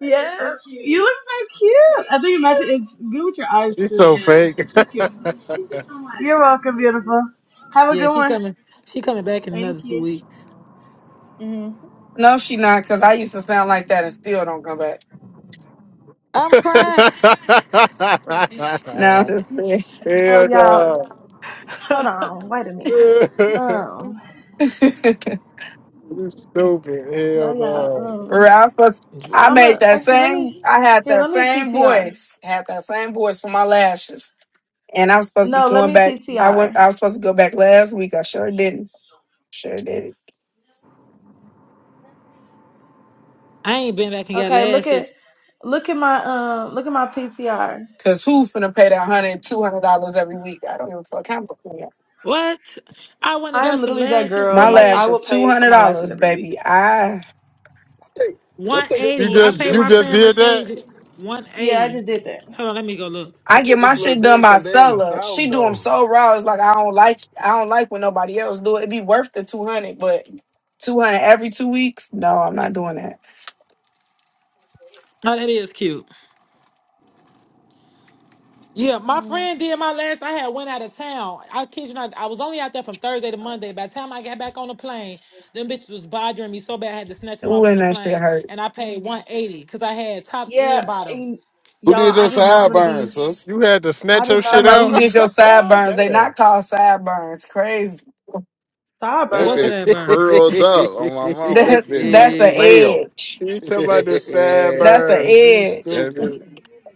[SPEAKER 18] Al. Yeah. So cute. You look so cute. I think you match it. It's good with your eyes
[SPEAKER 16] She's
[SPEAKER 18] too.
[SPEAKER 16] so
[SPEAKER 18] Yeah.
[SPEAKER 16] fake.
[SPEAKER 18] It's cute. I'm like, Thank you so much. You're welcome, beautiful. Have a
[SPEAKER 34] Yeah,
[SPEAKER 18] good
[SPEAKER 34] she
[SPEAKER 18] one.
[SPEAKER 34] coming. She coming back in
[SPEAKER 18] Thank
[SPEAKER 34] another two
[SPEAKER 18] you.
[SPEAKER 34] weeks.
[SPEAKER 18] hmm
[SPEAKER 23] No, she not, because I used to sound like that and still don't come back.
[SPEAKER 34] I'm crying.
[SPEAKER 23] Now I'm just playing.
[SPEAKER 18] Oh,
[SPEAKER 16] Hell
[SPEAKER 18] y'all.
[SPEAKER 16] no.
[SPEAKER 18] Hold on, wait a minute.
[SPEAKER 16] you
[SPEAKER 18] Um,
[SPEAKER 16] stupid.
[SPEAKER 18] no,
[SPEAKER 16] Hell
[SPEAKER 18] y'all.
[SPEAKER 16] no.
[SPEAKER 18] Um,
[SPEAKER 23] I was supposed I
[SPEAKER 18] I'm
[SPEAKER 23] made
[SPEAKER 18] a
[SPEAKER 23] that
[SPEAKER 34] Jewels.
[SPEAKER 18] actually let
[SPEAKER 23] same
[SPEAKER 18] me
[SPEAKER 23] I had
[SPEAKER 18] here.
[SPEAKER 23] that
[SPEAKER 18] Let me
[SPEAKER 23] same
[SPEAKER 18] PTR.
[SPEAKER 23] voice. Had that same voice for my lashes. And I was supposed to be
[SPEAKER 18] No, let
[SPEAKER 23] going
[SPEAKER 18] me
[SPEAKER 23] back. I went
[SPEAKER 18] PTR.
[SPEAKER 23] I was supposed to go back last week. I sure didn't. Sure didn't.
[SPEAKER 34] I ain't been back and got
[SPEAKER 18] Okay, look at
[SPEAKER 34] lashes.
[SPEAKER 18] look at my um look at my P T R.
[SPEAKER 23] Cause who finna pay that hundred, two hundred dollars every week? I don't give a fuck how much. they are.
[SPEAKER 34] What? I went and
[SPEAKER 18] I am
[SPEAKER 34] got some
[SPEAKER 18] literally that
[SPEAKER 34] lashes.
[SPEAKER 18] girl.
[SPEAKER 23] My
[SPEAKER 18] Like I
[SPEAKER 34] Did
[SPEAKER 23] lashes,
[SPEAKER 18] will
[SPEAKER 23] two
[SPEAKER 18] pay for
[SPEAKER 23] hundred
[SPEAKER 18] my lashes
[SPEAKER 23] dollars,
[SPEAKER 18] every week.
[SPEAKER 23] baby. I.
[SPEAKER 25] think I think it's a
[SPEAKER 16] You
[SPEAKER 34] 180.
[SPEAKER 25] little
[SPEAKER 34] I
[SPEAKER 16] just
[SPEAKER 34] paid
[SPEAKER 16] you
[SPEAKER 34] my
[SPEAKER 25] different.
[SPEAKER 16] just
[SPEAKER 25] c-
[SPEAKER 34] friend
[SPEAKER 16] did
[SPEAKER 34] Mercedes
[SPEAKER 16] that?
[SPEAKER 18] Yeah, I
[SPEAKER 34] 180.
[SPEAKER 18] just did that.
[SPEAKER 34] Hold on, let me go look.
[SPEAKER 25] I
[SPEAKER 23] I get
[SPEAKER 25] think
[SPEAKER 23] my
[SPEAKER 34] Let
[SPEAKER 25] it's a
[SPEAKER 34] me
[SPEAKER 25] little
[SPEAKER 23] shit
[SPEAKER 34] see.
[SPEAKER 23] done
[SPEAKER 25] different
[SPEAKER 23] by
[SPEAKER 25] because they're in the
[SPEAKER 23] Sella.
[SPEAKER 25] south,
[SPEAKER 23] She do them
[SPEAKER 25] though.
[SPEAKER 23] so raw. It's like I don't like. I don't like when nobody else do it. It'd be worth the two hundred, but two hundred every two weeks? No, I'm not doing that.
[SPEAKER 34] Oh, that is cute. Yeah, my
[SPEAKER 18] Mm.
[SPEAKER 34] friend did my last. I had went out of town. I kid you not. I was only out there from Thursday to Monday. By the time I got back on the plane, them bitches was bothering me so bad I had to snatch them
[SPEAKER 23] Ooh,
[SPEAKER 34] off on
[SPEAKER 23] and
[SPEAKER 34] the
[SPEAKER 23] that shit
[SPEAKER 34] plane.
[SPEAKER 23] hurt.
[SPEAKER 34] And I paid one eighty because I had tops
[SPEAKER 18] Yeah,
[SPEAKER 34] and bottoms.
[SPEAKER 18] and
[SPEAKER 5] Who did
[SPEAKER 18] y'all,
[SPEAKER 5] your
[SPEAKER 18] I just know I'm gonna be.
[SPEAKER 5] sideburns, sis?
[SPEAKER 16] You had to
[SPEAKER 18] I
[SPEAKER 16] snatch your
[SPEAKER 18] just know I'm
[SPEAKER 16] shit
[SPEAKER 23] Talking
[SPEAKER 18] gonna
[SPEAKER 23] about who
[SPEAKER 16] out?
[SPEAKER 18] be
[SPEAKER 23] did your sideburns? They
[SPEAKER 16] Damn.
[SPEAKER 23] not called sideburns. Crazy.
[SPEAKER 5] That
[SPEAKER 34] What's
[SPEAKER 18] sideburns.
[SPEAKER 34] that,
[SPEAKER 5] bitch
[SPEAKER 16] he
[SPEAKER 34] burn?
[SPEAKER 5] curled up on my mama. That
[SPEAKER 23] That's
[SPEAKER 5] bitch like a
[SPEAKER 23] that's an
[SPEAKER 5] snail.
[SPEAKER 23] edge.
[SPEAKER 16] talking about the sad
[SPEAKER 5] that
[SPEAKER 23] That's an
[SPEAKER 16] birds. You
[SPEAKER 23] edge.
[SPEAKER 16] stupid.
[SPEAKER 5] bitch.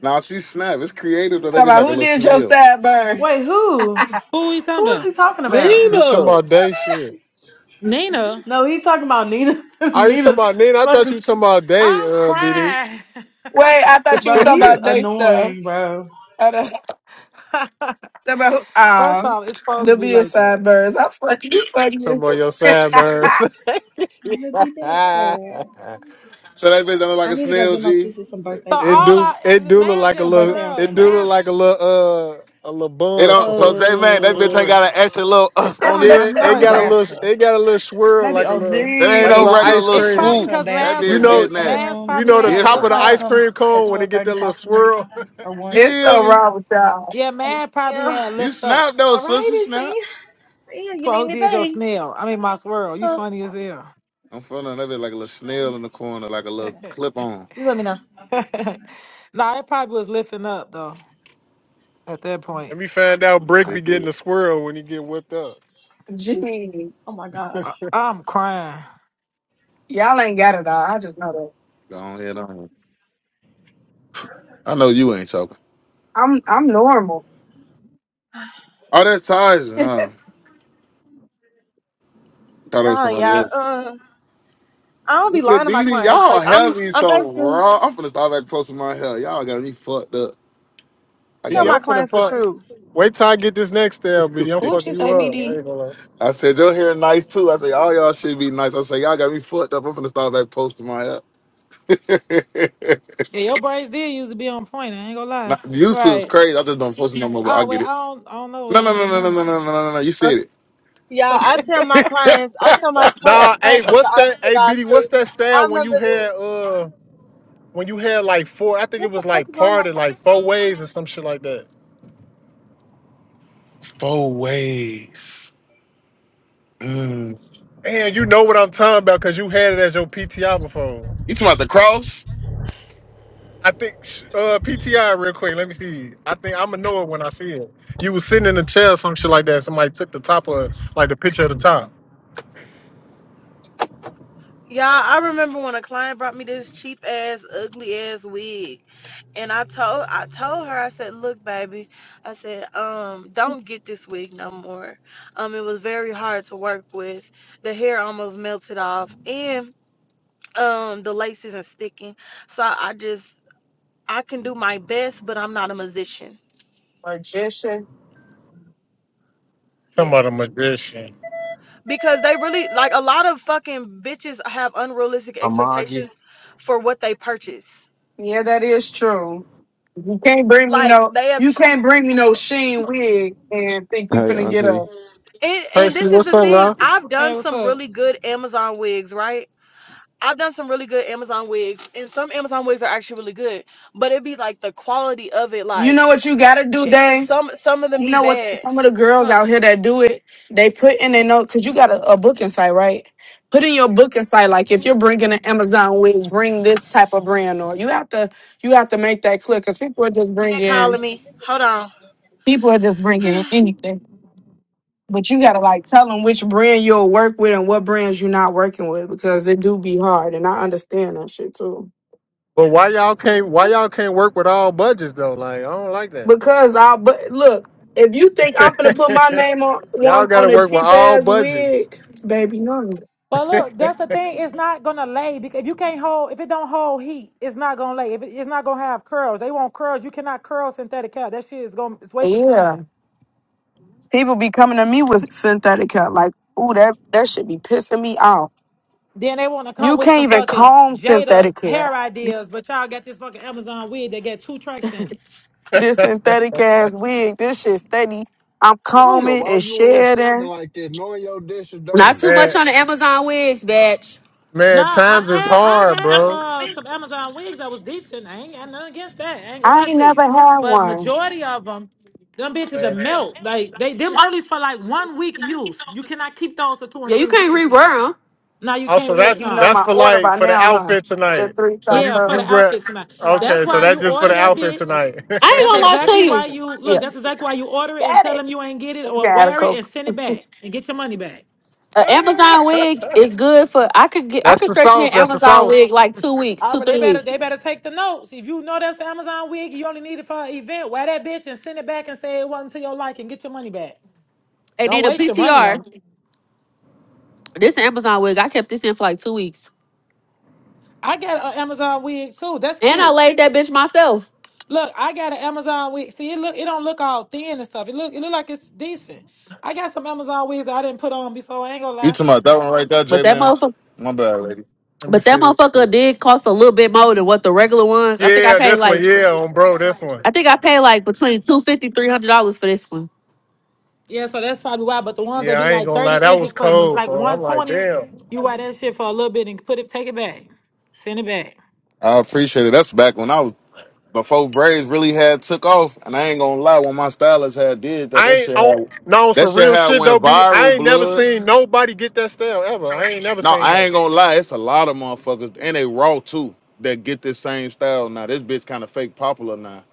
[SPEAKER 5] Now she snap. It's creative though. That
[SPEAKER 23] Talking
[SPEAKER 16] He
[SPEAKER 5] bitch like
[SPEAKER 23] about
[SPEAKER 5] a
[SPEAKER 23] who
[SPEAKER 5] little
[SPEAKER 23] did your
[SPEAKER 5] snail.
[SPEAKER 23] sideburn?
[SPEAKER 18] Wait, who?
[SPEAKER 34] Who are you talking
[SPEAKER 18] Who is
[SPEAKER 34] about?
[SPEAKER 18] he talking about?
[SPEAKER 16] talking
[SPEAKER 5] Nina.
[SPEAKER 16] about day shit.
[SPEAKER 34] Nina.
[SPEAKER 18] No, he talking about Nina.
[SPEAKER 16] Are you talking
[SPEAKER 18] Nina.
[SPEAKER 16] about Nina? I thought you talking about day,
[SPEAKER 34] I'm
[SPEAKER 16] uh, BD.
[SPEAKER 34] crying.
[SPEAKER 23] Wait, I thought you was
[SPEAKER 18] Bro,
[SPEAKER 23] talking
[SPEAKER 18] he's
[SPEAKER 16] talking
[SPEAKER 23] about day stuff.
[SPEAKER 18] annoying, bro.
[SPEAKER 23] So about
[SPEAKER 34] First
[SPEAKER 23] um
[SPEAKER 34] off, it's supposed
[SPEAKER 23] the
[SPEAKER 34] to be like that.
[SPEAKER 23] bedside birds. I'm fucking you fucking as
[SPEAKER 16] about your sad
[SPEAKER 23] fuck.
[SPEAKER 16] birds.
[SPEAKER 18] I'm gonna be back, girl.
[SPEAKER 5] So that bitch don't look like
[SPEAKER 18] I
[SPEAKER 5] a
[SPEAKER 18] need to go
[SPEAKER 5] snail,
[SPEAKER 18] get my
[SPEAKER 5] G.
[SPEAKER 18] sister some birthday
[SPEAKER 34] So
[SPEAKER 16] it
[SPEAKER 34] all
[SPEAKER 16] do
[SPEAKER 18] presents.
[SPEAKER 16] it
[SPEAKER 34] I
[SPEAKER 16] do look
[SPEAKER 34] man's
[SPEAKER 16] like a
[SPEAKER 18] Her
[SPEAKER 34] just
[SPEAKER 16] little
[SPEAKER 18] birthday on
[SPEAKER 34] curls.
[SPEAKER 16] it do
[SPEAKER 18] Sunday.
[SPEAKER 16] look
[SPEAKER 34] Man's
[SPEAKER 16] like a little uh a little
[SPEAKER 5] It don't.
[SPEAKER 16] bun.
[SPEAKER 5] So J man, that bitch ain't
[SPEAKER 18] Uh,
[SPEAKER 5] got an extra little up
[SPEAKER 18] I
[SPEAKER 5] on
[SPEAKER 18] don't
[SPEAKER 5] it.
[SPEAKER 18] know. I
[SPEAKER 16] Yeah,
[SPEAKER 18] just
[SPEAKER 34] no,
[SPEAKER 18] I'm
[SPEAKER 16] it
[SPEAKER 18] gonna
[SPEAKER 34] it
[SPEAKER 16] got a
[SPEAKER 18] grab
[SPEAKER 34] don't.
[SPEAKER 16] little
[SPEAKER 18] stuff.
[SPEAKER 16] it got a little swirl
[SPEAKER 18] Maybe
[SPEAKER 16] like a little
[SPEAKER 18] Ulta,
[SPEAKER 5] That ain't
[SPEAKER 16] like a
[SPEAKER 5] no
[SPEAKER 23] Gee.
[SPEAKER 16] little
[SPEAKER 5] regular
[SPEAKER 16] ice
[SPEAKER 5] little
[SPEAKER 34] It's
[SPEAKER 16] cream.
[SPEAKER 18] make
[SPEAKER 34] probably
[SPEAKER 5] swoop.
[SPEAKER 18] her a
[SPEAKER 34] because
[SPEAKER 5] That
[SPEAKER 34] man's
[SPEAKER 18] basket or
[SPEAKER 16] You
[SPEAKER 34] was
[SPEAKER 5] bitch
[SPEAKER 18] something.
[SPEAKER 16] know
[SPEAKER 5] getting
[SPEAKER 34] lift.
[SPEAKER 5] that
[SPEAKER 34] Man's
[SPEAKER 16] you
[SPEAKER 18] Um,
[SPEAKER 34] probably
[SPEAKER 16] know the
[SPEAKER 34] had
[SPEAKER 18] my
[SPEAKER 16] top of the
[SPEAKER 5] different.
[SPEAKER 34] lift
[SPEAKER 18] client
[SPEAKER 16] ice
[SPEAKER 34] up.
[SPEAKER 18] come
[SPEAKER 16] cream
[SPEAKER 18] at
[SPEAKER 16] cone when it
[SPEAKER 18] twelve
[SPEAKER 16] get
[SPEAKER 18] thirty
[SPEAKER 16] that little
[SPEAKER 18] possibly
[SPEAKER 16] swirl.
[SPEAKER 18] or
[SPEAKER 5] You
[SPEAKER 18] one.
[SPEAKER 23] It's
[SPEAKER 5] feel
[SPEAKER 23] so
[SPEAKER 5] me?
[SPEAKER 23] wrong with y'all.
[SPEAKER 34] Yeah, man probably
[SPEAKER 18] Yeah.
[SPEAKER 34] had
[SPEAKER 5] You
[SPEAKER 34] lift up
[SPEAKER 5] snap though,
[SPEAKER 18] All
[SPEAKER 5] sis. You
[SPEAKER 18] righty,
[SPEAKER 5] snap.
[SPEAKER 18] see. Yeah, you
[SPEAKER 34] for
[SPEAKER 18] need
[SPEAKER 34] who did your
[SPEAKER 18] anything?
[SPEAKER 34] snail. I mean my swirl. You
[SPEAKER 18] Huh?
[SPEAKER 34] funny as hell.
[SPEAKER 5] I'm feeling that bitch like a little snail in the corner, like a little
[SPEAKER 18] Okay.
[SPEAKER 5] clip on.
[SPEAKER 18] Just let me know. Bye.
[SPEAKER 34] nah, it probably was lifting up though at that point.
[SPEAKER 16] Let me find out Brick
[SPEAKER 34] I,
[SPEAKER 16] be
[SPEAKER 5] Big
[SPEAKER 16] getting
[SPEAKER 5] with.
[SPEAKER 16] the swirl when he get whipped up.
[SPEAKER 23] Gee.
[SPEAKER 18] Oh my gosh.
[SPEAKER 34] am crying.
[SPEAKER 23] Y'all ain't got it all. I just know that.
[SPEAKER 5] Go on, head on. I know you ain't talking.
[SPEAKER 23] I'm I'm normal.
[SPEAKER 5] Oh, that's Taj. Uh, thought it was
[SPEAKER 18] Nah,
[SPEAKER 5] somebody
[SPEAKER 18] yeah.
[SPEAKER 5] else.
[SPEAKER 18] Uh, I don't be
[SPEAKER 5] Look at
[SPEAKER 18] lying to my
[SPEAKER 5] Didi.
[SPEAKER 18] clients.
[SPEAKER 5] Y'all
[SPEAKER 18] Like I'm,
[SPEAKER 5] have me
[SPEAKER 18] I'm
[SPEAKER 5] so
[SPEAKER 18] actually.
[SPEAKER 5] raw. I'm finna start back posting my hair. Y'all got me fucked up. I
[SPEAKER 18] tell
[SPEAKER 16] BD,
[SPEAKER 5] gotta.
[SPEAKER 18] my
[SPEAKER 16] I'm finna
[SPEAKER 18] clients the
[SPEAKER 16] fuck.
[SPEAKER 18] truth.
[SPEAKER 16] Wait till I get this next style, BD. I'm
[SPEAKER 32] What'd
[SPEAKER 16] fucking
[SPEAKER 32] you
[SPEAKER 16] you
[SPEAKER 32] say,
[SPEAKER 16] up. I
[SPEAKER 32] BD?
[SPEAKER 16] ain't gonna lie.
[SPEAKER 5] I said your hair nice too. I said all y'all should be nice. I said y'all got me fucked up. I'm finna start back posting my hair.
[SPEAKER 34] Yeah, your braids did used to be on point. I ain't gonna lie.
[SPEAKER 5] Not, used to is
[SPEAKER 18] Right.
[SPEAKER 5] crazy. I just don't post it no more. But I
[SPEAKER 34] Ah, well,
[SPEAKER 5] get
[SPEAKER 34] I
[SPEAKER 5] it.
[SPEAKER 34] don't, I don't know what
[SPEAKER 5] No, no,
[SPEAKER 34] to
[SPEAKER 5] no,
[SPEAKER 34] do
[SPEAKER 5] no, no,
[SPEAKER 34] now.
[SPEAKER 5] no, no, no, no. no. no. You said it.
[SPEAKER 18] Yeah, I tell my clients, I tell my clients
[SPEAKER 16] Nah, hey,
[SPEAKER 18] the
[SPEAKER 16] what's
[SPEAKER 18] honest
[SPEAKER 16] that?
[SPEAKER 18] to
[SPEAKER 16] Hey,
[SPEAKER 18] God
[SPEAKER 16] BD, what's
[SPEAKER 18] truth.
[SPEAKER 16] that
[SPEAKER 18] I
[SPEAKER 16] style when you
[SPEAKER 18] remember this.
[SPEAKER 16] had uh when you had like four? I think it
[SPEAKER 18] What the
[SPEAKER 16] was
[SPEAKER 18] fuck
[SPEAKER 16] like
[SPEAKER 18] is wrong with my
[SPEAKER 16] parted
[SPEAKER 18] phone?
[SPEAKER 16] like four waves or some shit like that.
[SPEAKER 5] Four ways. Mm.
[SPEAKER 16] And you know what I'm talking about because you had it as your PTI before.
[SPEAKER 5] You talking about the cross?
[SPEAKER 16] I think sh- uh PTI real quick. Let me see. I think I'm gonna know it when I see it. You was sitting in a chair, or some shit like that. Somebody took the top of like the picture of the top.
[SPEAKER 18] Yeah, I remember when a client brought me this cheap ass, ugly ass wig, and I told I told her I said, look, baby, I said, um, don't get this wig no more. Um, it was very hard to work with. The hair almost melted off, and um, the lace isn't sticking. So I just I can do my best, but I'm not a musician.
[SPEAKER 23] Magician.
[SPEAKER 16] Talking
[SPEAKER 18] Yeah.
[SPEAKER 16] about a magician.
[SPEAKER 18] Because they really like a lot of fucking bitches have unrealistic
[SPEAKER 4] Amagi.
[SPEAKER 18] expectations for what they purchase.
[SPEAKER 23] Yeah, that is true. You can't bring me
[SPEAKER 18] Like
[SPEAKER 23] no
[SPEAKER 18] they have
[SPEAKER 23] you
[SPEAKER 18] too
[SPEAKER 23] can't
[SPEAKER 18] m-
[SPEAKER 23] bring me no sheen wig and think you
[SPEAKER 20] Hey,
[SPEAKER 23] finna get
[SPEAKER 20] Auntie.
[SPEAKER 23] a
[SPEAKER 18] and, and
[SPEAKER 16] Casey,
[SPEAKER 18] this is
[SPEAKER 16] what's
[SPEAKER 18] the
[SPEAKER 16] up,
[SPEAKER 18] thing.
[SPEAKER 16] bro?
[SPEAKER 18] I've done
[SPEAKER 34] hey, what's
[SPEAKER 18] some
[SPEAKER 34] up?
[SPEAKER 18] really good Amazon wigs, right? I've done some really good Amazon wigs, and some Amazon wigs are actually really good. But it'd be like the quality of it,
[SPEAKER 23] you know
[SPEAKER 18] like
[SPEAKER 23] what you gotta do,
[SPEAKER 18] it, some some of them
[SPEAKER 23] You
[SPEAKER 18] be
[SPEAKER 23] know what?
[SPEAKER 18] bad,
[SPEAKER 23] Some of the girls
[SPEAKER 18] huh?
[SPEAKER 23] out here that do it, they put in their note because you got a, a booking site, right? Put in your booking site, like if you're
[SPEAKER 18] hmm
[SPEAKER 23] bringing an Amazon wig, bring this type of brand, or you have to you have to make that clear because people are just bringing
[SPEAKER 18] Calling me. Hold on.
[SPEAKER 23] people are just bringing anything. But you gotta like tell them which brand you'll work with and what brands you're not working with because they do be hard, and I understand that shit too.
[SPEAKER 16] But why y'all can't why y'all can't work with all budgets though? Like I don't like
[SPEAKER 23] Because I but look, if you think I'm gonna put my
[SPEAKER 16] that.
[SPEAKER 23] name on
[SPEAKER 16] y'all
[SPEAKER 23] one
[SPEAKER 16] gotta
[SPEAKER 23] on a
[SPEAKER 16] work with
[SPEAKER 23] cheap
[SPEAKER 16] all
[SPEAKER 23] ass
[SPEAKER 16] budgets.
[SPEAKER 23] wig, baby, no.
[SPEAKER 34] But look, that's the thing. It's not gonna lay because if you can't hold, if it don't hold heat, it's not gonna lay. If it, it's not gonna have curls, they want curls. You cannot curl synthetic hair. That shit is gonna, it's waste of
[SPEAKER 23] Yeah.
[SPEAKER 34] time.
[SPEAKER 23] People be coming to me with synthetic hair. Like, ooh, that, that should be pissing me off.
[SPEAKER 34] Then they want to come
[SPEAKER 23] You
[SPEAKER 34] with some
[SPEAKER 23] can't even
[SPEAKER 34] fucking
[SPEAKER 23] comb
[SPEAKER 34] Jada
[SPEAKER 23] synthetic hair.
[SPEAKER 34] hair ideas, but y'all got this fucking Amazon wig that got two tracks in it.
[SPEAKER 23] This synthetic ass wig, this shit steady. I'm
[SPEAKER 25] I don't know
[SPEAKER 23] combing
[SPEAKER 25] why
[SPEAKER 23] and
[SPEAKER 25] you in here snapping
[SPEAKER 23] shedding.
[SPEAKER 25] like this, knowing your dish is
[SPEAKER 7] Not
[SPEAKER 25] dirty.
[SPEAKER 7] too much
[SPEAKER 16] Man,
[SPEAKER 7] on the Amazon wigs, bitch.
[SPEAKER 34] Nah,
[SPEAKER 16] man, times
[SPEAKER 34] I've
[SPEAKER 16] is
[SPEAKER 34] had I've
[SPEAKER 16] hard,
[SPEAKER 34] had
[SPEAKER 16] bro.
[SPEAKER 34] uh some Amazon wigs that was decent. I ain't got nothing against that. I ain't gonna
[SPEAKER 23] I
[SPEAKER 34] lie
[SPEAKER 23] ain't
[SPEAKER 34] to
[SPEAKER 23] never
[SPEAKER 34] you.
[SPEAKER 23] had
[SPEAKER 34] But
[SPEAKER 23] one.
[SPEAKER 34] majority of them, them bitches are
[SPEAKER 16] Man.
[SPEAKER 34] melt. Like they them only for like one week use. You cannot keep those for two
[SPEAKER 7] Yeah,
[SPEAKER 34] and
[SPEAKER 7] you
[SPEAKER 34] three
[SPEAKER 7] can't
[SPEAKER 34] weeks and shit.
[SPEAKER 7] rewear them.
[SPEAKER 34] No, you
[SPEAKER 16] Also,
[SPEAKER 34] can't.
[SPEAKER 23] Think you
[SPEAKER 16] that's
[SPEAKER 23] know
[SPEAKER 34] No.
[SPEAKER 16] that's
[SPEAKER 23] my
[SPEAKER 16] for
[SPEAKER 23] order
[SPEAKER 16] like
[SPEAKER 23] by
[SPEAKER 16] for the
[SPEAKER 23] now, huh?
[SPEAKER 16] outfit tonight.
[SPEAKER 23] Get three
[SPEAKER 16] So
[SPEAKER 34] Yeah,
[SPEAKER 16] you
[SPEAKER 34] for
[SPEAKER 16] you
[SPEAKER 34] the
[SPEAKER 23] tacos.
[SPEAKER 16] grab.
[SPEAKER 34] outfit tonight. That's
[SPEAKER 16] Okay, so
[SPEAKER 34] why you
[SPEAKER 16] that's just for the
[SPEAKER 34] order that
[SPEAKER 16] outfit
[SPEAKER 34] bitch.
[SPEAKER 16] tonight.
[SPEAKER 7] I ain't
[SPEAKER 34] That's
[SPEAKER 7] gonna lie to
[SPEAKER 34] exactly
[SPEAKER 7] you.
[SPEAKER 34] why you
[SPEAKER 23] Yeah,
[SPEAKER 34] look. That's exactly why you order it and
[SPEAKER 23] got
[SPEAKER 34] tell them
[SPEAKER 23] it.
[SPEAKER 34] you ain't get it
[SPEAKER 23] You
[SPEAKER 34] or
[SPEAKER 23] got a
[SPEAKER 34] wear it and
[SPEAKER 23] coke.
[SPEAKER 34] send it back and get your money back.
[SPEAKER 7] An
[SPEAKER 16] That's
[SPEAKER 7] Amazon wig is good for I could get I could
[SPEAKER 16] the
[SPEAKER 7] stretch me
[SPEAKER 16] sauce.
[SPEAKER 7] an
[SPEAKER 16] That's the
[SPEAKER 7] Amazon wig
[SPEAKER 16] sauce.
[SPEAKER 7] like two weeks,
[SPEAKER 34] All
[SPEAKER 7] two
[SPEAKER 34] right, they
[SPEAKER 7] three
[SPEAKER 34] better
[SPEAKER 7] weeks,
[SPEAKER 34] they better take the notes. If you know that's the Amazon wig, you only need it for an event. Wear that bitch and send it back and say it wasn't to your liking. Get your money back.
[SPEAKER 7] and
[SPEAKER 34] Don't
[SPEAKER 7] then a
[SPEAKER 34] waste your money
[SPEAKER 7] PTR.
[SPEAKER 34] on. it.
[SPEAKER 7] This Amazon wig, I kept this in for like two weeks,
[SPEAKER 34] I got an Amazon wig too. That's
[SPEAKER 7] and I
[SPEAKER 34] cute.
[SPEAKER 7] laid that bitch myself.
[SPEAKER 34] Look, I got an Amazon wig. See, it look it don't look all thin and stuff. It look it look like it's decent. I got some Amazon wigs that I didn't put on before. I ain't gonna
[SPEAKER 5] You
[SPEAKER 34] lie.
[SPEAKER 5] talking about that one right there,
[SPEAKER 7] But
[SPEAKER 5] J
[SPEAKER 7] that
[SPEAKER 5] man?
[SPEAKER 7] motherfucker,
[SPEAKER 5] My bad, lady.
[SPEAKER 16] Let me
[SPEAKER 7] but that
[SPEAKER 16] see.
[SPEAKER 7] motherfucker did cost a little bit more than what the regular ones. I think I
[SPEAKER 16] Yeah,
[SPEAKER 7] paid
[SPEAKER 16] this one.
[SPEAKER 7] like,
[SPEAKER 16] Yeah, on bro, this one.
[SPEAKER 7] I think I paid like between two fifty three hundred dollars for this one.
[SPEAKER 34] Yeah, so that's probably why. But the ones that
[SPEAKER 16] Yeah,
[SPEAKER 34] be
[SPEAKER 16] I ain't
[SPEAKER 34] like
[SPEAKER 16] gonna
[SPEAKER 34] thirty
[SPEAKER 16] lie. That was
[SPEAKER 34] inches for
[SPEAKER 16] cold,
[SPEAKER 34] like
[SPEAKER 16] bro.
[SPEAKER 34] one
[SPEAKER 16] I'm like,
[SPEAKER 34] twenty,
[SPEAKER 16] damn.
[SPEAKER 34] you wear that shit for a little bit and put it, take it back, send it back.
[SPEAKER 5] I appreciate it. That's back when I was. before braids really had took off, and I ain't gonna lie, when my stylist had did that,
[SPEAKER 16] I
[SPEAKER 5] that
[SPEAKER 16] ain't
[SPEAKER 5] shit
[SPEAKER 16] on
[SPEAKER 5] had
[SPEAKER 16] no
[SPEAKER 5] that
[SPEAKER 16] some
[SPEAKER 5] shit
[SPEAKER 16] real
[SPEAKER 5] had
[SPEAKER 16] shit
[SPEAKER 5] went
[SPEAKER 16] though, BD. I
[SPEAKER 5] viral.
[SPEAKER 16] ain't never
[SPEAKER 5] Blood.
[SPEAKER 16] seen nobody get that style ever. I ain't never
[SPEAKER 5] No,
[SPEAKER 16] seen
[SPEAKER 5] I
[SPEAKER 16] that.
[SPEAKER 5] ain't gonna lie, it's a lot of motherfuckers, and they raw too, that get this same style now. This bitch kind of fake popular now,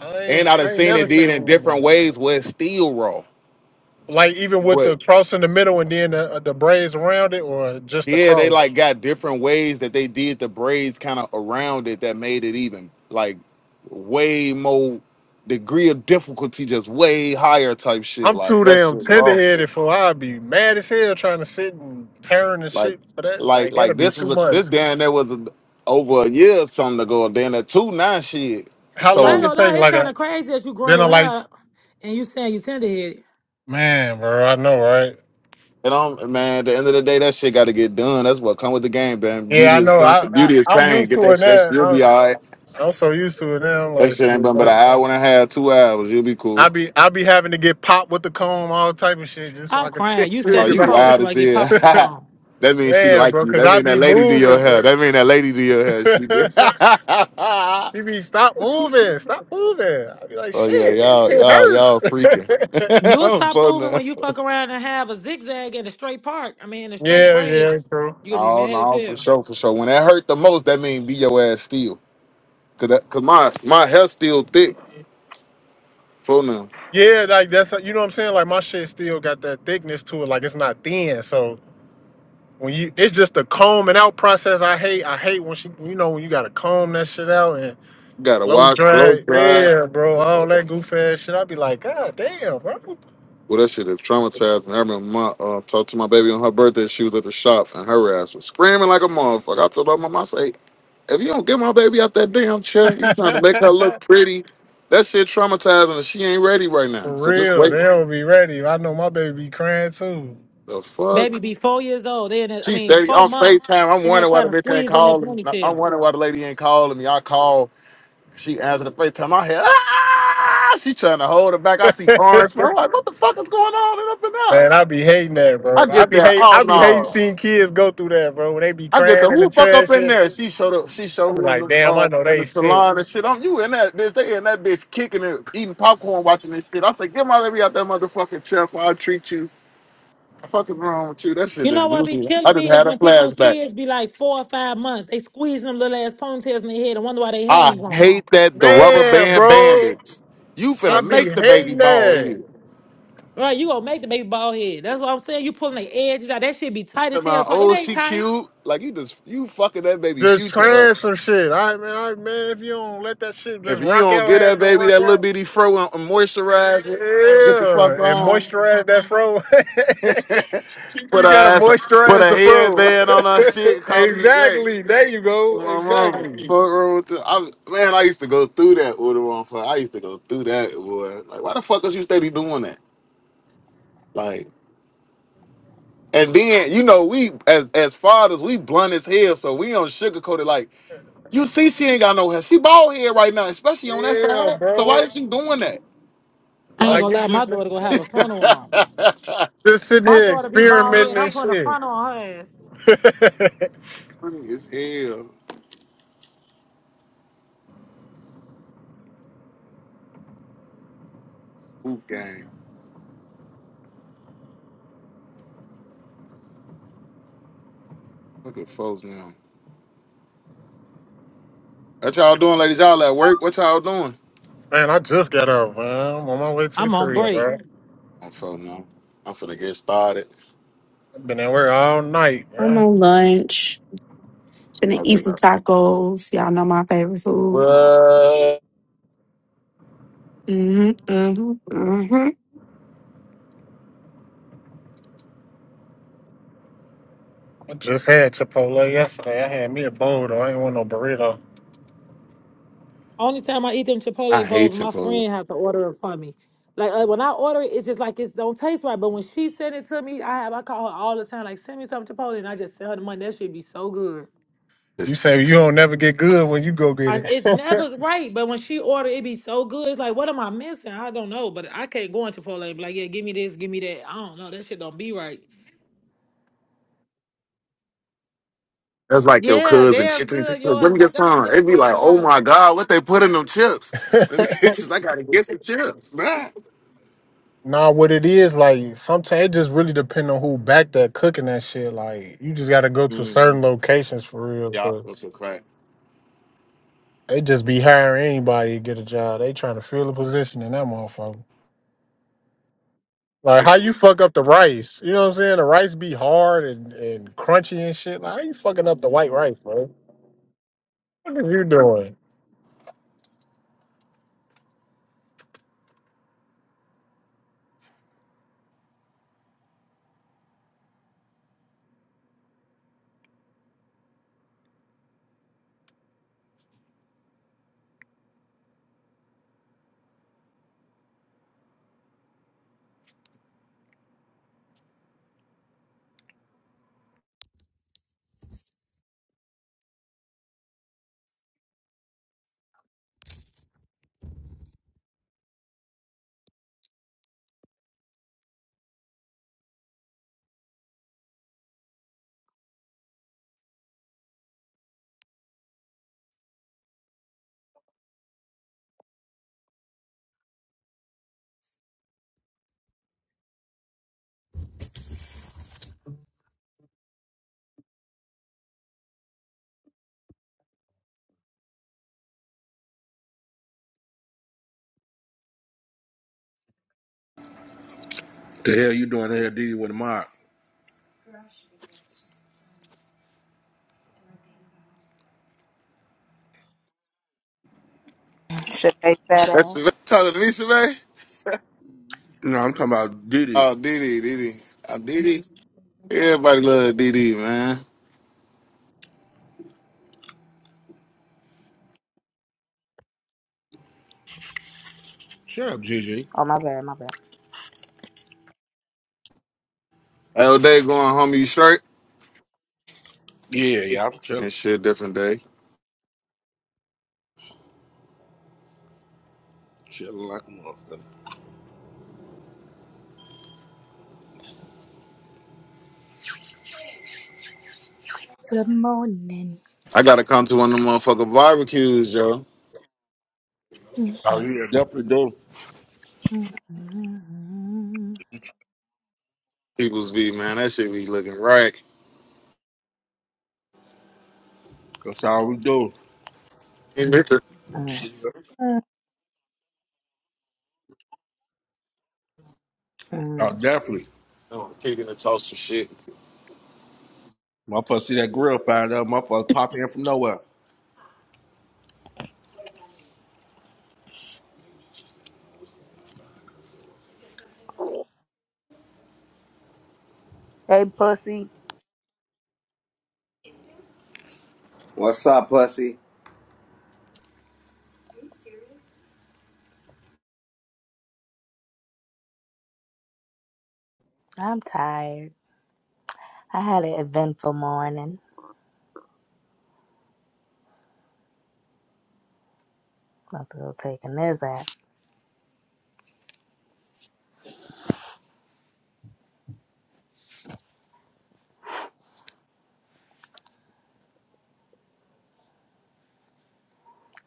[SPEAKER 16] I
[SPEAKER 5] and
[SPEAKER 16] ain't
[SPEAKER 5] I done
[SPEAKER 16] I ain't
[SPEAKER 5] seen
[SPEAKER 16] never
[SPEAKER 5] it did in
[SPEAKER 16] seen
[SPEAKER 5] different
[SPEAKER 16] that.
[SPEAKER 5] ways where it's still raw,
[SPEAKER 16] Like even with
[SPEAKER 5] but.
[SPEAKER 16] the cross in the middle and then the, uh, the braids around it, or just the
[SPEAKER 5] Yeah, they
[SPEAKER 16] cross.
[SPEAKER 5] like got different ways that they did the braids kind of around it that made it even like way more degree of difficulty just way higher type shit
[SPEAKER 16] I'm
[SPEAKER 5] like
[SPEAKER 16] too
[SPEAKER 5] that
[SPEAKER 16] damn
[SPEAKER 5] shit
[SPEAKER 16] tender
[SPEAKER 5] raw.
[SPEAKER 16] headed for. I'd be mad as hell trying to sit and tearing and
[SPEAKER 5] Like,
[SPEAKER 16] shit for that.
[SPEAKER 5] like,
[SPEAKER 16] Like
[SPEAKER 5] like
[SPEAKER 16] that'd be
[SPEAKER 5] this was
[SPEAKER 16] too
[SPEAKER 5] a
[SPEAKER 16] much.
[SPEAKER 5] this damn there was a, over a year or something ago. Then that two nine shit.
[SPEAKER 16] How
[SPEAKER 34] I ain't
[SPEAKER 5] So
[SPEAKER 16] long it
[SPEAKER 34] gonna
[SPEAKER 16] take?
[SPEAKER 34] lie, it's
[SPEAKER 16] Like
[SPEAKER 34] kind
[SPEAKER 16] a
[SPEAKER 34] of crazy that you growing
[SPEAKER 16] then dinner?
[SPEAKER 34] your
[SPEAKER 16] Like
[SPEAKER 34] hair up and you saying you tender headed.
[SPEAKER 16] man, bro. I know, right?
[SPEAKER 5] you know, man, at the end of the day, that shit got to get done. That's what come with the game, man.
[SPEAKER 16] Yeah,
[SPEAKER 5] Beauty
[SPEAKER 16] I
[SPEAKER 5] is
[SPEAKER 16] know.
[SPEAKER 5] tr-
[SPEAKER 16] I, I
[SPEAKER 5] beauty is
[SPEAKER 16] I'm
[SPEAKER 5] pain.
[SPEAKER 16] used
[SPEAKER 5] Get
[SPEAKER 16] to
[SPEAKER 5] that
[SPEAKER 16] it
[SPEAKER 5] shit.
[SPEAKER 16] now.
[SPEAKER 5] You'll be
[SPEAKER 16] I'm,
[SPEAKER 5] all right.
[SPEAKER 16] I'm so used to it now. I'm
[SPEAKER 5] That
[SPEAKER 16] like,
[SPEAKER 5] shit ain't
[SPEAKER 16] shit,
[SPEAKER 5] been but
[SPEAKER 16] like,
[SPEAKER 5] an hour and a half, two hours. You'll be cool.
[SPEAKER 16] I be I be having to get popped with the comb, all type of shit, just so
[SPEAKER 34] I'm
[SPEAKER 16] I can
[SPEAKER 34] crying.
[SPEAKER 16] taste
[SPEAKER 34] You
[SPEAKER 5] Oh,
[SPEAKER 16] it. Cause
[SPEAKER 34] seventy
[SPEAKER 5] you
[SPEAKER 16] I,
[SPEAKER 34] four,
[SPEAKER 16] can,
[SPEAKER 5] wild
[SPEAKER 34] till
[SPEAKER 5] as
[SPEAKER 34] I get
[SPEAKER 5] hell.
[SPEAKER 34] popped with the comb.
[SPEAKER 5] that means she
[SPEAKER 16] man,
[SPEAKER 5] like
[SPEAKER 16] bro,
[SPEAKER 5] you.
[SPEAKER 16] cause
[SPEAKER 5] That
[SPEAKER 16] I
[SPEAKER 5] mean that
[SPEAKER 16] be
[SPEAKER 5] lady do
[SPEAKER 16] moving,
[SPEAKER 5] your hair.
[SPEAKER 16] bro.
[SPEAKER 5] That mean that lady do your hair. She did. oh
[SPEAKER 16] he be stop moving, stop moving. I be like,
[SPEAKER 5] yeah,
[SPEAKER 16] shit, that
[SPEAKER 5] y'all,
[SPEAKER 16] shit
[SPEAKER 5] y'all, y'all freaking.
[SPEAKER 16] hurt.
[SPEAKER 34] You'll
[SPEAKER 5] I'm
[SPEAKER 34] stop moving
[SPEAKER 5] fun
[SPEAKER 34] when you fuck around and have a zigzag and a straight part. I mean, a straight
[SPEAKER 16] yeah, yeah,
[SPEAKER 34] braids.
[SPEAKER 16] true.
[SPEAKER 34] You'll be
[SPEAKER 5] No,
[SPEAKER 34] mad as
[SPEAKER 5] no, for
[SPEAKER 34] hell.
[SPEAKER 5] sure, for sure. When that hurt the most, that mean be your ass still. Cause that, cause my my hair still thick. So now
[SPEAKER 16] Yeah, like that's you know what I'm saying. Like my shit still got that thickness to it. Like it's not thin, so when you it's just the combing out process. I hate I hate when she you know when you gotta comb that shit out and
[SPEAKER 5] gotta
[SPEAKER 16] blow
[SPEAKER 5] wash,
[SPEAKER 16] dry.
[SPEAKER 5] blow dry.
[SPEAKER 16] Yeah, bro, all that
[SPEAKER 5] Well,
[SPEAKER 16] goof ass shit. i be like, God damn, bro.
[SPEAKER 5] that shit is traumatized. And I remember my uh, talked to my baby on her birthday. She was at the shop, and her ass was screaming like a motherfucker. I told her mom, I say, if you don't get my baby out that damn chair, you trying to make her look pretty. That shit traumatizing, and she ain't ready right now.
[SPEAKER 16] For
[SPEAKER 5] So just
[SPEAKER 16] real,
[SPEAKER 5] wait.
[SPEAKER 16] they don't be ready. I know my baby be crying too.
[SPEAKER 5] The fuck.
[SPEAKER 34] Baby be four years old. They in that, I
[SPEAKER 5] She's
[SPEAKER 34] mean,
[SPEAKER 5] 30
[SPEAKER 34] four
[SPEAKER 5] on
[SPEAKER 34] months,
[SPEAKER 5] FaceTime. I'm
[SPEAKER 34] and they
[SPEAKER 5] wondering why
[SPEAKER 34] trying
[SPEAKER 5] the
[SPEAKER 34] to
[SPEAKER 5] bitch ain't
[SPEAKER 34] squeeze in their
[SPEAKER 5] calling. me. I'm wondering
[SPEAKER 34] ponytails.
[SPEAKER 5] why the lady ain't calling me. I call, she answered the FaceTime. I hear, ah! She trying to hold it back. I see orange. flag. I'm like, what the fuck is going on and up in
[SPEAKER 16] Man, I
[SPEAKER 5] there?
[SPEAKER 16] be hating that,
[SPEAKER 5] I
[SPEAKER 16] bro. I
[SPEAKER 5] get
[SPEAKER 16] be
[SPEAKER 5] there.
[SPEAKER 16] hate
[SPEAKER 5] Oh
[SPEAKER 16] I be hating
[SPEAKER 5] no.
[SPEAKER 16] seeing kids go through that, bro. When they be
[SPEAKER 5] I get the
[SPEAKER 16] crying in the
[SPEAKER 5] who fuck up
[SPEAKER 16] trash
[SPEAKER 5] in
[SPEAKER 16] shit.
[SPEAKER 5] there. She showed up. She
[SPEAKER 16] I
[SPEAKER 5] show
[SPEAKER 16] be
[SPEAKER 5] who in
[SPEAKER 16] like,
[SPEAKER 5] the
[SPEAKER 16] damn, I
[SPEAKER 5] uh,
[SPEAKER 16] know
[SPEAKER 5] in the
[SPEAKER 16] they sick.
[SPEAKER 5] salon and shit. I'm you in that bitch. They in that bitch kicking it, eating popcorn, watching this shit. I say, get my baby out that motherfucking chair. Before I treat you. Fucking wrong with you? That shit
[SPEAKER 34] You
[SPEAKER 5] is
[SPEAKER 34] know what be
[SPEAKER 5] boozy. I
[SPEAKER 34] killing
[SPEAKER 5] just
[SPEAKER 34] me is
[SPEAKER 5] had a
[SPEAKER 34] when people
[SPEAKER 5] flashback.
[SPEAKER 34] kids be like four or five months, they squeeze them little ass ponytails in their head and wonder why they hair
[SPEAKER 5] I
[SPEAKER 34] ain't gone.
[SPEAKER 5] hate that the rubber
[SPEAKER 16] Man,
[SPEAKER 5] band
[SPEAKER 16] bro.
[SPEAKER 5] bandits. You
[SPEAKER 16] I
[SPEAKER 5] finna
[SPEAKER 34] That
[SPEAKER 16] be
[SPEAKER 34] shit.
[SPEAKER 5] make the baby
[SPEAKER 16] hating
[SPEAKER 5] bald
[SPEAKER 16] that.
[SPEAKER 5] here.
[SPEAKER 34] Right, you gonna make the baby bald head. That's what I'm saying. You pulling the edges out. That shit be tight
[SPEAKER 5] Tell
[SPEAKER 34] as hell.
[SPEAKER 5] my
[SPEAKER 34] So It
[SPEAKER 5] oh
[SPEAKER 34] ain't
[SPEAKER 5] she
[SPEAKER 34] tight.
[SPEAKER 5] cute. Like you just you fucking that baby
[SPEAKER 16] Just
[SPEAKER 5] future up.
[SPEAKER 16] trans some shit. I man, I man, if you don't let that shit
[SPEAKER 5] If
[SPEAKER 16] just
[SPEAKER 5] you
[SPEAKER 16] rock
[SPEAKER 5] don't
[SPEAKER 16] out, how
[SPEAKER 5] get
[SPEAKER 16] it's
[SPEAKER 5] that
[SPEAKER 16] gonna
[SPEAKER 5] baby
[SPEAKER 16] rock
[SPEAKER 5] that little
[SPEAKER 16] out.
[SPEAKER 5] bitty fro and and moisturize it, get the fuck
[SPEAKER 16] Yeah, and
[SPEAKER 5] on.
[SPEAKER 16] moisturize that fro.
[SPEAKER 5] put
[SPEAKER 16] you gotta
[SPEAKER 5] her ass put
[SPEAKER 16] moisturize
[SPEAKER 5] a
[SPEAKER 16] the fro.
[SPEAKER 5] headband on her shit, call it a day.
[SPEAKER 16] exactly. There you go.
[SPEAKER 5] My mama,
[SPEAKER 16] Exactly.
[SPEAKER 5] fuck wrong with the- I, man, I used to go through that with the motherfucker. I used to go through that, boy. Like, why the fuck is you steady doing that? Like. And then you know we as as fathers we blunt as hell, so we don't sugarcoat it. Like you see, she ain't got no hair. She bald head right now, especially on that
[SPEAKER 16] Yeah,
[SPEAKER 5] side. So why
[SPEAKER 16] bro.
[SPEAKER 5] is she doing that?
[SPEAKER 34] I ain't
[SPEAKER 5] Like
[SPEAKER 16] Like
[SPEAKER 34] gonna
[SPEAKER 16] you
[SPEAKER 34] lie, my
[SPEAKER 16] just
[SPEAKER 34] daughter gonna have a frontal on.
[SPEAKER 16] just sitting
[SPEAKER 34] My
[SPEAKER 16] here
[SPEAKER 34] daughter be bald
[SPEAKER 16] experimenting
[SPEAKER 34] head. I'm
[SPEAKER 16] and
[SPEAKER 34] putting a
[SPEAKER 16] shit.
[SPEAKER 34] frontal on her ass.
[SPEAKER 5] funny as hell. Boot game. Look at folks now. What y'all doing, ladies? Y'all at work? What y'all doing?
[SPEAKER 16] man, I just got up, man. I'm on my way to the
[SPEAKER 34] I'm on
[SPEAKER 16] crib,
[SPEAKER 34] break.
[SPEAKER 16] bro.
[SPEAKER 5] I'm folks now. I'm finna get started.
[SPEAKER 16] I've been at work all night,
[SPEAKER 23] I'm
[SPEAKER 16] bro.
[SPEAKER 23] on lunch. Finna
[SPEAKER 5] I've
[SPEAKER 23] eat
[SPEAKER 5] been
[SPEAKER 23] some
[SPEAKER 5] up.
[SPEAKER 23] tacos. Y'all know my favorite food.
[SPEAKER 5] What?
[SPEAKER 23] hmm hmm
[SPEAKER 16] I just had Chipotle yesterday. I had me a bowl though. I ain't want no burrito.
[SPEAKER 34] Only time I eat them
[SPEAKER 5] I
[SPEAKER 34] Chipotle bowls,
[SPEAKER 5] hate you,
[SPEAKER 34] my
[SPEAKER 5] folks.
[SPEAKER 34] friend have to order it for me. Like uh, when I order it, it's just like it don't taste right. But when she sent it to me, I have I call her all the time, like send me some Chipotle, and I just send her the money. That shit be so good.
[SPEAKER 16] You say you don't never get good when you go get
[SPEAKER 34] And it's never right, but when she order, it be so good. It's like, what am I missing? I don't know, but I can't go into Chipotle and be like, yeah, give me this, give me that. I don't know. That shit don't be right.
[SPEAKER 5] That's like your
[SPEAKER 34] Yeah,
[SPEAKER 5] cousin.
[SPEAKER 34] theirs
[SPEAKER 5] Shit, take-
[SPEAKER 34] good.
[SPEAKER 5] Let
[SPEAKER 34] Yours
[SPEAKER 5] me get
[SPEAKER 34] like that's
[SPEAKER 5] some.
[SPEAKER 34] yeah. I
[SPEAKER 5] It'd be
[SPEAKER 34] swear to
[SPEAKER 5] like, oh
[SPEAKER 34] God.
[SPEAKER 5] my god, what they put in them chips? Let me
[SPEAKER 16] it.
[SPEAKER 5] I gotta get some chips, man.
[SPEAKER 16] nah, what it is like sometimes it just really depend on who back that cooking that shit. Like you just gotta go to
[SPEAKER 5] Mm,
[SPEAKER 16] certain locations for real.
[SPEAKER 5] yeah,
[SPEAKER 16] 'cause
[SPEAKER 5] that's a fact.
[SPEAKER 16] they just be hiring anybody to get a job. They trying to fill a position in that motherfucker. Like how you fuck up the rice? You know what I'm saying? The rice be hard and, and crunchy and shit. Like how you fucking up the white rice, bro? What are you doing?
[SPEAKER 30] The hell you doing here, Diddy, with the mob?
[SPEAKER 3] Shit, they fat
[SPEAKER 5] That's
[SPEAKER 3] ass.
[SPEAKER 5] the talking to Nisha, man.
[SPEAKER 30] No, I'm talking about Diddy.
[SPEAKER 5] Oh, Didi, Didi, oh, Didi. Everybody love Didi, man.
[SPEAKER 30] Shut up, Gigi.
[SPEAKER 3] Oh, my bad, my bad.
[SPEAKER 5] All day going home, you straight
[SPEAKER 30] Yeah,
[SPEAKER 23] hmm
[SPEAKER 30] yeah, I'm chilling.
[SPEAKER 5] and shit. Different day.
[SPEAKER 30] Chilling like a motherfucker.
[SPEAKER 3] Good morning.
[SPEAKER 5] I gotta come to one of them motherfucking barbecues, yo.
[SPEAKER 30] Oh yeah, definitely do.
[SPEAKER 5] People's be man, that shit be looking right.
[SPEAKER 30] That's all we do.
[SPEAKER 5] Hey, Richard.
[SPEAKER 30] Oh, definitely.
[SPEAKER 5] Oh, kicking the toast and shit.
[SPEAKER 30] Motherfucker see that grill fired up. Motherfucker pop in from nowhere.
[SPEAKER 3] Hey, pussy.
[SPEAKER 15] What's up, pussy?
[SPEAKER 3] I'm tired. I had an eventful morning. About to go take a nizz out.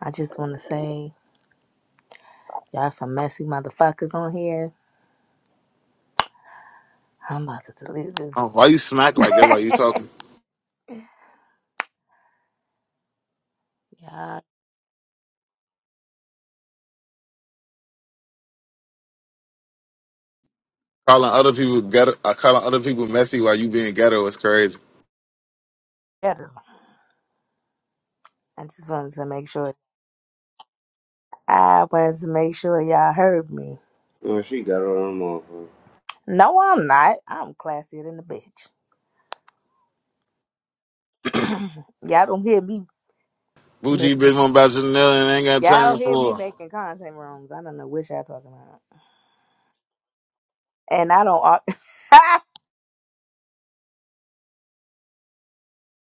[SPEAKER 3] I just want to say, y'all some messy motherfuckers on here. I'm about to delete this.
[SPEAKER 5] Oh, why you smack like that? Why you talking? Calling other people ghetto, uh, calling other people messy while you being ghetto is crazy.
[SPEAKER 3] better. I just wanted to make sure. I wanted to make sure y'all heard me.
[SPEAKER 15] Oh, she got her own motherfucker.
[SPEAKER 3] No, I'm not. I'm classier than the bitch. y'all don't hear me make.
[SPEAKER 5] Bougie bitch want about Janelle and ain't got
[SPEAKER 3] Y'all
[SPEAKER 5] time
[SPEAKER 3] don't hear me
[SPEAKER 5] for her.
[SPEAKER 3] making content rooms. I don't know what y'all talking about. And I don't. ar-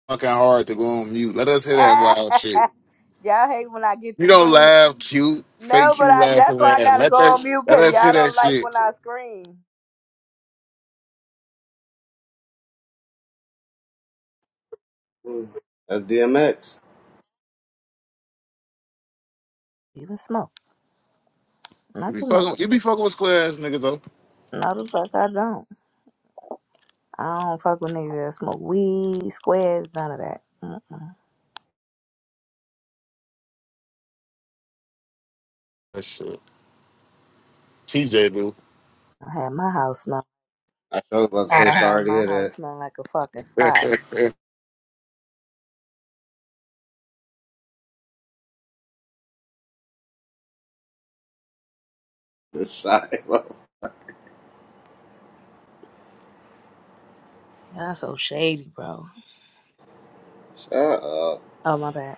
[SPEAKER 5] fucking hard to go on mute. Let us hear that wild shit.
[SPEAKER 3] y'all hate when I get
[SPEAKER 5] You
[SPEAKER 3] to
[SPEAKER 5] don't
[SPEAKER 3] screaming.
[SPEAKER 5] laugh, cute, fake
[SPEAKER 3] No, but
[SPEAKER 5] cute
[SPEAKER 3] I,
[SPEAKER 5] laugh at
[SPEAKER 3] that's why I
[SPEAKER 5] that.
[SPEAKER 3] gotta
[SPEAKER 5] Let
[SPEAKER 3] go on
[SPEAKER 5] that
[SPEAKER 3] mute
[SPEAKER 5] let
[SPEAKER 3] because
[SPEAKER 5] us hear
[SPEAKER 3] y'all
[SPEAKER 5] that
[SPEAKER 3] don't like when
[SPEAKER 5] shit.
[SPEAKER 3] I scream.
[SPEAKER 15] Mm. That's DMX.
[SPEAKER 3] even smoke.
[SPEAKER 5] You
[SPEAKER 3] Not
[SPEAKER 5] be
[SPEAKER 3] too much.
[SPEAKER 5] fucking you be fucking with square ass niggas though.
[SPEAKER 3] No, the fuck I don't. I don't fuck with niggas that smoke weed, squares, none of that. Mm.
[SPEAKER 5] That shit. TJ
[SPEAKER 3] I had my house smell.
[SPEAKER 15] I was about to
[SPEAKER 3] I
[SPEAKER 15] say
[SPEAKER 3] had
[SPEAKER 15] sorry to
[SPEAKER 3] my
[SPEAKER 15] hear
[SPEAKER 3] house
[SPEAKER 15] that.
[SPEAKER 3] smell like a fucking spot.
[SPEAKER 5] do.
[SPEAKER 15] This side.
[SPEAKER 3] That's so shady, bro.
[SPEAKER 15] Shut up.
[SPEAKER 3] Oh my bad.